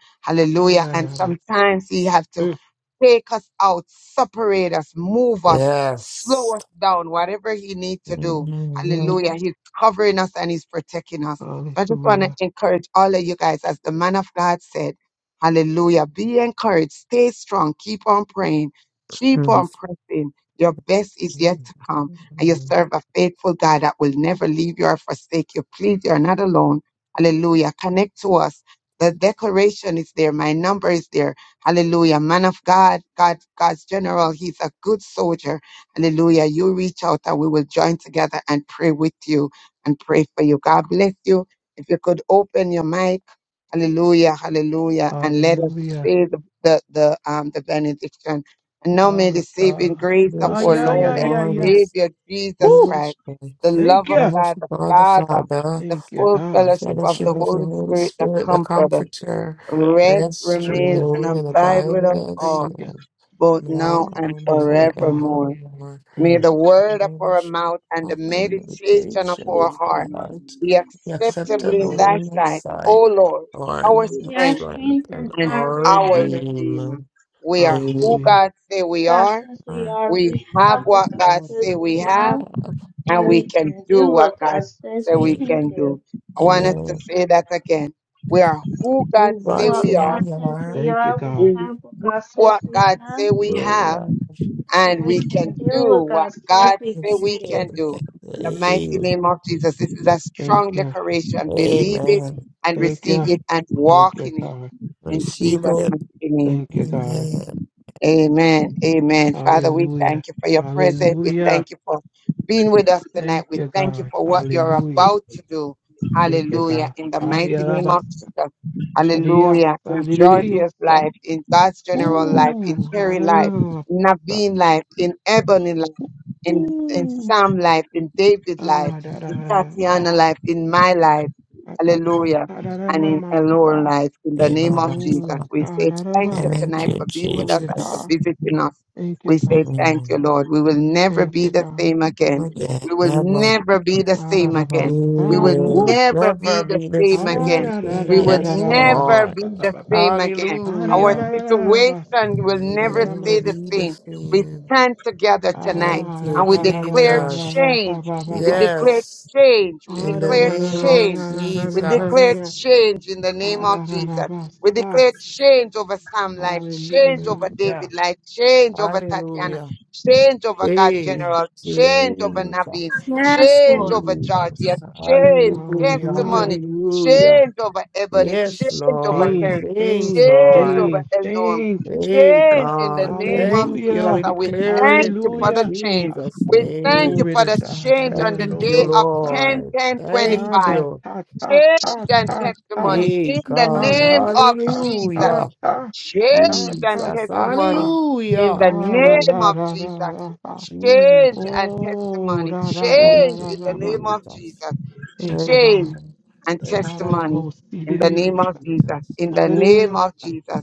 Speaker 5: Ah,
Speaker 2: Hallelujah.
Speaker 5: da da
Speaker 2: And
Speaker 5: da.
Speaker 2: sometimes He have to
Speaker 5: Mm.
Speaker 2: Take us out, separate us, move us, slow
Speaker 7: Yes.
Speaker 2: us down, whatever He needs to do. Hallelujah. He's covering us and He's protecting us. So I just want to
Speaker 5: Hallelujah.
Speaker 2: encourage all of you guys, as the man of God said, Hallelujah. Be encouraged, stay strong, keep on praying, keep
Speaker 7: Mhm.
Speaker 2: on pressing. Your best is yet to come, and you
Speaker 7: Amen.
Speaker 2: serve a faithful God that will never leave you or forsake you. Please, you're not alone. Hallelujah. Connect to us. The declaration is there. My number is there Hallelujah. Man of God, God, God's general, he's a good soldier. Hallelujah. You reach out and we will join together and pray with you and pray for you. God bless you. If you could open your mic, hallelujah, hallelujah, and let us
Speaker 5: Hallelujah.
Speaker 2: say the, the, the, um, the benediction. And now may
Speaker 5: Ah,
Speaker 2: the saving
Speaker 5: God.
Speaker 2: grace of
Speaker 5: Ah,
Speaker 7: Grace of
Speaker 2: our
Speaker 5: yeah,
Speaker 7: our
Speaker 5: yeah,
Speaker 2: Lord and
Speaker 5: yeah,
Speaker 7: Lord and
Speaker 5: yeah.
Speaker 2: Savior Jesus
Speaker 5: Woo!
Speaker 7: Jesus
Speaker 2: Christ,
Speaker 7: Christ,
Speaker 2: the
Speaker 5: Thank
Speaker 2: love of
Speaker 5: you.
Speaker 7: love of
Speaker 2: God the
Speaker 7: God the
Speaker 2: Father,
Speaker 7: Father,
Speaker 2: the
Speaker 5: Thank you,
Speaker 2: full
Speaker 7: the
Speaker 5: God.
Speaker 2: fellowship of
Speaker 7: fellowship
Speaker 2: the
Speaker 5: Ah,
Speaker 7: of the
Speaker 2: Holy
Speaker 7: Holy
Speaker 2: Spirit, the
Speaker 7: Spirit, the
Speaker 2: Comforter
Speaker 7: Comforter,
Speaker 2: rest,
Speaker 7: rest,
Speaker 2: remain,
Speaker 5: ah,
Speaker 2: and
Speaker 7: renewing, and
Speaker 5: ah.
Speaker 2: abide
Speaker 7: abide
Speaker 2: with
Speaker 7: with
Speaker 2: us
Speaker 7: us
Speaker 5: Thank
Speaker 2: all,
Speaker 5: you.
Speaker 7: all,
Speaker 2: both now
Speaker 7: now
Speaker 2: and
Speaker 7: and
Speaker 5: Thank you, God.
Speaker 2: forevermore.
Speaker 7: forevermore.
Speaker 2: May
Speaker 5: Mm,
Speaker 2: the word of our
Speaker 7: Fellowship
Speaker 2: mouth and the
Speaker 7: of the
Speaker 2: meditation of
Speaker 7: meditation
Speaker 9: They
Speaker 2: our
Speaker 7: of
Speaker 9: should
Speaker 2: heart
Speaker 9: not
Speaker 7: God,
Speaker 2: be
Speaker 7: the
Speaker 9: be
Speaker 2: acceptable in
Speaker 7: acceptable
Speaker 5: God.
Speaker 2: thy
Speaker 7: in Thy
Speaker 2: sight,
Speaker 7: sight,
Speaker 2: O Lord,
Speaker 7: Lord,
Speaker 2: our
Speaker 7: our
Speaker 3: You are
Speaker 2: strength
Speaker 7: strength
Speaker 3: strength and
Speaker 7: and
Speaker 2: and
Speaker 3: our
Speaker 7: our
Speaker 2: our
Speaker 3: redeemer.
Speaker 7: Redeemer.
Speaker 2: redeemer. We are who
Speaker 7: Amen.
Speaker 5: Hallelujah.
Speaker 2: God say we
Speaker 3: God
Speaker 2: are.
Speaker 3: says we are.
Speaker 2: We
Speaker 3: We
Speaker 2: have
Speaker 7: We
Speaker 3: have
Speaker 2: what
Speaker 3: what God
Speaker 2: God
Speaker 3: says
Speaker 2: say
Speaker 3: we
Speaker 2: we have,
Speaker 3: have,
Speaker 7: have
Speaker 2: and
Speaker 3: and
Speaker 2: we
Speaker 3: we
Speaker 2: can
Speaker 3: can
Speaker 2: do
Speaker 3: do
Speaker 2: what
Speaker 3: what
Speaker 2: God
Speaker 3: God says
Speaker 2: say
Speaker 3: we
Speaker 2: we
Speaker 7: faith.
Speaker 3: can
Speaker 2: can do.
Speaker 3: do.
Speaker 2: I want us to
Speaker 7: Amen.
Speaker 2: say that again. We are who
Speaker 7: Who
Speaker 2: God say
Speaker 7: watch where
Speaker 2: we
Speaker 3: What
Speaker 2: are.
Speaker 3: God
Speaker 7: we
Speaker 3: says
Speaker 7: are,
Speaker 3: we
Speaker 5: Thank you,
Speaker 3: are, we
Speaker 2: We
Speaker 5: God.
Speaker 2: do
Speaker 3: have what God says
Speaker 2: what
Speaker 3: we
Speaker 2: God
Speaker 3: have
Speaker 2: say we
Speaker 7: where we
Speaker 2: have,
Speaker 7: are,
Speaker 3: And
Speaker 2: and
Speaker 3: we
Speaker 2: we
Speaker 3: can
Speaker 2: can
Speaker 3: do
Speaker 2: do
Speaker 3: what
Speaker 2: what
Speaker 3: God says
Speaker 2: God
Speaker 3: we
Speaker 2: say
Speaker 7: it's
Speaker 3: can
Speaker 2: we
Speaker 3: do.
Speaker 2: can do.
Speaker 7: everything. that
Speaker 2: In the
Speaker 7: He
Speaker 2: mighty
Speaker 7: is.
Speaker 2: name of Jesus, this is a
Speaker 5: Thank
Speaker 2: strong
Speaker 5: you.
Speaker 2: declaration. Believe it
Speaker 7: Amen.
Speaker 2: and
Speaker 5: Thank
Speaker 2: receive
Speaker 5: you.
Speaker 2: it and
Speaker 5: Thank
Speaker 2: walk
Speaker 5: you,
Speaker 2: in it.
Speaker 5: God.
Speaker 2: In Jesus'
Speaker 7: Receive
Speaker 2: mighty
Speaker 7: it.
Speaker 2: name.
Speaker 5: Thank you, God.
Speaker 7: Amen.
Speaker 2: Amen. Amen. Father, we
Speaker 5: Hallelujah.
Speaker 2: thank you for your presence. We
Speaker 5: Hallelujah.
Speaker 2: thank you for being with us tonight.
Speaker 5: Thank
Speaker 2: We
Speaker 5: you,
Speaker 2: thank you
Speaker 5: God.
Speaker 2: for what you're
Speaker 5: Hallelujah.
Speaker 2: about to do.
Speaker 5: Thank you,
Speaker 2: Hallelujah.
Speaker 5: God.
Speaker 2: In the mighty name
Speaker 5: Hallelujah.
Speaker 2: of Jesus.
Speaker 5: Hallelujah.
Speaker 2: Hallelujah. In
Speaker 5: Hallelujah.
Speaker 2: Georgia's life, in God's general life, in
Speaker 5: Ooh.
Speaker 2: Terry life,
Speaker 5: Hallelujah.
Speaker 2: in Naveen life, in Ebony life, in, in
Speaker 5: Ooh.
Speaker 2: Sam life, in David life,
Speaker 5: Ah, da, da,
Speaker 2: in Tatiana life, in my life.
Speaker 5: da, da, da, da,
Speaker 2: Hallelujah
Speaker 5: da, da, da,
Speaker 2: and
Speaker 5: ma,
Speaker 2: in Eleanor
Speaker 5: sa.
Speaker 2: life. In the name of
Speaker 7: Amen.
Speaker 2: Jesus,
Speaker 5: Oh,
Speaker 2: we
Speaker 5: God.
Speaker 2: say
Speaker 5: da, da,
Speaker 2: thank
Speaker 5: ba,
Speaker 2: you
Speaker 7: Thank
Speaker 2: tonight
Speaker 5: sa.
Speaker 7: you,
Speaker 2: for being with
Speaker 5: Glory
Speaker 2: us
Speaker 5: to
Speaker 2: and for
Speaker 5: God.
Speaker 7: Jesus.
Speaker 2: visiting us.
Speaker 5: Thank
Speaker 2: We
Speaker 5: you, God.
Speaker 2: say thank you,
Speaker 7: Amen.
Speaker 2: Lord. We will never
Speaker 5: Thank
Speaker 2: be
Speaker 5: you,
Speaker 2: the
Speaker 5: God.
Speaker 2: same again.
Speaker 7: Look at that.
Speaker 2: We will
Speaker 7: Never.
Speaker 2: never be the same
Speaker 5: Ah-ra-ra-ba-sa.
Speaker 2: again. We will
Speaker 7: Amen.
Speaker 5: Woo.
Speaker 2: never be
Speaker 7: Never
Speaker 2: the
Speaker 7: be the
Speaker 2: same
Speaker 5: Ah-ra-ra-ra-ra-ra-ra-ra-ra-ra-ra-ra-ra-ra.
Speaker 7: same
Speaker 2: again.
Speaker 7: again.
Speaker 2: We will
Speaker 7: Yes,
Speaker 2: never
Speaker 7: Lord.
Speaker 2: be the same again. Our
Speaker 7: Hallelujah.
Speaker 5: Ah-ra-ra-ra-ra-ra-ra-ra-ra-ra-ra-ra-ra-ra-ra-ra-ra.
Speaker 2: situation will never stay
Speaker 7: Never
Speaker 5: Ah-ra-ra-ra-ra-ra-ra-ra-ra-ra-ra-ra-ra-ra-ra-ra-ra-ra.
Speaker 2: the
Speaker 7: be the
Speaker 2: same. We
Speaker 7: same.
Speaker 2: stand together tonight
Speaker 7: Thank you,
Speaker 2: and we declare
Speaker 7: Jesus.
Speaker 2: change. We declare
Speaker 5: Ah-ra-ra-ra-ra-ra-ra-ra-ra-ra-ra-ra-ra.
Speaker 7: Yes.
Speaker 2: change. We
Speaker 7: In the
Speaker 2: declare
Speaker 7: name of
Speaker 2: change we declare
Speaker 7: Jesus.
Speaker 2: change in the name of Jesus. We
Speaker 5: Ah-ra-ra-ra-ra-ba-sa.
Speaker 2: declare change over Sam life, change
Speaker 5: Hallelujah.
Speaker 2: over
Speaker 7: Hallelujah.
Speaker 2: David life, change over Tatiana,
Speaker 7: Hallelujah.
Speaker 2: change over God
Speaker 7: Hey,
Speaker 2: General, change over Naveen,
Speaker 7: Jesus.
Speaker 1: Yes,
Speaker 2: change
Speaker 1: Lord.
Speaker 2: over Georgia,
Speaker 7: Jesus.
Speaker 2: change
Speaker 7: Hallelujah.
Speaker 5: Hallelujah.
Speaker 2: testimony,
Speaker 7: Hallelujah.
Speaker 2: change over Ebony,
Speaker 7: Yes,
Speaker 2: change over
Speaker 7: Lord.
Speaker 5: Change,
Speaker 2: Terry,
Speaker 7: Thanks,
Speaker 5: change,
Speaker 2: change
Speaker 7: Lord.
Speaker 2: over
Speaker 5: change,
Speaker 2: Elnorm
Speaker 5: change.
Speaker 7: Hey,
Speaker 2: change in the
Speaker 7: God,
Speaker 2: name of
Speaker 7: thank you.
Speaker 2: Jesus.
Speaker 7: We
Speaker 5: Hallelujah.
Speaker 2: And we
Speaker 7: declare
Speaker 2: thank
Speaker 7: it
Speaker 2: you
Speaker 7: in
Speaker 2: for the
Speaker 5: Hallelujah.
Speaker 2: change.
Speaker 7: Jesus'
Speaker 2: We thank you
Speaker 7: name.
Speaker 5: Glory
Speaker 2: for
Speaker 5: to
Speaker 2: the
Speaker 5: God.
Speaker 2: change on
Speaker 5: Ana
Speaker 2: the
Speaker 7: Thank you,
Speaker 2: day
Speaker 5: lobo
Speaker 2: of
Speaker 5: sa.
Speaker 2: 10
Speaker 7: Lord.
Speaker 2: 10 twenty
Speaker 7: Thank
Speaker 2: five.
Speaker 5: Ah, da
Speaker 7: you.
Speaker 5: ta ta
Speaker 2: Change
Speaker 5: ta
Speaker 2: and
Speaker 5: ta ta
Speaker 2: testimony
Speaker 7: Hey,
Speaker 2: in the
Speaker 5: ta
Speaker 7: God,
Speaker 2: name
Speaker 5: ta
Speaker 2: of
Speaker 5: ta ta
Speaker 2: Jesus.
Speaker 7: hallelujah.
Speaker 5: ta
Speaker 2: Change
Speaker 5: ta
Speaker 2: and
Speaker 5: ta
Speaker 7: Jesus,
Speaker 5: ta
Speaker 2: testimony
Speaker 5: ta.
Speaker 2: in
Speaker 7: hallelujah.
Speaker 2: the
Speaker 5: Ah, da
Speaker 7: Je-
Speaker 2: name
Speaker 5: da
Speaker 2: of
Speaker 5: da da
Speaker 2: Jesus.
Speaker 5: da da.
Speaker 7: Jesus,
Speaker 2: Change and
Speaker 5: Oh,
Speaker 2: testimony.
Speaker 5: da da da
Speaker 7: thank
Speaker 5: da
Speaker 2: Change
Speaker 5: da
Speaker 2: in the
Speaker 5: da da.
Speaker 2: name
Speaker 7: you,
Speaker 2: of
Speaker 7: Jesus.
Speaker 2: Jesus.
Speaker 5: Thank you,
Speaker 7: Thank
Speaker 2: Change
Speaker 5: God.
Speaker 7: you,
Speaker 2: and
Speaker 7: thank,
Speaker 5: Ah, da da
Speaker 2: testimony
Speaker 5: bo si di
Speaker 2: in
Speaker 5: di
Speaker 2: the
Speaker 7: thank
Speaker 5: di o
Speaker 2: name
Speaker 7: you,
Speaker 2: of
Speaker 5: sa.
Speaker 2: Jesus.
Speaker 7: Jesus.
Speaker 2: In
Speaker 5: Ah,
Speaker 2: the
Speaker 5: da da
Speaker 2: name
Speaker 5: da
Speaker 2: of
Speaker 5: sa.
Speaker 2: Jesus.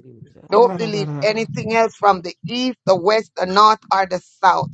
Speaker 5: Ah,
Speaker 7: Jesus.
Speaker 2: Don't
Speaker 5: da da da
Speaker 2: believe
Speaker 5: da da.
Speaker 2: anything else from the east, the west, the north, or the south.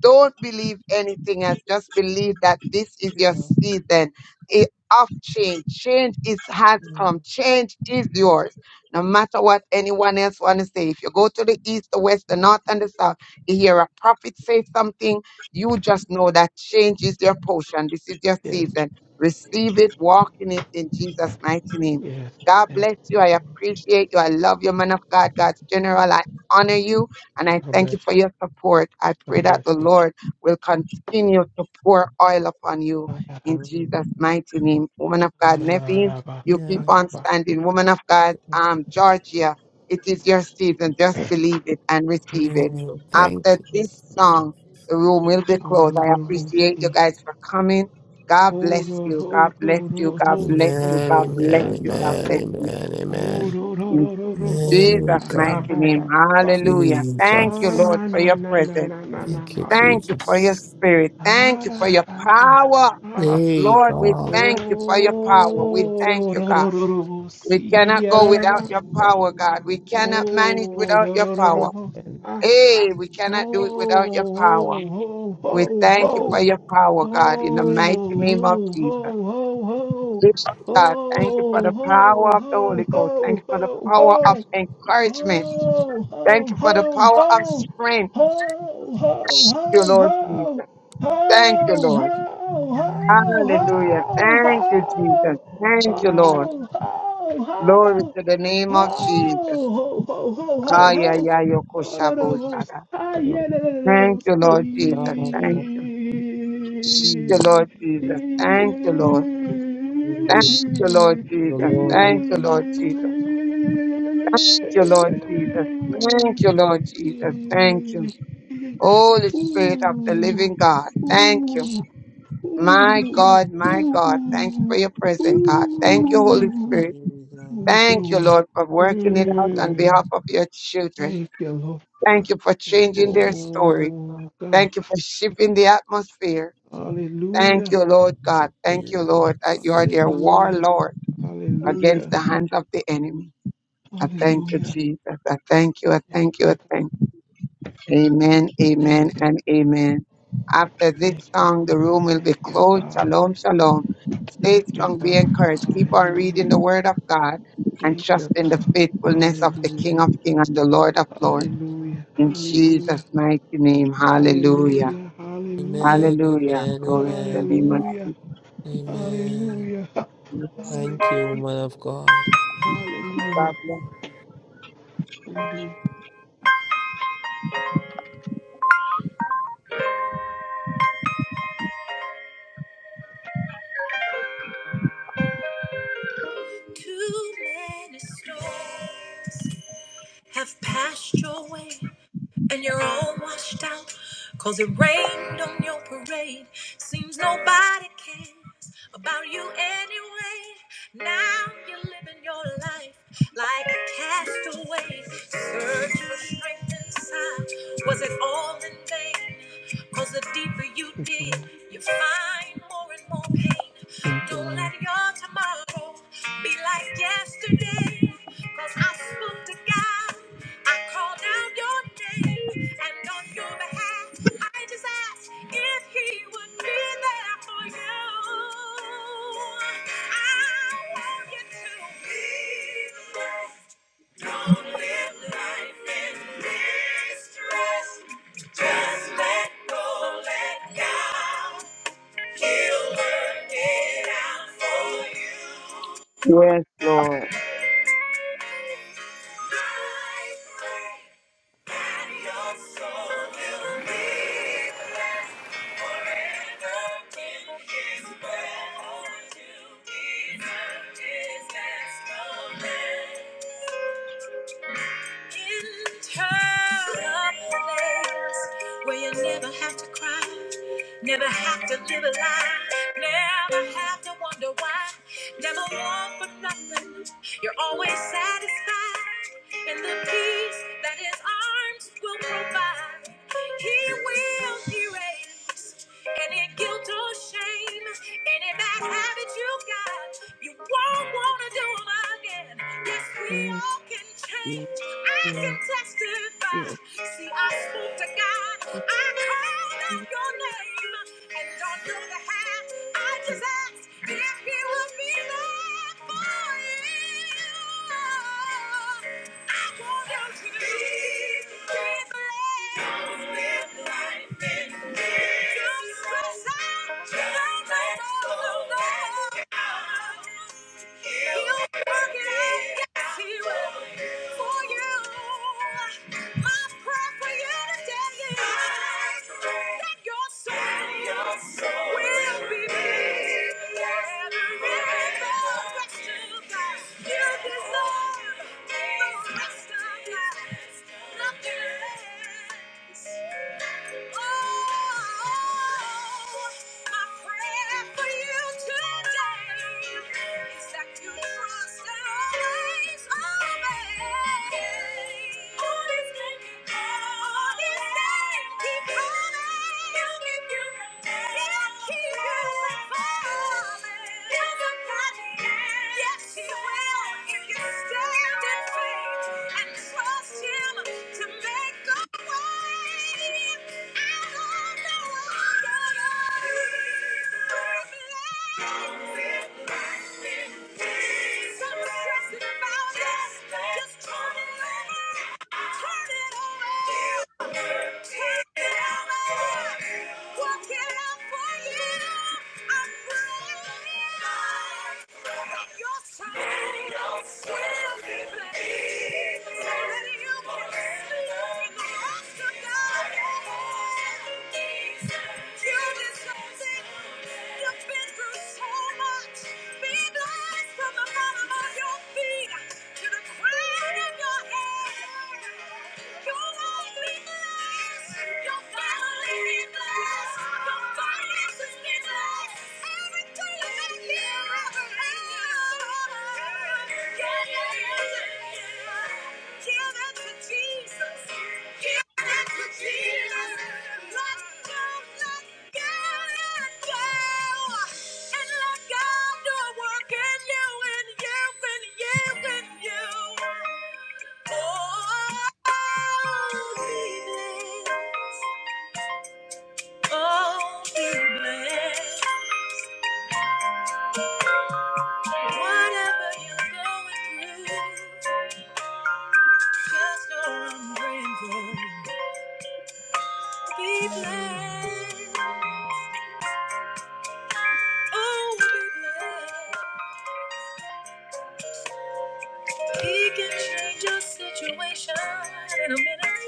Speaker 2: Don't believe anything else. Just believe that this is your
Speaker 7: Yeah.
Speaker 2: season i- of change. Change is has come.
Speaker 7: Mm,
Speaker 2: Change is yours. No matter what anyone else want to say, if you go to the east, the west, the north, and the south, you hear a prophet say something, you just know that change is your portion. This is your
Speaker 5: Yes,
Speaker 2: season. Receive it, walk in it in Jesus' mighty name.
Speaker 5: yes,
Speaker 2: God
Speaker 5: yes.
Speaker 2: bless you. I appreciate you. I love you, man of God, God's general. I honor you and I
Speaker 5: God
Speaker 2: thank
Speaker 5: bless
Speaker 2: you
Speaker 5: you.
Speaker 2: for your support. I pray
Speaker 5: God
Speaker 2: that
Speaker 5: bless
Speaker 2: the
Speaker 5: you.
Speaker 2: Lord will continue to pour oil upon you
Speaker 5: Ah, da da
Speaker 2: in
Speaker 7: mm,
Speaker 2: Jesus' mighty name. Woman of
Speaker 5: ah,
Speaker 2: God,
Speaker 5: da da
Speaker 2: Nevin,
Speaker 5: da da.
Speaker 2: you keep
Speaker 7: yeah.
Speaker 2: on
Speaker 5: Sakaba.
Speaker 2: standing. Woman of God, um, Georgia, it is your season. Just believe it and receive it.
Speaker 7: Name. Thank
Speaker 2: After
Speaker 7: you.
Speaker 2: this
Speaker 7: Jesus.
Speaker 2: song, the room will be closed. I appreciate you guys for coming. God
Speaker 5: Hold
Speaker 2: bless
Speaker 5: on,
Speaker 2: you. God
Speaker 5: hold,
Speaker 2: bless
Speaker 5: hold, hold,
Speaker 2: you. God
Speaker 5: hold,
Speaker 2: bless
Speaker 5: hold,
Speaker 2: you.
Speaker 7: Amen,
Speaker 2: God
Speaker 5: hold,
Speaker 2: bless
Speaker 7: amen,
Speaker 5: stop,
Speaker 2: you.
Speaker 5: stop,
Speaker 2: God
Speaker 5: stop.
Speaker 7: amen,
Speaker 2: bless you.
Speaker 7: amen,
Speaker 5: hold,
Speaker 7: amen.
Speaker 5: hold, hold,
Speaker 2: In
Speaker 5: hold, hold, hold, hold.
Speaker 7: Amen, oh
Speaker 2: Jesus'
Speaker 5: Ah,
Speaker 2: mighty
Speaker 5: Stop,
Speaker 7: God.
Speaker 5: stop,
Speaker 2: name.
Speaker 5: stop, stop.
Speaker 2: Hallelujah. Thank you,
Speaker 5: Ah,
Speaker 7: Jesus.
Speaker 2: Lord,
Speaker 5: na,
Speaker 2: for
Speaker 5: na,
Speaker 2: your
Speaker 5: na, na,
Speaker 2: presence.
Speaker 5: na, na, na,
Speaker 7: Thank you,
Speaker 5: na.
Speaker 2: Thank you for your
Speaker 7: Jesus.
Speaker 2: spirit.
Speaker 5: Ah,
Speaker 2: Thank you
Speaker 5: da,
Speaker 2: for
Speaker 5: da,
Speaker 2: your
Speaker 5: da, da, da.
Speaker 2: power.
Speaker 5: Ah,
Speaker 7: Hey,
Speaker 2: Lord, we
Speaker 7: God.
Speaker 5: oh,
Speaker 2: thank you for your power. We
Speaker 7: Thank you,
Speaker 2: thank you,
Speaker 5: ro,
Speaker 2: God.
Speaker 5: ro, ro, ro, ro,
Speaker 2: We
Speaker 5: see,
Speaker 2: cannot
Speaker 5: ah,
Speaker 2: go
Speaker 5: da, da, da,
Speaker 2: without your
Speaker 5: da.
Speaker 2: power, God. We
Speaker 7: Lord.
Speaker 2: cannot manage
Speaker 5: Oh,
Speaker 2: without
Speaker 5: ro,
Speaker 2: your
Speaker 5: ro, ro, ro,
Speaker 2: power.
Speaker 5: ro,
Speaker 7: And
Speaker 5: ah.
Speaker 2: Hey, we cannot do it
Speaker 5: Oh,
Speaker 2: without your power.
Speaker 5: ho,
Speaker 2: We
Speaker 5: ho, ho,
Speaker 2: thank you
Speaker 5: ho,
Speaker 2: for your
Speaker 5: Ho, ho, ho,
Speaker 2: power, God, in the mighty name of
Speaker 5: ho,
Speaker 2: Jesus.
Speaker 5: ho.
Speaker 2: Yes,
Speaker 5: Ho,
Speaker 2: God, thank you for the
Speaker 5: ho, ho,
Speaker 2: power of the
Speaker 5: ho,
Speaker 2: Holy Ghost. Thank you for the
Speaker 5: ho,
Speaker 2: power of
Speaker 5: ho.
Speaker 2: encouragement.
Speaker 5: Ho, ho,
Speaker 2: Thank you for the
Speaker 5: ho,
Speaker 2: power of
Speaker 5: ho.
Speaker 2: strength,
Speaker 5: Ho, ho, ho,
Speaker 2: you Lord
Speaker 5: ho.
Speaker 2: Jesus.
Speaker 5: Ho,
Speaker 2: Thank you,
Speaker 5: ho, ho, ho, ho. Ho,
Speaker 2: Lord.
Speaker 5: ho, ho. Ho,
Speaker 2: Hallelujah. Thank you, Jesus. Thank you, Lord. Glory to the name of Jesus.
Speaker 5: ho, ho, ho,
Speaker 2: Ah,
Speaker 5: ho,
Speaker 2: yeah,
Speaker 5: ho.
Speaker 2: yeah,
Speaker 5: Ooh, ooh,
Speaker 2: yo,
Speaker 7: the
Speaker 5: ooh,
Speaker 2: Thank you, Lord Jesus.
Speaker 7: Father of
Speaker 2: Thank you. Thank you,
Speaker 7: you,
Speaker 2: Lord
Speaker 7: thank
Speaker 2: Jesus. Thank you, Lord. Thank
Speaker 7: you,
Speaker 2: you, Lord
Speaker 7: your
Speaker 2: Jesus. Thank
Speaker 7: Lord.
Speaker 2: you, Lord Jesus. Thank you, Lord Jesus. Thank you, Lord Jesus. Thank you. Holy Spirit of the living God. Thank you. My God, my God. Thank you for
Speaker 5: ooh,
Speaker 2: your presence, God. Thank
Speaker 7: Thank
Speaker 2: you,
Speaker 7: you,
Speaker 2: Holy
Speaker 5: ooh,
Speaker 2: Spirit.
Speaker 7: Jesus.
Speaker 5: ooh,
Speaker 2: Thank you,
Speaker 5: glory.
Speaker 2: Lord, for working it out on
Speaker 5: Mm,
Speaker 7: Amen.
Speaker 2: behalf of your children.
Speaker 5: Thank you, Lord.
Speaker 2: Thank you for
Speaker 7: Thank
Speaker 2: changing their story.
Speaker 5: Oh God.
Speaker 2: Thank you for shifting the atmosphere. Thank
Speaker 5: Hallelujah.
Speaker 2: you, Lord God.
Speaker 7: you,
Speaker 2: Thank you, Lord, that you
Speaker 7: Jesus.
Speaker 2: are their
Speaker 5: Hallelujah.
Speaker 2: warlord against
Speaker 5: Hallelujah.
Speaker 2: the hands of the enemy. I thank you,
Speaker 5: Hallelujah.
Speaker 2: Jesus. I thank you. I
Speaker 5: Thank
Speaker 2: thank you. I
Speaker 5: you.
Speaker 2: thank you. Amen, amen,
Speaker 5: Thank you.
Speaker 2: and amen. After this
Speaker 5: Thank you,
Speaker 2: song,
Speaker 5: God.
Speaker 2: the room will be
Speaker 5: Thank you,
Speaker 2: closed.
Speaker 5: God.
Speaker 2: Shalom, shalom. Stay
Speaker 5: Thank you,
Speaker 2: strong, be
Speaker 5: God.
Speaker 2: encouraged. Keep on reading
Speaker 5: Hallelujah.
Speaker 2: the word of God and
Speaker 5: Thank
Speaker 2: trust
Speaker 5: you,
Speaker 2: in the
Speaker 5: God.
Speaker 2: faithfulness of the
Speaker 5: Hallelujah.
Speaker 2: King of Kings and the Lord of Lords.
Speaker 5: Hallelujah.
Speaker 2: In
Speaker 5: Hallelujah.
Speaker 2: Jesus' mighty name, hallelujah.
Speaker 5: Hallelujah. Hallelujah.
Speaker 7: Amen,
Speaker 2: Hallelujah.
Speaker 7: amen,
Speaker 2: Glory to the
Speaker 7: amen,
Speaker 2: name of
Speaker 5: Hallelujah.
Speaker 7: amen.
Speaker 5: Hallelujah. Ha-
Speaker 2: Jesus.
Speaker 7: Thank
Speaker 5: Hallelujah.
Speaker 7: you, woman of God.
Speaker 5: Hallelujah.
Speaker 2: God bless.
Speaker 5: Hallelujah.
Speaker 1: Too many storms have passed your way. and you're all washed out 'cause it rained on your parade seems nobody cares about you anyway now you're living your life like a castaway search for strength inside was it all in vain? 'Cause the deeper you
Speaker 5: Thank you,
Speaker 1: dig
Speaker 5: Lord.
Speaker 1: you find more and more
Speaker 5: Thank
Speaker 1: pain
Speaker 5: you, Lord.
Speaker 1: let your tomorrow be like yesterday. 'Cause I spoke to God, I called out your name, and on your behalf, I just asked if He would be there for you. I want you to be blessed. Don't live life in distress. Just let go, let God. He'll work it out for you.
Speaker 2: Yes, Lord.
Speaker 1: I pray that your soul will be blessed forever in His presence. To be as no man. Enter a place where you never have to cry, never have to live a lie, never have to wonder why, never want for nothing. You're always satisfied, and the peace that His arms will provide, He will erase any guilt or shame, any bad habit you got. You won't wanna do them again. Yes, we
Speaker 5: Yes,
Speaker 1: all can
Speaker 5: yes,
Speaker 1: change. I
Speaker 5: yes.
Speaker 1: can
Speaker 5: Yes,
Speaker 1: testify. See, I spoke to God.
Speaker 5: yes,
Speaker 1: I called out
Speaker 5: yes,
Speaker 1: your name. And on your behalf, I
Speaker 5: yes.
Speaker 1: just asked if he would be there for you. I want you to live, live life. Don't live life in fear. Don't stress out. Don't let go. You deserve the rest of us. Nothing less. Keep coming. Just turn it over. You deserve Everything that you Oh, be blessed. Whatever you're going through, just know I'm praying for you. Be blessed. Oh, be blessed. He can change your situation in a minute.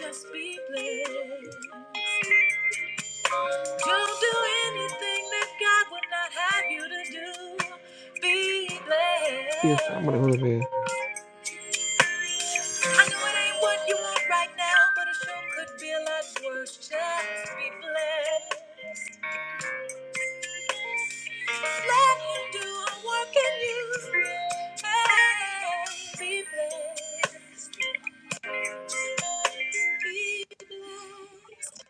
Speaker 1: Just be blessed. Don't do anything that God would not have you to do. Be
Speaker 5: Yes, i I'm gonna go to
Speaker 1: blessed.
Speaker 5: bed.
Speaker 1: I know it ain't what you want right now, but it sure could be a lot worse. Just be blessed. Let him do a work in you and be blessed. Be blessed.